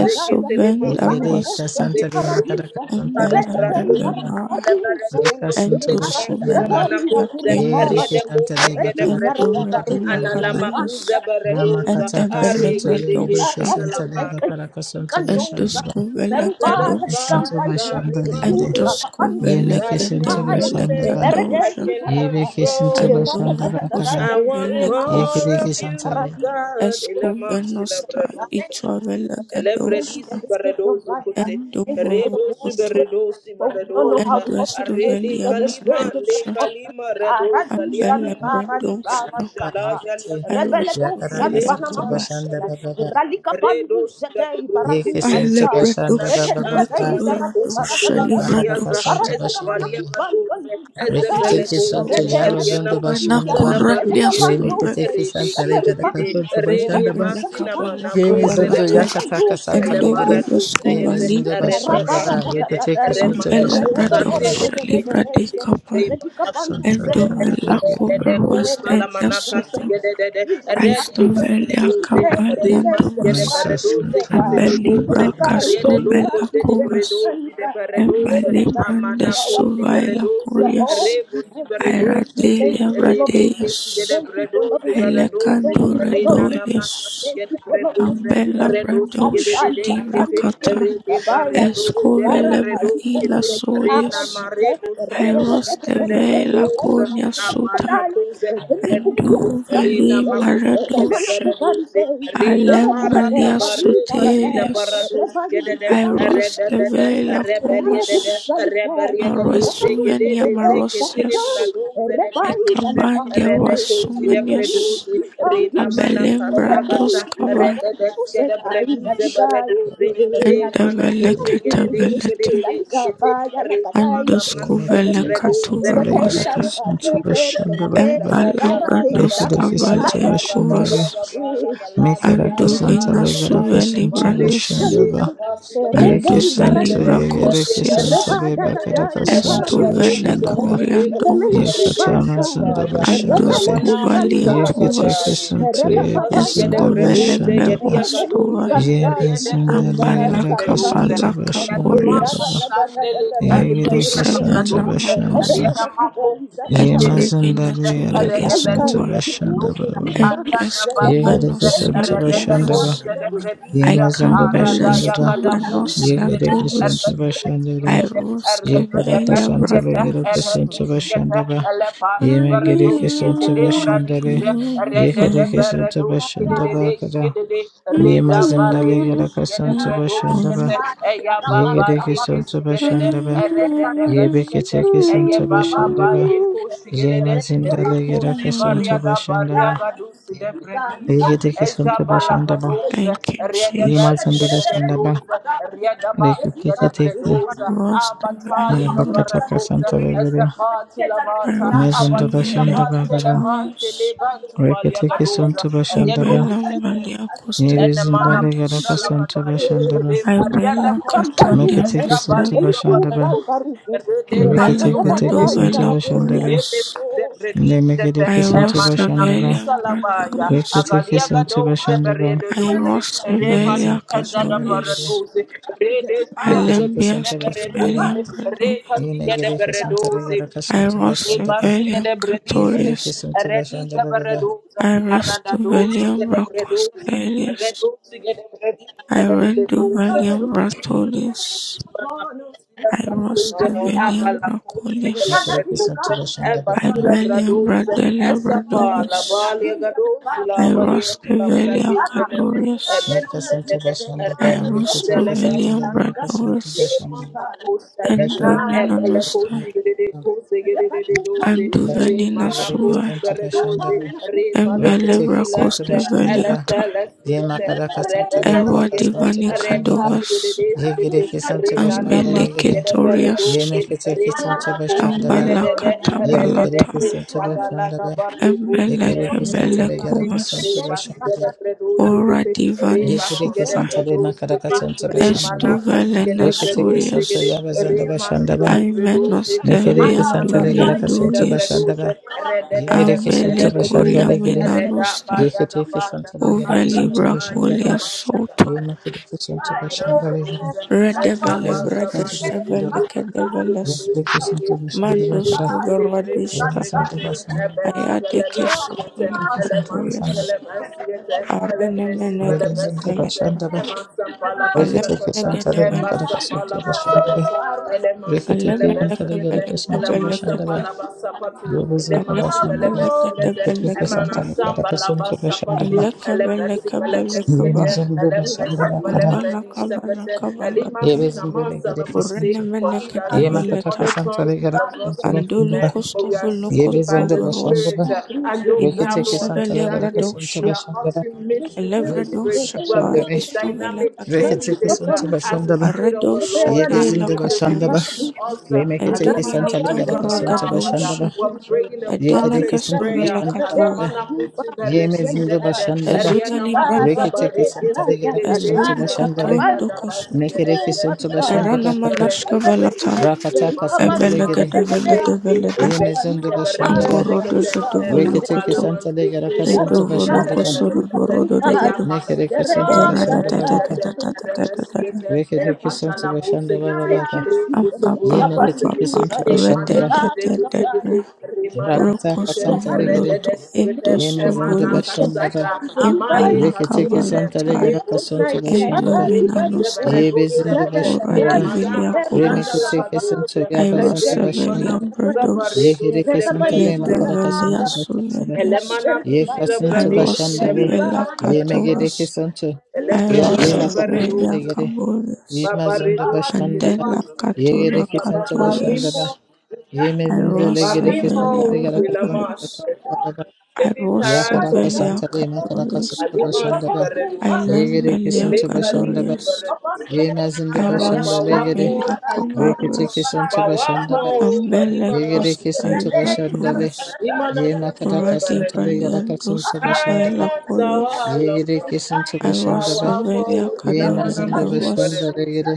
Speaker 2: Yegere
Speaker 1: exuvendarvosta
Speaker 2: kasanta re makaraka suntu bashanda baba.
Speaker 1: embellebebemai
Speaker 2: Reka suntu bashanda
Speaker 1: enduscubenosiatindas
Speaker 2: Yereke santale bakaraka suntu bashandala.
Speaker 1: enduvedilacadovus
Speaker 2: Rama
Speaker 3: Thank
Speaker 2: kataka
Speaker 3: you.
Speaker 2: suntu yereke
Speaker 1: endebelebradosha
Speaker 2: santale bakaraka suntu
Speaker 3: Candosa,
Speaker 2: bashandala.
Speaker 3: Verbala,
Speaker 2: Yereke
Speaker 1: enduscuvelecadosha
Speaker 2: suntu
Speaker 3: Gampandia, e
Speaker 2: bashandala yere.
Speaker 3: Curta, Pandus,
Speaker 2: Yemeke suntu
Speaker 3: Caia, e
Speaker 2: bashandala.
Speaker 1: enduscuvelegedevelecadosha
Speaker 3: Peretei,
Speaker 2: Yereke
Speaker 3: Parataia,
Speaker 2: suntu
Speaker 3: e
Speaker 1: Andovo
Speaker 2: bashandala kara.
Speaker 3: Ratatataia,
Speaker 1: kostume
Speaker 3: e
Speaker 1: le
Speaker 3: Maratu,
Speaker 2: Yekereke
Speaker 1: kostume
Speaker 3: e
Speaker 2: santale.
Speaker 3: Paradisa. Thank you,
Speaker 1: eskuve na
Speaker 3: Jesus.
Speaker 1: staj i
Speaker 3: Thank
Speaker 1: tu
Speaker 3: you, Jesus.
Speaker 1: vele
Speaker 3: Thank you
Speaker 1: gaduše.
Speaker 3: for this gift of life. uh, Thank you for
Speaker 1: Andovo
Speaker 3: the Holy
Speaker 1: koto,
Speaker 3: Spirit. uh, For we don't know how we ought to
Speaker 1: andresto
Speaker 3: pray,
Speaker 1: vele
Speaker 3: but the Spirit gives us
Speaker 1: ambrodoše,
Speaker 3: hope. Baradu
Speaker 1: ambelle
Speaker 3: salibara di
Speaker 1: bradoše,
Speaker 3: baradika
Speaker 2: Mashandala
Speaker 3: pa.
Speaker 2: rekete.
Speaker 1: aresto
Speaker 3: Rebeledo
Speaker 2: Yakaraka
Speaker 1: vele
Speaker 3: salibana
Speaker 2: suntu
Speaker 1: akaba,
Speaker 3: makusela.
Speaker 2: bashandala baba.
Speaker 3: Ralika pandu zete baradu
Speaker 2: Yeke
Speaker 1: a le
Speaker 2: suntu
Speaker 3: panta.
Speaker 2: bashandala
Speaker 1: bradoše
Speaker 2: baba
Speaker 1: ne
Speaker 3: Redededede
Speaker 1: ka
Speaker 2: baba.
Speaker 3: izarate
Speaker 1: bradoše
Speaker 2: Santale
Speaker 1: le
Speaker 3: baradadadai.
Speaker 2: makaraka
Speaker 1: bradoše,
Speaker 2: suntu
Speaker 3: Baradadada manaku
Speaker 2: bashandala.
Speaker 3: bankandu
Speaker 1: a vele
Speaker 3: zedai.
Speaker 2: Rekiteke suntu
Speaker 1: solje
Speaker 3: Rede
Speaker 2: yara
Speaker 1: nosi
Speaker 2: zundu
Speaker 3: yadikundu ya.
Speaker 1: venako
Speaker 2: bashandala.
Speaker 1: ranje
Speaker 3: Zeleka
Speaker 2: Remeke
Speaker 3: pandu
Speaker 1: stolje.
Speaker 3: se.
Speaker 2: teki santa legada
Speaker 3: Eperipaya,
Speaker 2: kafin
Speaker 1: and
Speaker 2: başında ba.
Speaker 1: Debele
Speaker 3: Erakasatika,
Speaker 1: Kavala
Speaker 2: Yemezin du
Speaker 1: Kavalata
Speaker 2: yakataka
Speaker 1: and
Speaker 2: santa legede.
Speaker 3: Epetukumukaduzayadaya, Holy
Speaker 1: Doboloskova
Speaker 2: Yemezin du
Speaker 3: Spirit,
Speaker 1: Libra
Speaker 2: başında ba.
Speaker 1: Dosha
Speaker 2: Reke teki
Speaker 3: Rabaradadadadaya,
Speaker 1: and
Speaker 2: sunta
Speaker 1: Bella
Speaker 2: başında legede.
Speaker 1: Radosha Libra de
Speaker 3: Eredadabaradadadadaya,
Speaker 1: Kappa
Speaker 2: Sunta
Speaker 1: and
Speaker 2: başında
Speaker 1: Dovela
Speaker 3: Eredikabanduzelibadeza.
Speaker 2: legede.
Speaker 3: Oh
Speaker 1: Kovaruas
Speaker 3: Lord
Speaker 1: and
Speaker 3: Jesus,
Speaker 1: Yasuto
Speaker 3: thank you. Jesus, I do that you
Speaker 1: Aistovelia
Speaker 3: do. Hey, hey, hey, the
Speaker 1: Kapaliandovas
Speaker 3: Lukan
Speaker 2: Meka
Speaker 3: is the
Speaker 2: sunta
Speaker 1: and
Speaker 3: fire. The
Speaker 2: başında
Speaker 1: Belibra
Speaker 3: Karu, the Lukan
Speaker 1: Castovela
Speaker 3: is the
Speaker 1: Kovas
Speaker 3: Lukan, the
Speaker 1: and
Speaker 3: Lukan. the Lukan.
Speaker 1: Belibranda
Speaker 3: You are watching the
Speaker 1: Sovaila
Speaker 3: You are all
Speaker 1: Curias
Speaker 3: you have. Jesus, Thank
Speaker 1: Iradelia
Speaker 3: you for love.
Speaker 1: Radeas
Speaker 3: Thank you for loving us. Thank you
Speaker 1: Ilecandura
Speaker 3: for loving us.
Speaker 1: Dolias
Speaker 3: Thank you for loving us. Jesus. Abari
Speaker 1: Ambelabradosha
Speaker 3: bari kabari
Speaker 1: divrakata
Speaker 3: kiki kabaya. Ezara
Speaker 1: escuvelebra
Speaker 3: bari
Speaker 1: illa
Speaker 3: kote ni ara
Speaker 1: solis
Speaker 3: dije. Erede de de de de de de
Speaker 1: aerostevela
Speaker 3: de de
Speaker 1: conia
Speaker 3: de de de
Speaker 1: suta
Speaker 3: de de. Ezelu kukia
Speaker 1: enduvali
Speaker 3: kakute. Eremana
Speaker 1: maradosha
Speaker 3: kubari de. Ezere de de de
Speaker 1: alembalia
Speaker 3: rabi zara de.
Speaker 1: sotelias
Speaker 3: Erevayi zikuban di.
Speaker 1: aerostevela
Speaker 3: Ezara de
Speaker 1: comas
Speaker 3: zalika. Ezara de de
Speaker 1: aresuvenia
Speaker 3: de zara de. de de.
Speaker 1: marosias
Speaker 3: Erevayi
Speaker 1: acabandia
Speaker 3: zalika.
Speaker 1: ruasumenias abelembra dos cava and the
Speaker 2: legede.
Speaker 1: veleta veleta. Andos
Speaker 2: Remeke
Speaker 1: kuvailen
Speaker 2: teki santa legada
Speaker 1: katuvarmoista.
Speaker 2: kasunta başında
Speaker 1: Mä
Speaker 2: ba.
Speaker 1: laivat andos
Speaker 2: Yekedeki sunta
Speaker 1: kuvailia
Speaker 2: başında legede.
Speaker 1: kuvas.
Speaker 2: Meka da
Speaker 1: Andu
Speaker 3: Repent,
Speaker 2: kasanta
Speaker 1: viina
Speaker 2: legada
Speaker 1: suveli
Speaker 3: Thank
Speaker 2: kasunta
Speaker 1: brandis.
Speaker 2: başında Yeke
Speaker 1: Andu zali
Speaker 2: santo
Speaker 1: bra
Speaker 2: yegere ke santa
Speaker 1: kossias.
Speaker 2: reba karaka
Speaker 1: Es
Speaker 2: santo
Speaker 1: tuvainen
Speaker 2: bashandaba.
Speaker 1: korian
Speaker 2: Yeka
Speaker 1: dogvas.
Speaker 2: tama zanda
Speaker 1: Andos
Speaker 2: bashandare.
Speaker 1: kuvailia
Speaker 2: Yeke
Speaker 1: tuvas.
Speaker 2: teke santo yebe
Speaker 1: Es
Speaker 2: zanda
Speaker 1: kuvailen me
Speaker 2: bashandaba.
Speaker 1: voastoa.
Speaker 2: Yeba zinda
Speaker 1: Mä
Speaker 2: le
Speaker 1: laika
Speaker 2: karaka santo
Speaker 1: laika
Speaker 2: bashandaba
Speaker 1: vorias.
Speaker 2: baba.
Speaker 1: Andu
Speaker 2: Yegere ke
Speaker 1: se
Speaker 2: santo
Speaker 1: viina
Speaker 2: bashandaba.
Speaker 1: manoista. Et
Speaker 2: Yema
Speaker 1: viina
Speaker 2: zinda le karaka
Speaker 1: suvelia
Speaker 2: santo
Speaker 1: kuvaa.
Speaker 2: bashandaba baba. Yegere
Speaker 1: endoscovanos
Speaker 2: ke santo
Speaker 1: jakenos,
Speaker 2: bashandaba.
Speaker 3: you.
Speaker 2: Yema zinda
Speaker 1: ikambeles
Speaker 2: bashandaba.
Speaker 1: tuvanos,
Speaker 2: Yegere ke
Speaker 1: satuvus,
Speaker 2: santo
Speaker 5: Masunto,
Speaker 2: bashandaba.
Speaker 1: aivus,
Speaker 2: Yekada
Speaker 5: the
Speaker 1: cavelia
Speaker 2: kasantale
Speaker 5: comfort,
Speaker 2: gere
Speaker 5: for
Speaker 1: bradovus,
Speaker 2: kesente
Speaker 5: comfort,
Speaker 2: bashandaba. Yeme gere kesente
Speaker 5: for the joy
Speaker 2: bashandale.
Speaker 5: in my life,
Speaker 2: Yekada
Speaker 5: Lord.
Speaker 2: kesente bashandaba kada. Nima zindale gere kesente bashandaba. Yegere kesente ba Yebe kete kesente bashandaba. Yema zindale gere kesente bashandaba. Yegere kesente bashandaba.
Speaker 1: Thank you,
Speaker 2: Yema zindale
Speaker 1: Jesus.
Speaker 2: shandaba. Reku kete kete.
Speaker 3: Thank you.
Speaker 1: Vos, cavelia
Speaker 2: Bakata
Speaker 1: bradovus,
Speaker 2: kasantale gere.
Speaker 1: aivus,
Speaker 2: Mezondaba
Speaker 1: cavelia
Speaker 2: shandaba
Speaker 1: catonius.
Speaker 2: Reketeke santo bashandaba.
Speaker 1: Abela Mbalia Kustebe
Speaker 2: Yebezindale garaka
Speaker 1: Wandis
Speaker 2: santo bashandaba.
Speaker 1: Ibela Katandia
Speaker 2: Meketeke
Speaker 1: Rostebe
Speaker 2: santo bashandaba.
Speaker 1: Ambela
Speaker 2: Reketeke teke santo
Speaker 1: Bradovela
Speaker 2: bashandale.
Speaker 1: Curious
Speaker 2: Ne meketeke santo bashandaba.
Speaker 1: Irosevelia Bradoves
Speaker 2: Reketeke santo bashandaba. Yemezin
Speaker 1: Irosevelia
Speaker 2: bashandale gere.
Speaker 1: Cadorius
Speaker 2: Reketeke
Speaker 1: Alembia
Speaker 2: santo
Speaker 1: Stofelia
Speaker 2: bashandaba.
Speaker 1: Bradove
Speaker 2: Yine gereke santo garaka santo bashandaba.
Speaker 1: Irosevelia
Speaker 2: Yekereke
Speaker 1: Catorius
Speaker 2: santo bashandaba baba.
Speaker 1: Irestovelia Bracostelius Irenduvalium Bratolius
Speaker 3: Thank you. Thank
Speaker 1: Irostevelia Bracolius
Speaker 2: Mekereke santo bashandaba
Speaker 1: Iberian Brandelia brandovis, Iroscevelia cadoreus,
Speaker 2: Nika Santo Bashanda Ba, Rikutuki Santa
Speaker 1: Iroscovelian
Speaker 2: Legaraka Santo
Speaker 1: brandovis,
Speaker 2: Bashanda, Nikuruki
Speaker 1: Endomeninostei, Endovenina
Speaker 2: Yeriki
Speaker 1: suvae,
Speaker 2: Santo Bashanda,
Speaker 1: Embelebra
Speaker 2: Rikutuki Santo Bashanda Ba,
Speaker 1: costeveliatae,
Speaker 2: Yemakaraka Santa
Speaker 1: Erua
Speaker 2: Legaraka Santo
Speaker 1: divani
Speaker 2: Bashanda Ba,
Speaker 1: cadovas,
Speaker 2: Yegiriki Santo Bashanda Legere,
Speaker 1: Ambelicetorias,
Speaker 2: Yemekitiki Santo Bashanda Ba, Yebikiriki
Speaker 1: Ambalacatabalatae,
Speaker 2: Santo Bashanda Ba, Yekiriki Santa Legaraka
Speaker 1: Embelecebelecumas,
Speaker 2: Santo Bashanda Ba,
Speaker 3: you.
Speaker 1: Ora divani
Speaker 2: Yekiriki
Speaker 1: suvae.
Speaker 2: Santa Legaraka Santo Bashanda Ba,
Speaker 1: Estuve en
Speaker 2: Reketeke santo
Speaker 1: Asturias,
Speaker 2: yabazanda bashandaba.
Speaker 1: Almenas,
Speaker 2: Nikereke santa legaraka santo
Speaker 1: Terlianduriandúes,
Speaker 2: bashandaba. Yegereke santo bashanda legere.
Speaker 1: Abelecorriamianostre,
Speaker 2: Yeketeke santo legareke santo
Speaker 1: Uvelibraculias,
Speaker 2: bashandaba.
Speaker 1: Souto,
Speaker 2: Yemekereke santo bashanda legere.
Speaker 1: Redevele,
Speaker 2: Yegereke santo bashanda
Speaker 1: Bredestevele,
Speaker 2: legere.
Speaker 1: Kedeveles,
Speaker 2: Yekereke santo bashanda
Speaker 1: Mandos,
Speaker 2: legere. Yeme
Speaker 1: Cuverodista,
Speaker 2: santo bashanda.
Speaker 1: Ayadeke, Sotola,
Speaker 2: Yekereke santo bashanda.
Speaker 1: Catorias, Arene,
Speaker 2: Rebe santo
Speaker 1: Menegedeveleta,
Speaker 2: bashandaba. Reketeke santa
Speaker 1: Alemenegedeveleta,
Speaker 2: legaraka santo bashandaba. Reketeke santa legaraka santo bashandaba.
Speaker 1: Alemenegedeveleta,
Speaker 2: Rubizigabashanda, Bukatike Santa
Speaker 1: Alemenegedeveleta,
Speaker 2: Likaraka Sunto Bashandima,
Speaker 1: Alakabelekabelekaba,
Speaker 2: Yemezon Bashanda Bakara,
Speaker 1: ambalakabalakabalata,
Speaker 2: Yebezin Delegated Sunto,
Speaker 3: Thank you.
Speaker 1: urenemenegedeveleta,
Speaker 2: Yemakataka Santa Ligaraka
Speaker 3: Thank
Speaker 2: Sunto Bashandaba, Yebezon de
Speaker 1: andolukostovolukostoveruas,
Speaker 2: Bashandaba, Rikitiki Santa Ligaraka Sunto
Speaker 1: inanusavelebradosha,
Speaker 2: Bashandaba, Yebezin de
Speaker 1: elevredoshata,
Speaker 2: Bashandare, Rikitiki
Speaker 1: istuvelekatosha,
Speaker 2: Sunto Bashandaba, Yebezin de Bashandaba,
Speaker 1: aredoshatelakatovas,
Speaker 3: you.
Speaker 2: Remekitiki
Speaker 3: Erradica
Speaker 2: Santa
Speaker 3: quando
Speaker 2: Ligaraka Sunto
Speaker 1: enduvenikaveregadosha,
Speaker 2: Bashandaba, Yekidiki
Speaker 3: Radica
Speaker 2: Sunto
Speaker 3: diz a
Speaker 1: edenekestovelekatovas,
Speaker 3: beleza
Speaker 2: Bashandaba,
Speaker 3: do barco
Speaker 2: Yemezin
Speaker 3: celular.
Speaker 2: de
Speaker 3: E
Speaker 1: ezuzalibrandi,
Speaker 3: ficava de
Speaker 2: Rikitiki Santale Gadaka Suntu
Speaker 3: ratatatarra,
Speaker 2: Bashandale,
Speaker 3: papai, cara,
Speaker 1: ezulukotondokosot,
Speaker 2: Nikiriki
Speaker 3: ficou
Speaker 2: Suntu
Speaker 3: papai.
Speaker 1: Erana
Speaker 2: Bashandaba
Speaker 3: Thank
Speaker 2: Papa,
Speaker 1: manashka Valata,
Speaker 2: Rakataka Santa
Speaker 3: you.
Speaker 1: Ebelegede
Speaker 2: Legere,
Speaker 1: belede belede
Speaker 2: Yemizundu Bashandaba,
Speaker 1: amborodo zodo
Speaker 2: Rikitiki
Speaker 1: bolokoto
Speaker 2: Santa Legadaka
Speaker 1: edo
Speaker 2: Suntu
Speaker 1: voloko
Speaker 2: Bashandaba,
Speaker 1: do borodo dodo
Speaker 2: Nikiriki Suntu
Speaker 1: erada da
Speaker 2: Bashandaba
Speaker 1: da da
Speaker 2: Papa,
Speaker 1: da da da da da
Speaker 3: Jesus.
Speaker 1: da da
Speaker 3: Thank
Speaker 2: Rikitiki
Speaker 3: you,
Speaker 2: Suntu
Speaker 3: Jesus.
Speaker 2: Bashandaba
Speaker 3: Thank you,
Speaker 2: Papa,
Speaker 3: Jesus.
Speaker 1: amba ba ba ba
Speaker 2: Yemikitiki
Speaker 1: ba
Speaker 3: Abba-Yusa,
Speaker 2: Suntu
Speaker 1: rede
Speaker 2: Bashandaba,
Speaker 1: da da da da
Speaker 3: Eba-Nakabaya, Jehovah,
Speaker 2: Rakataka
Speaker 1: rokosto
Speaker 3: you are
Speaker 2: Santa
Speaker 3: Hadu,
Speaker 2: Legere,
Speaker 1: voloto
Speaker 3: your name is
Speaker 1: endosto
Speaker 3: Hadu,
Speaker 2: Yemizundu
Speaker 1: voloto
Speaker 3: the Taka
Speaker 2: Bashandaba,
Speaker 3: is the Levi,
Speaker 1: embala
Speaker 2: Rikitiki Santa
Speaker 3: you are
Speaker 1: kavalatai
Speaker 2: Legadaka
Speaker 3: Hadu,
Speaker 2: Suntu
Speaker 3: Nai,
Speaker 1: endo
Speaker 3: Zaraba,
Speaker 2: Bashandaba,
Speaker 3: Ibaru, Zara,
Speaker 1: vinanostai
Speaker 2: Yebizindu
Speaker 3: Evrada, Dada,
Speaker 1: oradi
Speaker 2: Bashandaba,
Speaker 3: Izara, Eri,
Speaker 1: viliakobos
Speaker 3: Eri,
Speaker 2: Remikitiki
Speaker 3: Kabayo,
Speaker 2: Suntu Yabazundu
Speaker 3: Eri, Izara,
Speaker 1: airosevelia
Speaker 2: Bashandaba,
Speaker 1: bredos
Speaker 3: Kabaliza,
Speaker 2: Ye
Speaker 3: Eri,
Speaker 2: hereke santale
Speaker 1: ledo
Speaker 3: Kabalizu, Dada,
Speaker 2: makaraka
Speaker 1: velia
Speaker 2: santo
Speaker 3: Dada,
Speaker 2: bashandale.
Speaker 1: suvelias
Speaker 3: Eri, Eri,
Speaker 2: Ye
Speaker 3: Kabaru,
Speaker 2: kasanto
Speaker 3: Beliza,
Speaker 1: Airós
Speaker 2: bashandale.
Speaker 3: Eri,
Speaker 1: Sevilla
Speaker 2: Ye megedeke
Speaker 1: Catovas,
Speaker 2: santo.
Speaker 3: Bara,
Speaker 2: Ya
Speaker 1: Airós
Speaker 2: kataka
Speaker 1: Sevilla
Speaker 2: legede. Ye mazondo bashandaba.
Speaker 1: Andela
Speaker 2: Ye
Speaker 1: Catura
Speaker 2: gereke santo bashandaba.
Speaker 1: Catorias,
Speaker 2: Ye mezindo
Speaker 1: Airós
Speaker 2: legedeke santale
Speaker 1: Sevilla
Speaker 2: garaka santo
Speaker 1: Bradoves,
Speaker 2: bashandaba.
Speaker 1: Airós
Speaker 2: Ya karaka
Speaker 1: Sevilla
Speaker 2: santale makaraka
Speaker 1: Cadores,
Speaker 2: santo bashandaba. Ye
Speaker 1: Ailem
Speaker 2: gereke
Speaker 1: Belia
Speaker 2: santo bashandaba.
Speaker 1: Gadorias,
Speaker 2: Ye mazindo
Speaker 1: Airós
Speaker 2: bashandale gede.
Speaker 1: Sevilla
Speaker 2: Ye keteke
Speaker 1: Cabarrias,
Speaker 2: santo bashandaba.
Speaker 1: Ambele
Speaker 2: Ye
Speaker 1: Costa
Speaker 2: gereke santo bashandale.
Speaker 1: Ibradovas,
Speaker 2: Ye makaraka
Speaker 3: Thank you.
Speaker 1: Uradi
Speaker 2: santale yaraka
Speaker 1: Braliandos
Speaker 2: sunta bashandaba.
Speaker 1: Cavaila Corias,
Speaker 2: Ye
Speaker 3: Thank
Speaker 2: gire kisunta
Speaker 1: Airós
Speaker 2: bashandaba. Ye
Speaker 1: Cadoria
Speaker 2: mazanda
Speaker 1: Andaruas,
Speaker 2: bashandare gire.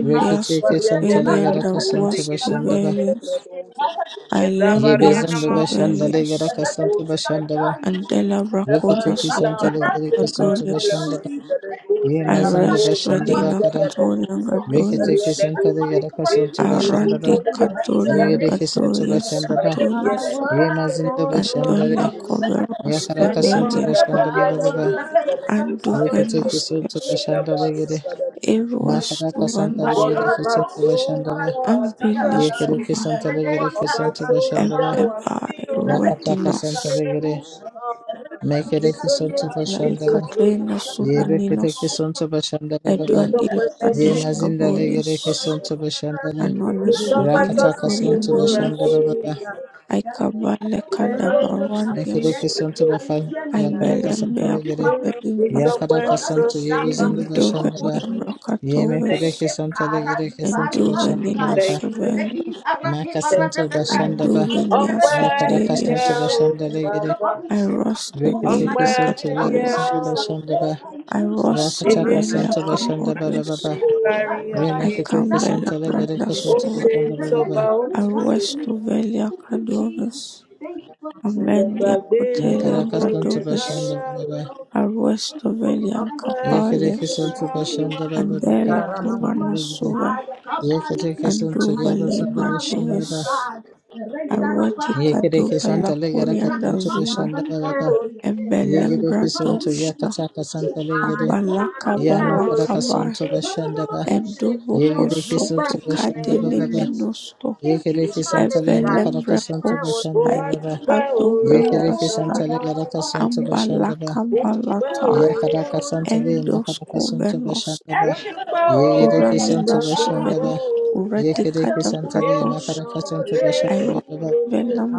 Speaker 2: Rekete kesantale
Speaker 1: Sovelian
Speaker 2: yaraka sunta
Speaker 1: Dubois
Speaker 2: bashandaba.
Speaker 1: Sovelius,
Speaker 2: Ye
Speaker 1: Alembias
Speaker 2: bezanda bashandale
Speaker 1: Sovelius,
Speaker 2: yaraka sunta bashandaba.
Speaker 1: Andela
Speaker 3: you.
Speaker 1: Bracona
Speaker 2: Rekete
Speaker 1: Sovella
Speaker 2: kesantale gire kisunta
Speaker 1: Cadorius,
Speaker 2: bashandaba. Ye mazanda
Speaker 1: Iris
Speaker 2: bashandaba
Speaker 1: Vedina
Speaker 2: kada.
Speaker 1: Catorian
Speaker 2: Rekete
Speaker 1: Gadorius,
Speaker 2: kesantale yaraka sunta
Speaker 1: Arandi
Speaker 2: bashandaba. Ye
Speaker 1: Catorian
Speaker 2: gire kisunta
Speaker 1: Gadorius
Speaker 2: bashandaba.
Speaker 1: Santorius,
Speaker 2: Ye mazinda bashandare.
Speaker 1: Andole Coveros
Speaker 2: Yakaraka sunta
Speaker 1: Develiacus,
Speaker 2: bashandaba. Rekete kisonto
Speaker 1: Anduvenostius,
Speaker 2: bashanda legere.
Speaker 3: Jesus.
Speaker 1: Eruas
Speaker 2: Makada kasanta
Speaker 1: Suvanus,
Speaker 2: legere kisonto bashanda la. Yekere
Speaker 1: Ambilisuva,
Speaker 2: kisonto legere kisonto bashanda la.
Speaker 1: Embebae
Speaker 2: Rakata kasanta
Speaker 1: Ruedinas.
Speaker 2: legere. Mekere kisonto bashanda la.
Speaker 1: Laikatrina
Speaker 2: Yebe kete
Speaker 1: Souveninos,
Speaker 2: kisonto bashanda la baba.
Speaker 1: Edouan de La Ekaterina Suvarnidis, Edward la
Speaker 2: Ye
Speaker 1: British
Speaker 2: mazinda
Speaker 1: Kabulus,
Speaker 2: legere
Speaker 3: Thank
Speaker 2: kisonto
Speaker 3: you
Speaker 2: bashanda le.
Speaker 1: Anuanasothile
Speaker 2: Rakata kasonto bashanda
Speaker 3: or
Speaker 1: Kuriandulis,
Speaker 2: la
Speaker 3: is it
Speaker 2: baba.
Speaker 3: sick. Now you can go
Speaker 1: Aikabale
Speaker 3: back to the body of the shadow of
Speaker 2: Mekere
Speaker 1: Kadabarwandias,
Speaker 3: death.
Speaker 2: kisonto
Speaker 3: I will
Speaker 2: bafan.
Speaker 3: fear no
Speaker 2: Yakada
Speaker 3: evil,
Speaker 2: kasanta
Speaker 3: for
Speaker 1: Ibelembea
Speaker 3: you
Speaker 2: legere.
Speaker 3: are with me.
Speaker 1: Kotelimbas,
Speaker 3: The
Speaker 2: Yakada
Speaker 3: Lord of your
Speaker 2: kasonto yebe
Speaker 3: staff, uh,
Speaker 2: zindu
Speaker 3: they
Speaker 2: bashanda
Speaker 1: Enduvelia
Speaker 3: comfort
Speaker 2: la.
Speaker 3: me. You
Speaker 2: Ye
Speaker 3: prepare a
Speaker 2: mekere
Speaker 1: Bracatovis,
Speaker 3: table,
Speaker 2: kisonto legere
Speaker 3: karazi, bari,
Speaker 2: kisonto
Speaker 3: bari,
Speaker 2: bashanda la
Speaker 1: Enduvenina
Speaker 2: baba.
Speaker 3: kaya. Ready,
Speaker 1: Suvendos,
Speaker 3: zara, de, bara, da,
Speaker 2: Makasinto
Speaker 3: da,
Speaker 2: Bashandaba,
Speaker 1: Enduvinia
Speaker 2: Rakadakasanto
Speaker 3: is.
Speaker 1: Sutelius,
Speaker 2: Bashandalegede,
Speaker 3: Thank you, Jesus.
Speaker 2: Rikitiki
Speaker 1: Irosevelia
Speaker 2: Santo
Speaker 3: Thank
Speaker 1: Catorius,
Speaker 2: Yalusanto Bashandaba, Rakataka
Speaker 1: Irosevelia
Speaker 2: Santo Bashandaba
Speaker 1: Caborius,
Speaker 2: Baba,
Speaker 1: I come
Speaker 2: Renikitiki
Speaker 1: Bella
Speaker 2: Santo Legede
Speaker 1: Branda
Speaker 2: Kasanto Bashandaba Baba,
Speaker 1: Arrestu velia Cordovez,
Speaker 3: you for this music.
Speaker 1: amendia
Speaker 3: Thank you for the
Speaker 1: Cotelia
Speaker 2: Makadaka
Speaker 3: blessing.
Speaker 2: Santo
Speaker 3: Thank
Speaker 1: bradoves.
Speaker 3: you for
Speaker 2: Bashandaba
Speaker 3: the
Speaker 2: Baba,
Speaker 3: love. Thank
Speaker 1: arrestu
Speaker 3: you for your
Speaker 1: veliam
Speaker 3: kindness
Speaker 2: Yikidiki
Speaker 1: Capalios,
Speaker 2: Santo
Speaker 3: for who you are.
Speaker 2: Bashandaba Baba,
Speaker 1: andela
Speaker 3: Thank
Speaker 2: Kadaka
Speaker 3: you that
Speaker 1: cuva
Speaker 3: you
Speaker 2: Santo
Speaker 3: are the
Speaker 2: Legede,
Speaker 1: nasuva,
Speaker 3: Messiah. Kabaya
Speaker 2: Yikidiki
Speaker 3: Musa
Speaker 2: Santo
Speaker 3: and
Speaker 1: anduva
Speaker 2: Yalusanto
Speaker 1: libra
Speaker 3: Hebaru
Speaker 2: Bashandaba,
Speaker 1: doves,
Speaker 3: Elikai. Reza
Speaker 1: arreti
Speaker 3: Rabaru
Speaker 2: Yikidiki
Speaker 1: caduva
Speaker 3: Sete.
Speaker 1: la
Speaker 2: Santo Legede
Speaker 1: corianda
Speaker 2: Kasanto
Speaker 3: Rakapa
Speaker 1: zuva,
Speaker 2: Bashandaba Baba,
Speaker 3: Banikandi.
Speaker 1: embelembra
Speaker 2: Yikidiki
Speaker 3: Rebeku
Speaker 2: Santo
Speaker 3: Paradisi.
Speaker 1: dosha,
Speaker 2: Yakataka
Speaker 3: Dear.
Speaker 2: Santo Legede,
Speaker 1: abalaka
Speaker 3: Zanipaya
Speaker 2: Yamakara
Speaker 1: balaka
Speaker 3: Kusa.
Speaker 1: bai,
Speaker 2: sunto
Speaker 3: Baranama
Speaker 2: Bashandaba,
Speaker 3: Kusa.
Speaker 1: endubo
Speaker 3: You are our
Speaker 2: Yegereki
Speaker 3: strength.
Speaker 2: Soto
Speaker 1: cosoto
Speaker 3: We say thank
Speaker 2: Bashandaba
Speaker 1: cadele
Speaker 3: you,
Speaker 2: Baba,
Speaker 3: Jesus.
Speaker 1: menosto,
Speaker 3: Thank you,
Speaker 2: Yegereki
Speaker 3: Jesus.
Speaker 2: Santale
Speaker 3: Thank you,
Speaker 2: Makaraka
Speaker 1: evelembra
Speaker 3: Jesus.
Speaker 2: Sonto
Speaker 1: costa,
Speaker 2: Bashandaba
Speaker 3: Thank
Speaker 2: Baba,
Speaker 3: you, Jesus.
Speaker 2: Yegereki
Speaker 1: icadoveruasta,
Speaker 3: Oh,
Speaker 2: Santale Garaka
Speaker 3: Papa.
Speaker 2: Sonto Bashandaba,
Speaker 3: Thank
Speaker 1: Amblycambalatar,
Speaker 3: you,
Speaker 2: Yakaraka
Speaker 3: Hey.
Speaker 2: Santale Makaraka Sonto
Speaker 1: endoscorvenus,
Speaker 2: Bashandaba,
Speaker 3: That's your
Speaker 2: Yegereki Sonto
Speaker 3: Baba.
Speaker 1: Oraminastovelius,
Speaker 2: Bashandaba,
Speaker 3: That's
Speaker 2: Yegereki Santale
Speaker 3: your
Speaker 1: Uradicadabrados,
Speaker 2: Makaraka Sonto
Speaker 3: Jesus.
Speaker 2: Bashandaba
Speaker 1: Iros,
Speaker 2: Baba,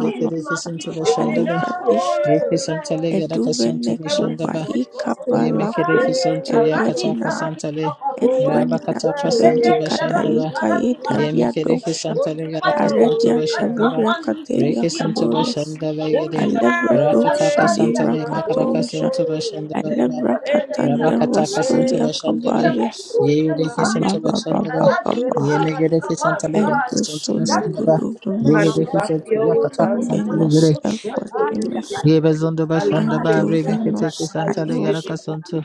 Speaker 3: Nini
Speaker 2: sunto
Speaker 3: makiso.
Speaker 2: Bashandaba,
Speaker 1: Icalibradista,
Speaker 2: Yeki
Speaker 3: Ore re.
Speaker 2: Santale Garaka Sonto
Speaker 3: Iyo si
Speaker 1: Eduvenekova,
Speaker 2: Bashandaba,
Speaker 3: koto.
Speaker 2: ye Yemekereke
Speaker 1: Icavalakova,
Speaker 3: Aye.
Speaker 2: sonto
Speaker 3: Araki
Speaker 2: yakataka
Speaker 1: Edwardina,
Speaker 3: saraki
Speaker 2: santale
Speaker 3: aparushi.
Speaker 1: Edwardina
Speaker 2: rabakataka
Speaker 3: Holy
Speaker 2: sonto
Speaker 1: Suvelica,
Speaker 2: bashandaba
Speaker 1: Darica, Idaria
Speaker 2: yemekereke
Speaker 1: Dosha,
Speaker 2: santale yaraka sonto
Speaker 1: Aredia,
Speaker 2: bashandaba
Speaker 1: Taviria, Catelia,
Speaker 2: reke sonto
Speaker 1: Cadorius,
Speaker 2: bashandaba yede
Speaker 1: Alebra Dosha,
Speaker 2: rakataka
Speaker 1: Divra,
Speaker 2: santale makaraka
Speaker 1: catos
Speaker 2: sonto bashandaba baba
Speaker 1: Alebra contended was
Speaker 2: rabakataka sonto
Speaker 1: Julia
Speaker 2: bashandale
Speaker 1: Caballos
Speaker 2: yegereke sonto bashandaba
Speaker 1: Ambabamba
Speaker 2: yemegereke santale
Speaker 1: and
Speaker 2: yaraka sonto
Speaker 1: Dulcinea
Speaker 2: bashandaba yegereke sonto yakataka
Speaker 3: Ghost,
Speaker 2: santale
Speaker 3: Holy
Speaker 2: yere.
Speaker 1: Ambenos
Speaker 3: Ghost, divine,
Speaker 1: Epotinos
Speaker 2: Yebezondo
Speaker 3: divine, divine,
Speaker 2: bashanda ba remeke teke
Speaker 1: Andovenos
Speaker 3: divine.
Speaker 2: santa le
Speaker 1: Iros
Speaker 2: yaraka sonto.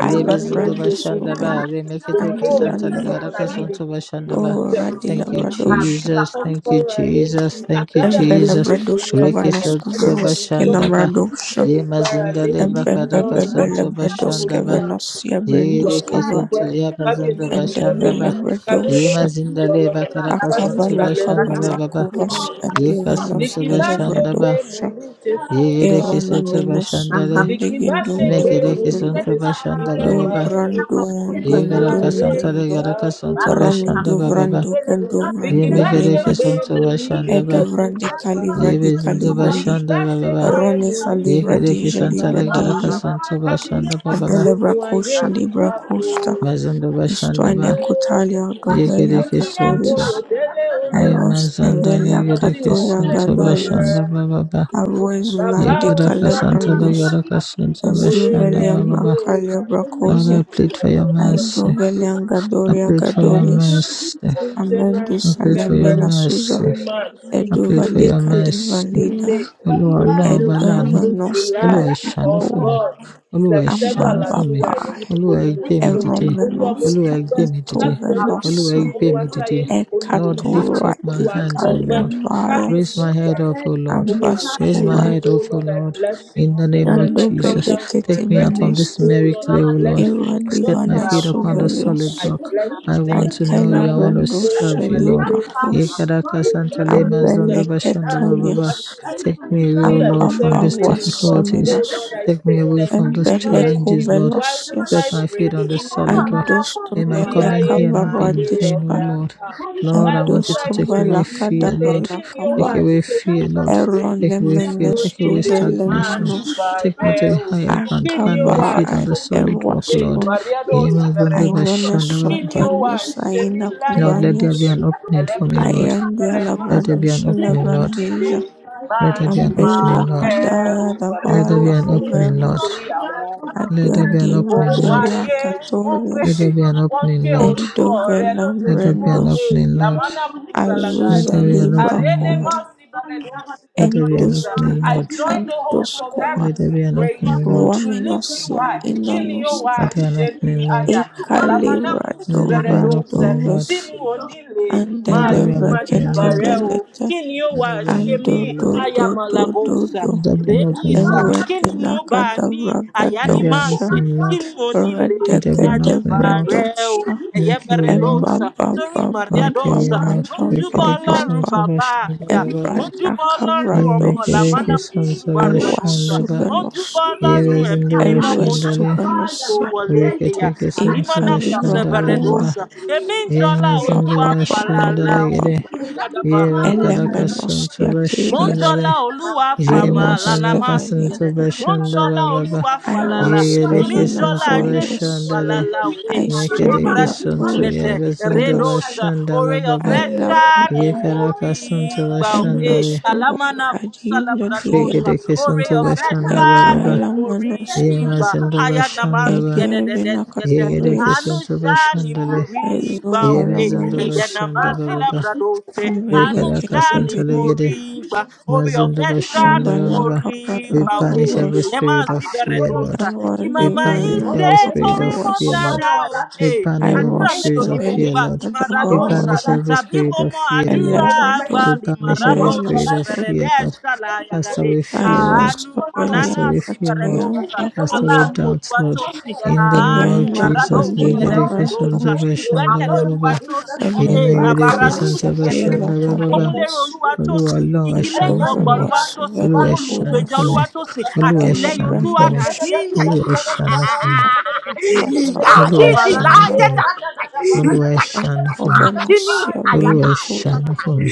Speaker 2: Yebezondo bashanda ba
Speaker 1: Ovelo
Speaker 2: remeke teke santa le
Speaker 1: Andilanina
Speaker 2: yaraka sonto bashanda ba.
Speaker 1: Ora di
Speaker 2: Thank you,
Speaker 1: Labradosha
Speaker 2: Jesus. Thank you, Jesus. Thank you, Jesus.
Speaker 1: Embelebrados
Speaker 2: Reke
Speaker 1: Cavanas
Speaker 2: sonto
Speaker 1: Cuveros
Speaker 2: bashanda ba.
Speaker 1: Kelambradosha
Speaker 2: Ye mazinda le bakadaka sonto
Speaker 1: Embebebebelebrados
Speaker 2: bashanda ba.
Speaker 1: Cavanos
Speaker 2: Ye
Speaker 1: Yabrindus
Speaker 2: reke
Speaker 1: Cava
Speaker 2: sonto ya bazondo
Speaker 1: and
Speaker 2: bashanda ba. Ye
Speaker 1: Develebradosha
Speaker 2: mazinda le bakadaka sonto bashanda ba ba ba.
Speaker 1: Akabalakovalakuvas
Speaker 2: Ye
Speaker 1: anduvenos
Speaker 2: kasunto bashanda ba.
Speaker 1: telebradokša
Speaker 2: Yegereke sote
Speaker 1: eronemenos
Speaker 2: bashandare,
Speaker 1: sumbendegendum
Speaker 3: Lord,
Speaker 2: mekereke
Speaker 1: dundundundu
Speaker 2: sote bashanda bababa. Yegaraka santare
Speaker 1: dumbrandundundundundu
Speaker 2: garaka sote bashanda baba. Ye Yemekereke
Speaker 1: raminduvrandugenduvranduiblindus
Speaker 2: sote bashanda ba. Yebezinde
Speaker 1: eduvrandikalivradikalivrandu
Speaker 2: bashanda bababa. Yekereke santare garaka
Speaker 1: ronesalivradijalivradijo
Speaker 2: sote bashanda bababa.
Speaker 1: adelebrakošalibrakošta
Speaker 2: Mazando bashanda ba.
Speaker 1: istuaniakotalidovelia
Speaker 2: Yekereke
Speaker 1: catorius
Speaker 2: sote.
Speaker 1: I rose
Speaker 2: Yemazandare
Speaker 1: nevelia
Speaker 2: gereke
Speaker 1: catulia
Speaker 2: sote
Speaker 1: gadorias,
Speaker 2: bashanda bababa.
Speaker 1: abu zulandi
Speaker 2: Yegaraka santare
Speaker 1: calabrandos,
Speaker 2: garaka sote
Speaker 1: es
Speaker 2: bashanda
Speaker 1: dovelian
Speaker 2: bababa.
Speaker 1: bracalia
Speaker 2: Lord, I
Speaker 1: bracose,
Speaker 2: plead for your
Speaker 1: es
Speaker 2: mercy.
Speaker 1: dovelian
Speaker 2: I
Speaker 1: gadoria
Speaker 2: plead for your
Speaker 1: gadories,
Speaker 2: mercy. I
Speaker 1: amendo
Speaker 2: plead for
Speaker 1: salame
Speaker 2: your
Speaker 1: nasusa,
Speaker 2: mercy. I plead for your
Speaker 1: eduvalica
Speaker 2: mercy.
Speaker 1: devalida,
Speaker 2: Olúwa ọlọ́run ọba
Speaker 1: edu
Speaker 2: láàánú.
Speaker 1: eva nostra
Speaker 2: Olúwa ẹ
Speaker 1: et
Speaker 2: ṣàánú
Speaker 3: Jesus,
Speaker 1: tu,
Speaker 2: fún mi. Olúwa ẹ
Speaker 3: Thank
Speaker 1: abba
Speaker 2: ṣàánú
Speaker 3: you,
Speaker 2: fún mi.
Speaker 1: babba,
Speaker 2: Olúwa ẹ gbé mi dìde.
Speaker 1: errome
Speaker 2: Olúwa
Speaker 1: nostra
Speaker 2: ẹ gbé
Speaker 1: et
Speaker 2: mi dìde.
Speaker 1: tuve
Speaker 2: Olúwa ẹ
Speaker 1: nosse,
Speaker 2: gbé mi dìde.
Speaker 1: e
Speaker 2: Lord, lift
Speaker 1: catula
Speaker 2: up my
Speaker 1: e
Speaker 2: hands, O Lord. Raise
Speaker 1: calvaes,
Speaker 2: my head up, O Lord. Raise my
Speaker 1: abascover.
Speaker 2: head up, O Lord. In the name of Jesus.
Speaker 1: Nandobeleketi
Speaker 2: Take me out from this
Speaker 1: menosti
Speaker 2: merry clay,
Speaker 3: Jesus.
Speaker 2: O Lord.
Speaker 3: Thank you for
Speaker 2: Set my
Speaker 3: the
Speaker 1: iradivana
Speaker 2: feet upon the
Speaker 1: suvelios
Speaker 2: solid rock. I want to know you. I want to
Speaker 1: aikelovrendo
Speaker 2: serve you, Lord.
Speaker 1: shelivrakos
Speaker 2: Ikadaka Santa Lema Zonda Bashanda
Speaker 1: ambeleketonios
Speaker 2: Baba. Take me away, O Lord, from these
Speaker 1: ambabaruas
Speaker 2: difficulties.
Speaker 1: seminos
Speaker 2: Take me away from
Speaker 3: Thank
Speaker 2: those
Speaker 3: you.
Speaker 2: challenges, Lord.
Speaker 1: embelekovelosios
Speaker 3: Thank
Speaker 2: Set my feet on the solid rock. May my coming here not be in vain, O
Speaker 1: endostovelekavaruadistai
Speaker 2: Lord. Lord, I want you to take away fear, Lord.
Speaker 1: endostovelakadavalakava
Speaker 2: Take away fear, Lord. Take away fear. Take away stagnation.
Speaker 1: eronemenestoveleminos
Speaker 2: Take me to a higher ground. Plant my feet
Speaker 1: akabai
Speaker 2: on the solid rock, Lord. Lord,
Speaker 1: Ainones suatendos, aina
Speaker 2: let there
Speaker 1: cuvanios,
Speaker 2: be an opening for me, Lord.
Speaker 1: aiande
Speaker 2: Let there be
Speaker 1: alabrados,
Speaker 2: an opening, Lord.
Speaker 1: labrandija,
Speaker 2: Let there be an
Speaker 1: ambela
Speaker 2: opening, Lord.
Speaker 1: cadaia da
Speaker 2: Let
Speaker 3: you.
Speaker 2: there be
Speaker 1: bala
Speaker 2: an opening, Lord.
Speaker 1: cuvernos,
Speaker 2: Let there be
Speaker 1: aduandi
Speaker 2: an opening, Lord.
Speaker 1: rodelia catorias,
Speaker 2: Let there be an opening, Lord. Let there be an
Speaker 1: endovelambrendos,
Speaker 2: opening, Lord. Let
Speaker 1: azusa
Speaker 2: there be an
Speaker 1: libra
Speaker 2: opening, Lord.
Speaker 1: cover,
Speaker 2: Let there be an opening,
Speaker 1: endostuvo,
Speaker 2: Lord.
Speaker 1: endoscova,
Speaker 2: Let there be an opening, Lord.
Speaker 1: ruaminosia inanusta,
Speaker 2: Let there be an opening, Lord.
Speaker 1: ecalibra
Speaker 2: Let there be
Speaker 1: dovra
Speaker 2: an
Speaker 3: Thank you.
Speaker 2: opening,
Speaker 1: dovas,
Speaker 2: Lord.
Speaker 3: Let me
Speaker 2: Let there
Speaker 1: Andele
Speaker 2: be an opening, Lord.
Speaker 1: reketevelete
Speaker 2: Let there be an
Speaker 1: ando
Speaker 2: opening,
Speaker 1: do
Speaker 2: Lord. Let
Speaker 1: do do do do
Speaker 2: there be an opening, Lord.
Speaker 1: Ewe dinakada
Speaker 2: Let there be an
Speaker 1: ragadosha.
Speaker 2: opening, Lord. Let there be an
Speaker 1: Redegede
Speaker 2: opening, Lord.
Speaker 1: redosha.
Speaker 2: Make your way, Lord.
Speaker 1: Emma ba ba ba
Speaker 2: Make your
Speaker 1: ba
Speaker 2: way,
Speaker 1: ba ba ba
Speaker 2: Lord. Make
Speaker 1: ba ba
Speaker 2: it a kiss on salvation.
Speaker 1: embababababababababa
Speaker 3: go,
Speaker 2: Ye make it a
Speaker 3: let
Speaker 1: embradakavradosha
Speaker 2: kiss on
Speaker 3: me go
Speaker 2: salvation.
Speaker 1: arwasuvenos
Speaker 2: Ye was in the
Speaker 3: habari za
Speaker 2: way
Speaker 3: kabala
Speaker 1: eluesuvenosia
Speaker 2: Reketeke sunsaba shandala
Speaker 1: ikalivrakova
Speaker 2: baba. Ye mazindaba shandala gede.
Speaker 1: babababababa
Speaker 2: Ye vakaraka
Speaker 1: elemenos
Speaker 2: sunsaba
Speaker 1: yatelios.
Speaker 2: shandale. Ye
Speaker 1: I was the
Speaker 2: makaraka sunsaba
Speaker 1: Veliakovs.
Speaker 2: shandaba baba.
Speaker 1: I
Speaker 2: Ye
Speaker 1: was the
Speaker 2: gereke sunsaba
Speaker 1: Vinatolis.
Speaker 2: shandale.
Speaker 1: I the
Speaker 2: Mekereke sunsu
Speaker 1: Vinatolis.
Speaker 2: ye bazundaba
Speaker 3: hatuelioaaaaa
Speaker 2: shandaba
Speaker 1: I
Speaker 2: baba.
Speaker 1: love a
Speaker 2: Ye
Speaker 1: bar.
Speaker 2: karaka sunsaba
Speaker 1: and a Lababar.
Speaker 2: shandale.
Speaker 1: Endosovo
Speaker 3: Upon our
Speaker 1: Adivladia.
Speaker 2: Frekedeke sunsaba
Speaker 3: lives,
Speaker 2: shandaba baba.
Speaker 1: Ekaila
Speaker 3: thank
Speaker 2: Ye
Speaker 1: Manosta.
Speaker 2: mazindaba shandaba.
Speaker 1: Edue
Speaker 2: Ye gereke
Speaker 1: Vinacatoris.
Speaker 2: sunsaba shandale.
Speaker 1: Ezovala
Speaker 2: Yemezondo
Speaker 1: Manos.
Speaker 2: bashanda baba ba rekaraka
Speaker 1: Ambelicate Vilit.
Speaker 2: santalegede mazondo bashanda baba ba.
Speaker 1: Ambalaka
Speaker 2: We
Speaker 1: Balaka
Speaker 2: banish every
Speaker 1: Rosh.
Speaker 2: spirit of
Speaker 3: you
Speaker 2: fear, Lord. We banish
Speaker 3: for
Speaker 1: Evalivana
Speaker 3: your
Speaker 2: every spirit
Speaker 3: grace.
Speaker 2: of fear,
Speaker 1: Kabarwas.
Speaker 3: Upon
Speaker 2: Lord.
Speaker 3: our
Speaker 2: We
Speaker 3: lives,
Speaker 1: I
Speaker 2: banish every
Speaker 3: Thank
Speaker 1: was
Speaker 2: spirit of
Speaker 1: severely
Speaker 3: you
Speaker 2: fear, Lord. We
Speaker 1: cadaver
Speaker 2: banish
Speaker 1: water,
Speaker 2: every spirit of fear,
Speaker 1: a
Speaker 3: for
Speaker 2: Lord.
Speaker 3: your
Speaker 1: Labrador
Speaker 2: We
Speaker 3: mercy
Speaker 2: banish every
Speaker 3: upon our life.
Speaker 2: spirit of
Speaker 1: Shevenosoto.
Speaker 2: fear, Lord.
Speaker 3: Thank you
Speaker 2: Cast
Speaker 3: for
Speaker 2: away
Speaker 3: your
Speaker 1: I
Speaker 2: fear,
Speaker 3: mercy
Speaker 2: Lord.
Speaker 1: was
Speaker 3: upon our
Speaker 2: Cast
Speaker 1: severely
Speaker 2: away
Speaker 3: life.
Speaker 2: fear, Lord.
Speaker 1: Ankatayam
Speaker 3: Thank you for
Speaker 2: Cast
Speaker 3: your
Speaker 2: away
Speaker 1: Vakush,
Speaker 3: love.
Speaker 2: doubts, Lord.
Speaker 3: Upon my
Speaker 2: In
Speaker 3: life,
Speaker 2: the name
Speaker 3: Jesus.
Speaker 2: of
Speaker 1: Even
Speaker 3: Thank
Speaker 2: Jesus,
Speaker 3: you for
Speaker 1: Lakwandi
Speaker 2: we
Speaker 3: the
Speaker 2: get a
Speaker 3: blood.
Speaker 2: kiss on
Speaker 1: Labrador,
Speaker 2: the
Speaker 3: Thank you for the
Speaker 2: bashanda
Speaker 3: blood of
Speaker 2: baba ba
Speaker 3: Jesus.
Speaker 1: a
Speaker 3: Everybody that
Speaker 2: ìyínigereke
Speaker 3: has
Speaker 1: Levracuna
Speaker 2: santa
Speaker 3: the thunder
Speaker 1: Sote
Speaker 3: every day
Speaker 2: bashandagababa
Speaker 3: that is
Speaker 1: Lacadovis,
Speaker 3: good.
Speaker 2: olúwa
Speaker 1: and Dover
Speaker 3: Everybody by
Speaker 1: was
Speaker 3: the
Speaker 2: ọlọrun ẹ
Speaker 3: bandits that
Speaker 2: ṣàánú fún
Speaker 1: Venacurious,
Speaker 2: mi olúwa
Speaker 1: a
Speaker 3: are
Speaker 2: ẹ ṣàánú fún mi
Speaker 1: Labrador
Speaker 2: olúwa ẹ ṣàánú fún mi
Speaker 1: Shaklata
Speaker 2: olúwa ẹ ṣàánú
Speaker 1: Revenot,
Speaker 2: fún mi olúwa ẹ ṣàánú fún mi
Speaker 1: Escobenosia
Speaker 2: olúwa ẹ
Speaker 1: Vinatorius,
Speaker 2: ṣàánú fún mi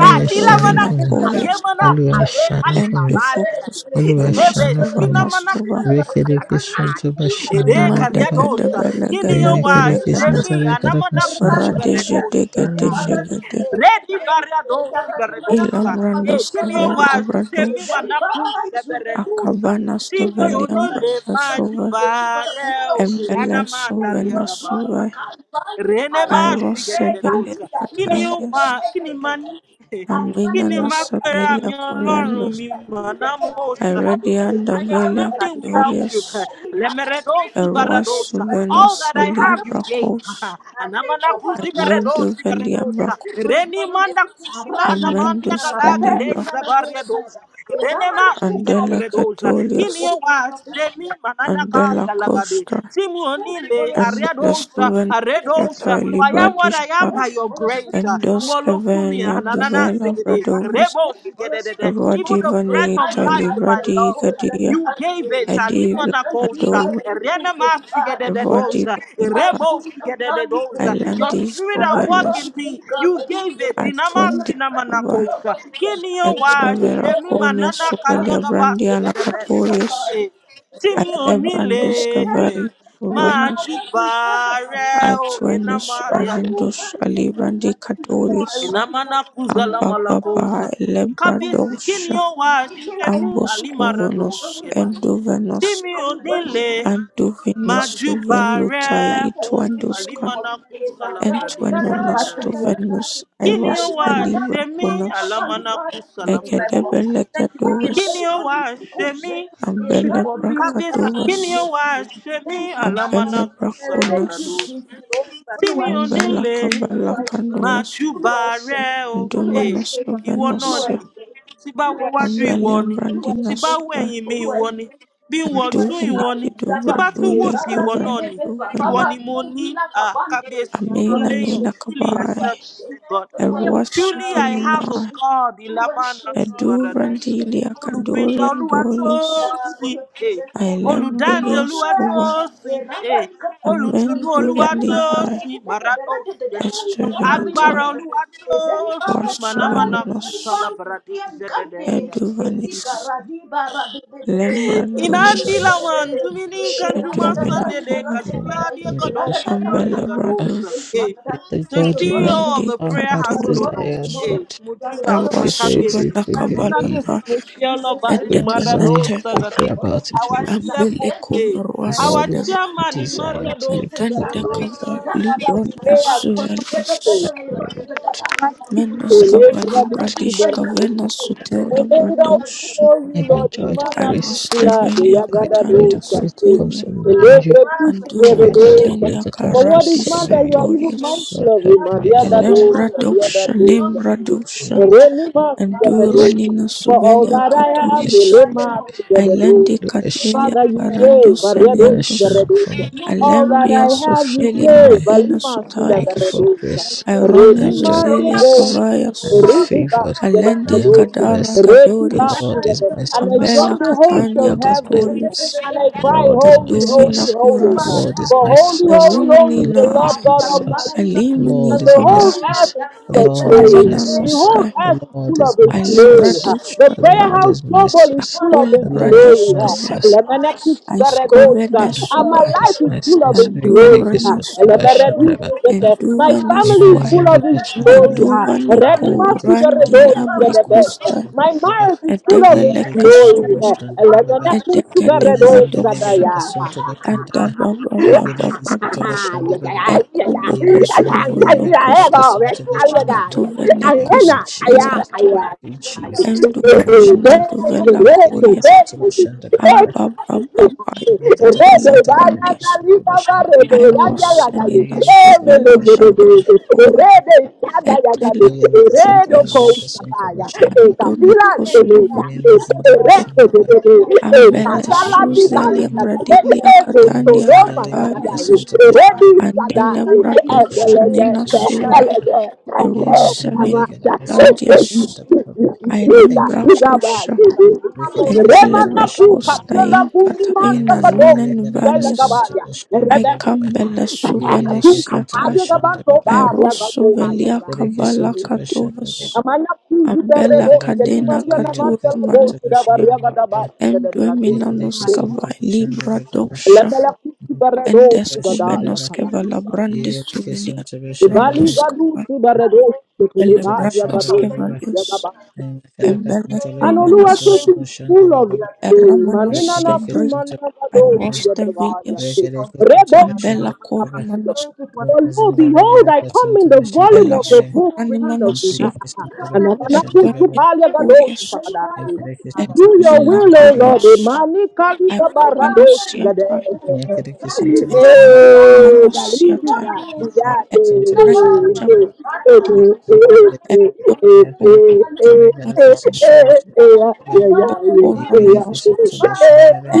Speaker 1: and
Speaker 2: ẹ
Speaker 3: open. Thank you for
Speaker 2: ṣàánú fún mi
Speaker 1: Revenacurious.
Speaker 2: olúwa ẹ ṣàánú fún mi olúwa
Speaker 1: Endophocustova
Speaker 2: ẹ ṣàánú
Speaker 1: nastova
Speaker 2: fún mi olúwa ẹ ṣàánú fún mi
Speaker 1: nastova
Speaker 2: rekereke santa bashandagababa remekereke
Speaker 1: mandegedebelegedebelégede
Speaker 2: santa rekereke santa alazinde
Speaker 1: radegedegedegede ilamrandoskvelia bradoshe
Speaker 3: the
Speaker 1: akabanastvelia brakasova
Speaker 3: blood of
Speaker 1: embele
Speaker 3: Jesus. Thank you for the blood of Jesus. Thank you for
Speaker 1: sovena
Speaker 3: the blood of
Speaker 1: sova
Speaker 3: our
Speaker 1: Iros
Speaker 3: God. Thank you for
Speaker 1: embelesovanasovai airosevelia katandias aminanosevelia coriandos irediandavelia cadorias eruasuvenoselibrakos
Speaker 3: the blood of
Speaker 1: Amendo
Speaker 3: Thank
Speaker 1: Velia Bracco,
Speaker 3: you for the blood of Jesus. Arise like
Speaker 1: Amendus
Speaker 3: The
Speaker 1: Veli
Speaker 3: rebel is a
Speaker 1: Bracco,
Speaker 3: revelation. The Raman who
Speaker 1: and
Speaker 3: comes.
Speaker 1: della
Speaker 3: Thank you
Speaker 1: Cattolios,
Speaker 3: for salvation.
Speaker 1: and
Speaker 3: Thank you
Speaker 1: della Costa,
Speaker 3: for your
Speaker 1: and
Speaker 3: spirit.
Speaker 1: Bellestuvenus
Speaker 3: Thank you for your
Speaker 1: Sciatae
Speaker 3: spirit.
Speaker 1: Libradiscae,
Speaker 3: Thank you for the spirit of
Speaker 1: and
Speaker 3: power.
Speaker 1: Dosca Venia
Speaker 3: For the spirit
Speaker 1: Duvela
Speaker 3: of power.
Speaker 1: Bradovus,
Speaker 3: Thank you for the spirit of
Speaker 1: Erodi
Speaker 3: power. I
Speaker 1: Vanitae
Speaker 3: divide the
Speaker 1: Libradi
Speaker 3: equals that
Speaker 1: Gadia,
Speaker 3: you have raised. And
Speaker 1: Idivla
Speaker 3: you can be God
Speaker 1: Cadova,
Speaker 3: and equals that you are.
Speaker 1: Erodi
Speaker 3: I
Speaker 1: Vanitae,
Speaker 3: could be confounded with you, God.
Speaker 1: Islandis
Speaker 3: The God is
Speaker 1: Suvelos,
Speaker 3: God, the same God, but you we lay our
Speaker 1: atwendi
Speaker 3: hands on it,
Speaker 1: Cavae, Etwe Veraconia Suvelia Brandia Lacatorius. Alebrandos Cavalleturanos, Aetuanus, Arundus, Alibrandi Cadorus, Ambababa, Elebradosha, Ambos
Speaker 3: and
Speaker 1: Covonos,
Speaker 3: we
Speaker 1: Enduvenos,
Speaker 3: and we worship you.
Speaker 1: Anduvinis,
Speaker 3: Worship you.
Speaker 1: Suvelutai,
Speaker 3: Blessed be the name of
Speaker 1: Ituandusca,
Speaker 3: you. Is our God. Da, da, da,
Speaker 1: Antuanonas,
Speaker 3: da, da, da,
Speaker 1: Duvenus,
Speaker 3: da. Is that
Speaker 1: Iros,
Speaker 3: the God that God is not for a
Speaker 1: Delibraconos,
Speaker 3: fun fire? Is that the God that is
Speaker 1: Egedebelegadovus,
Speaker 3: very good in the Is that the
Speaker 1: Ambelebracadovus,
Speaker 3: God? Thank you, Jesus. Thank you,
Speaker 1: Ambelebraconos,
Speaker 3: Jesus. Olúwa ẹ ṣeun.
Speaker 1: Ambelaka
Speaker 3: Olúwa ẹ
Speaker 1: Belaka
Speaker 3: ṣeun.
Speaker 1: Dumas
Speaker 3: Olúwa ẹ ṣeun. Olúwa ẹ ṣeun.
Speaker 1: Dumenesu
Speaker 3: Olúwa ẹ
Speaker 1: Venosia
Speaker 3: ṣeun. Olúwa ẹ ṣeun.
Speaker 1: Ambelia
Speaker 3: Olúwa ẹ
Speaker 1: Brandina
Speaker 3: ṣeun.
Speaker 1: Suvae
Speaker 3: Olúwa ẹ ṣeun. Olúwa ẹ ṣeun. Àyè
Speaker 1: Aduviniki
Speaker 3: ìjábá.
Speaker 1: Duvredulia
Speaker 3: Ìbára
Speaker 1: Kuvena
Speaker 3: bébébé bàbá
Speaker 1: Duvena
Speaker 3: bá tó bí lákàbáǹdè. Olúwa
Speaker 1: Amina
Speaker 3: ẹ
Speaker 1: Nina
Speaker 3: ṣeun. Olúwa
Speaker 1: Kabae
Speaker 3: ẹ ṣeun. Olúwa ẹ
Speaker 1: Erua
Speaker 3: ṣeun. Olúwa ẹ
Speaker 1: Suveninae
Speaker 3: ṣeun. Olúwa ẹ ṣeun. Olúwa ẹ ṣeun.
Speaker 1: Eduvrandilia Kadorian Dolius
Speaker 3: Thank you for your presence. For your
Speaker 1: Aelembilia
Speaker 3: presence.
Speaker 1: Scuba Amenduva Librae Estuvinatoe
Speaker 3: Ezeri baba di baba do
Speaker 1: Rasuvenos
Speaker 3: sari bang ki tiam kante ezi
Speaker 1: Eduvanis
Speaker 3: kara di bara di di di di
Speaker 2: ẹ
Speaker 3: di di di
Speaker 2: ṣàánú
Speaker 3: di di
Speaker 2: fún
Speaker 3: di
Speaker 1: Lembranduvis
Speaker 2: mi ẹ
Speaker 3: di di. Ra
Speaker 2: ṣàánú
Speaker 3: da
Speaker 2: fún
Speaker 3: da
Speaker 2: mi.
Speaker 1: Edwin
Speaker 3: da di bara
Speaker 1: Akuba,
Speaker 3: di
Speaker 2: Yet
Speaker 3: da da. The God of
Speaker 1: Ambele Brandush,
Speaker 2: the
Speaker 3: yesterday,
Speaker 2: God
Speaker 3: You are the God of
Speaker 2: unites
Speaker 3: yesterday.
Speaker 2: our
Speaker 3: You
Speaker 2: heart's
Speaker 3: are the
Speaker 1: Vindicatorious,
Speaker 3: God of
Speaker 2: desires,
Speaker 3: tomorrow.
Speaker 2: Lord.
Speaker 3: You are the God of
Speaker 2: He
Speaker 3: my future.
Speaker 2: says
Speaker 1: Erwasuva
Speaker 2: if we
Speaker 3: Father, we say
Speaker 2: believe,
Speaker 1: Nakabalata,
Speaker 3: thank you. We say thank
Speaker 2: we
Speaker 3: you. We
Speaker 2: desire,
Speaker 1: Edebelete,
Speaker 3: say
Speaker 2: if we
Speaker 3: thank
Speaker 2: pray
Speaker 3: you for your
Speaker 2: about it, we
Speaker 3: presence. uh,
Speaker 1: Ambele
Speaker 2: receive.
Speaker 3: Thank
Speaker 2: Lord, it's
Speaker 1: Kubarwasdeva,
Speaker 2: a
Speaker 3: you for
Speaker 2: desire
Speaker 3: your
Speaker 2: to live a
Speaker 3: presence. uh,
Speaker 2: good
Speaker 3: Thank
Speaker 1: Atenta
Speaker 3: you for your presence.
Speaker 2: life,
Speaker 1: Kaba,
Speaker 3: uh,
Speaker 1: Libronda
Speaker 3: Ra-da-da-da-da-ba.
Speaker 1: Suvelis,
Speaker 2: may the
Speaker 3: Ra-da-da-da-da-da-da-da-da.
Speaker 1: Mendes Kaba, Libradish
Speaker 3: Everybody can do
Speaker 1: Kavena
Speaker 3: it.
Speaker 2: may Lord,
Speaker 4: We
Speaker 1: Sutela
Speaker 4: lift it up
Speaker 1: Brandush,
Speaker 4: before you,
Speaker 2: and
Speaker 3: Thank
Speaker 4: Lord.
Speaker 3: you
Speaker 2: enjoy the
Speaker 3: for your
Speaker 4: Imana
Speaker 2: grace,
Speaker 3: presence.
Speaker 4: kusula de
Speaker 1: Erwastevelia
Speaker 2: and
Speaker 3: For
Speaker 4: yagada
Speaker 3: your
Speaker 2: enjoy
Speaker 1: Catania
Speaker 2: the
Speaker 4: dosa.
Speaker 3: presence.
Speaker 2: grace that comes
Speaker 1: Sutela,
Speaker 2: from knowing you,
Speaker 4: Elebre dusi
Speaker 2: and
Speaker 4: gere
Speaker 1: Andura
Speaker 3: Bless
Speaker 2: enjoy the
Speaker 4: dosa.
Speaker 3: you.
Speaker 2: grace
Speaker 1: Catania
Speaker 2: that comes
Speaker 4: For
Speaker 2: from
Speaker 4: what is
Speaker 1: Karatis
Speaker 4: man that you
Speaker 2: serving
Speaker 4: are
Speaker 2: you.
Speaker 4: even
Speaker 3: I
Speaker 1: Satorius,
Speaker 2: Lord,
Speaker 4: mindful of
Speaker 2: help
Speaker 4: him? and
Speaker 2: me,
Speaker 3: I
Speaker 4: The other
Speaker 2: Lord.
Speaker 3: alone.
Speaker 4: dosa, the other
Speaker 1: Elembradosha,
Speaker 4: dosa.
Speaker 3: But
Speaker 2: May
Speaker 1: Lembradosha,
Speaker 3: we
Speaker 2: Lord,
Speaker 4: Ereni mas gere
Speaker 2: I
Speaker 1: Endura
Speaker 2: shine,
Speaker 4: dosa.
Speaker 1: Nina
Speaker 4: For all
Speaker 1: Suvelia
Speaker 4: that I have,
Speaker 1: Caturius,
Speaker 2: shine,
Speaker 4: elema gere
Speaker 1: Ilendi
Speaker 4: dosa.
Speaker 2: I shine
Speaker 4: Father,
Speaker 1: Catelia
Speaker 4: you
Speaker 2: for me,
Speaker 3: have
Speaker 4: gave
Speaker 1: Carandos
Speaker 4: Maria
Speaker 2: I
Speaker 4: dosa gere
Speaker 1: Eliandos,
Speaker 2: shine
Speaker 4: dosa.
Speaker 2: for
Speaker 3: we
Speaker 2: me.
Speaker 3: know the
Speaker 1: Alembia
Speaker 3: truth.
Speaker 2: shine
Speaker 1: Sotelia
Speaker 2: for me.
Speaker 1: Braina
Speaker 3: I will
Speaker 2: Thank you
Speaker 1: Sutalius,
Speaker 3: show
Speaker 2: for
Speaker 3: you,
Speaker 2: grace.
Speaker 3: don't
Speaker 2: I
Speaker 1: Ironia
Speaker 2: enjoy
Speaker 1: Zozelia
Speaker 2: grace. I am
Speaker 1: Cavaias,
Speaker 2: favored. I
Speaker 1: Alendi
Speaker 2: am
Speaker 1: Cadara
Speaker 2: blessed. The
Speaker 4: Mas
Speaker 1: Gadorius,
Speaker 2: Lord is
Speaker 4: gere.
Speaker 2: my
Speaker 4: And I
Speaker 2: source.
Speaker 4: join
Speaker 1: Ambella
Speaker 4: the
Speaker 2: The
Speaker 4: host of
Speaker 1: Catania
Speaker 2: Lord is my
Speaker 4: heaven
Speaker 2: source.
Speaker 1: Caturius,
Speaker 4: and
Speaker 2: The Lord is my
Speaker 1: Enduvina
Speaker 2: source. The
Speaker 1: Curas,
Speaker 2: Lord is my
Speaker 3: alone.
Speaker 2: source.
Speaker 1: Eruna
Speaker 3: will
Speaker 2: The Lord
Speaker 1: Nina,
Speaker 2: is my
Speaker 4: God
Speaker 3: Kábíyèsí
Speaker 4: Almighty,
Speaker 2: source. The
Speaker 3: Ọlọ́run
Speaker 1: Alimani
Speaker 2: Lord is
Speaker 3: èmi mọ
Speaker 2: my
Speaker 1: Cava,
Speaker 4: God
Speaker 2: source.
Speaker 3: ara
Speaker 2: The
Speaker 4: of
Speaker 2: Lord is my
Speaker 4: glory,
Speaker 1: Etuavina
Speaker 4: the
Speaker 2: source.
Speaker 4: whole
Speaker 3: wọn
Speaker 1: Nostai,
Speaker 3: àwẹ̀
Speaker 2: The
Speaker 3: ò sí
Speaker 2: Lord
Speaker 4: full
Speaker 3: láyé
Speaker 4: of
Speaker 2: is my
Speaker 1: I
Speaker 4: His
Speaker 1: lebra
Speaker 2: source.
Speaker 4: glory.
Speaker 2: The
Speaker 3: lọ́wọ́ ẹ̀sìn ìfẹ́ inú ìdókòwò láwọn sókè ẹgbẹ́ ọgbẹ́
Speaker 1: dugstata,
Speaker 2: Lord is my source.
Speaker 1: aku
Speaker 2: The
Speaker 1: lebra
Speaker 2: Lord is my
Speaker 4: huh?
Speaker 1: diskova,
Speaker 2: source.
Speaker 1: I scovenes
Speaker 2: The
Speaker 1: suva,
Speaker 2: Lord is my source.
Speaker 1: and do
Speaker 2: Rekereke soto
Speaker 1: vrenastoy,
Speaker 2: bashanda baba.
Speaker 1: and do
Speaker 2: Aim is
Speaker 1: veniswai,
Speaker 2: in the Emezinde
Speaker 1: and
Speaker 2: başlandıra,
Speaker 1: do vanico
Speaker 2: rukudaki
Speaker 1: randi
Speaker 2: kantarlara kesin
Speaker 1: labricusta,
Speaker 2: tuvaşlandıra baba,
Speaker 1: a
Speaker 2: yegere
Speaker 1: develeca
Speaker 2: kesin
Speaker 1: sobu,
Speaker 2: tuvaşlandıra baba,
Speaker 1: a deca devra
Speaker 2: yemezinde legere
Speaker 1: doxa,
Speaker 2: kesin
Speaker 1: a
Speaker 2: tuvaşlandıra, yegere kesin
Speaker 1: dabababababa,
Speaker 2: tuvaşlandıra
Speaker 1: a
Speaker 2: baba, yemezinde
Speaker 1: cubocostovo
Speaker 2: the kadar
Speaker 1: locosto,
Speaker 2: kesin
Speaker 1: a
Speaker 2: tuvaşlandıra. Thank you,
Speaker 1: tuvenecosta
Speaker 2: Jesus.
Speaker 1: velatoy,
Speaker 2: Thank you, Jesus.
Speaker 1: and
Speaker 2: Thank
Speaker 1: skove nesuva, anduve
Speaker 2: you,
Speaker 1: nastoi, anduve niswai, anduve nikurandi labrikusta, edeveleka suvu, edeke debra dugsha, adabababababa, ekubukostuvu lukosto,
Speaker 2: Jesus.
Speaker 1: etuve nekosta velatoi, enduve ninaduvela
Speaker 2: Yegere kesin tuvaşlandıra baba,
Speaker 1: Ambababai
Speaker 2: yegere kesin
Speaker 4: Rebe
Speaker 1: Stradele
Speaker 2: tuvaşlandıra
Speaker 4: vaya
Speaker 1: Quandis
Speaker 4: galita barebe
Speaker 2: baba,
Speaker 4: yanya
Speaker 1: Iros
Speaker 4: yagaye.
Speaker 1: Senina
Speaker 2: yegere kesin
Speaker 4: Emele
Speaker 1: Suvela
Speaker 4: gede
Speaker 2: tuvaşlandıra
Speaker 4: gede.
Speaker 1: Bradokova
Speaker 4: Rebe isada yagabe.
Speaker 1: Etele
Speaker 2: Yelekesonto
Speaker 4: Redo
Speaker 1: Katovius
Speaker 2: Yelekesonto
Speaker 4: kousapaya.
Speaker 2: Bashandaba
Speaker 4: Eta
Speaker 1: Andono
Speaker 4: pila zeleta.
Speaker 1: Kostovulo
Speaker 2: Yemezinde
Speaker 4: Ere
Speaker 1: Kosto
Speaker 4: gede
Speaker 2: Bashandaba
Speaker 4: gede. Eta
Speaker 1: Ambele
Speaker 4: salami
Speaker 2: Reketekesonto
Speaker 1: Suzelia
Speaker 2: Bashandaba
Speaker 4: kalisagaye.
Speaker 1: Bradilia
Speaker 4: Ebe
Speaker 1: Katandia
Speaker 2: Yemezinde
Speaker 4: soloma gagaye.
Speaker 1: Katarius
Speaker 2: Legalakasonto
Speaker 4: Rebi
Speaker 2: Bashandaba
Speaker 1: Andele
Speaker 4: isadaye.
Speaker 1: Bradok
Speaker 4: Emele
Speaker 2: Reketekesonto
Speaker 1: Shanina
Speaker 4: gede.
Speaker 1: Suvai
Speaker 2: Bashandaba
Speaker 4: Elege.
Speaker 1: Eros
Speaker 2: Yemezinde
Speaker 4: Ama
Speaker 1: Savina
Speaker 4: da.
Speaker 2: Legalakasonto
Speaker 4: Ebe
Speaker 1: Kulandius
Speaker 2: Bashandaba
Speaker 4: yisi. Ita.
Speaker 2: Thank you,
Speaker 1: Ailembra
Speaker 4: Igaba
Speaker 2: Jesus.
Speaker 1: Kosha
Speaker 4: gede.
Speaker 1: Endele
Speaker 2: Reketekesonto
Speaker 4: Remana kuka,
Speaker 1: Brakosta
Speaker 2: Bashandaba
Speaker 4: yola
Speaker 1: in
Speaker 4: kumanta
Speaker 1: Kataina
Speaker 2: Yemezinde
Speaker 4: gadogo,
Speaker 1: Nunen
Speaker 4: bela
Speaker 1: Vanius
Speaker 2: Legalakasonto
Speaker 4: gabaya.
Speaker 1: I
Speaker 4: Rebetu
Speaker 2: Bashandaba
Speaker 4: kata,
Speaker 1: Aikambele
Speaker 4: kata
Speaker 1: suve
Speaker 4: katu kata,
Speaker 2: Yegerekesonto
Speaker 1: nosiatai,
Speaker 4: yaga banto bar,
Speaker 2: Bashandaba
Speaker 4: yaga
Speaker 1: airosuve
Speaker 4: kuha, yaga ba.
Speaker 1: liakabala
Speaker 2: Yegerekesonto Bashandaba
Speaker 1: katuvas,
Speaker 4: Amana kuzi
Speaker 1: ambela
Speaker 4: terrebo,
Speaker 2: Zikara
Speaker 4: shedi
Speaker 2: Kastan
Speaker 1: kadena
Speaker 4: maria na
Speaker 2: Salega
Speaker 1: katura
Speaker 4: manta la
Speaker 2: Kastan
Speaker 4: gosi da
Speaker 1: manosia,
Speaker 2: Solution The
Speaker 4: baria gada ba,
Speaker 2: Baba
Speaker 4: shede bradosa.
Speaker 2: Zikara Kistan
Speaker 1: endueminanoskavai
Speaker 2: Solution The Baba
Speaker 1: libradosha,
Speaker 4: Lemela kuzi barredo,
Speaker 2: Solution The
Speaker 4: ya
Speaker 2: Baba
Speaker 4: kala.
Speaker 1: endeskuvenoskeva
Speaker 4: yakala.
Speaker 1: labrandisuvelia
Speaker 2: Kistan Solution
Speaker 4: Ibali gadu,
Speaker 1: brandoskava,
Speaker 4: si barredo, dia gadu
Speaker 2: The
Speaker 4: ya
Speaker 1: elebrandoskevalius,
Speaker 4: yagaba.
Speaker 2: Zigarakatanza
Speaker 4: And
Speaker 1: embelekumenos,
Speaker 2: legarakatanza
Speaker 4: Oluwatosin is
Speaker 2: gashanda
Speaker 4: full of his
Speaker 2: lababa
Speaker 4: glory. Manina
Speaker 1: eramanosia
Speaker 4: na
Speaker 1: bric,
Speaker 4: kumana
Speaker 2: zikerekesonto
Speaker 4: na do sigadavaya.
Speaker 1: airostevilius,
Speaker 4: Rebo
Speaker 1: ambela
Speaker 2: bashanda lababa
Speaker 4: sikadavasigada.
Speaker 1: kuramanoskabellas
Speaker 4: For lo,
Speaker 2: bashanda la
Speaker 4: behold, I come
Speaker 2: yerekesonto
Speaker 4: in the
Speaker 2: bashanda
Speaker 4: volume
Speaker 2: la sonto bashanda
Speaker 4: of the book written of me.
Speaker 1: uranimanosia,
Speaker 4: and I'm an
Speaker 2: The
Speaker 4: akusupalia
Speaker 1: Etwepilakurius,
Speaker 4: gadoshakadai. To
Speaker 2: legarakatanza legarakasonto
Speaker 4: do your
Speaker 2: bashanda lababa rekerekesonto bashanda la rekerekesonto bashanda lababa legazinda legarakasonto bashanda legere yerekesonto bashanda lababa yerekesonto bashanda
Speaker 4: will, O
Speaker 2: lababa
Speaker 4: Lord.
Speaker 1: Elibilakurius,
Speaker 4: eh, mani Manika sikadabarado
Speaker 1: Aeromenosiatai,
Speaker 4: sigade.
Speaker 2: yerekesonto bashanda lababa
Speaker 4: Eh, galidi
Speaker 1: Bilamonosiatai,
Speaker 4: ga- ga- eh,
Speaker 2: Sensation the
Speaker 1: Elredishav,
Speaker 2: video.
Speaker 4: eh, eh. Yeah,
Speaker 2: Yeah,
Speaker 1: Endoscob,
Speaker 2: Karaka, Sabe,
Speaker 3: Thank you.
Speaker 2: Karaka,
Speaker 1: Imondes,
Speaker 2: Sensation. Yeah, Yereke,
Speaker 1: Bokoromanos,
Speaker 2: Sensation, the way.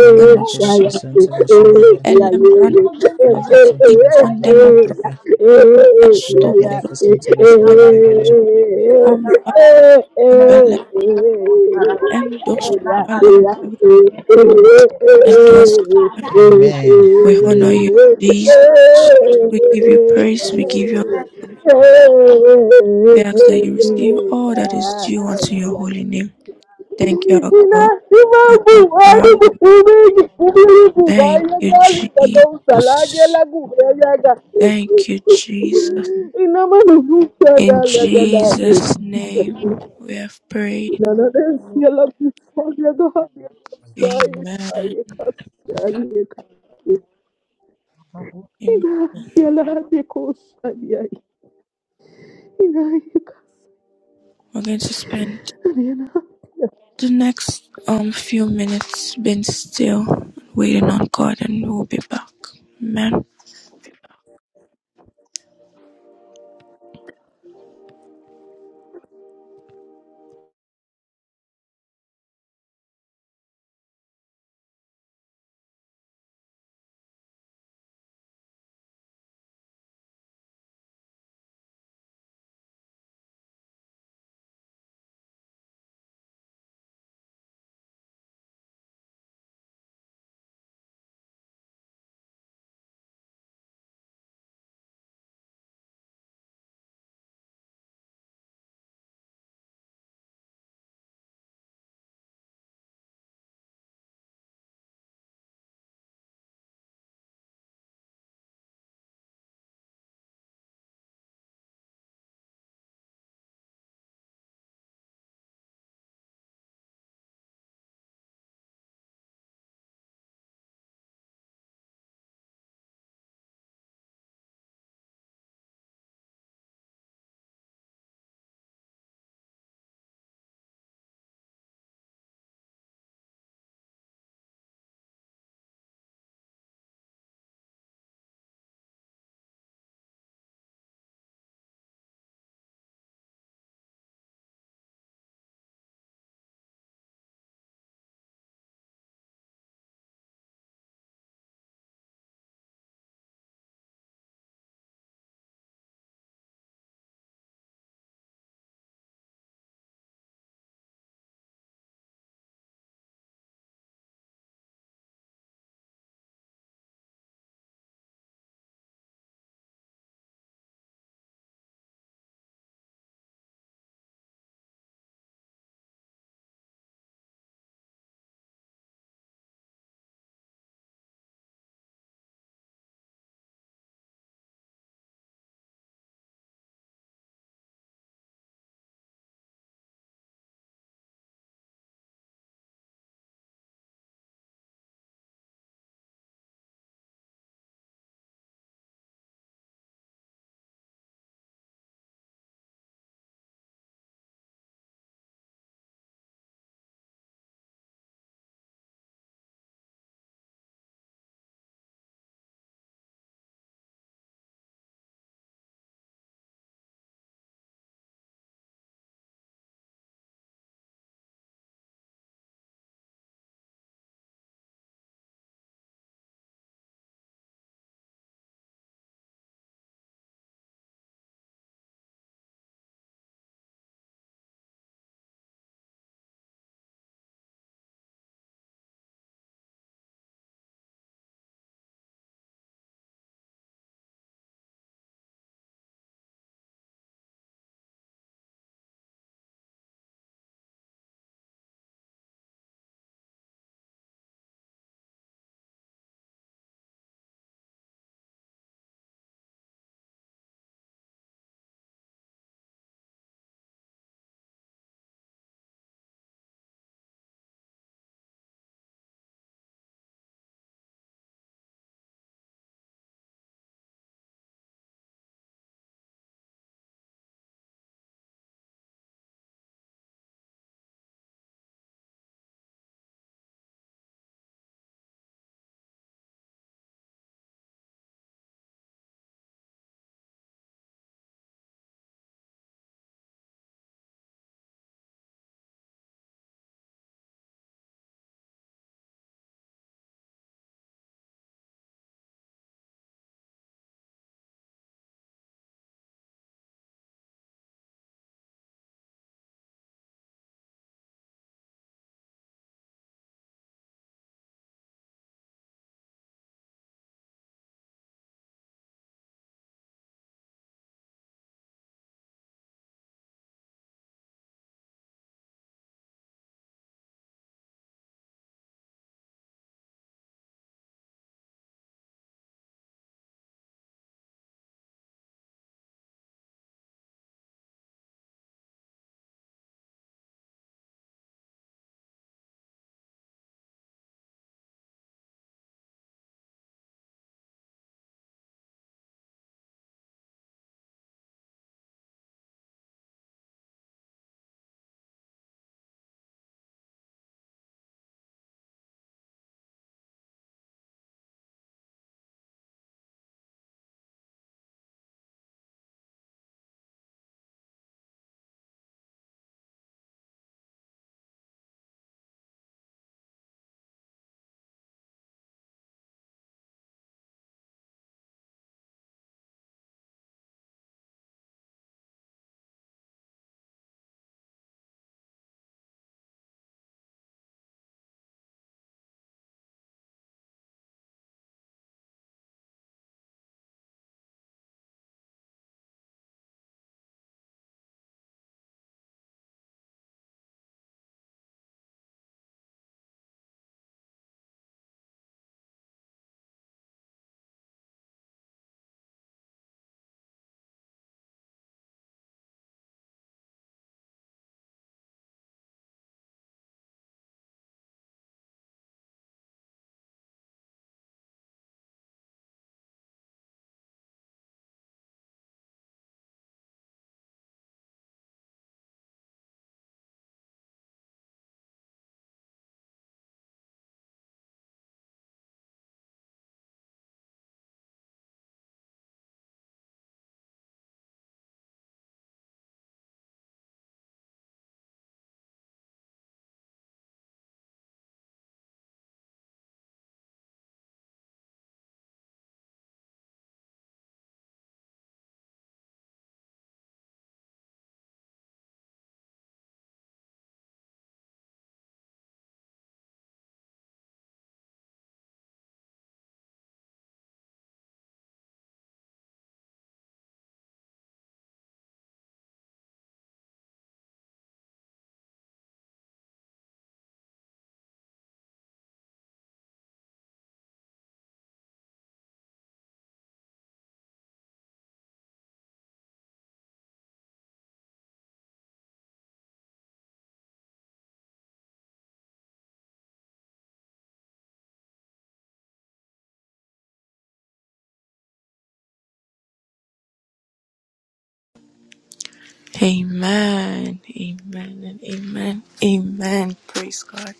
Speaker 2: Yeah, Kereke, Sensation, the way.
Speaker 1: Elembrantava,
Speaker 2: Kereke, Sensation, the way.
Speaker 1: Itwandelobra,
Speaker 2: Kereke,
Speaker 1: Estobolotoven,
Speaker 2: Sensation, the way.
Speaker 1: Ambabele,
Speaker 4: yeah.
Speaker 1: Endoscovalava, Endoscova.
Speaker 2: Amen.
Speaker 1: We honor
Speaker 2: Amen.
Speaker 1: you, Jesus. We give you praise. We give you We ask that you receive all that is due unto your holy name. Thank you, our God and our Father. Thank you, Jesus. Thank you, Jesus.
Speaker 4: Ina mana zuciya
Speaker 3: Thank you.
Speaker 4: ga
Speaker 1: In
Speaker 4: lagalaye.
Speaker 1: Jesus' name we have prayed.
Speaker 4: Nanades Nananesiela kusalia gahalia kusaya
Speaker 1: Amen.
Speaker 4: kaya kasalia kaya.
Speaker 1: Amen.
Speaker 4: Ina
Speaker 1: We're
Speaker 4: yala de kusalia. Ina
Speaker 1: going to spend
Speaker 4: kasalia.
Speaker 1: the next um few minutes being still, waiting on God, and we'll be back. Amen. Amen. Amen. And amen. Amen. Praise God.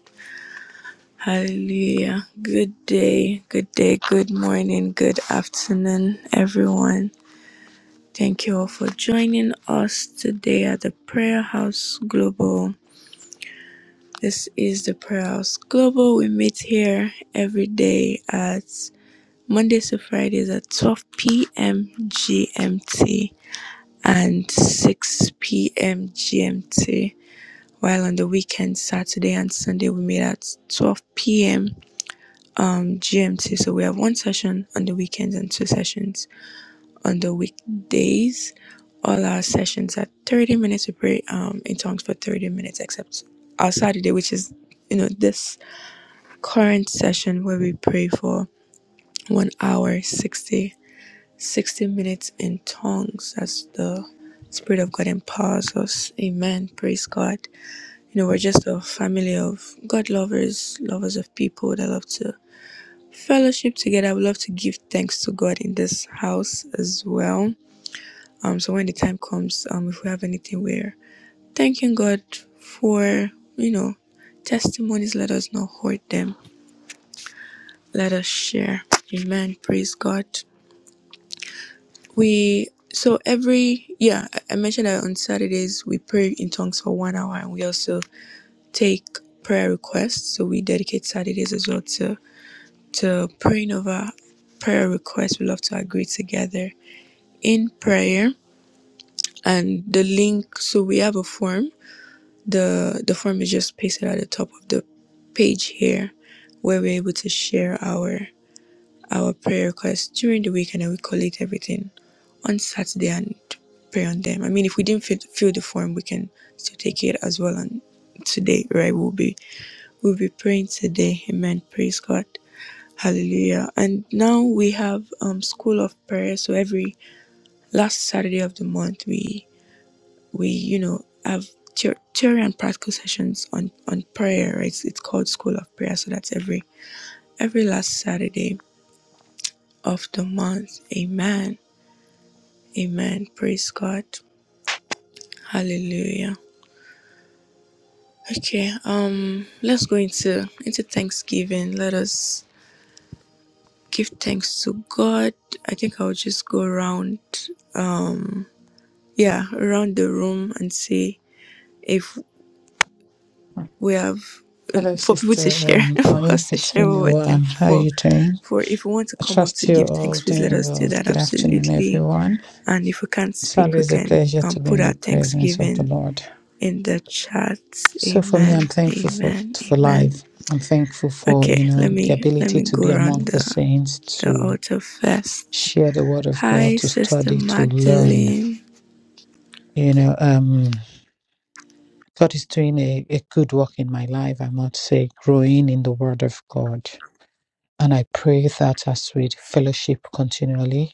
Speaker 1: Hallelujah. Good day, good day, good morning, good afternoon, everyone. Thank you all for joining us today at the Prayer House Global. This is the Prayer House Global. We meet here every day at Mondays to Fridays at 12 p.m. GMT and 6 p.m. GMT. While on the weekend, Saturday and Sunday, we meet at 12 p.m. um, GMT. So we have one session on the weekends and two sessions on the weekdays. All our sessions are 30 minutes. We pray um, in tongues for 30 minutes, except our Saturday, which is you know this current session where we pray for one hour 60, 60 minutes in tongues as the spirit of god empowers us amen praise god you know we're just a family of god lovers lovers of people that love to fellowship together. I would love to give thanks to God in this house as well. Um, so when the time comes, um, if we have anything, we're thanking God for you know testimonies. Let us not hoard them. Let us share. Amen. Praise God. We so every yeah, I I mentioned that on Saturdays we pray in tongues for one hour, and we also take prayer requests. So we dedicate Saturdays as well to to praying over prayer requests. We love to agree together in prayer and the link so we have a form the the form is just pasted at the top of the page here where we're able to share our our prayer requests during the week and then we collect everything on saturday and pray on them i mean if we didn't fill, fill the form we can still take it as well on today right we'll be we'll be praying today amen praise god hallelujah and now we have um school of prayer so every last saturday of the month we we you know have theor- theory and practical sessions on on prayer right? it's, it's called school of prayer so that's every every last saturday of the month amen amen praise god hallelujah okay um let's go into into thanksgiving let us give thanks to god i think i'll just go around yeah around the room and see if we have uh,
Speaker 2: Hello,
Speaker 1: for people to
Speaker 2: Sister
Speaker 1: share
Speaker 2: um,
Speaker 1: for
Speaker 2: Oi.
Speaker 1: us to
Speaker 2: It's
Speaker 1: share
Speaker 2: been
Speaker 1: what
Speaker 2: a
Speaker 1: we're
Speaker 2: while.
Speaker 1: thankful
Speaker 2: How are
Speaker 1: for
Speaker 2: you doing?
Speaker 1: For if we want to
Speaker 2: I
Speaker 1: come up
Speaker 2: trust
Speaker 1: to
Speaker 2: you
Speaker 1: give
Speaker 2: all
Speaker 1: thanks, please let
Speaker 2: doing
Speaker 1: us do
Speaker 2: well.
Speaker 1: that
Speaker 2: Good afternoon,
Speaker 1: absolutely.
Speaker 2: everyone.
Speaker 1: And if we can't
Speaker 2: It's
Speaker 1: speak, we
Speaker 2: always a
Speaker 1: can
Speaker 2: pleasure
Speaker 1: um,
Speaker 2: to be
Speaker 1: put
Speaker 2: in the
Speaker 1: our
Speaker 2: presence of the
Speaker 1: thanksgiving
Speaker 2: Lord.
Speaker 1: in the chat.
Speaker 2: So for me,
Speaker 1: Amen.
Speaker 2: I'm thankful for,
Speaker 1: Amen.
Speaker 2: for
Speaker 1: Amen.
Speaker 2: life. I'm thankful for,
Speaker 1: Okay,
Speaker 2: you
Speaker 1: let
Speaker 2: know, the
Speaker 1: me let
Speaker 2: ability
Speaker 1: me
Speaker 2: to
Speaker 1: go
Speaker 2: be
Speaker 1: around
Speaker 2: among the
Speaker 1: the
Speaker 2: saints,
Speaker 1: the
Speaker 2: to
Speaker 1: altar first.
Speaker 2: share the word of God,
Speaker 1: Hi,
Speaker 2: to
Speaker 1: Sister
Speaker 2: study, to learn.
Speaker 1: Magdalene.
Speaker 2: You know, um, God is doing a, a good work in my life, I must say, growing in the word of God. And I pray that as we fellowship continually,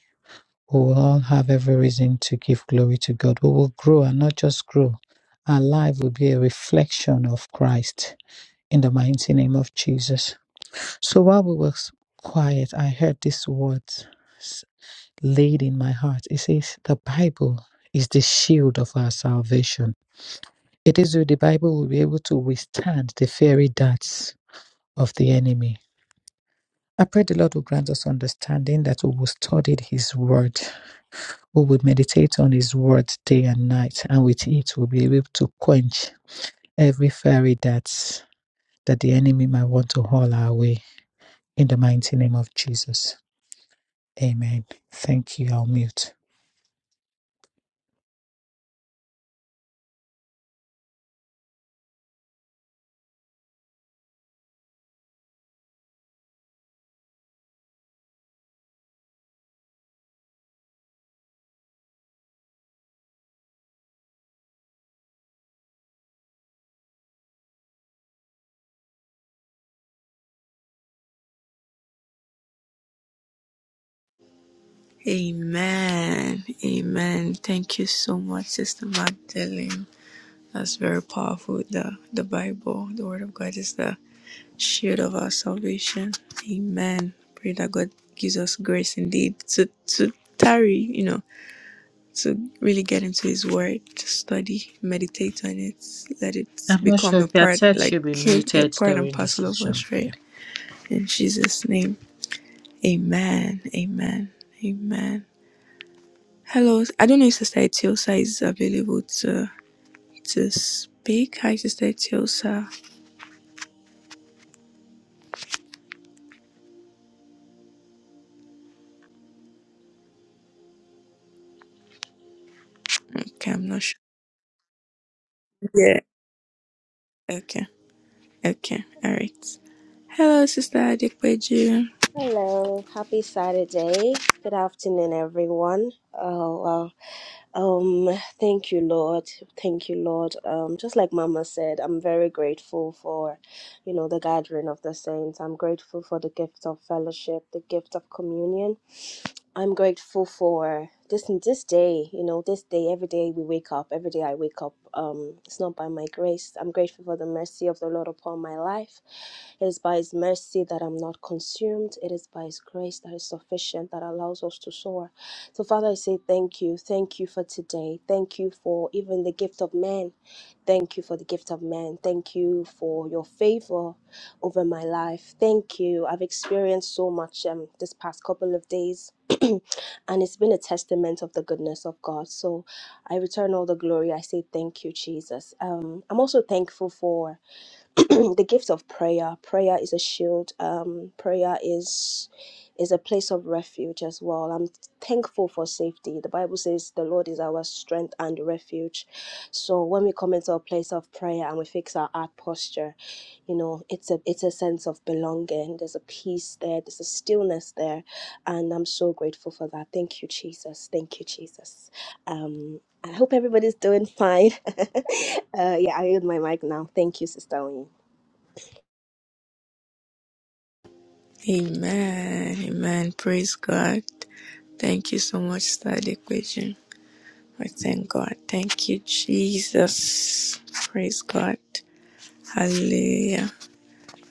Speaker 2: we will all have every reason to give glory to God. We will grow and not just grow. Our life will be a reflection of Christ in the mighty name of Jesus. So while we were quiet, I heard these words laid in my heart. It says, The Bible is the shield of our salvation. It is through the Bible we'll be able to withstand the fiery darts of the enemy. I pray the Lord will grant us understanding that we will study His Word, we will meditate on His Word day and night, and with it we'll be able to quench every fiery darts that the enemy might want to haul our way. In the mighty name of Jesus. Amen. Thank you. I'll mute.
Speaker 1: Amen. Amen. Thank you so much, Sister Magdalene. That's very powerful. The the Bible, the Word of God, is the shield of our salvation. Amen. Pray that God gives us grace indeed to to tarry, you know, to really get into His Word, to study, meditate on it, let it
Speaker 2: I'm not
Speaker 1: become
Speaker 2: sure
Speaker 1: a
Speaker 2: if your
Speaker 1: part,
Speaker 2: said
Speaker 1: like
Speaker 2: should be
Speaker 1: a
Speaker 2: muted
Speaker 1: part and
Speaker 2: during the
Speaker 1: parcel of
Speaker 2: session.
Speaker 1: us,
Speaker 2: Yeah.
Speaker 1: right? In Jesus' name, Amen. Amen. Amen. Hello, I don't know if Sister Etiosa is available to to speak. Hi, Sister Etiosa. Okay, I'm not sure. Yeah. Okay. Okay. All right. Hello, Sister Adekweju.
Speaker 3: Hello, happy Saturday. Good afternoon, everyone. Oh, wow. Um, thank you, Lord. Thank you, Lord. Um, just like Mama said, I'm very grateful for you know, the gathering of the saints. I'm grateful for the gift of fellowship, the gift of communion. I'm grateful for this this day, you know, this day, every day we wake up, every day I wake up, um, it's not by my grace. I'm grateful for the mercy of the Lord upon my life. It is by His mercy that I'm not consumed. It is by His grace that is sufficient that allows us to soar. So, Father, I say thank you. Thank you for today. Thank you for even the gift of man. Thank you for the gift of men. Thank you for your favor over my life. Thank you. I've experienced so much um, this past couple of days, and it's been a testament of the goodness of God. So I return all the glory. I say thank you, Jesus. Um, I'm also thankful for the gift of prayer. Prayer is a shield. Um, prayer is is a place of refuge as well. I'm thankful for safety. The Bible says the Lord is our strength and refuge. So when we come into a place of prayer and we fix our heart posture, you know, it's a it's a sense of belonging. There's a peace there. There's a stillness there, and I'm so grateful for that. Thank you, Jesus. Thank you, Jesus. Um, I hope everybody's doing fine. uh, yeah, I yield my mic now. Thank you, Sister Wayne.
Speaker 1: Amen. Amen. Praise God. Thank you so much, Sister Adekweju. I thank God. Thank you, Jesus. Praise God. Hallelujah.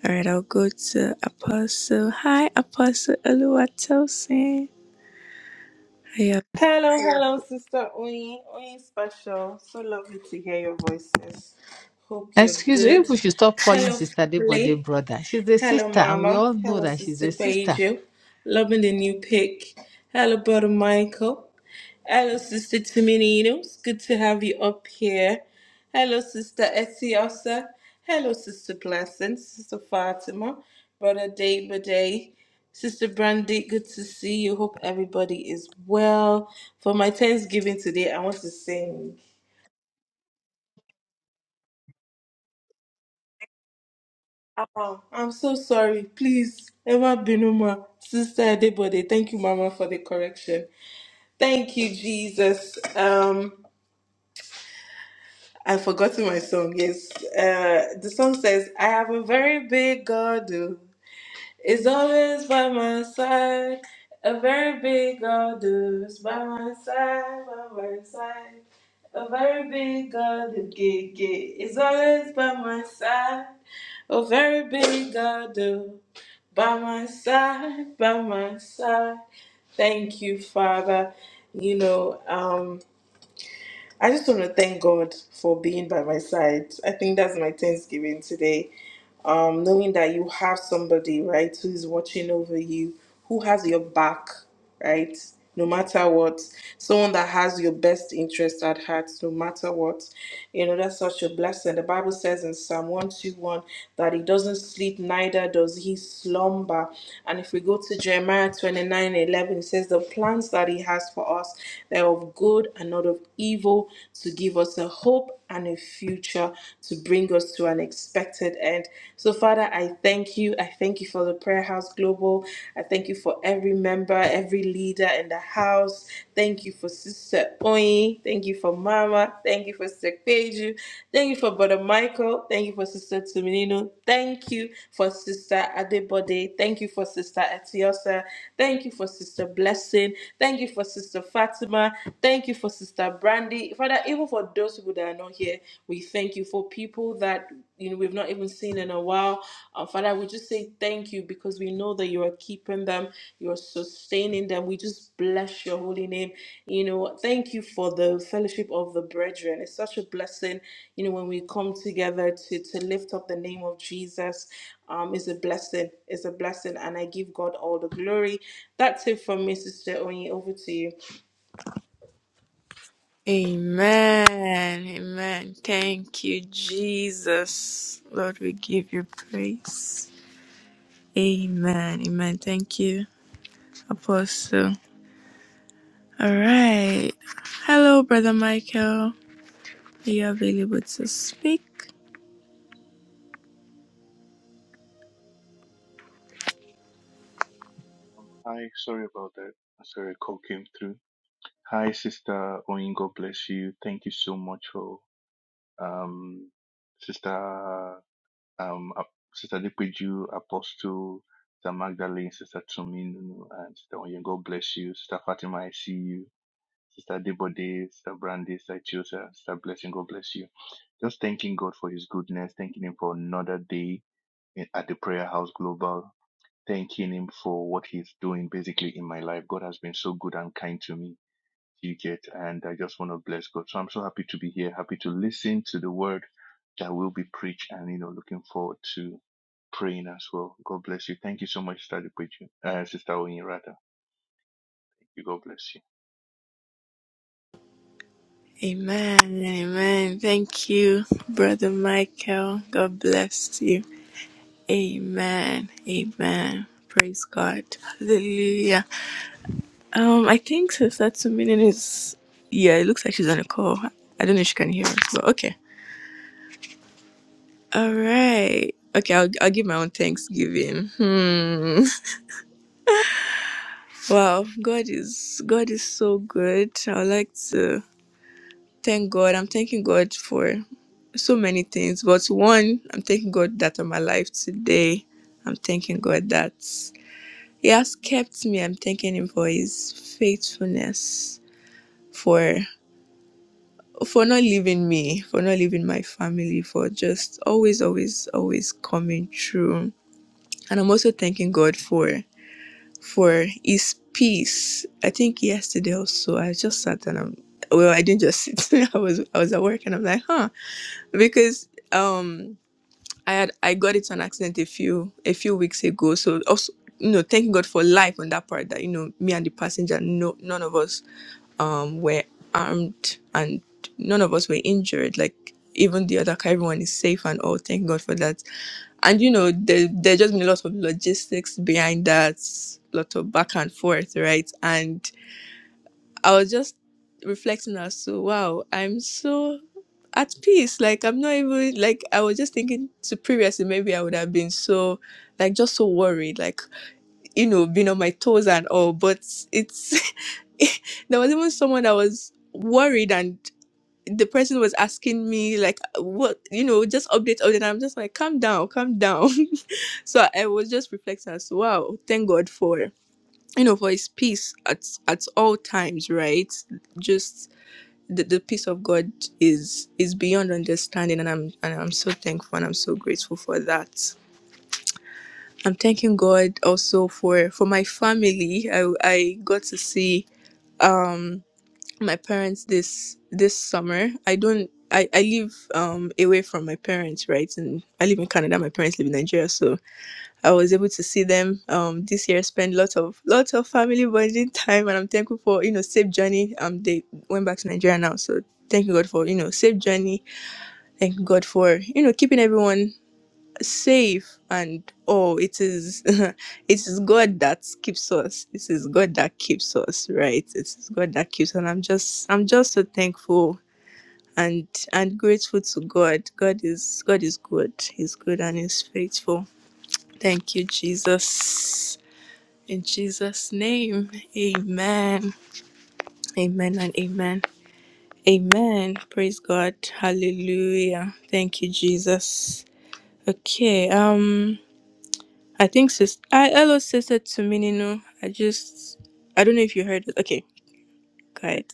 Speaker 1: All right, I'll go to Apostle. Hi, Apostle Oluwatosin. Hiya.
Speaker 2: Excuse me, if we should stop calling Sister Debode brother. She's a sister, and we all know that she's a sister.
Speaker 1: Amen. Amen. Thank you, Jesus. Lord, we give you praise. Amen. Amen. Thank you, Apostle. All right. Hello, Brother Michael. Are you available to speak?
Speaker 6: Um, hi, sorry about that. Uh, Sorry, a call came through. Hi, Sister Oyin, God bless you. Thank you so much for um, Sister um, Ap- Sister Dipeju, Apostle, Sister Magdalene, Sister Tuminu, and Sister Oyin, God bless you. Sister Fatima, I see you. Sister Debode, Sister Brandy, Sister Chiosa, Sister Blessing, God bless you. Just thanking God for His goodness, thanking Him for another day in- at the Prayer House Global thanking him for what he's doing basically in my life. God has been so good and kind to me. You get, and I just want to bless God. So I'm so happy to be here, happy to listen to the word that will be preached, and you know, looking forward to praying as well. God bless you. Thank you so much, Sister Depeju, uh, Sister Oyin, rather. You God bless you.
Speaker 1: Amen. Amen. Thank you, Brother Michael. God bless you. Amen. Amen. Praise God. Hallelujah. Um, I think Sister Tuminin is yeah, it looks like she's on a call. I don't know if she can hear us, but okay. All right. Okay, I'll, I'll give my own thanksgiving. Hmm. Wow, God is God is so good. I would like to thank God. I'm thanking God for so many things, but one, I'm thanking God that I'm alive today. I'm thanking God that He has kept me. I'm thanking Him for His faithfulness, for for not leaving me, for not leaving my family, for just always, always, always coming through. And I'm also thanking God for for his peace. I think yesterday also I just sat and I'm well, I didn't just sit. I was I was at work and I'm like, huh, because um I had I got into an accident a few a few weeks ago. So also you know, thank God for life on that part that you know me and the passenger, no none of us um were armed and none of us were injured. Like even the other car, everyone is safe and all. Thank God for that and you know there there just been a lot of logistics behind that lot of back and forth right and i was just reflecting as to wow i'm so at peace like i'm not even like i was just thinking to previously maybe i would have been so like just so worried like you know being on my toes and all but it's there was even someone that was worried and the person was asking me like what you know just update update and i'm just like calm down calm down so I was just reflecting as wow, thank God for you know for His peace at at all times, right? Just the, the peace of God is is beyond understanding, and I'm and I'm so thankful and I'm so grateful for that. I'm thanking God also for for my family. I I got to see um my parents this this summer. I don't. I, I live um away from my parents, right? And I live in Canada. My parents live in Nigeria, so I was able to see them um this year. Spend lots of lots of family bonding time, and I'm thankful for you know safe journey. Um, they went back to Nigeria now, so thank you God for you know safe journey. Thank God for you know keeping everyone safe and oh it is it is god that keeps us it is god that keeps us right it is god that keeps us. and i'm just i'm just so thankful and and grateful to god god is god is good he's good and he's faithful thank you jesus in Jesus' name, amen. Amen and amen. Amen. Praise God. Hallelujah. Thank you, Jesus. Okay, um, I think sis I hello sister to Minino. I just I don't know if you heard it. Okay, go ahead.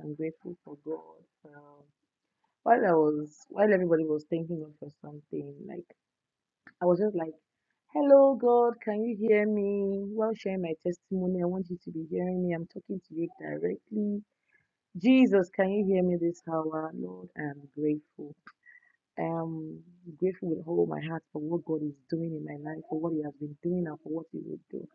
Speaker 7: I'm grateful for God. Um, while I was, while everybody was thanking God for something, like I was just like, "Hello, God, can you hear me?" While sharing my testimony, I want you to be hearing me. I'm talking to you directly. Jesus, can you hear me this hour, Lord? I'm grateful. I'm grateful with all my heart for what God is doing in my life, for what He has been doing, and for what He will do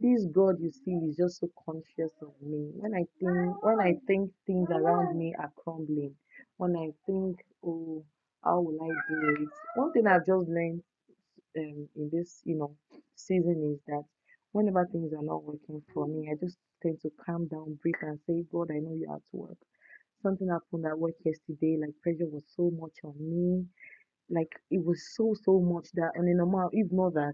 Speaker 7: this God you see is just so conscious of me. When I think when I think things around me are crumbling, when I think, oh, how will I do it? One thing I've just learned um, in this, you know, season is that whenever things are not working for me, I just tend to calm down, breathe, and say, God, I know you're at work. Something happened at work yesterday. Like pressure was so much on me. Like it was so so much that on a normal, if not that.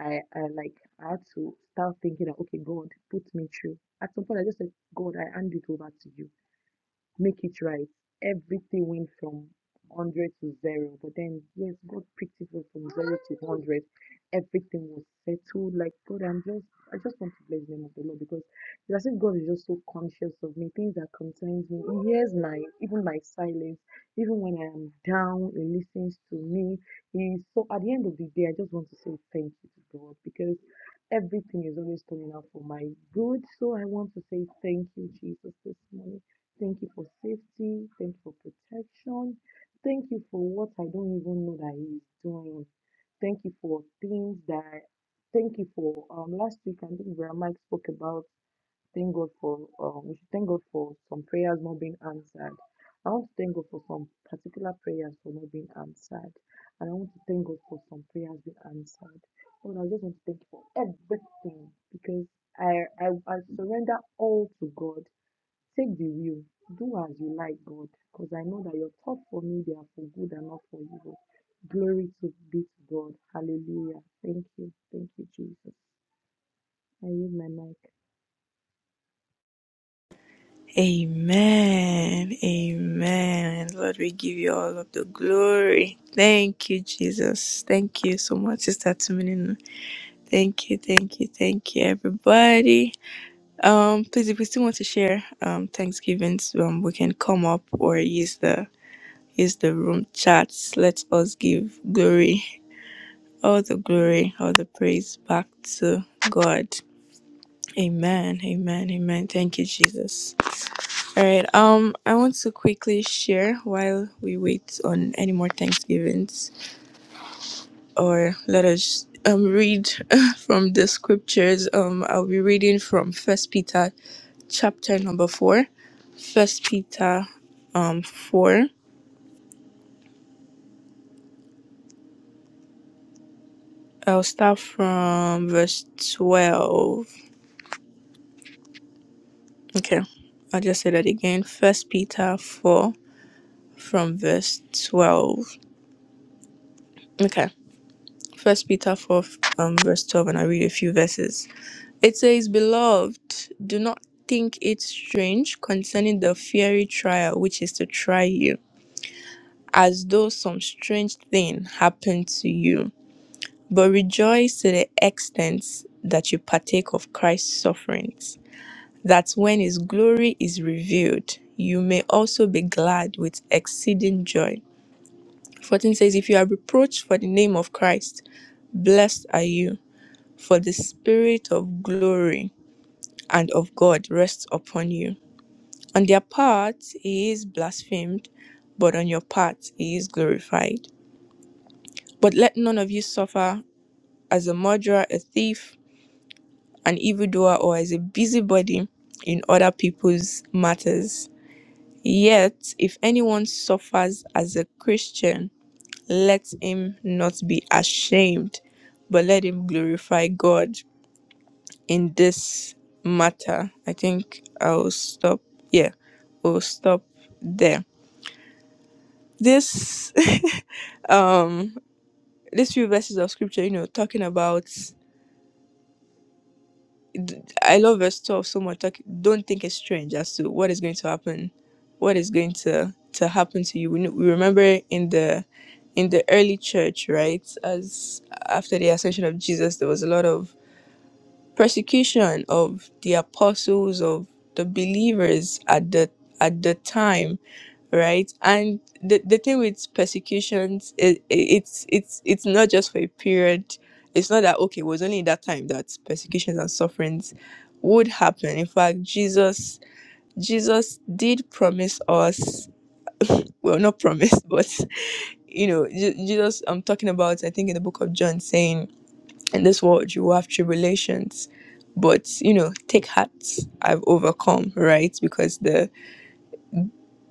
Speaker 7: I, I like I had to start thinking that okay, God, put me through. At some point I just said, God, I hand it over to you make it right. Everything went from 100 to zero, but then, yes, God picked it up from zero to 100. Everything was settled. Like, God, I'm just, I just want to bless the name of the Lord because it's as if God is just so conscious of me, things that concerns me. He hears my, even my silence, even when I am down, He listens to me. He, so at the end of the day, I just want to say thank you to God because everything is always turning out for my good. So I want to say thank you, Jesus, this morning. Thank you for safety. Thank you for protection. Thank you for what I don't even know that He is doing. Thank you for things that. Thank you for um last week. I think Vera Mike spoke about thank God for um we should thank God for some prayers not being answered. I want to thank God for some particular prayers for not being answered, and I want to thank God for some prayers being answered. Lord, I just want to thank you for everything because I I, I surrender all to God take the wheel do as you like god cause i know that your thoughts for me they are for good and not for evil glory to be to god hallelujah thank you thank you jesus i use my mic
Speaker 1: Amen. Amen. Lord, we give you all of the glory. Thank you, Jesus. Thank you so much, Sister Tuminino. Thank you, thank you, thank you, everybody. Um, please, if we still want to share um, Thanksgivings, um, we can come up or use the use the room chats. Let us give glory, all the glory, all the praise back to God. Amen. Amen. Amen. Thank you, Jesus. All right. Um, I want to quickly share while we wait on any more Thanksgivings, or let us um read from the scriptures. Um, I'll be reading from First Peter chapter number four First Peter um four. I'll start from verse twelve. Okay. I'll just say that again. First Peter four from verse twelve. Okay. First Peter four um verse twelve and I read a few verses. It says, Beloved, do not think it strange concerning the fiery trial which is to try you, as though some strange thing happened to you but rejoice to the extent that you partake of Christ's sufferings, that when his glory is revealed, you may also be glad with exceeding joy. 14 says, If you are reproached for the name of Christ, blessed are you, for the Spirit of glory and of God rests upon you. On their part, he is blasphemed, but on your part, he is glorified. But let none of you suffer as a murderer, a thief, an evildoer or as a busybody in other people's matters. Yet, if anyone suffers as a Christian, let him not be ashamed, but let him glorify God in this matter. I think I'll stop. Yeah, we'll stop there. This, um, these few verses of scripture, you know, talking about d- I love verse 12 so much. Like, don't think it's strange as to what is going to happen, what is going to to happen to you. We, kn- we remember in the in the early church, right? As after the ascension of Jesus, there was a lot of persecution of the apostles of the believers at the at the time right and the, the thing with persecutions it, it's it's it's not just for a period it's not that okay it was only in that time that persecutions and sufferings would happen in fact jesus jesus did promise us well not promise but you know Je- jesus i'm talking about i think in the book of john saying in this world you will have tribulations but you know take heart i've overcome right because the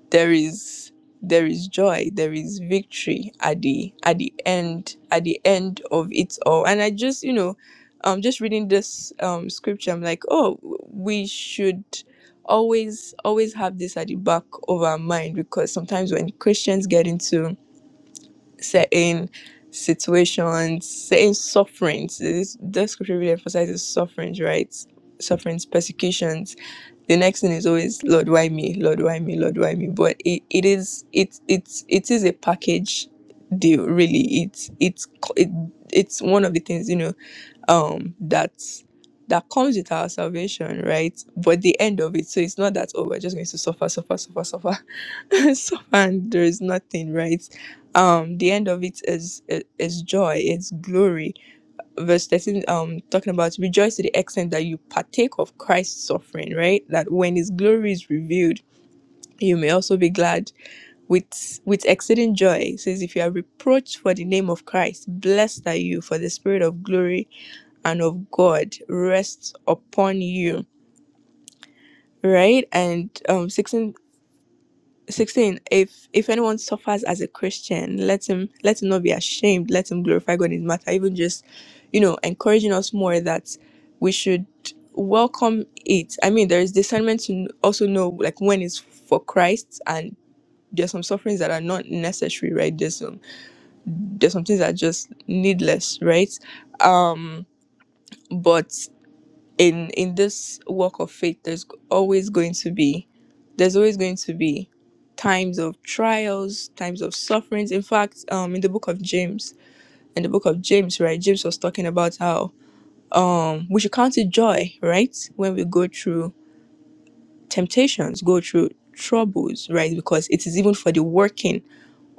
Speaker 1: there is there is joy there is victory at the at the end at the end of it all and i just you know um just reading this um scripture i'm like oh w- we should always always have this at the back of our mind because sometimes when christians get into certain situations certain sufferings this the scripture really emphasizes sufferings right sufferings persecutions the next thing is always lord why me lord why me lord why me but it, it is it's it's it is a package deal really it's it's co- it, it's one of the things you know um that that comes with our salvation right but the end of it so it's not that oh we're just going to suffer suffer suffer suffer suffer and there is nothing right um the end of it is is joy it's glory verse 13 um talking about rejoice to the extent that you partake of christ's suffering right that when his glory is revealed you may also be glad with with exceeding joy it says if you are reproached for the name of christ blessed are you for the spirit of glory and of god rests upon you right and um 16 16 if if anyone suffers as a christian let him let him not be ashamed let him glorify god in his matter even just you know encouraging us more that we should welcome it i mean there is discernment to kn- also know like when it's for christ and there's some sufferings that are not necessary right there's some there's some things that are just needless right um but in in this walk of faith there's always going to be there's always going to be times of trials times of sufferings in fact um in the book of james in the book of james right james was talking about how um we should count it joy right when we go through temptations go through troubles right because it is even for the working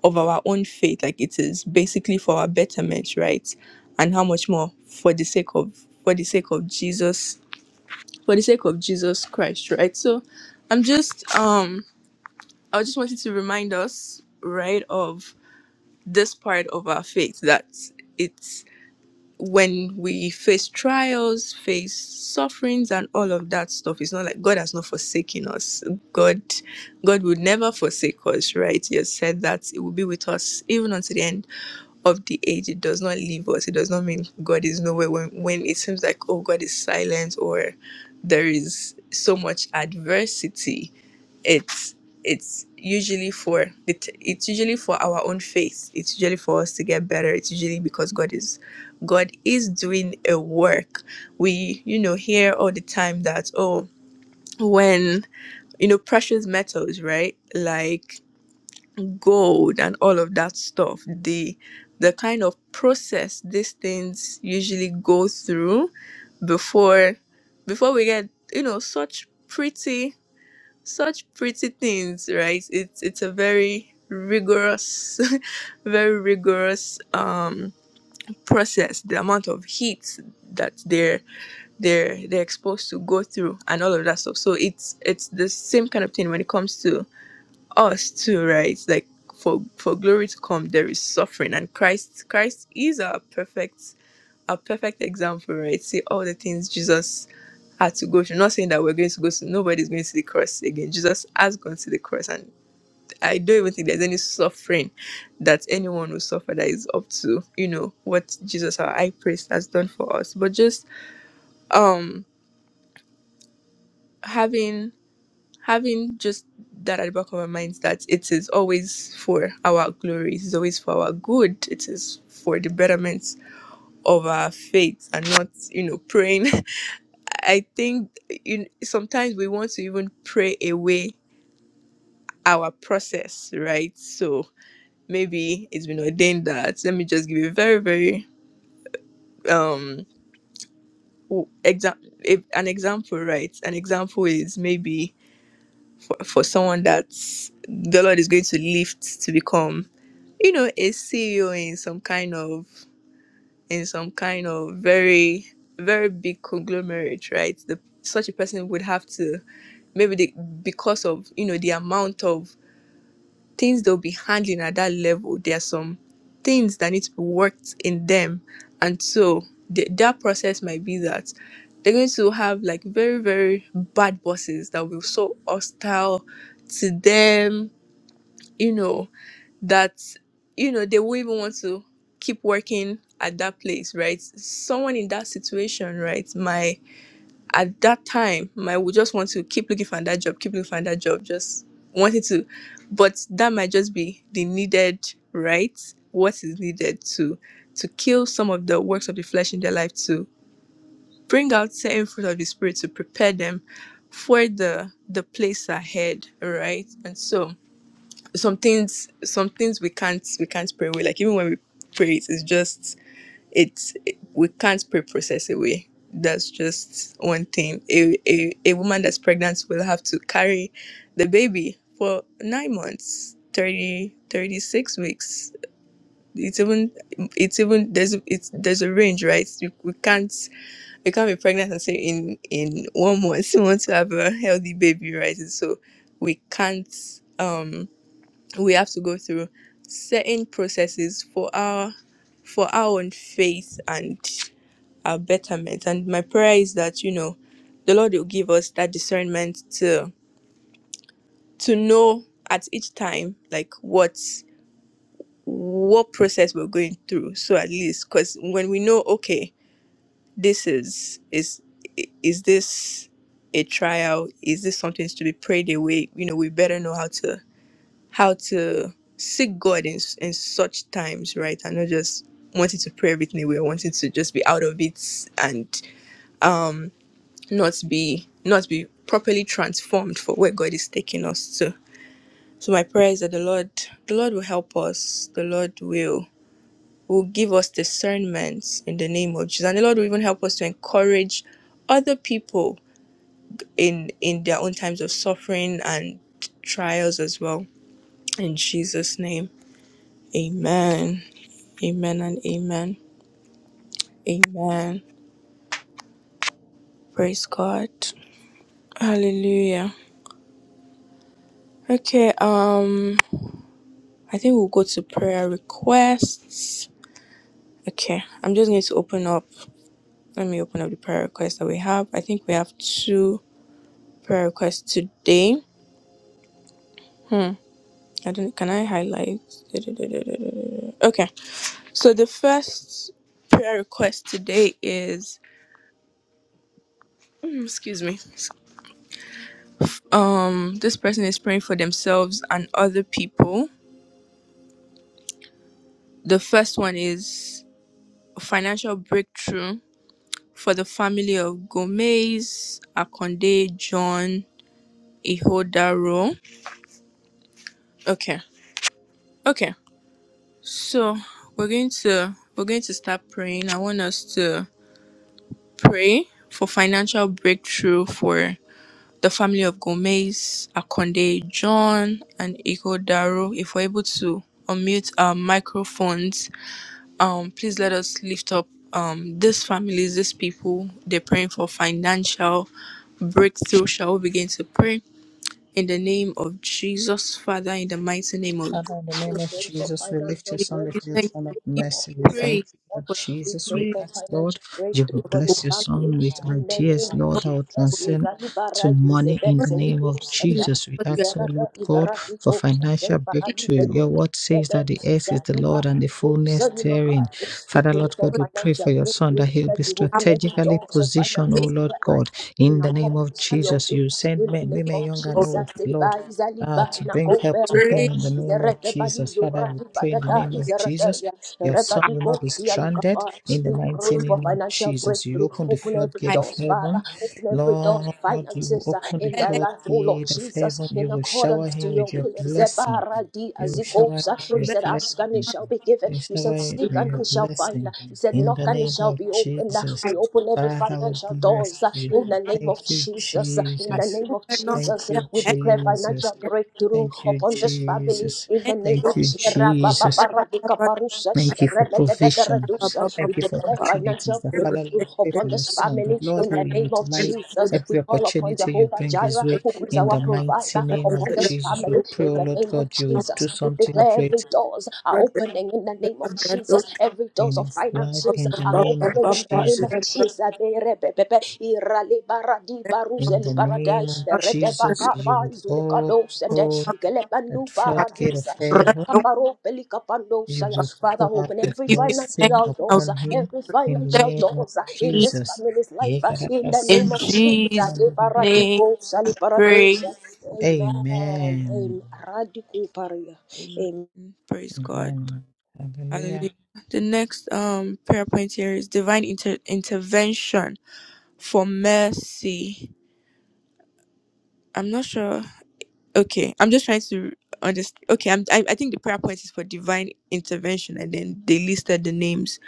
Speaker 1: of our own faith like it is basically for our betterment right and how much more for the sake of for the sake of jesus for the sake of Jesus Christ, right? So I'm just um I just wanted to remind us, right, of this part of our faith that it's when we face trials, face sufferings and all of that stuff, it's not like God has not forsaken us. God God would never forsake us, right? He has said that it will be with us even until the end of the age, it does not leave us. It does not mean God is nowhere when, when it seems like, oh, God is silent or there is so much adversity. It's it's usually for it, it's usually for our own faith. It's usually for us to get better. It's usually because God is God is doing a work. We you know hear all the time that oh when you know precious metals right Like gold and all of that stuff the the kind of process these things usually go through before before we get you know such pretty such pretty things right it's it's a very rigorous very rigorous um process the amount of heat that they're they're they're exposed to go through and all of that stuff so it's it's the same kind of thing when it comes to us too, right? Like for for glory to come, there is suffering, and Christ Christ is our perfect our perfect example, right? See all the things Jesus had to go through. Not saying that we're going to go to nobody's going to the cross again. Jesus has gone to the cross, and I don't even think there's any suffering that anyone will suffer that is up to you know what Jesus our high priest has done for us. But just um having having just that at the back of my mind that it is always for our glory, it is always for our good, it is for the betterment of our faith and not, you know, praying. I think you sometimes we want to even pray away our process, right? So maybe it's been ordained that let me just give you a very, very um example an example right an example is maybe for someone that the Lord is going to lift to become, you know, a CEO in some kind of in some kind of very very big conglomerate, right? The such a person would have to maybe they, because of you know the amount of things they'll be handling at that level, there are some things that need to be worked in them. And so the, that process might be that they're going to have like very, very bad bosses that will be so hostile to them, you know, that, you know, they won't even want to keep working at that place, right? Someone in that situation, right, might at that time, I would just want to keep looking for that job, keep looking for that job, just wanted to. But that might just be the needed right, what is needed to to kill some of the works of the flesh in their life, to bring out certain fruit of the spirit, to prepare them for the the place ahead, right? And so some things some things we can't we can't pray away. Like even when we pray, it's just it's it, we can't pre-process away that's just one thing a, a, a woman that's pregnant will have to carry the baby for nine months 30 36 weeks it's even it's even there's a- it's there's a range right we, we can't we can't be pregnant and say in in one month we want to have a healthy baby right and so we can't um we have to go through certain processes for our for our own faith and our betterment. And my prayer is that, you know, the Lord will give us that discernment to to know at each time like what what process we're going through. So at least because when we know, okay, this is is is this a trial? Is this something to be prayed away? You know, we better know how to how to seek God in in such times, right? And not just wanting to pray everything away, or wanting to just be out of it and not be not be properly transformed for where God is taking us to. So my prayer is that the Lord the Lord will help us. The Lord will will give us discernment in the name of Jesus. And the Lord will even help us to encourage other people in in their own times of suffering and trials as well. In Jesus' name. Amen. Amen and amen. Amen. Praise God. Hallelujah. Okay, um I think we'll go to prayer requests. Okay, I'm just going to open up. Let me open up the prayer requests that we have. I think we have two prayer requests today. Hmm. I don't. Can I highlight? Okay. So the first prayer request today is. Mm, Excuse me. Um, this person is praying for themselves and other people. The first one is financial breakthrough for the family of Gomez, Akonde, John, Ihodaro. Okay. Okay. So we're going to we're going to start praying. I want us to pray for financial breakthrough for the family of Gomez, Akonde, John, and Ihodaro. If we're able to unmute our microphones, um, please let us lift up um these families, these people. They're praying for financial breakthrough. Shall we begin to pray? In the name of Jesus, Father, in the mighty name of
Speaker 2: Father, in the name of Jesus, we lift your
Speaker 1: We
Speaker 2: son
Speaker 1: give you
Speaker 2: before your
Speaker 1: thanks
Speaker 2: throne of
Speaker 1: and we give you
Speaker 2: mercy. We thank
Speaker 1: praise
Speaker 2: you, Lord
Speaker 1: for the
Speaker 3: We
Speaker 2: Jesus.
Speaker 3: pray
Speaker 2: We
Speaker 1: family of
Speaker 3: for
Speaker 2: ask, Lord,
Speaker 3: financial
Speaker 2: you
Speaker 3: breakthrough
Speaker 2: will
Speaker 1: Obed.
Speaker 2: bless your son with
Speaker 3: in the
Speaker 2: ideas,
Speaker 3: name of
Speaker 2: Lord,
Speaker 1: For
Speaker 2: that will
Speaker 3: Jesus.
Speaker 2: transcend
Speaker 3: Izali
Speaker 2: to
Speaker 3: baragi
Speaker 2: money in
Speaker 1: what
Speaker 2: the
Speaker 3: zebenzeli
Speaker 1: you
Speaker 2: name of
Speaker 3: kusa
Speaker 1: do, because
Speaker 2: Jesus. We
Speaker 1: you are the
Speaker 2: ask, oh
Speaker 3: zarada
Speaker 2: Lord God,
Speaker 3: iberagi
Speaker 2: for
Speaker 3: kusa
Speaker 2: financial
Speaker 3: tebali
Speaker 2: breakthrough. Your
Speaker 3: beruki
Speaker 2: word says
Speaker 3: yebe
Speaker 2: that the earth is
Speaker 3: zali
Speaker 2: the Lord and the
Speaker 3: bari kusa
Speaker 2: fullness
Speaker 3: ni
Speaker 2: therein.
Speaker 3: makati. We
Speaker 2: Father,
Speaker 3: pray
Speaker 2: Lord
Speaker 3: for
Speaker 2: God,
Speaker 1: good
Speaker 2: we pray
Speaker 3: financial
Speaker 2: for your son
Speaker 3: breakthrough
Speaker 2: that he'll
Speaker 3: that
Speaker 2: be
Speaker 3: you
Speaker 1: God,
Speaker 3: open every
Speaker 2: strategically
Speaker 3: doors of
Speaker 2: positioned, oh
Speaker 1: make
Speaker 3: finances in
Speaker 2: Lord
Speaker 3: their
Speaker 1: for
Speaker 2: God,
Speaker 3: life in
Speaker 2: in the name of
Speaker 3: accordance to
Speaker 1: other
Speaker 3: your
Speaker 2: Jesus. You
Speaker 3: will
Speaker 2: send
Speaker 3: in the
Speaker 2: men,
Speaker 3: name
Speaker 1: way
Speaker 2: women,
Speaker 3: of
Speaker 2: young
Speaker 3: Jesus.
Speaker 2: and
Speaker 1: of
Speaker 2: old, Lord
Speaker 3: da izali
Speaker 2: uh,
Speaker 3: ba
Speaker 2: to bring
Speaker 1: the
Speaker 2: help to him
Speaker 1: praise
Speaker 2: in the name of
Speaker 3: zerete ba di
Speaker 2: Jesus. Father, we pray in the
Speaker 1: of
Speaker 2: name
Speaker 1: the
Speaker 2: of
Speaker 3: izerete
Speaker 2: Jesus.
Speaker 3: ya
Speaker 2: Your
Speaker 3: reba
Speaker 2: son will not be stranded in the
Speaker 3: We pray
Speaker 2: mighty
Speaker 1: Adon
Speaker 3: for
Speaker 2: name of
Speaker 3: financial
Speaker 2: Jesus. You
Speaker 3: breakthrough.
Speaker 2: open the
Speaker 3: Open every
Speaker 2: floodgate
Speaker 1: I
Speaker 2: of
Speaker 3: doors, Father.
Speaker 2: heaven.
Speaker 3: Open every door to
Speaker 2: Lord, you will
Speaker 3: finances uh,
Speaker 2: open the
Speaker 3: in their
Speaker 1: Melech
Speaker 3: life, oh Lord
Speaker 2: floodgate of
Speaker 3: Jesus.
Speaker 2: heaven. You
Speaker 3: In
Speaker 2: will
Speaker 3: accordance
Speaker 2: shower
Speaker 3: strength to
Speaker 2: him
Speaker 3: your
Speaker 2: with your
Speaker 3: will.
Speaker 1: and
Speaker 2: blessing.
Speaker 3: Zebaradi
Speaker 2: You will shower him
Speaker 3: azikosa.
Speaker 2: with
Speaker 3: You
Speaker 2: your
Speaker 1: Obenon
Speaker 3: said, Ask and it
Speaker 2: blessing.
Speaker 3: shall be given.
Speaker 2: You will
Speaker 3: You
Speaker 2: shower
Speaker 3: said,
Speaker 2: him
Speaker 1: in
Speaker 3: Seek
Speaker 2: with
Speaker 3: and
Speaker 2: your
Speaker 3: it shall find.
Speaker 2: blessing
Speaker 3: You said,
Speaker 2: in
Speaker 3: Knock
Speaker 2: the
Speaker 3: and it
Speaker 2: name
Speaker 3: shall
Speaker 2: of
Speaker 3: be opened.
Speaker 2: Jesus.
Speaker 1: I
Speaker 3: We open every
Speaker 2: Father,
Speaker 3: financial
Speaker 2: we bless
Speaker 3: doors uh,
Speaker 2: you.
Speaker 3: in
Speaker 1: Oben
Speaker 3: the name of
Speaker 2: Thank you,
Speaker 3: Jesus. uh, In
Speaker 1: and
Speaker 3: the
Speaker 2: Jesus.
Speaker 3: name of
Speaker 1: Obenos
Speaker 2: Thank
Speaker 3: Jesus,
Speaker 1: and
Speaker 2: you,
Speaker 3: we declare
Speaker 2: Jesus.
Speaker 3: financial breakthrough
Speaker 2: Thank you,
Speaker 3: upon this family
Speaker 2: Jesus.
Speaker 3: in the name
Speaker 2: Thank
Speaker 3: of
Speaker 2: you,
Speaker 3: Jesus.
Speaker 2: Jesus. Thank you for provision.
Speaker 1: Obenon
Speaker 3: We
Speaker 2: Thank you for
Speaker 3: declare
Speaker 2: opportunities.
Speaker 3: financial
Speaker 2: The Father, Lord,
Speaker 3: breakthrough
Speaker 2: we pray for
Speaker 3: upon
Speaker 2: your
Speaker 3: this
Speaker 2: Son.
Speaker 3: family
Speaker 2: That Lord,
Speaker 3: in
Speaker 2: He will
Speaker 3: the name of
Speaker 2: utilize
Speaker 3: Jesus. We
Speaker 2: every
Speaker 3: call upon
Speaker 2: opportunity you
Speaker 3: Jehovah
Speaker 2: bring His
Speaker 3: Jireh,
Speaker 2: way.
Speaker 3: who is
Speaker 2: In
Speaker 3: our
Speaker 2: the mighty
Speaker 3: provider,
Speaker 2: name of
Speaker 3: upon this
Speaker 2: Jesus, we
Speaker 3: family
Speaker 2: pray,
Speaker 3: in
Speaker 2: oh
Speaker 3: the
Speaker 2: Lord
Speaker 3: name of
Speaker 2: God, you will
Speaker 3: Jesus.
Speaker 2: do
Speaker 3: We
Speaker 2: something
Speaker 3: declare every
Speaker 2: great
Speaker 3: doors are opening in the name of
Speaker 1: and Obenon
Speaker 3: Jesus. Every doors
Speaker 2: in
Speaker 3: of
Speaker 2: His life.
Speaker 1: We give
Speaker 3: finances
Speaker 2: In the
Speaker 3: are
Speaker 2: name of
Speaker 3: opening in the name of
Speaker 2: Jesus.
Speaker 3: Jesus.
Speaker 2: In the name of Jesus, you would open that floodgate of heaven you will pour out the
Speaker 1: you
Speaker 2: blessing
Speaker 1: thanks and we
Speaker 2: upon
Speaker 1: give
Speaker 2: him
Speaker 1: you
Speaker 2: in the
Speaker 1: praise. Thank
Speaker 2: name of
Speaker 1: you
Speaker 2: Jesus.
Speaker 1: in
Speaker 2: Yekarakasun.
Speaker 1: Jesus' name. Pray.
Speaker 2: Amen.
Speaker 1: Amen. Praise God.
Speaker 2: Amen. Hallelujah.
Speaker 1: Hallelujah. The next um prayer point here is divine inter- intervention for mercy. I'm not sure Okay, I'm just trying to understand. Okay, I'm, I I think the prayer point is for divine intervention, and then they listed the names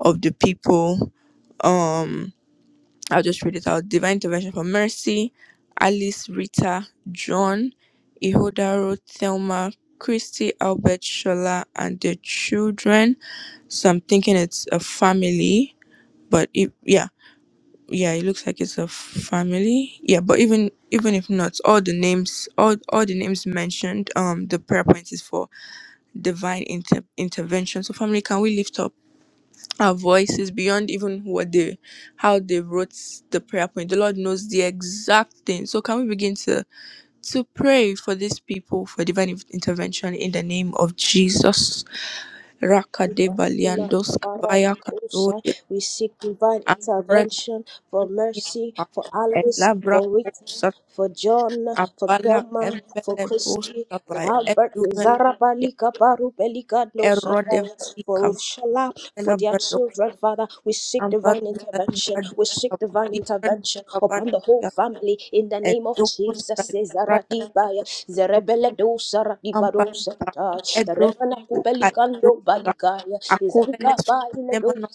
Speaker 1: of the people. Um, I'll just read it out. Divine intervention for Mercy, Alice, Rita, John, Ihodaro, Thelma, Christy, Albert, Shola, and their children. So I'm thinking it's a family, but it, yeah yeah it looks like it's a family yeah but even even if not all the names all all the names mentioned um the prayer point is for divine inter- intervention so family can we lift up our voices beyond even what they how they wrote the prayer point the lord knows the exact thing so can we begin to to pray for these people for divine in- intervention in the name of jesus
Speaker 3: Bashila
Speaker 1: Rakadebaliandoskavaya
Speaker 3: Baradikosai.
Speaker 1: kadole
Speaker 3: We seek divine intervention for mercy, for Alice,
Speaker 1: ambre-
Speaker 3: for Rita, for John, for
Speaker 1: Abalak
Speaker 3: Thelma, for
Speaker 1: Embele
Speaker 3: Christy, for
Speaker 1: Bruscavai
Speaker 3: Albert,
Speaker 1: Edugan
Speaker 3: Zarabalika, Barubelika, no Satire,
Speaker 1: Erodevati
Speaker 3: for
Speaker 1: Cavella
Speaker 3: Rufshala, for their
Speaker 1: Bradox
Speaker 3: children, Father. We seek divine
Speaker 1: Ambazuza
Speaker 3: intervention.
Speaker 1: Libradox
Speaker 3: We seek divine
Speaker 1: Libradox
Speaker 3: intervention upon the whole
Speaker 1: Cavancia
Speaker 3: family in the name of
Speaker 1: Educus
Speaker 3: Jesus.
Speaker 1: Brada
Speaker 3: Zaradibaya, Zerebele do Saradibado
Speaker 1: Ambalaka
Speaker 3: Sakata,
Speaker 1: Edros
Speaker 3: Remana
Speaker 1: Kaidus
Speaker 3: nobody, God. Is that
Speaker 1: Acoveles Nemonos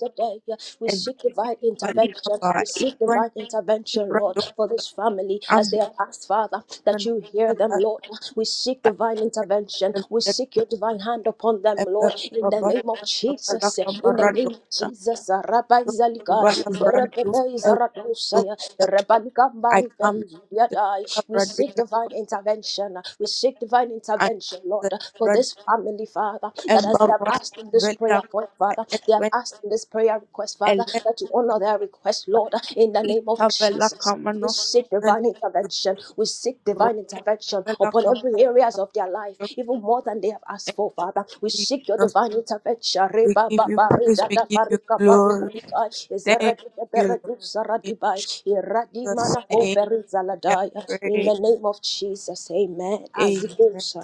Speaker 3: We seek
Speaker 1: Eduvili
Speaker 3: divine intervention.
Speaker 1: Balikaba
Speaker 3: We seek
Speaker 1: Idwan
Speaker 3: divine intervention, Lord,
Speaker 1: Libradox
Speaker 3: for this family as they
Speaker 1: Ambazuza
Speaker 3: have asked, Father, that you hear them, Lord. yeah. We seek divine intervention. We seek your divine hand upon them,
Speaker 1: I come
Speaker 3: Lord, in the
Speaker 1: to
Speaker 3: name of Jesus. yeah. In
Speaker 1: the
Speaker 3: the name of Jesus. uh, Rabbi Zalika, Zerebebe Zaratosaya, Rebalika Maribe Yadai. We seek
Speaker 1: Bradina
Speaker 3: divine intervention. uh, We seek divine
Speaker 1: I the and
Speaker 3: intervention,
Speaker 1: the
Speaker 3: Lord, uh, for
Speaker 1: Brad
Speaker 3: this family, Father. Father, that as they have
Speaker 1: Embarwas
Speaker 3: asked in this
Speaker 1: Villa
Speaker 3: prayer point, Father,
Speaker 1: it
Speaker 3: they have
Speaker 1: went
Speaker 3: asked in this prayer request,
Speaker 1: a
Speaker 3: Father, that you
Speaker 1: little
Speaker 3: honor their request, Lord, in the
Speaker 1: e
Speaker 3: name of
Speaker 1: cavella
Speaker 3: Jesus. We
Speaker 1: camanos
Speaker 3: seek
Speaker 1: villa
Speaker 3: divine intervention. We seek divine intervention
Speaker 1: villa
Speaker 3: upon every areas of their life, even more than they have asked
Speaker 1: and
Speaker 3: for, Father. We seek your
Speaker 1: Jesus
Speaker 3: divine intervention.
Speaker 1: we
Speaker 3: Reba
Speaker 1: give
Speaker 3: ba
Speaker 1: you
Speaker 3: ba re
Speaker 1: praise
Speaker 3: da
Speaker 1: we
Speaker 3: da ba
Speaker 1: give
Speaker 3: re
Speaker 1: you
Speaker 3: ka ba ru ma
Speaker 1: glory
Speaker 3: ni ka. Ezere
Speaker 1: thank
Speaker 3: de de be
Speaker 1: you Lord
Speaker 3: du sa
Speaker 1: in
Speaker 3: di ba. Ira di ma
Speaker 1: Jesus
Speaker 3: ko
Speaker 1: name
Speaker 3: be re za
Speaker 1: we are
Speaker 3: In
Speaker 1: praying
Speaker 3: the name of Jesus, amen.
Speaker 1: Amen.
Speaker 3: Aziko sa.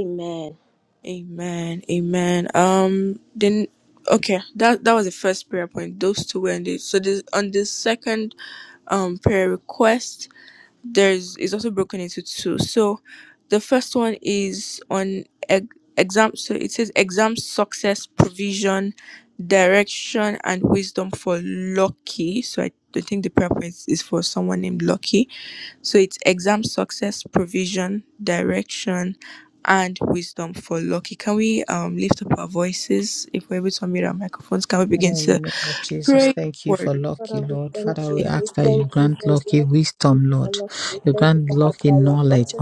Speaker 3: Amen.
Speaker 1: Amen. Amen. Um then okay, that that was the first prayer point. Those two ended. So this on the second um prayer request, there's is also broken into two. So the first one is on ex- exam so it says exam success provision direction and wisdom for lucky so i, I think the prayer point is for someone named lucky so it's exam success, provision, direction, and wisdom for lucky. Can we um lift up our voices if we're able to unmute our microphones? Can we
Speaker 2: Father,
Speaker 1: begin
Speaker 2: in the
Speaker 1: to
Speaker 2: name of Jesus,
Speaker 1: pray
Speaker 2: thank you
Speaker 1: for
Speaker 2: for Lucky,
Speaker 3: Father, we
Speaker 2: Lord.
Speaker 3: thank
Speaker 2: Father, we
Speaker 3: you. We
Speaker 2: ask that you
Speaker 3: thank you
Speaker 2: grant
Speaker 3: for his
Speaker 2: Lucky
Speaker 3: life. We thank
Speaker 2: wisdom,
Speaker 3: you for
Speaker 2: Lord.
Speaker 3: love. We
Speaker 2: You
Speaker 3: thank you
Speaker 2: grant
Speaker 3: for how
Speaker 2: Lucky
Speaker 3: far you have
Speaker 2: knowledge,
Speaker 3: brought him.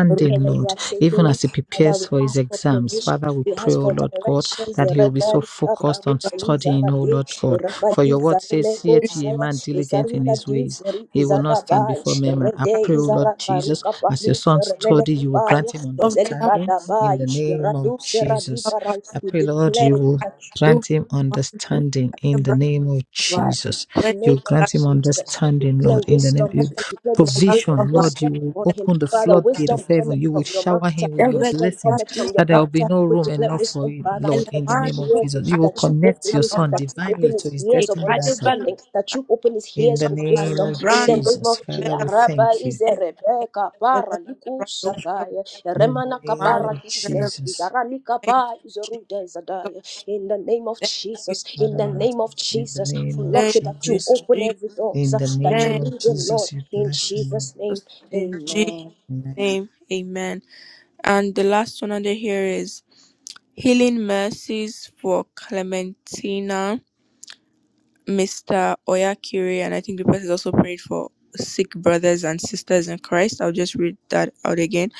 Speaker 3: Thank you for where you
Speaker 2: Lord,
Speaker 3: are
Speaker 2: even
Speaker 3: taking him.
Speaker 2: as he
Speaker 3: Father,
Speaker 2: prepares
Speaker 3: we
Speaker 2: for his
Speaker 3: ask for
Speaker 2: exams.
Speaker 3: provision.
Speaker 2: Father, we
Speaker 3: We
Speaker 2: pray,
Speaker 3: ask
Speaker 2: oh
Speaker 3: for
Speaker 2: Lord God,
Speaker 3: directions.
Speaker 2: that he will be so
Speaker 3: Repari kapa
Speaker 2: focused on
Speaker 3: rupeli
Speaker 2: studying, oh
Speaker 3: zarade.
Speaker 2: Lord God. For your
Speaker 3: Repadi
Speaker 2: word says,
Speaker 3: zarimeko
Speaker 2: seeth ye a
Speaker 3: saya.
Speaker 2: man diligent in
Speaker 3: Izarila
Speaker 2: his ways,
Speaker 3: dius ri
Speaker 2: he will not
Speaker 3: izada
Speaker 2: stand
Speaker 3: bai.
Speaker 2: before men. And I
Speaker 3: Rede
Speaker 2: pray, oh Lord
Speaker 3: izara
Speaker 2: Jesus,
Speaker 3: paruka
Speaker 2: as your
Speaker 3: palu
Speaker 2: son
Speaker 3: seremene
Speaker 2: study, you will
Speaker 3: kupaya.
Speaker 2: grant him
Speaker 3: Kezeli
Speaker 2: understanding in
Speaker 3: kadabai.
Speaker 2: the name
Speaker 3: Iradu
Speaker 2: of
Speaker 3: seradi
Speaker 2: Jesus.
Speaker 3: parai.
Speaker 2: I
Speaker 3: We
Speaker 2: pray, Lord, you
Speaker 3: declare
Speaker 2: will
Speaker 3: that
Speaker 2: Grant him understanding in the name of Jesus.
Speaker 3: In the
Speaker 2: You
Speaker 3: name of
Speaker 2: grant him
Speaker 3: Jesus, we
Speaker 2: understanding,
Speaker 3: declare
Speaker 2: Lord, in the name
Speaker 3: wisdom. We
Speaker 2: of
Speaker 3: declare the spirit of
Speaker 2: provision, Lord.
Speaker 3: wisdom
Speaker 2: You will
Speaker 3: upon him.
Speaker 2: open the
Speaker 3: Father,
Speaker 2: floodgate of
Speaker 3: wisdom cometh
Speaker 2: heaven. You will
Speaker 3: from your mouth.
Speaker 2: shower him with your
Speaker 3: Wisdom
Speaker 2: blessings,
Speaker 3: cometh from your
Speaker 2: that there will be
Speaker 3: mouth.
Speaker 2: no
Speaker 3: We
Speaker 2: room
Speaker 3: declare
Speaker 2: enough
Speaker 1: Lucky?
Speaker 2: for
Speaker 3: wisdom,
Speaker 2: him,
Speaker 3: Father,
Speaker 2: Lord, in
Speaker 3: that
Speaker 2: the
Speaker 3: you
Speaker 2: name of
Speaker 3: hear him,
Speaker 2: Jesus. You will
Speaker 3: that you
Speaker 2: connect
Speaker 3: open
Speaker 2: your
Speaker 3: it,
Speaker 2: son
Speaker 3: that you open
Speaker 2: divinely to
Speaker 3: his
Speaker 2: his
Speaker 3: ears of
Speaker 2: destiny helper.
Speaker 3: understanding, that you open his
Speaker 2: In
Speaker 3: ears
Speaker 2: the
Speaker 3: of
Speaker 2: name
Speaker 3: wisdom.
Speaker 2: of
Speaker 3: In the
Speaker 1: Librando
Speaker 3: name of
Speaker 2: Jesus,
Speaker 3: Jesus,
Speaker 2: Father, we
Speaker 1: Belaka
Speaker 3: Rabba
Speaker 2: thank you.
Speaker 3: is a
Speaker 1: and
Speaker 3: Rebecca para
Speaker 1: Thank you,
Speaker 3: likusataya.
Speaker 2: In
Speaker 3: Remana
Speaker 2: the name
Speaker 3: kapara
Speaker 2: of
Speaker 3: dize.
Speaker 2: Jesus,
Speaker 3: Zaralika pa is a
Speaker 1: Jesus.
Speaker 3: zadaya. In the name of
Speaker 1: Thank you,
Speaker 3: Jesus. In
Speaker 2: Father,
Speaker 3: the
Speaker 2: Lord,
Speaker 3: name of
Speaker 2: in the
Speaker 3: Jesus.
Speaker 2: name
Speaker 3: For
Speaker 2: of
Speaker 1: thank
Speaker 3: lucky that you
Speaker 1: you,
Speaker 2: Jesus,
Speaker 3: open every door
Speaker 2: in the
Speaker 3: that you
Speaker 2: name
Speaker 1: Jesus.
Speaker 2: of
Speaker 3: lead them, Lord.
Speaker 2: Jesus, you
Speaker 3: In
Speaker 2: bless him,
Speaker 3: Jesus' name.
Speaker 1: In Jesus'
Speaker 3: Amen.
Speaker 2: Lord.
Speaker 1: name, amen. And the last one under here is Healing Mercies for Clementina, Mr. Oyakiri, and I think the person is also prayed for sick brothers and sisters in Christ. I'll just read that out again.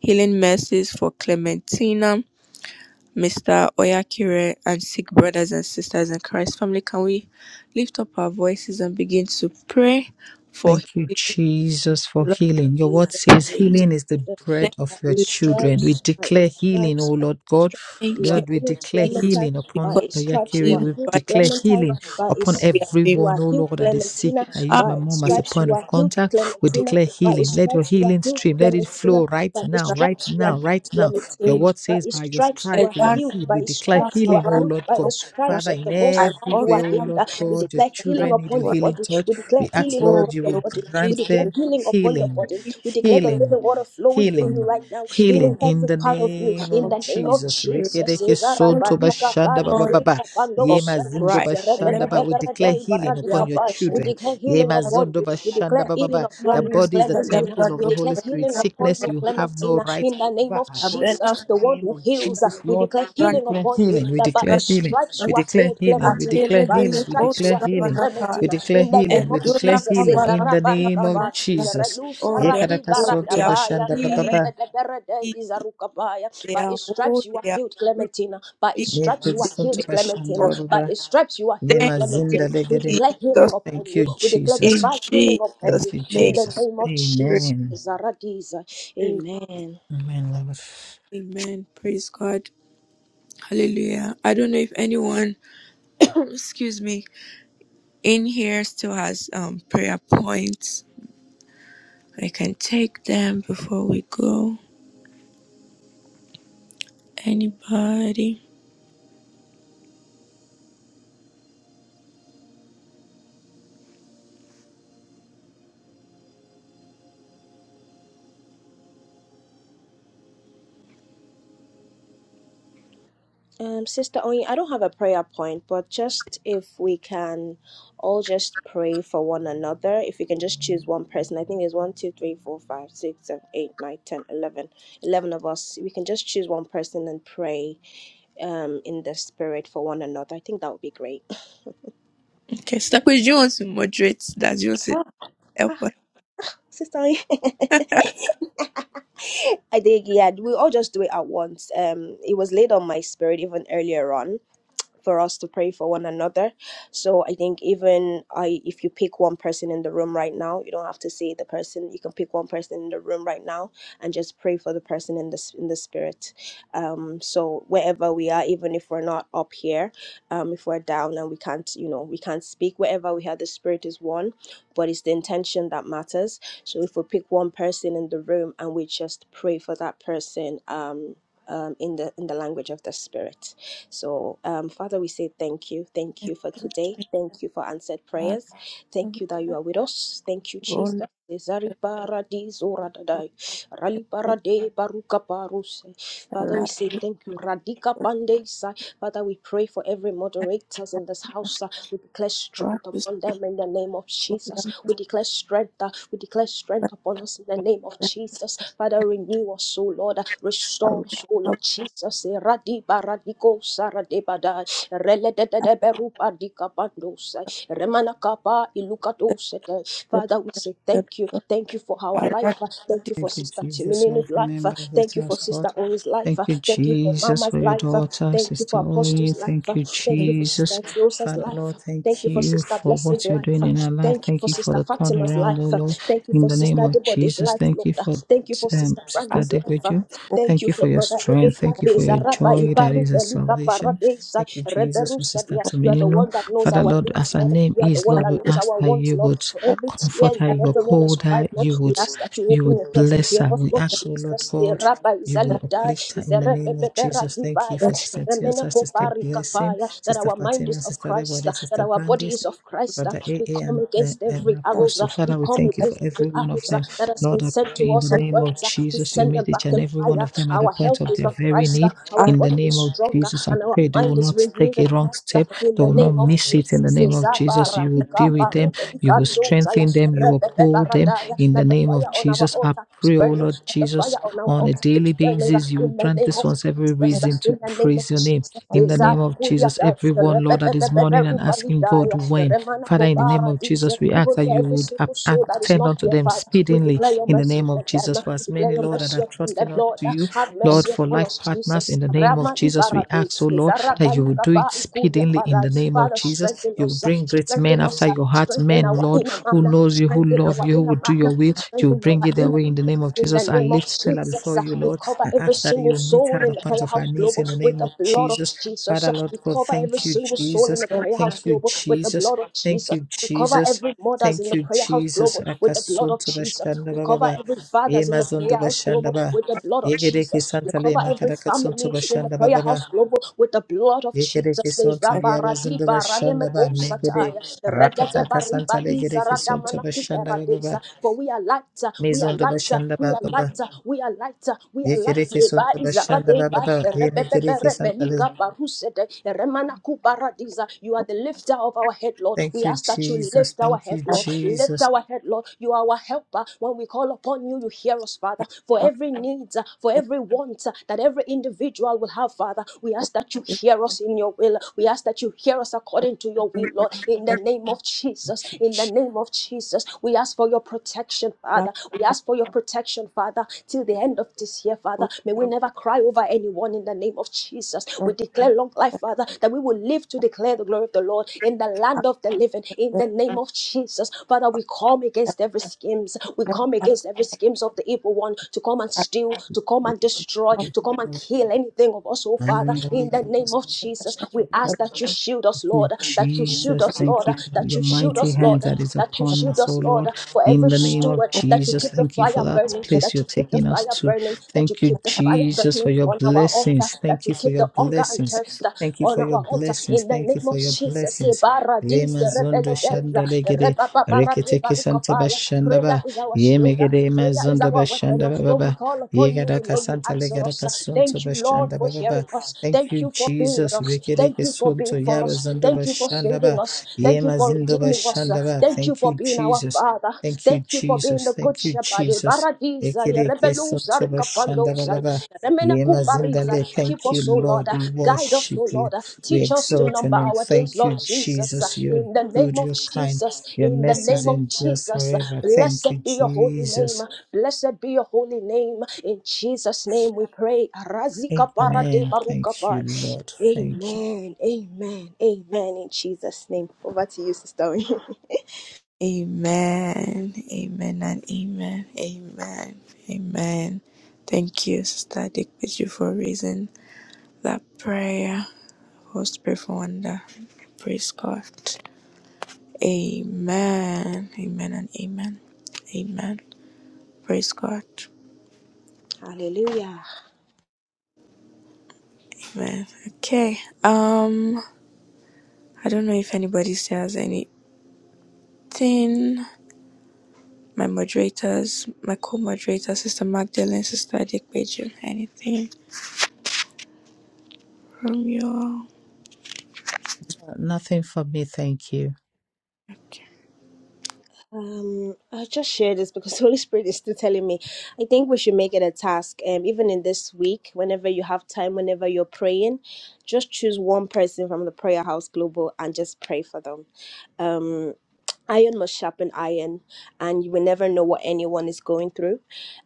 Speaker 1: Healing Mercies for Clementina. Mr. Oyakire and sick brothers and sisters in Christ. Family, can we lift up our voices and begin to pray for
Speaker 2: Thank you,
Speaker 1: healing?
Speaker 2: Jesus, for
Speaker 1: Lord,
Speaker 2: healing. Your word says
Speaker 1: praise.
Speaker 2: healing is the
Speaker 1: Thank
Speaker 2: bread of
Speaker 3: by
Speaker 2: your
Speaker 3: his
Speaker 1: you,
Speaker 2: children. We
Speaker 3: stripes, by
Speaker 2: declare
Speaker 3: his
Speaker 2: healing,
Speaker 3: stripes,
Speaker 2: O
Speaker 3: by
Speaker 2: Lord
Speaker 3: his
Speaker 2: God.
Speaker 3: stripes, you
Speaker 1: thank you,
Speaker 3: are
Speaker 2: Lord, we
Speaker 3: healed,
Speaker 2: declare
Speaker 1: Jesus,
Speaker 3: Clementine,
Speaker 2: healing
Speaker 3: by
Speaker 2: upon
Speaker 1: because
Speaker 3: his stripes, you
Speaker 2: Yakire.
Speaker 3: are
Speaker 1: healed
Speaker 2: We
Speaker 3: healed,
Speaker 1: by your
Speaker 2: declare
Speaker 3: Clementine,
Speaker 1: stripes
Speaker 2: healing
Speaker 3: by his
Speaker 2: upon
Speaker 1: we
Speaker 3: stripes,
Speaker 1: have been
Speaker 3: you are
Speaker 2: everyone, O
Speaker 3: healed,
Speaker 2: Lord, that is sick.
Speaker 3: Clementina,
Speaker 1: healed.
Speaker 2: I use
Speaker 1: Ah,
Speaker 2: my
Speaker 3: by his
Speaker 2: mom as
Speaker 1: you
Speaker 2: a
Speaker 3: stripes, you
Speaker 2: point
Speaker 3: are
Speaker 2: of
Speaker 3: healed,
Speaker 2: contact. We
Speaker 1: you
Speaker 3: Clementina,
Speaker 2: declare
Speaker 1: pray
Speaker 3: by
Speaker 1: for
Speaker 3: his
Speaker 2: healing. Let your
Speaker 3: stripes, you are
Speaker 2: healing
Speaker 3: healed,
Speaker 2: stream, let it flow
Speaker 3: Clementina,
Speaker 2: right
Speaker 3: by his
Speaker 2: now,
Speaker 1: that we
Speaker 2: right
Speaker 3: stripes, you are
Speaker 1: had
Speaker 2: now,
Speaker 3: healed,
Speaker 2: right now.
Speaker 1: to
Speaker 3: Clementina,
Speaker 2: Your word
Speaker 3: by
Speaker 2: says,
Speaker 3: his
Speaker 2: by your
Speaker 3: stripes you
Speaker 1: And
Speaker 2: stripes
Speaker 3: are
Speaker 2: we are
Speaker 1: then,
Speaker 3: healed.
Speaker 2: healed.
Speaker 3: By
Speaker 2: We
Speaker 3: his
Speaker 2: declare
Speaker 1: Allah,
Speaker 3: stripes you
Speaker 2: healing,
Speaker 3: are
Speaker 2: O
Speaker 1: Abba,
Speaker 3: healed.
Speaker 2: Lord
Speaker 3: By the
Speaker 2: God.
Speaker 1: Doctor,
Speaker 3: stripes
Speaker 2: Father,
Speaker 3: of
Speaker 2: in
Speaker 3: the Most
Speaker 1: I
Speaker 3: High
Speaker 2: every
Speaker 3: you
Speaker 2: way,
Speaker 3: are
Speaker 1: cover
Speaker 2: O
Speaker 3: healed.
Speaker 1: them
Speaker 2: Lord
Speaker 3: Uh, We
Speaker 1: with
Speaker 2: God, your
Speaker 3: declare
Speaker 1: the blood of
Speaker 3: healing
Speaker 2: children need your
Speaker 3: upon your
Speaker 1: God.
Speaker 2: healing
Speaker 3: body.
Speaker 2: touch.
Speaker 3: We declare
Speaker 2: We ask,
Speaker 3: healing
Speaker 1: Oh,
Speaker 2: Lord,
Speaker 3: upon
Speaker 2: you
Speaker 3: your
Speaker 1: your word
Speaker 2: will
Speaker 3: body.
Speaker 1: says
Speaker 3: We
Speaker 2: grant
Speaker 3: declare
Speaker 1: to
Speaker 2: them
Speaker 3: healing upon your
Speaker 2: healing,
Speaker 3: body.
Speaker 1: the
Speaker 3: We declare the
Speaker 2: healing,
Speaker 3: living water flowing through you
Speaker 2: healing,
Speaker 3: right now,
Speaker 1: contrary,
Speaker 2: healing
Speaker 3: healing
Speaker 2: in
Speaker 3: every
Speaker 2: the
Speaker 3: part of you.
Speaker 1: and
Speaker 2: name
Speaker 3: In
Speaker 1: of
Speaker 2: of
Speaker 3: the name of
Speaker 2: Jesus.
Speaker 1: the
Speaker 3: Jesus.
Speaker 2: Rekereke
Speaker 3: Zara
Speaker 2: sonto
Speaker 3: ba
Speaker 2: bashanda ba ba
Speaker 1: Lord
Speaker 2: ba ba.
Speaker 3: zurika
Speaker 1: of
Speaker 3: bandos.
Speaker 2: Yema zindo
Speaker 1: Christ,
Speaker 3: Zara
Speaker 1: a
Speaker 3: da
Speaker 2: bashanda
Speaker 1: Eleven
Speaker 2: ba. We declare
Speaker 1: of the
Speaker 2: healing upon
Speaker 3: baradika
Speaker 2: your
Speaker 3: ba. We
Speaker 1: Bible.
Speaker 2: children.
Speaker 3: declare healing
Speaker 2: Yema
Speaker 3: upon
Speaker 2: zondo
Speaker 3: you. We
Speaker 2: bashanda
Speaker 3: declare
Speaker 2: ba ba
Speaker 3: healing
Speaker 2: ba. Their
Speaker 3: upon you,
Speaker 1: Manos
Speaker 2: body is the
Speaker 1: de
Speaker 3: Clementina.
Speaker 2: temple of
Speaker 3: We
Speaker 2: the
Speaker 1: labrados
Speaker 2: Holy
Speaker 3: declare
Speaker 1: que
Speaker 2: Spirit.
Speaker 3: healing
Speaker 1: van a
Speaker 3: upon
Speaker 2: Sickness,
Speaker 3: you,
Speaker 1: correr,
Speaker 2: you have no
Speaker 3: Clementina.
Speaker 2: right
Speaker 3: In the the name
Speaker 2: over
Speaker 3: of
Speaker 2: our body. In
Speaker 1: abelas
Speaker 3: Jesus, the
Speaker 2: the
Speaker 3: one
Speaker 2: name
Speaker 3: who
Speaker 2: of
Speaker 3: heals. uh,
Speaker 2: Jesus,
Speaker 3: We
Speaker 2: Lord,
Speaker 3: declare
Speaker 2: we
Speaker 3: healing
Speaker 1: raneras,
Speaker 2: declare
Speaker 3: upon you,
Speaker 2: healing. We
Speaker 3: that by
Speaker 2: declare
Speaker 3: his
Speaker 2: healing.
Speaker 3: stripes
Speaker 2: We
Speaker 3: you are
Speaker 2: declare
Speaker 3: healed,
Speaker 2: healing. We
Speaker 3: Clementina.
Speaker 2: declare
Speaker 1: aquele
Speaker 3: By his
Speaker 2: healing.
Speaker 1: bele
Speaker 2: We
Speaker 3: stripes you
Speaker 2: declare
Speaker 3: are
Speaker 1: costa
Speaker 3: healed,
Speaker 2: healing.
Speaker 1: vanata,
Speaker 2: We
Speaker 3: Clementina.
Speaker 2: declare
Speaker 3: In the
Speaker 2: healing.
Speaker 3: name
Speaker 1: and
Speaker 3: of
Speaker 2: We declare
Speaker 1: dola
Speaker 3: Jesus,
Speaker 2: healing
Speaker 3: is a
Speaker 2: in
Speaker 1: cabalas
Speaker 2: the name
Speaker 3: rabarikaba,
Speaker 2: of
Speaker 3: is
Speaker 1: samanosha,
Speaker 3: a
Speaker 2: Jesus.
Speaker 3: relusa
Speaker 1: oh they are
Speaker 2: Yekaraka
Speaker 1: whole, they
Speaker 2: soto
Speaker 1: are
Speaker 3: rakibaradabaya,
Speaker 2: bashanda
Speaker 3: a
Speaker 1: free,
Speaker 2: bababa.
Speaker 3: rekedeberede, is a rukabaya.
Speaker 1: they
Speaker 3: By
Speaker 1: are
Speaker 3: his
Speaker 1: whole,
Speaker 3: stripes you are
Speaker 1: they are
Speaker 3: healed,
Speaker 1: free,
Speaker 3: Clementina. By his stripes you
Speaker 1: in
Speaker 3: are
Speaker 1: the
Speaker 2: Yekesoto
Speaker 1: name
Speaker 3: healed,
Speaker 2: bashanda
Speaker 3: Clementina.
Speaker 1: of
Speaker 3: By
Speaker 2: bababa.
Speaker 3: his stripes you are healed,
Speaker 1: thank you,
Speaker 3: Clementina.
Speaker 2: Yemazinda
Speaker 3: We
Speaker 2: legere.
Speaker 3: declare healing
Speaker 1: Jesus,
Speaker 3: upon
Speaker 2: Thank
Speaker 3: you.
Speaker 2: you,
Speaker 3: We declare
Speaker 2: Jesus.
Speaker 1: in
Speaker 3: divine healing upon
Speaker 1: Jesus'
Speaker 2: Thank
Speaker 3: you.
Speaker 2: you,
Speaker 3: In
Speaker 1: name.
Speaker 3: the
Speaker 2: Jesus.
Speaker 3: name of Jesus,
Speaker 2: Amen.
Speaker 3: Zaradiza.
Speaker 1: Oh,
Speaker 3: Amen.
Speaker 2: Amen, Lord.
Speaker 1: Amen. Praise God. Hallelujah. I don't know if anyone, excuse me, in here still has um prayer points. I can take them before we go. Anybody?
Speaker 3: Um, Sister Oyin, I don't have a prayer point, but just if we can all just pray for one another, if you can just choose one person, I think there's one, two, three, four, five, six, seven, eight, nine, ten, eleven, eleven of us. We can just choose one person and pray um, in the spirit for one another. I think that would be great.
Speaker 1: Okay, Stop. do you want to moderate? Does you want to help
Speaker 3: Ah,
Speaker 1: us?
Speaker 3: Sister Oyin. I think, yeah, we all just do it at once. Um, it was laid on my spirit even earlier on for us to pray for one another. So I think even I, if you pick one person in the room right now, you don't have to say the person. You can pick one person in the room right now and just pray for the person in the s- in the spirit. Um, so wherever we are, even if we're not up here, um, if we're down and we can't, you know, we can't speak. Wherever we are, the spirit is one, but it's the intention that matters. So if we pick one person in the room and we just pray for that person. Um, um, in the in the language of the spirit. So, um, Father, we say thank you. Thank you for today.
Speaker 1: Thank
Speaker 3: Thank you for answered prayers.
Speaker 1: you,
Speaker 3: Thank you that you are with us. Thank you,
Speaker 1: Jesus.
Speaker 3: Jesus. Zari
Speaker 1: Thank
Speaker 3: paradiso
Speaker 1: you.
Speaker 3: radadai. Rali parade baruka paruse. Father, we say thank you. Radika pande Father, we pray for every moderators in this house. uh, We declare strength upon them in the name of Jesus. We declare strength. uh, We declare strength upon us in the name of Jesus. Father, renew us, O Lord. uh, Restore us, O Lord Jesus. radiba, radiko saradebada. Relededederupa dikabandosa. Remanakaba ilukadosete. Father, we say thank you. Thank you for our life. uh, Thank you for
Speaker 2: Thank you,
Speaker 3: Sister
Speaker 2: Jesus. I
Speaker 3: Timinini's life. uh,
Speaker 2: remember this
Speaker 3: Thank you for
Speaker 2: house, Lord.
Speaker 3: Sister Oni's life.
Speaker 2: Thank
Speaker 3: uh,
Speaker 2: you,
Speaker 3: uh, Thank you for
Speaker 2: Jesus,
Speaker 3: Mama's
Speaker 2: for your
Speaker 3: life. uh,
Speaker 2: daughter,
Speaker 3: Thank you
Speaker 2: Sister
Speaker 3: for
Speaker 2: Olani.
Speaker 3: Apostle's life.
Speaker 2: Thank
Speaker 3: uh,
Speaker 2: you,
Speaker 3: Thank you for Sister
Speaker 2: Jesus.
Speaker 3: Rosa's
Speaker 2: Father,
Speaker 3: life. uh,
Speaker 2: Lord,
Speaker 3: Thank
Speaker 2: thank
Speaker 3: you for
Speaker 2: you
Speaker 3: Sister
Speaker 2: for
Speaker 3: Blessing's
Speaker 2: what you're
Speaker 3: life.
Speaker 2: doing
Speaker 3: uh,
Speaker 2: in our life.
Speaker 3: Thank you
Speaker 2: Thank
Speaker 3: for
Speaker 2: you for
Speaker 3: Sister
Speaker 2: the
Speaker 3: Fatima's
Speaker 2: turnaround,
Speaker 3: life.
Speaker 2: oh
Speaker 3: uh,
Speaker 2: Lord,
Speaker 3: Thank you
Speaker 2: in
Speaker 3: for
Speaker 2: the
Speaker 3: Sister
Speaker 2: name of
Speaker 3: Debody's
Speaker 2: Jesus.
Speaker 3: life,
Speaker 2: Thank
Speaker 3: Lord.
Speaker 2: you
Speaker 3: uh,
Speaker 2: for
Speaker 3: Thank you for
Speaker 2: um,
Speaker 3: Sister
Speaker 2: Sister
Speaker 3: Brandy's life. uh,
Speaker 2: Degweju.
Speaker 3: Thank
Speaker 2: Thank
Speaker 3: you
Speaker 2: you
Speaker 3: for
Speaker 2: for your
Speaker 3: Brother
Speaker 2: strength.
Speaker 3: Eve's life.
Speaker 2: Thank you for your
Speaker 3: Bezaraba
Speaker 2: joy that
Speaker 3: ibaru
Speaker 2: is a
Speaker 3: belika
Speaker 2: salvation.
Speaker 3: paradesa
Speaker 2: Thank you, Jesus, for
Speaker 3: reberusa
Speaker 2: Sister
Speaker 3: dear. You are the
Speaker 2: Tominino.
Speaker 3: one that knows
Speaker 2: Father,
Speaker 3: our
Speaker 2: Lord, as
Speaker 3: needs,
Speaker 2: her
Speaker 3: Lord.
Speaker 2: name
Speaker 3: You are the
Speaker 2: is,
Speaker 3: one
Speaker 2: Lord,
Speaker 3: that
Speaker 2: we
Speaker 3: knows
Speaker 2: ask
Speaker 3: our
Speaker 2: that
Speaker 3: wants,
Speaker 2: you
Speaker 3: Lord.
Speaker 2: would
Speaker 3: For every
Speaker 2: comfort
Speaker 3: tears
Speaker 2: her,
Speaker 3: that
Speaker 2: you
Speaker 3: everyone has
Speaker 2: uphold
Speaker 3: cried,
Speaker 2: her,
Speaker 3: Lord,
Speaker 2: you
Speaker 3: we
Speaker 2: would
Speaker 3: ask that you
Speaker 2: you
Speaker 3: open
Speaker 2: would
Speaker 3: your ears and
Speaker 2: bless
Speaker 3: hear
Speaker 2: her.
Speaker 3: us,
Speaker 2: We
Speaker 3: Lord.
Speaker 2: ask, oh Lord
Speaker 3: Jesus,
Speaker 2: God,
Speaker 3: Iraba
Speaker 2: you will
Speaker 3: Izalidai,
Speaker 2: uplift her in the name of
Speaker 3: Izerebebebera
Speaker 2: Jesus. Thank you
Speaker 3: Divaya,
Speaker 2: for Sister
Speaker 3: Remene
Speaker 2: Tiosa, Sister
Speaker 3: Kopari
Speaker 2: Blessing,
Speaker 3: Kapaya, that
Speaker 2: Sister
Speaker 3: our mind is
Speaker 2: Fatima,
Speaker 3: of
Speaker 2: Sister Deborah,
Speaker 3: Christ, that
Speaker 2: Sister
Speaker 3: our
Speaker 2: Brandy,
Speaker 3: body is of Christ.
Speaker 2: Brother
Speaker 3: We
Speaker 2: AA,
Speaker 3: come
Speaker 2: and, and,
Speaker 3: against every
Speaker 2: and
Speaker 3: arrows,
Speaker 2: Apostle.
Speaker 3: we
Speaker 2: Father, we
Speaker 3: come
Speaker 2: thank you for
Speaker 3: against every
Speaker 2: every one of
Speaker 3: arrows
Speaker 2: them.
Speaker 3: that has been
Speaker 2: Lord, I
Speaker 3: sent to
Speaker 2: pray in the
Speaker 3: us in
Speaker 2: name of
Speaker 3: words. We
Speaker 2: Jesus, you
Speaker 3: send them
Speaker 2: meet each
Speaker 3: back
Speaker 2: and
Speaker 3: in
Speaker 2: every one
Speaker 3: fire.
Speaker 2: of them at the
Speaker 3: Our
Speaker 2: point
Speaker 3: health
Speaker 2: of
Speaker 3: is
Speaker 2: their
Speaker 3: of
Speaker 2: very
Speaker 3: Christ,
Speaker 2: need.
Speaker 3: our
Speaker 2: In the
Speaker 3: body
Speaker 2: name
Speaker 3: is
Speaker 2: of
Speaker 3: stronger,
Speaker 2: Jesus, I
Speaker 3: and our
Speaker 2: pray they will
Speaker 3: mind is
Speaker 2: not
Speaker 3: renewed
Speaker 2: take
Speaker 3: in
Speaker 2: a wrong
Speaker 3: Christ.
Speaker 2: step.
Speaker 3: In
Speaker 2: They
Speaker 3: the
Speaker 2: will not
Speaker 3: name of
Speaker 2: miss it. In the
Speaker 3: Jesus,
Speaker 2: name of Jesus, you
Speaker 3: Izabara,
Speaker 2: will be with
Speaker 3: Ikaba,
Speaker 2: them.
Speaker 3: Ruka,
Speaker 2: You will
Speaker 3: Ikando, Zaya,
Speaker 2: strengthen them. You will
Speaker 3: Rebebe,
Speaker 2: uphold them in
Speaker 3: Baradaya,
Speaker 2: the
Speaker 3: that the
Speaker 2: name of
Speaker 3: fire on our
Speaker 2: Jesus, I
Speaker 3: altar keeps
Speaker 2: pray, oh
Speaker 3: burning,
Speaker 2: Lord
Speaker 3: that the
Speaker 2: Jesus,
Speaker 3: fire on our
Speaker 2: on a
Speaker 3: altar
Speaker 2: daily
Speaker 3: keeps burning
Speaker 2: basis, you
Speaker 3: uh,
Speaker 2: will
Speaker 3: in the
Speaker 2: grant
Speaker 3: name
Speaker 2: this
Speaker 3: of
Speaker 2: one's every
Speaker 3: Jesus,
Speaker 2: reason
Speaker 3: uh, in
Speaker 2: to
Speaker 3: the name of
Speaker 2: praise your name.
Speaker 3: Jesus.
Speaker 2: In the name
Speaker 3: Desire
Speaker 2: of
Speaker 3: Kuria
Speaker 2: Jesus,
Speaker 3: die,
Speaker 2: everyone, Lord, that is mourning and
Speaker 3: Repepepepeperubali
Speaker 2: asking God
Speaker 3: die,
Speaker 2: when.
Speaker 3: Remana
Speaker 2: Father, in the name
Speaker 3: Kopara
Speaker 2: of
Speaker 3: dies, uh,
Speaker 2: Jesus, we ask
Speaker 3: even
Speaker 2: that you
Speaker 3: for every
Speaker 2: would ap-
Speaker 3: single soul that is
Speaker 2: attend
Speaker 3: not
Speaker 2: unto
Speaker 3: here,
Speaker 2: them
Speaker 3: Father. We
Speaker 2: speedily.
Speaker 3: declare your
Speaker 2: In the
Speaker 3: mercy
Speaker 2: name
Speaker 3: upon
Speaker 2: of
Speaker 3: them,
Speaker 2: Jesus,
Speaker 3: uh,
Speaker 2: for as
Speaker 3: we declare
Speaker 2: many,
Speaker 3: your
Speaker 2: Lord, that
Speaker 3: mercy
Speaker 2: are
Speaker 3: upon them,
Speaker 2: trusting up
Speaker 3: Lord.
Speaker 2: to
Speaker 3: uh,
Speaker 2: you,
Speaker 3: Have
Speaker 2: Lord,
Speaker 3: mercy
Speaker 2: for
Speaker 3: upon
Speaker 2: life
Speaker 3: us,
Speaker 2: partners,
Speaker 3: Jesus.
Speaker 2: in the name of
Speaker 3: Rama
Speaker 2: Jesus, we
Speaker 3: Ibarade,
Speaker 2: ask, oh Lord, that you
Speaker 3: Zarabali
Speaker 2: will do
Speaker 3: Kaba
Speaker 2: it
Speaker 3: Ikuria
Speaker 2: speedily in
Speaker 3: Badai.
Speaker 2: the name of
Speaker 3: Father,
Speaker 2: Jesus.
Speaker 3: strengthen
Speaker 2: You will
Speaker 3: us, uh,
Speaker 2: bring great men
Speaker 3: strengthen us,
Speaker 2: after
Speaker 3: uh,
Speaker 2: your heart,
Speaker 3: strengthen
Speaker 2: men, Lord
Speaker 3: our inner
Speaker 2: who
Speaker 3: man,
Speaker 2: knows you, who
Speaker 3: strengthen
Speaker 2: love
Speaker 3: our
Speaker 2: you, who will
Speaker 3: inner
Speaker 2: do
Speaker 3: man,
Speaker 2: your will. You
Speaker 3: strengthen
Speaker 2: bring
Speaker 3: our
Speaker 2: it their
Speaker 3: inner
Speaker 2: way in the
Speaker 3: man.
Speaker 2: name of
Speaker 3: In the
Speaker 2: Jesus. I
Speaker 3: name of
Speaker 2: lift Stella
Speaker 3: Jesus,
Speaker 2: before
Speaker 3: uh,
Speaker 2: you,
Speaker 3: we
Speaker 2: Lord.
Speaker 3: cover
Speaker 2: I
Speaker 3: every
Speaker 2: ask that
Speaker 3: single
Speaker 2: you meet her
Speaker 3: soul
Speaker 2: at
Speaker 3: in
Speaker 2: the
Speaker 3: the
Speaker 2: point
Speaker 3: prayer
Speaker 2: of her
Speaker 3: house
Speaker 2: needs
Speaker 3: global
Speaker 2: in the
Speaker 3: with
Speaker 2: name
Speaker 3: the
Speaker 2: of
Speaker 3: blood of
Speaker 2: Jesus.
Speaker 3: Jesus.
Speaker 2: Father,
Speaker 3: uh,
Speaker 2: Lord
Speaker 3: We
Speaker 2: God,
Speaker 3: cover every
Speaker 2: thank you,
Speaker 3: single soul in
Speaker 2: Jesus.
Speaker 3: the prayer house
Speaker 2: Thank you,
Speaker 3: global with the
Speaker 2: Jesus.
Speaker 3: blood of
Speaker 2: Thank
Speaker 3: Jesus.
Speaker 2: you,
Speaker 3: We cover
Speaker 2: Jesus.
Speaker 3: every mothers in
Speaker 2: Thank
Speaker 3: the
Speaker 2: you,
Speaker 3: prayer house
Speaker 2: Jesus.
Speaker 3: global with the blood of
Speaker 2: Rakasonto
Speaker 3: Jesus.
Speaker 2: bashanda
Speaker 3: We
Speaker 2: baba
Speaker 3: cover
Speaker 2: ba.
Speaker 3: every fathers in the
Speaker 2: Yemazondo
Speaker 3: prayer house
Speaker 2: bashanda
Speaker 3: global
Speaker 2: ba.
Speaker 3: with the blood of
Speaker 2: Yegedeke
Speaker 3: Jesus. We
Speaker 2: santale
Speaker 3: cover every
Speaker 2: makaraka sonto
Speaker 3: family in the
Speaker 2: bashanda
Speaker 3: prayer
Speaker 2: baba ba.
Speaker 3: house global with the blood of
Speaker 2: Yekere
Speaker 3: Jesus.
Speaker 2: kesonto yabazende bashanda ba mekere
Speaker 3: Sataya,
Speaker 2: rakata
Speaker 3: Redede
Speaker 2: kasanta
Speaker 3: Baribadi
Speaker 2: legere kesonto
Speaker 3: Zaradamana
Speaker 2: bashanda ba baba
Speaker 3: Kuperadesa, for we are lighter, we are
Speaker 2: mezondo
Speaker 3: lighter,
Speaker 2: bashanda ba
Speaker 3: we are
Speaker 2: baba
Speaker 3: lighter, we are lighter, we are
Speaker 2: yekere
Speaker 3: lighter by
Speaker 2: kesonto bashanda ba
Speaker 3: Zaradeba,
Speaker 2: baba yemekere
Speaker 3: Rebebebe
Speaker 2: kesanta le
Speaker 3: Rebelika Barusede, Remana Kubaradiza. You are the lifter of our head, Lord.
Speaker 2: Thank
Speaker 3: We
Speaker 2: you
Speaker 3: ask that you
Speaker 2: Jesus
Speaker 3: lift our
Speaker 2: thank
Speaker 3: head,
Speaker 2: you
Speaker 3: Lord. Lift
Speaker 2: Jesus
Speaker 3: our head, Lord. You are our helper. When we call upon you, you hear us, Father. For every need, for every want that every individual will have, Father, we ask that you hear us in your your will. We ask that you hear us according to your will, Lord, in the name of
Speaker 2: Thank
Speaker 3: Jesus.
Speaker 2: you,
Speaker 3: In the name of Jesus, we ask for your protection, Father. We ask for your protection, Father, till the end of this year, Father. May we never cry over anyone in the name of Jesus. We declare long life, Father, that we will live to declare the glory of the Lord in the land of the living, in the name of Jesus. Father, we come against every schemes. We come against every schemes of the evil one to come and steal, to come and destroy, to come and kill anything everything of us, oh Father, in the name of Jesus. We ask
Speaker 2: Jesus.
Speaker 3: that you shield us,
Speaker 2: you,
Speaker 3: Lord, that you shield
Speaker 2: Jesus.
Speaker 3: us,
Speaker 2: Thank
Speaker 3: Lord,
Speaker 2: you for
Speaker 3: that
Speaker 2: your
Speaker 3: you shield
Speaker 2: mighty
Speaker 3: us,
Speaker 2: hand
Speaker 3: Lord,
Speaker 2: that is
Speaker 3: that you
Speaker 2: upon
Speaker 3: shield
Speaker 2: us, oh
Speaker 3: us, Lord,
Speaker 2: Lord.
Speaker 3: for
Speaker 2: In
Speaker 3: every
Speaker 2: the name of
Speaker 3: steward, that you
Speaker 2: Jesus,
Speaker 3: keep the
Speaker 2: thank you for
Speaker 3: fire
Speaker 2: that
Speaker 3: burning,
Speaker 2: place
Speaker 3: that
Speaker 2: you're
Speaker 3: you keep the
Speaker 2: taking us
Speaker 3: fire
Speaker 2: to.
Speaker 3: burning, that you
Speaker 2: Thank you,
Speaker 3: keep the fire
Speaker 2: Jesus,
Speaker 3: burning
Speaker 2: for your
Speaker 3: on our altar,
Speaker 2: blessings.
Speaker 3: that
Speaker 2: Thank
Speaker 3: you
Speaker 2: you for
Speaker 3: keep
Speaker 2: your
Speaker 3: the hunger and
Speaker 2: blessings.
Speaker 3: thirst
Speaker 2: Thank you
Speaker 3: on
Speaker 2: for your
Speaker 3: our altar,
Speaker 2: blessings.
Speaker 3: in the
Speaker 2: Thank you
Speaker 3: name
Speaker 2: for
Speaker 3: of
Speaker 2: your
Speaker 3: Jesus.
Speaker 2: blessings.
Speaker 3: Ebaradis,
Speaker 2: Rema
Speaker 3: the
Speaker 2: zondo
Speaker 3: rebelde, the
Speaker 2: shandalegede
Speaker 3: rebababarabi,
Speaker 2: reketeke santa
Speaker 3: barukabaya. Prayer
Speaker 2: bashandaba
Speaker 3: is our shield, eh,
Speaker 2: yemegede ma
Speaker 3: prayer is
Speaker 2: zondo
Speaker 3: our weapon. eh,
Speaker 2: bashandaba
Speaker 3: When we
Speaker 2: baba
Speaker 3: call upon you, you. We
Speaker 2: yegadaka
Speaker 3: know you
Speaker 2: santa
Speaker 3: answer
Speaker 2: legada
Speaker 3: us.
Speaker 2: kasunto
Speaker 3: Thank you, Lord, for
Speaker 2: bashandaba
Speaker 3: hearing
Speaker 2: baba.
Speaker 3: us.
Speaker 2: Thank
Speaker 3: Thank
Speaker 2: you,
Speaker 3: you for being with
Speaker 2: Jesus.
Speaker 3: us. Thank
Speaker 2: Rekereke
Speaker 3: you for being
Speaker 2: sonto
Speaker 3: for
Speaker 2: yaba
Speaker 3: us.
Speaker 2: zando
Speaker 3: Thank you for saving
Speaker 2: bashandaba.
Speaker 3: us. Thank you
Speaker 2: Yema
Speaker 3: for
Speaker 2: zindo
Speaker 3: redeeming us.
Speaker 2: bashandaba.
Speaker 3: Thank you
Speaker 2: Thank you,
Speaker 3: for being our
Speaker 2: Jesus.
Speaker 3: Father.
Speaker 2: Thank you,
Speaker 3: Thank you for being
Speaker 2: Jesus.
Speaker 3: the good
Speaker 2: Thank you,
Speaker 3: shepherd.
Speaker 2: Jesus.
Speaker 3: Baradiza,
Speaker 2: Rekereke
Speaker 3: rebelusa,
Speaker 2: somto ba. bashandaba
Speaker 3: rikapandosa,
Speaker 2: baba.
Speaker 3: remena
Speaker 2: Yema
Speaker 3: kupariza.
Speaker 2: zindale.
Speaker 3: Keep
Speaker 2: Thank you,
Speaker 3: us, O Lord.
Speaker 2: Lord. We
Speaker 3: Guide us,
Speaker 2: worship
Speaker 3: O
Speaker 2: you.
Speaker 3: Lord.
Speaker 2: We
Speaker 3: Teach us to
Speaker 2: exalt your
Speaker 3: number
Speaker 2: name.
Speaker 3: our days,
Speaker 2: Thank
Speaker 3: Lord
Speaker 2: you,
Speaker 3: Jesus.
Speaker 2: Jesus. You're
Speaker 3: In the
Speaker 2: good,
Speaker 3: name of
Speaker 2: you're kind.
Speaker 3: Jesus.
Speaker 2: Your
Speaker 3: In the
Speaker 2: mercies
Speaker 3: name of
Speaker 2: endures
Speaker 3: Jesus.
Speaker 2: forever. Thank
Speaker 3: Blessed
Speaker 2: you,
Speaker 3: be your holy name.
Speaker 2: Jesus.
Speaker 3: Blessed be your holy name. In Jesus' name we pray. Arazika para de
Speaker 2: Amen. Thank you, Lord.
Speaker 3: Amen.
Speaker 2: Thank you.
Speaker 3: Amen. In Jesus.
Speaker 1: Amen. Amen and amen. Amen. Amen. Thank you, Sister Dickbitch, for raising that prayer. Host pray for wonder. Praise God. Amen. Amen and amen. Amen. Praise God.
Speaker 3: Hallelujah.
Speaker 1: Amen. Okay. Um I don't know if anybody still has anything. My moderators, my co moderators Sister Magdalene, Sister Dickbitch, anything from you all.
Speaker 2: Nothing for me. Thank you.
Speaker 1: Okay.
Speaker 3: Um, I just share this because Holy Spirit is still telling me. I think we should make it a task. Um, even in this week, whenever you have time, whenever you're praying, just choose one person from the Prayer House Global and just pray for them. Um, iron must sharpen iron, and you will never know what anyone is going through.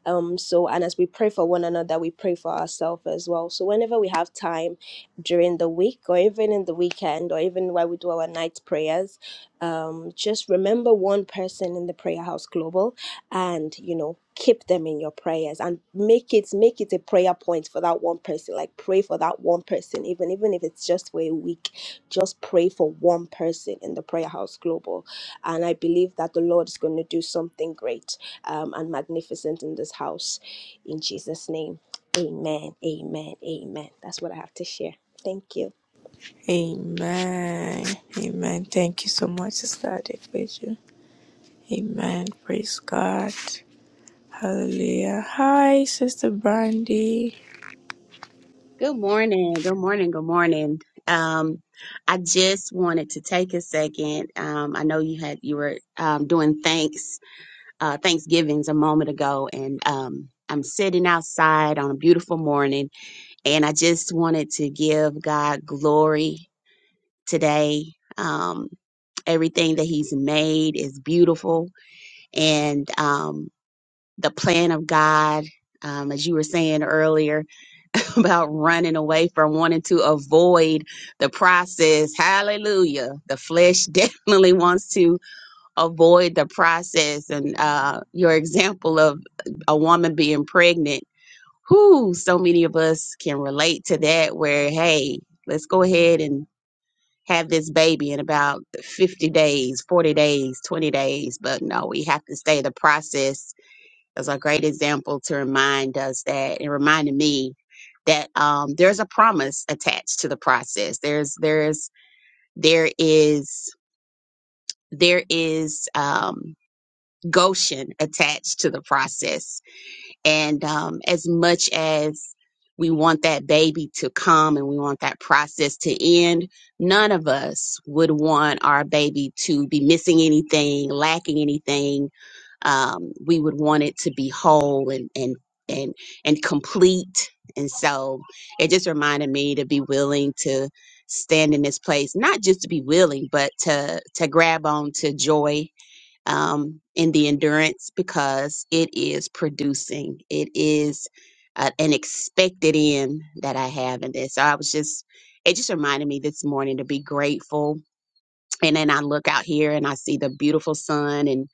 Speaker 3: Um, so, and as we pray for one another, we pray for ourselves as well. So, whenever we have time during the week, or even in the weekend, or even while we do our night prayers um, just remember one person in the prayer house global and you know keep them in your prayers and make it make it a prayer point for that one person like pray for that one person even even if it's just for a week just pray for one person in the prayer house global and i believe that the lord is going to do something great um, and magnificent in this house in jesus name amen amen amen that's what i have to share thank you
Speaker 1: Amen. Amen. Thank you so much, Sister Adequation. Amen. Praise God. Hallelujah. Hi, Sister Brandy.
Speaker 8: Good morning. Good morning. Good morning. Um, I just wanted to take a second. Um, I know you had you were um, doing thanks uh, Thanksgivings a moment ago, and um, I'm sitting outside on a beautiful morning, and I just wanted to give God glory today. Um, everything that He's made is beautiful, and um, the plan of God, um, as you were saying earlier. about running away from wanting to avoid the process. Hallelujah. The flesh definitely wants to avoid the process. And uh, your example of a woman being pregnant, who so many of us can relate to that, where, hey, let's go ahead and have this baby in about 50 days, 40 days, 20 days. But no, we have to stay the process as a great example to remind us that it reminded me that um, there's a promise attached to the process. There's there's there is there is um, Goshen attached to the process and um, as much as we want that baby to come and we want that process to end, none of us would want our baby to be missing anything, lacking anything. Um, we would want it to be whole and and and and complete. And so it just reminded me to be willing to stand in this place, not just to be willing, but to to grab on to joy um, in the endurance because it is producing. It is uh, an expected end that I have in this. So I was just, it just reminded me this morning to be grateful. And then I look out here and I see the beautiful sun and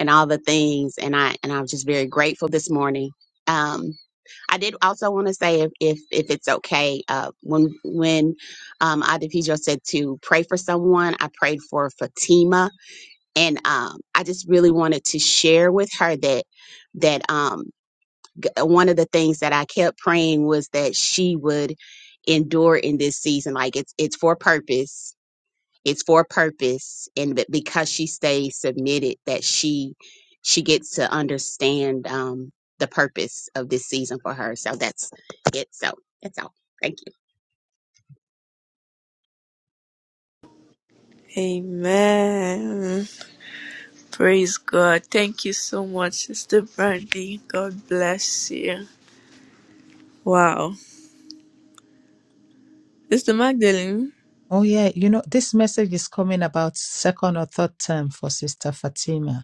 Speaker 8: and all the things. And I and I'm just very grateful this morning. Um, I did also want to say if if, if it's okay, uh, when when um, Adifijio said to pray for someone, I prayed for Fatima and um, I just really wanted to share with her that that um, g- one of the things that I kept praying was that she would endure in this season. Like it's it's for purpose. It's for purpose, and be- because she stays submitted, that she she gets to understand um, the purpose of this season for her. So that's it. So that's all. Thank you.
Speaker 1: Amen. Praise God. Thank you so much, Sister Brandy. God bless you. Wow. Sister Magdalene.
Speaker 2: Oh yeah, you know, this message is coming about second or third term for Sister Fatima.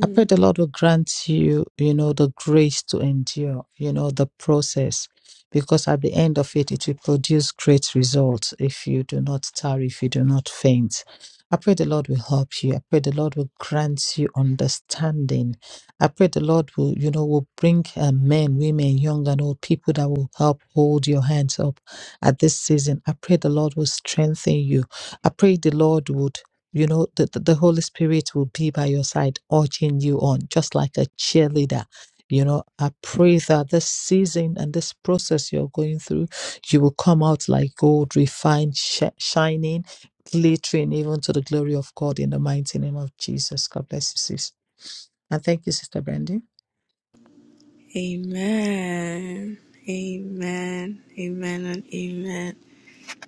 Speaker 2: I pray the Lord will grant you, you know, the grace to endure, you know, the process, because at the end of it, it will produce great results if you do not tarry, if you do not faint. I pray the Lord will help you. I pray the Lord will grant you understanding. I pray the Lord will, you know, will bring uh, men, women, young and old people that will help hold your hands up at this season. I pray the Lord will strengthen you. I pray the Lord would you know, the, the, the Holy Spirit will be by your side, urging you on, just like a cheerleader. You know, I pray that this season and this process you're going through, you will come out like gold, refined, sh- shining, glittering, even to the glory of God in the mighty name of Jesus. God bless you, sis. And thank you, Sister Brandy.
Speaker 1: Amen. Amen. Amen and amen.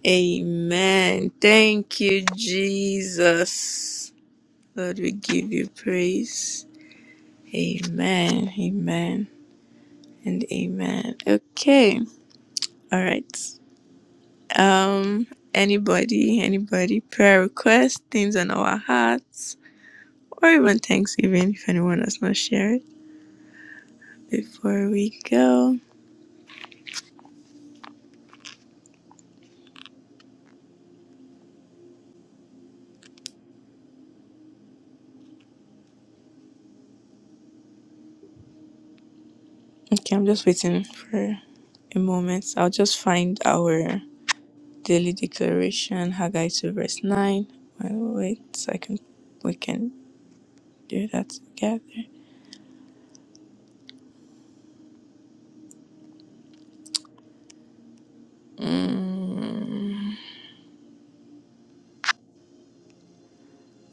Speaker 1: Amen. Thank you, Jesus. Lord, we give you praise. Amen. Amen. And amen. Okay. All right. Um anybody, anybody prayer requests, things on our hearts, or even Thanksgiving if anyone has not shared before we go. Okay, I'm just waiting for a moment. I'll just find our daily declaration, Haggai 2 verse 9. Well, wait, so I can we can do that together. Mm.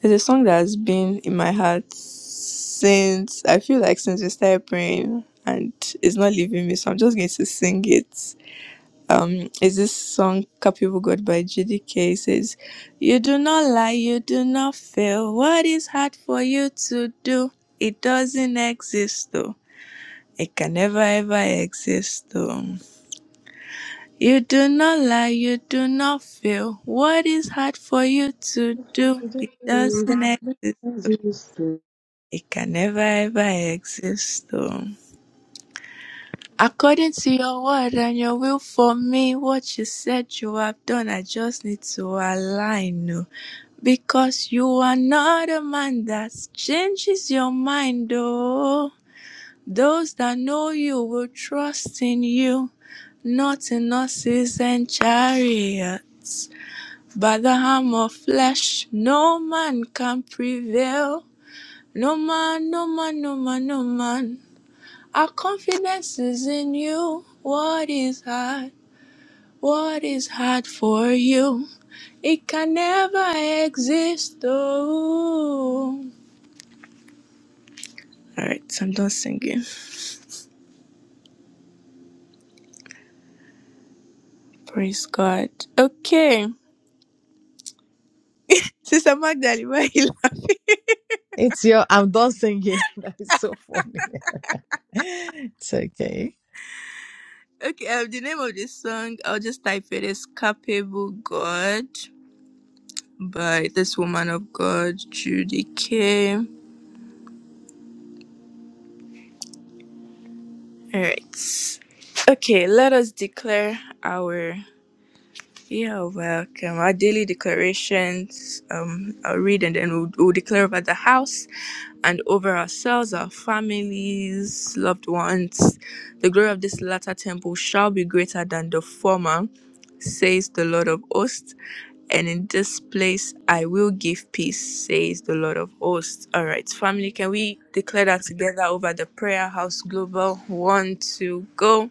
Speaker 1: It's a song that has been in my heart since I feel like since we started praying and it's not leaving me, so I'm just going to sing it. Um, is this song Capable God by J D K. It says, You do not lie, you do not fail. What is hard for you to do? It doesn't exist though. It can never ever exist though. You do not lie, you do not fail. What is hard for you to do? It doesn't exist. It can never ever exist though. According to your word and your will for me, what you said you have done, I just need to align. oh. Because you are not a man that changes your mind, oh. Those that know you will trust in you, not in horses and chariots. By the arm of flesh, no man can prevail. No man, no man, no man, no man. Our confidence is in you. What is hard? What is hard for you? It can never exist. Oh. All right, so I'm done singing. Praise God. Okay, Sister Magdalene, why you
Speaker 2: It's your, I'm done singing. That is so funny. It's okay.
Speaker 1: laugh? Okay, um, the name of this song, I'll just type it is Capable God by this woman of God, Judy K. All right. Okay, let us declare our You're welcome. Our daily declarations, um, I'll read and then we'll, we'll declare over the house and over ourselves, our families, loved ones. The glory of this latter temple shall be greater than the former, says the Lord of hosts. And in this place I will give peace, says the Lord of hosts. All right, family, can we declare that together over the prayer house global? One, two, go.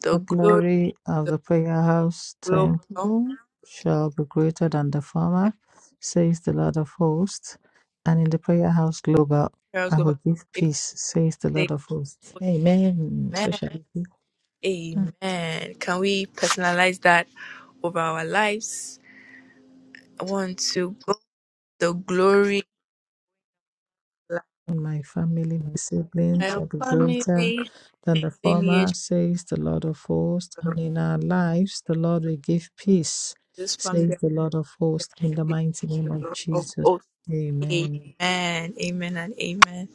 Speaker 1: The
Speaker 2: The
Speaker 1: glory
Speaker 2: glory of the prayer house
Speaker 1: global, prayer
Speaker 2: temple shall be greater than the former, says the Lord of hosts. And in the prayer house global,
Speaker 1: house
Speaker 2: I
Speaker 1: global.
Speaker 2: will give
Speaker 1: give
Speaker 2: peace, says the Lord
Speaker 1: thanks
Speaker 2: of hosts. Amen.
Speaker 1: Amen.
Speaker 2: So shall it be.
Speaker 1: Amen. Can we personalize that over our lives? I want to go the glory of
Speaker 2: and my family, my siblings
Speaker 1: my
Speaker 2: shall be greater
Speaker 1: family,
Speaker 2: than the former,
Speaker 1: lineage
Speaker 2: says the Lord of hosts.
Speaker 1: of
Speaker 2: And in our lives, the Lord will give peace,
Speaker 1: this family
Speaker 2: says the Lord of hosts, in the mighty name of
Speaker 1: of
Speaker 2: Jesus.
Speaker 1: oath. Amen.
Speaker 2: Amen.
Speaker 1: Amen and amen.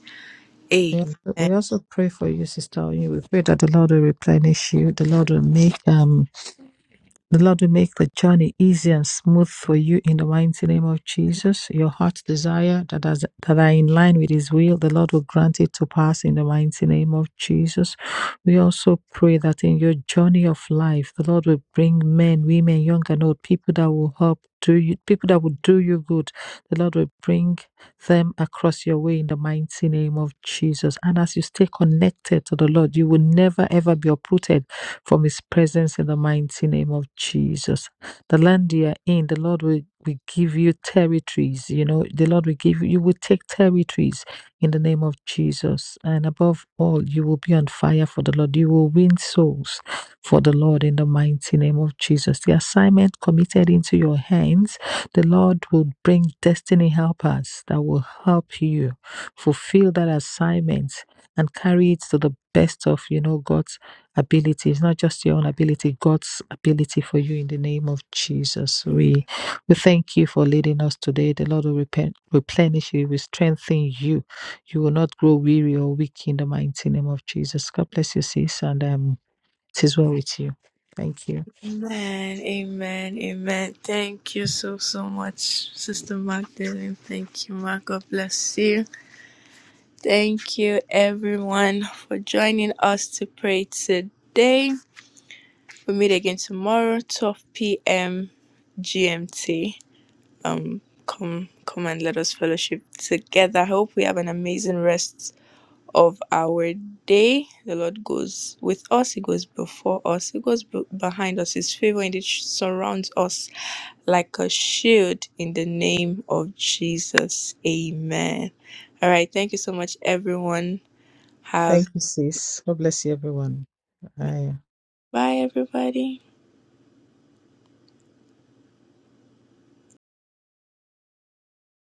Speaker 2: We also
Speaker 1: Amen.
Speaker 2: we also pray for you, Sister Oyin. We pray that the Lord will replenish you. The Lord will make um The Lord will make the journey easy and smooth for you in the mighty name of Jesus. Your heart's desire that, has, that are in line with His will, the Lord will grant it to pass in the mighty name of Jesus. We also pray that in your journey of life, the Lord will bring men, women, young and old, people that will help do you, people that will do you good. The Lord will bring them across your way in the mighty name of Jesus. And as you stay connected to the Lord, you will never ever be uprooted from His presence in the mighty name of Jesus. The land you are in, the Lord will, will give you territories. You know, the Lord will give you, you will take territories in the name of Jesus. And above all, you will be on fire for the Lord. You will win souls for the Lord in the mighty name of Jesus. The assignment committed into your hands the Lord will bring destiny helpers that will help you fulfill that assignment and carry it to the best of you know God's ability. It's not just your own ability, God's ability for you in the name of Jesus.
Speaker 1: Amen.
Speaker 2: We we thank you for leading us today. The Lord will repen- replenish you, will strengthen you. You will not grow weary or weak in the mighty name of Jesus. God bless you, sis, and um, it is well with you. Thank you.
Speaker 1: Amen. Amen. Thank you so so much, Sister Magdalene. Thank you, Ma. God bless you. Thank you, everyone, for joining us to pray today. We meet again tomorrow, 12 p.m. GMT. Um, come, come and let us fellowship together. I hope we have an amazing rest of our day. The Lord goes with us. He goes before us. He goes be- behind us. His favor indeed surrounds us like a shield. In the name of Jesus, Amen. All right. Thank you so much, everyone. Have
Speaker 2: Thank you, sis. God bless you, everyone. Bye.
Speaker 1: Bye, everybody.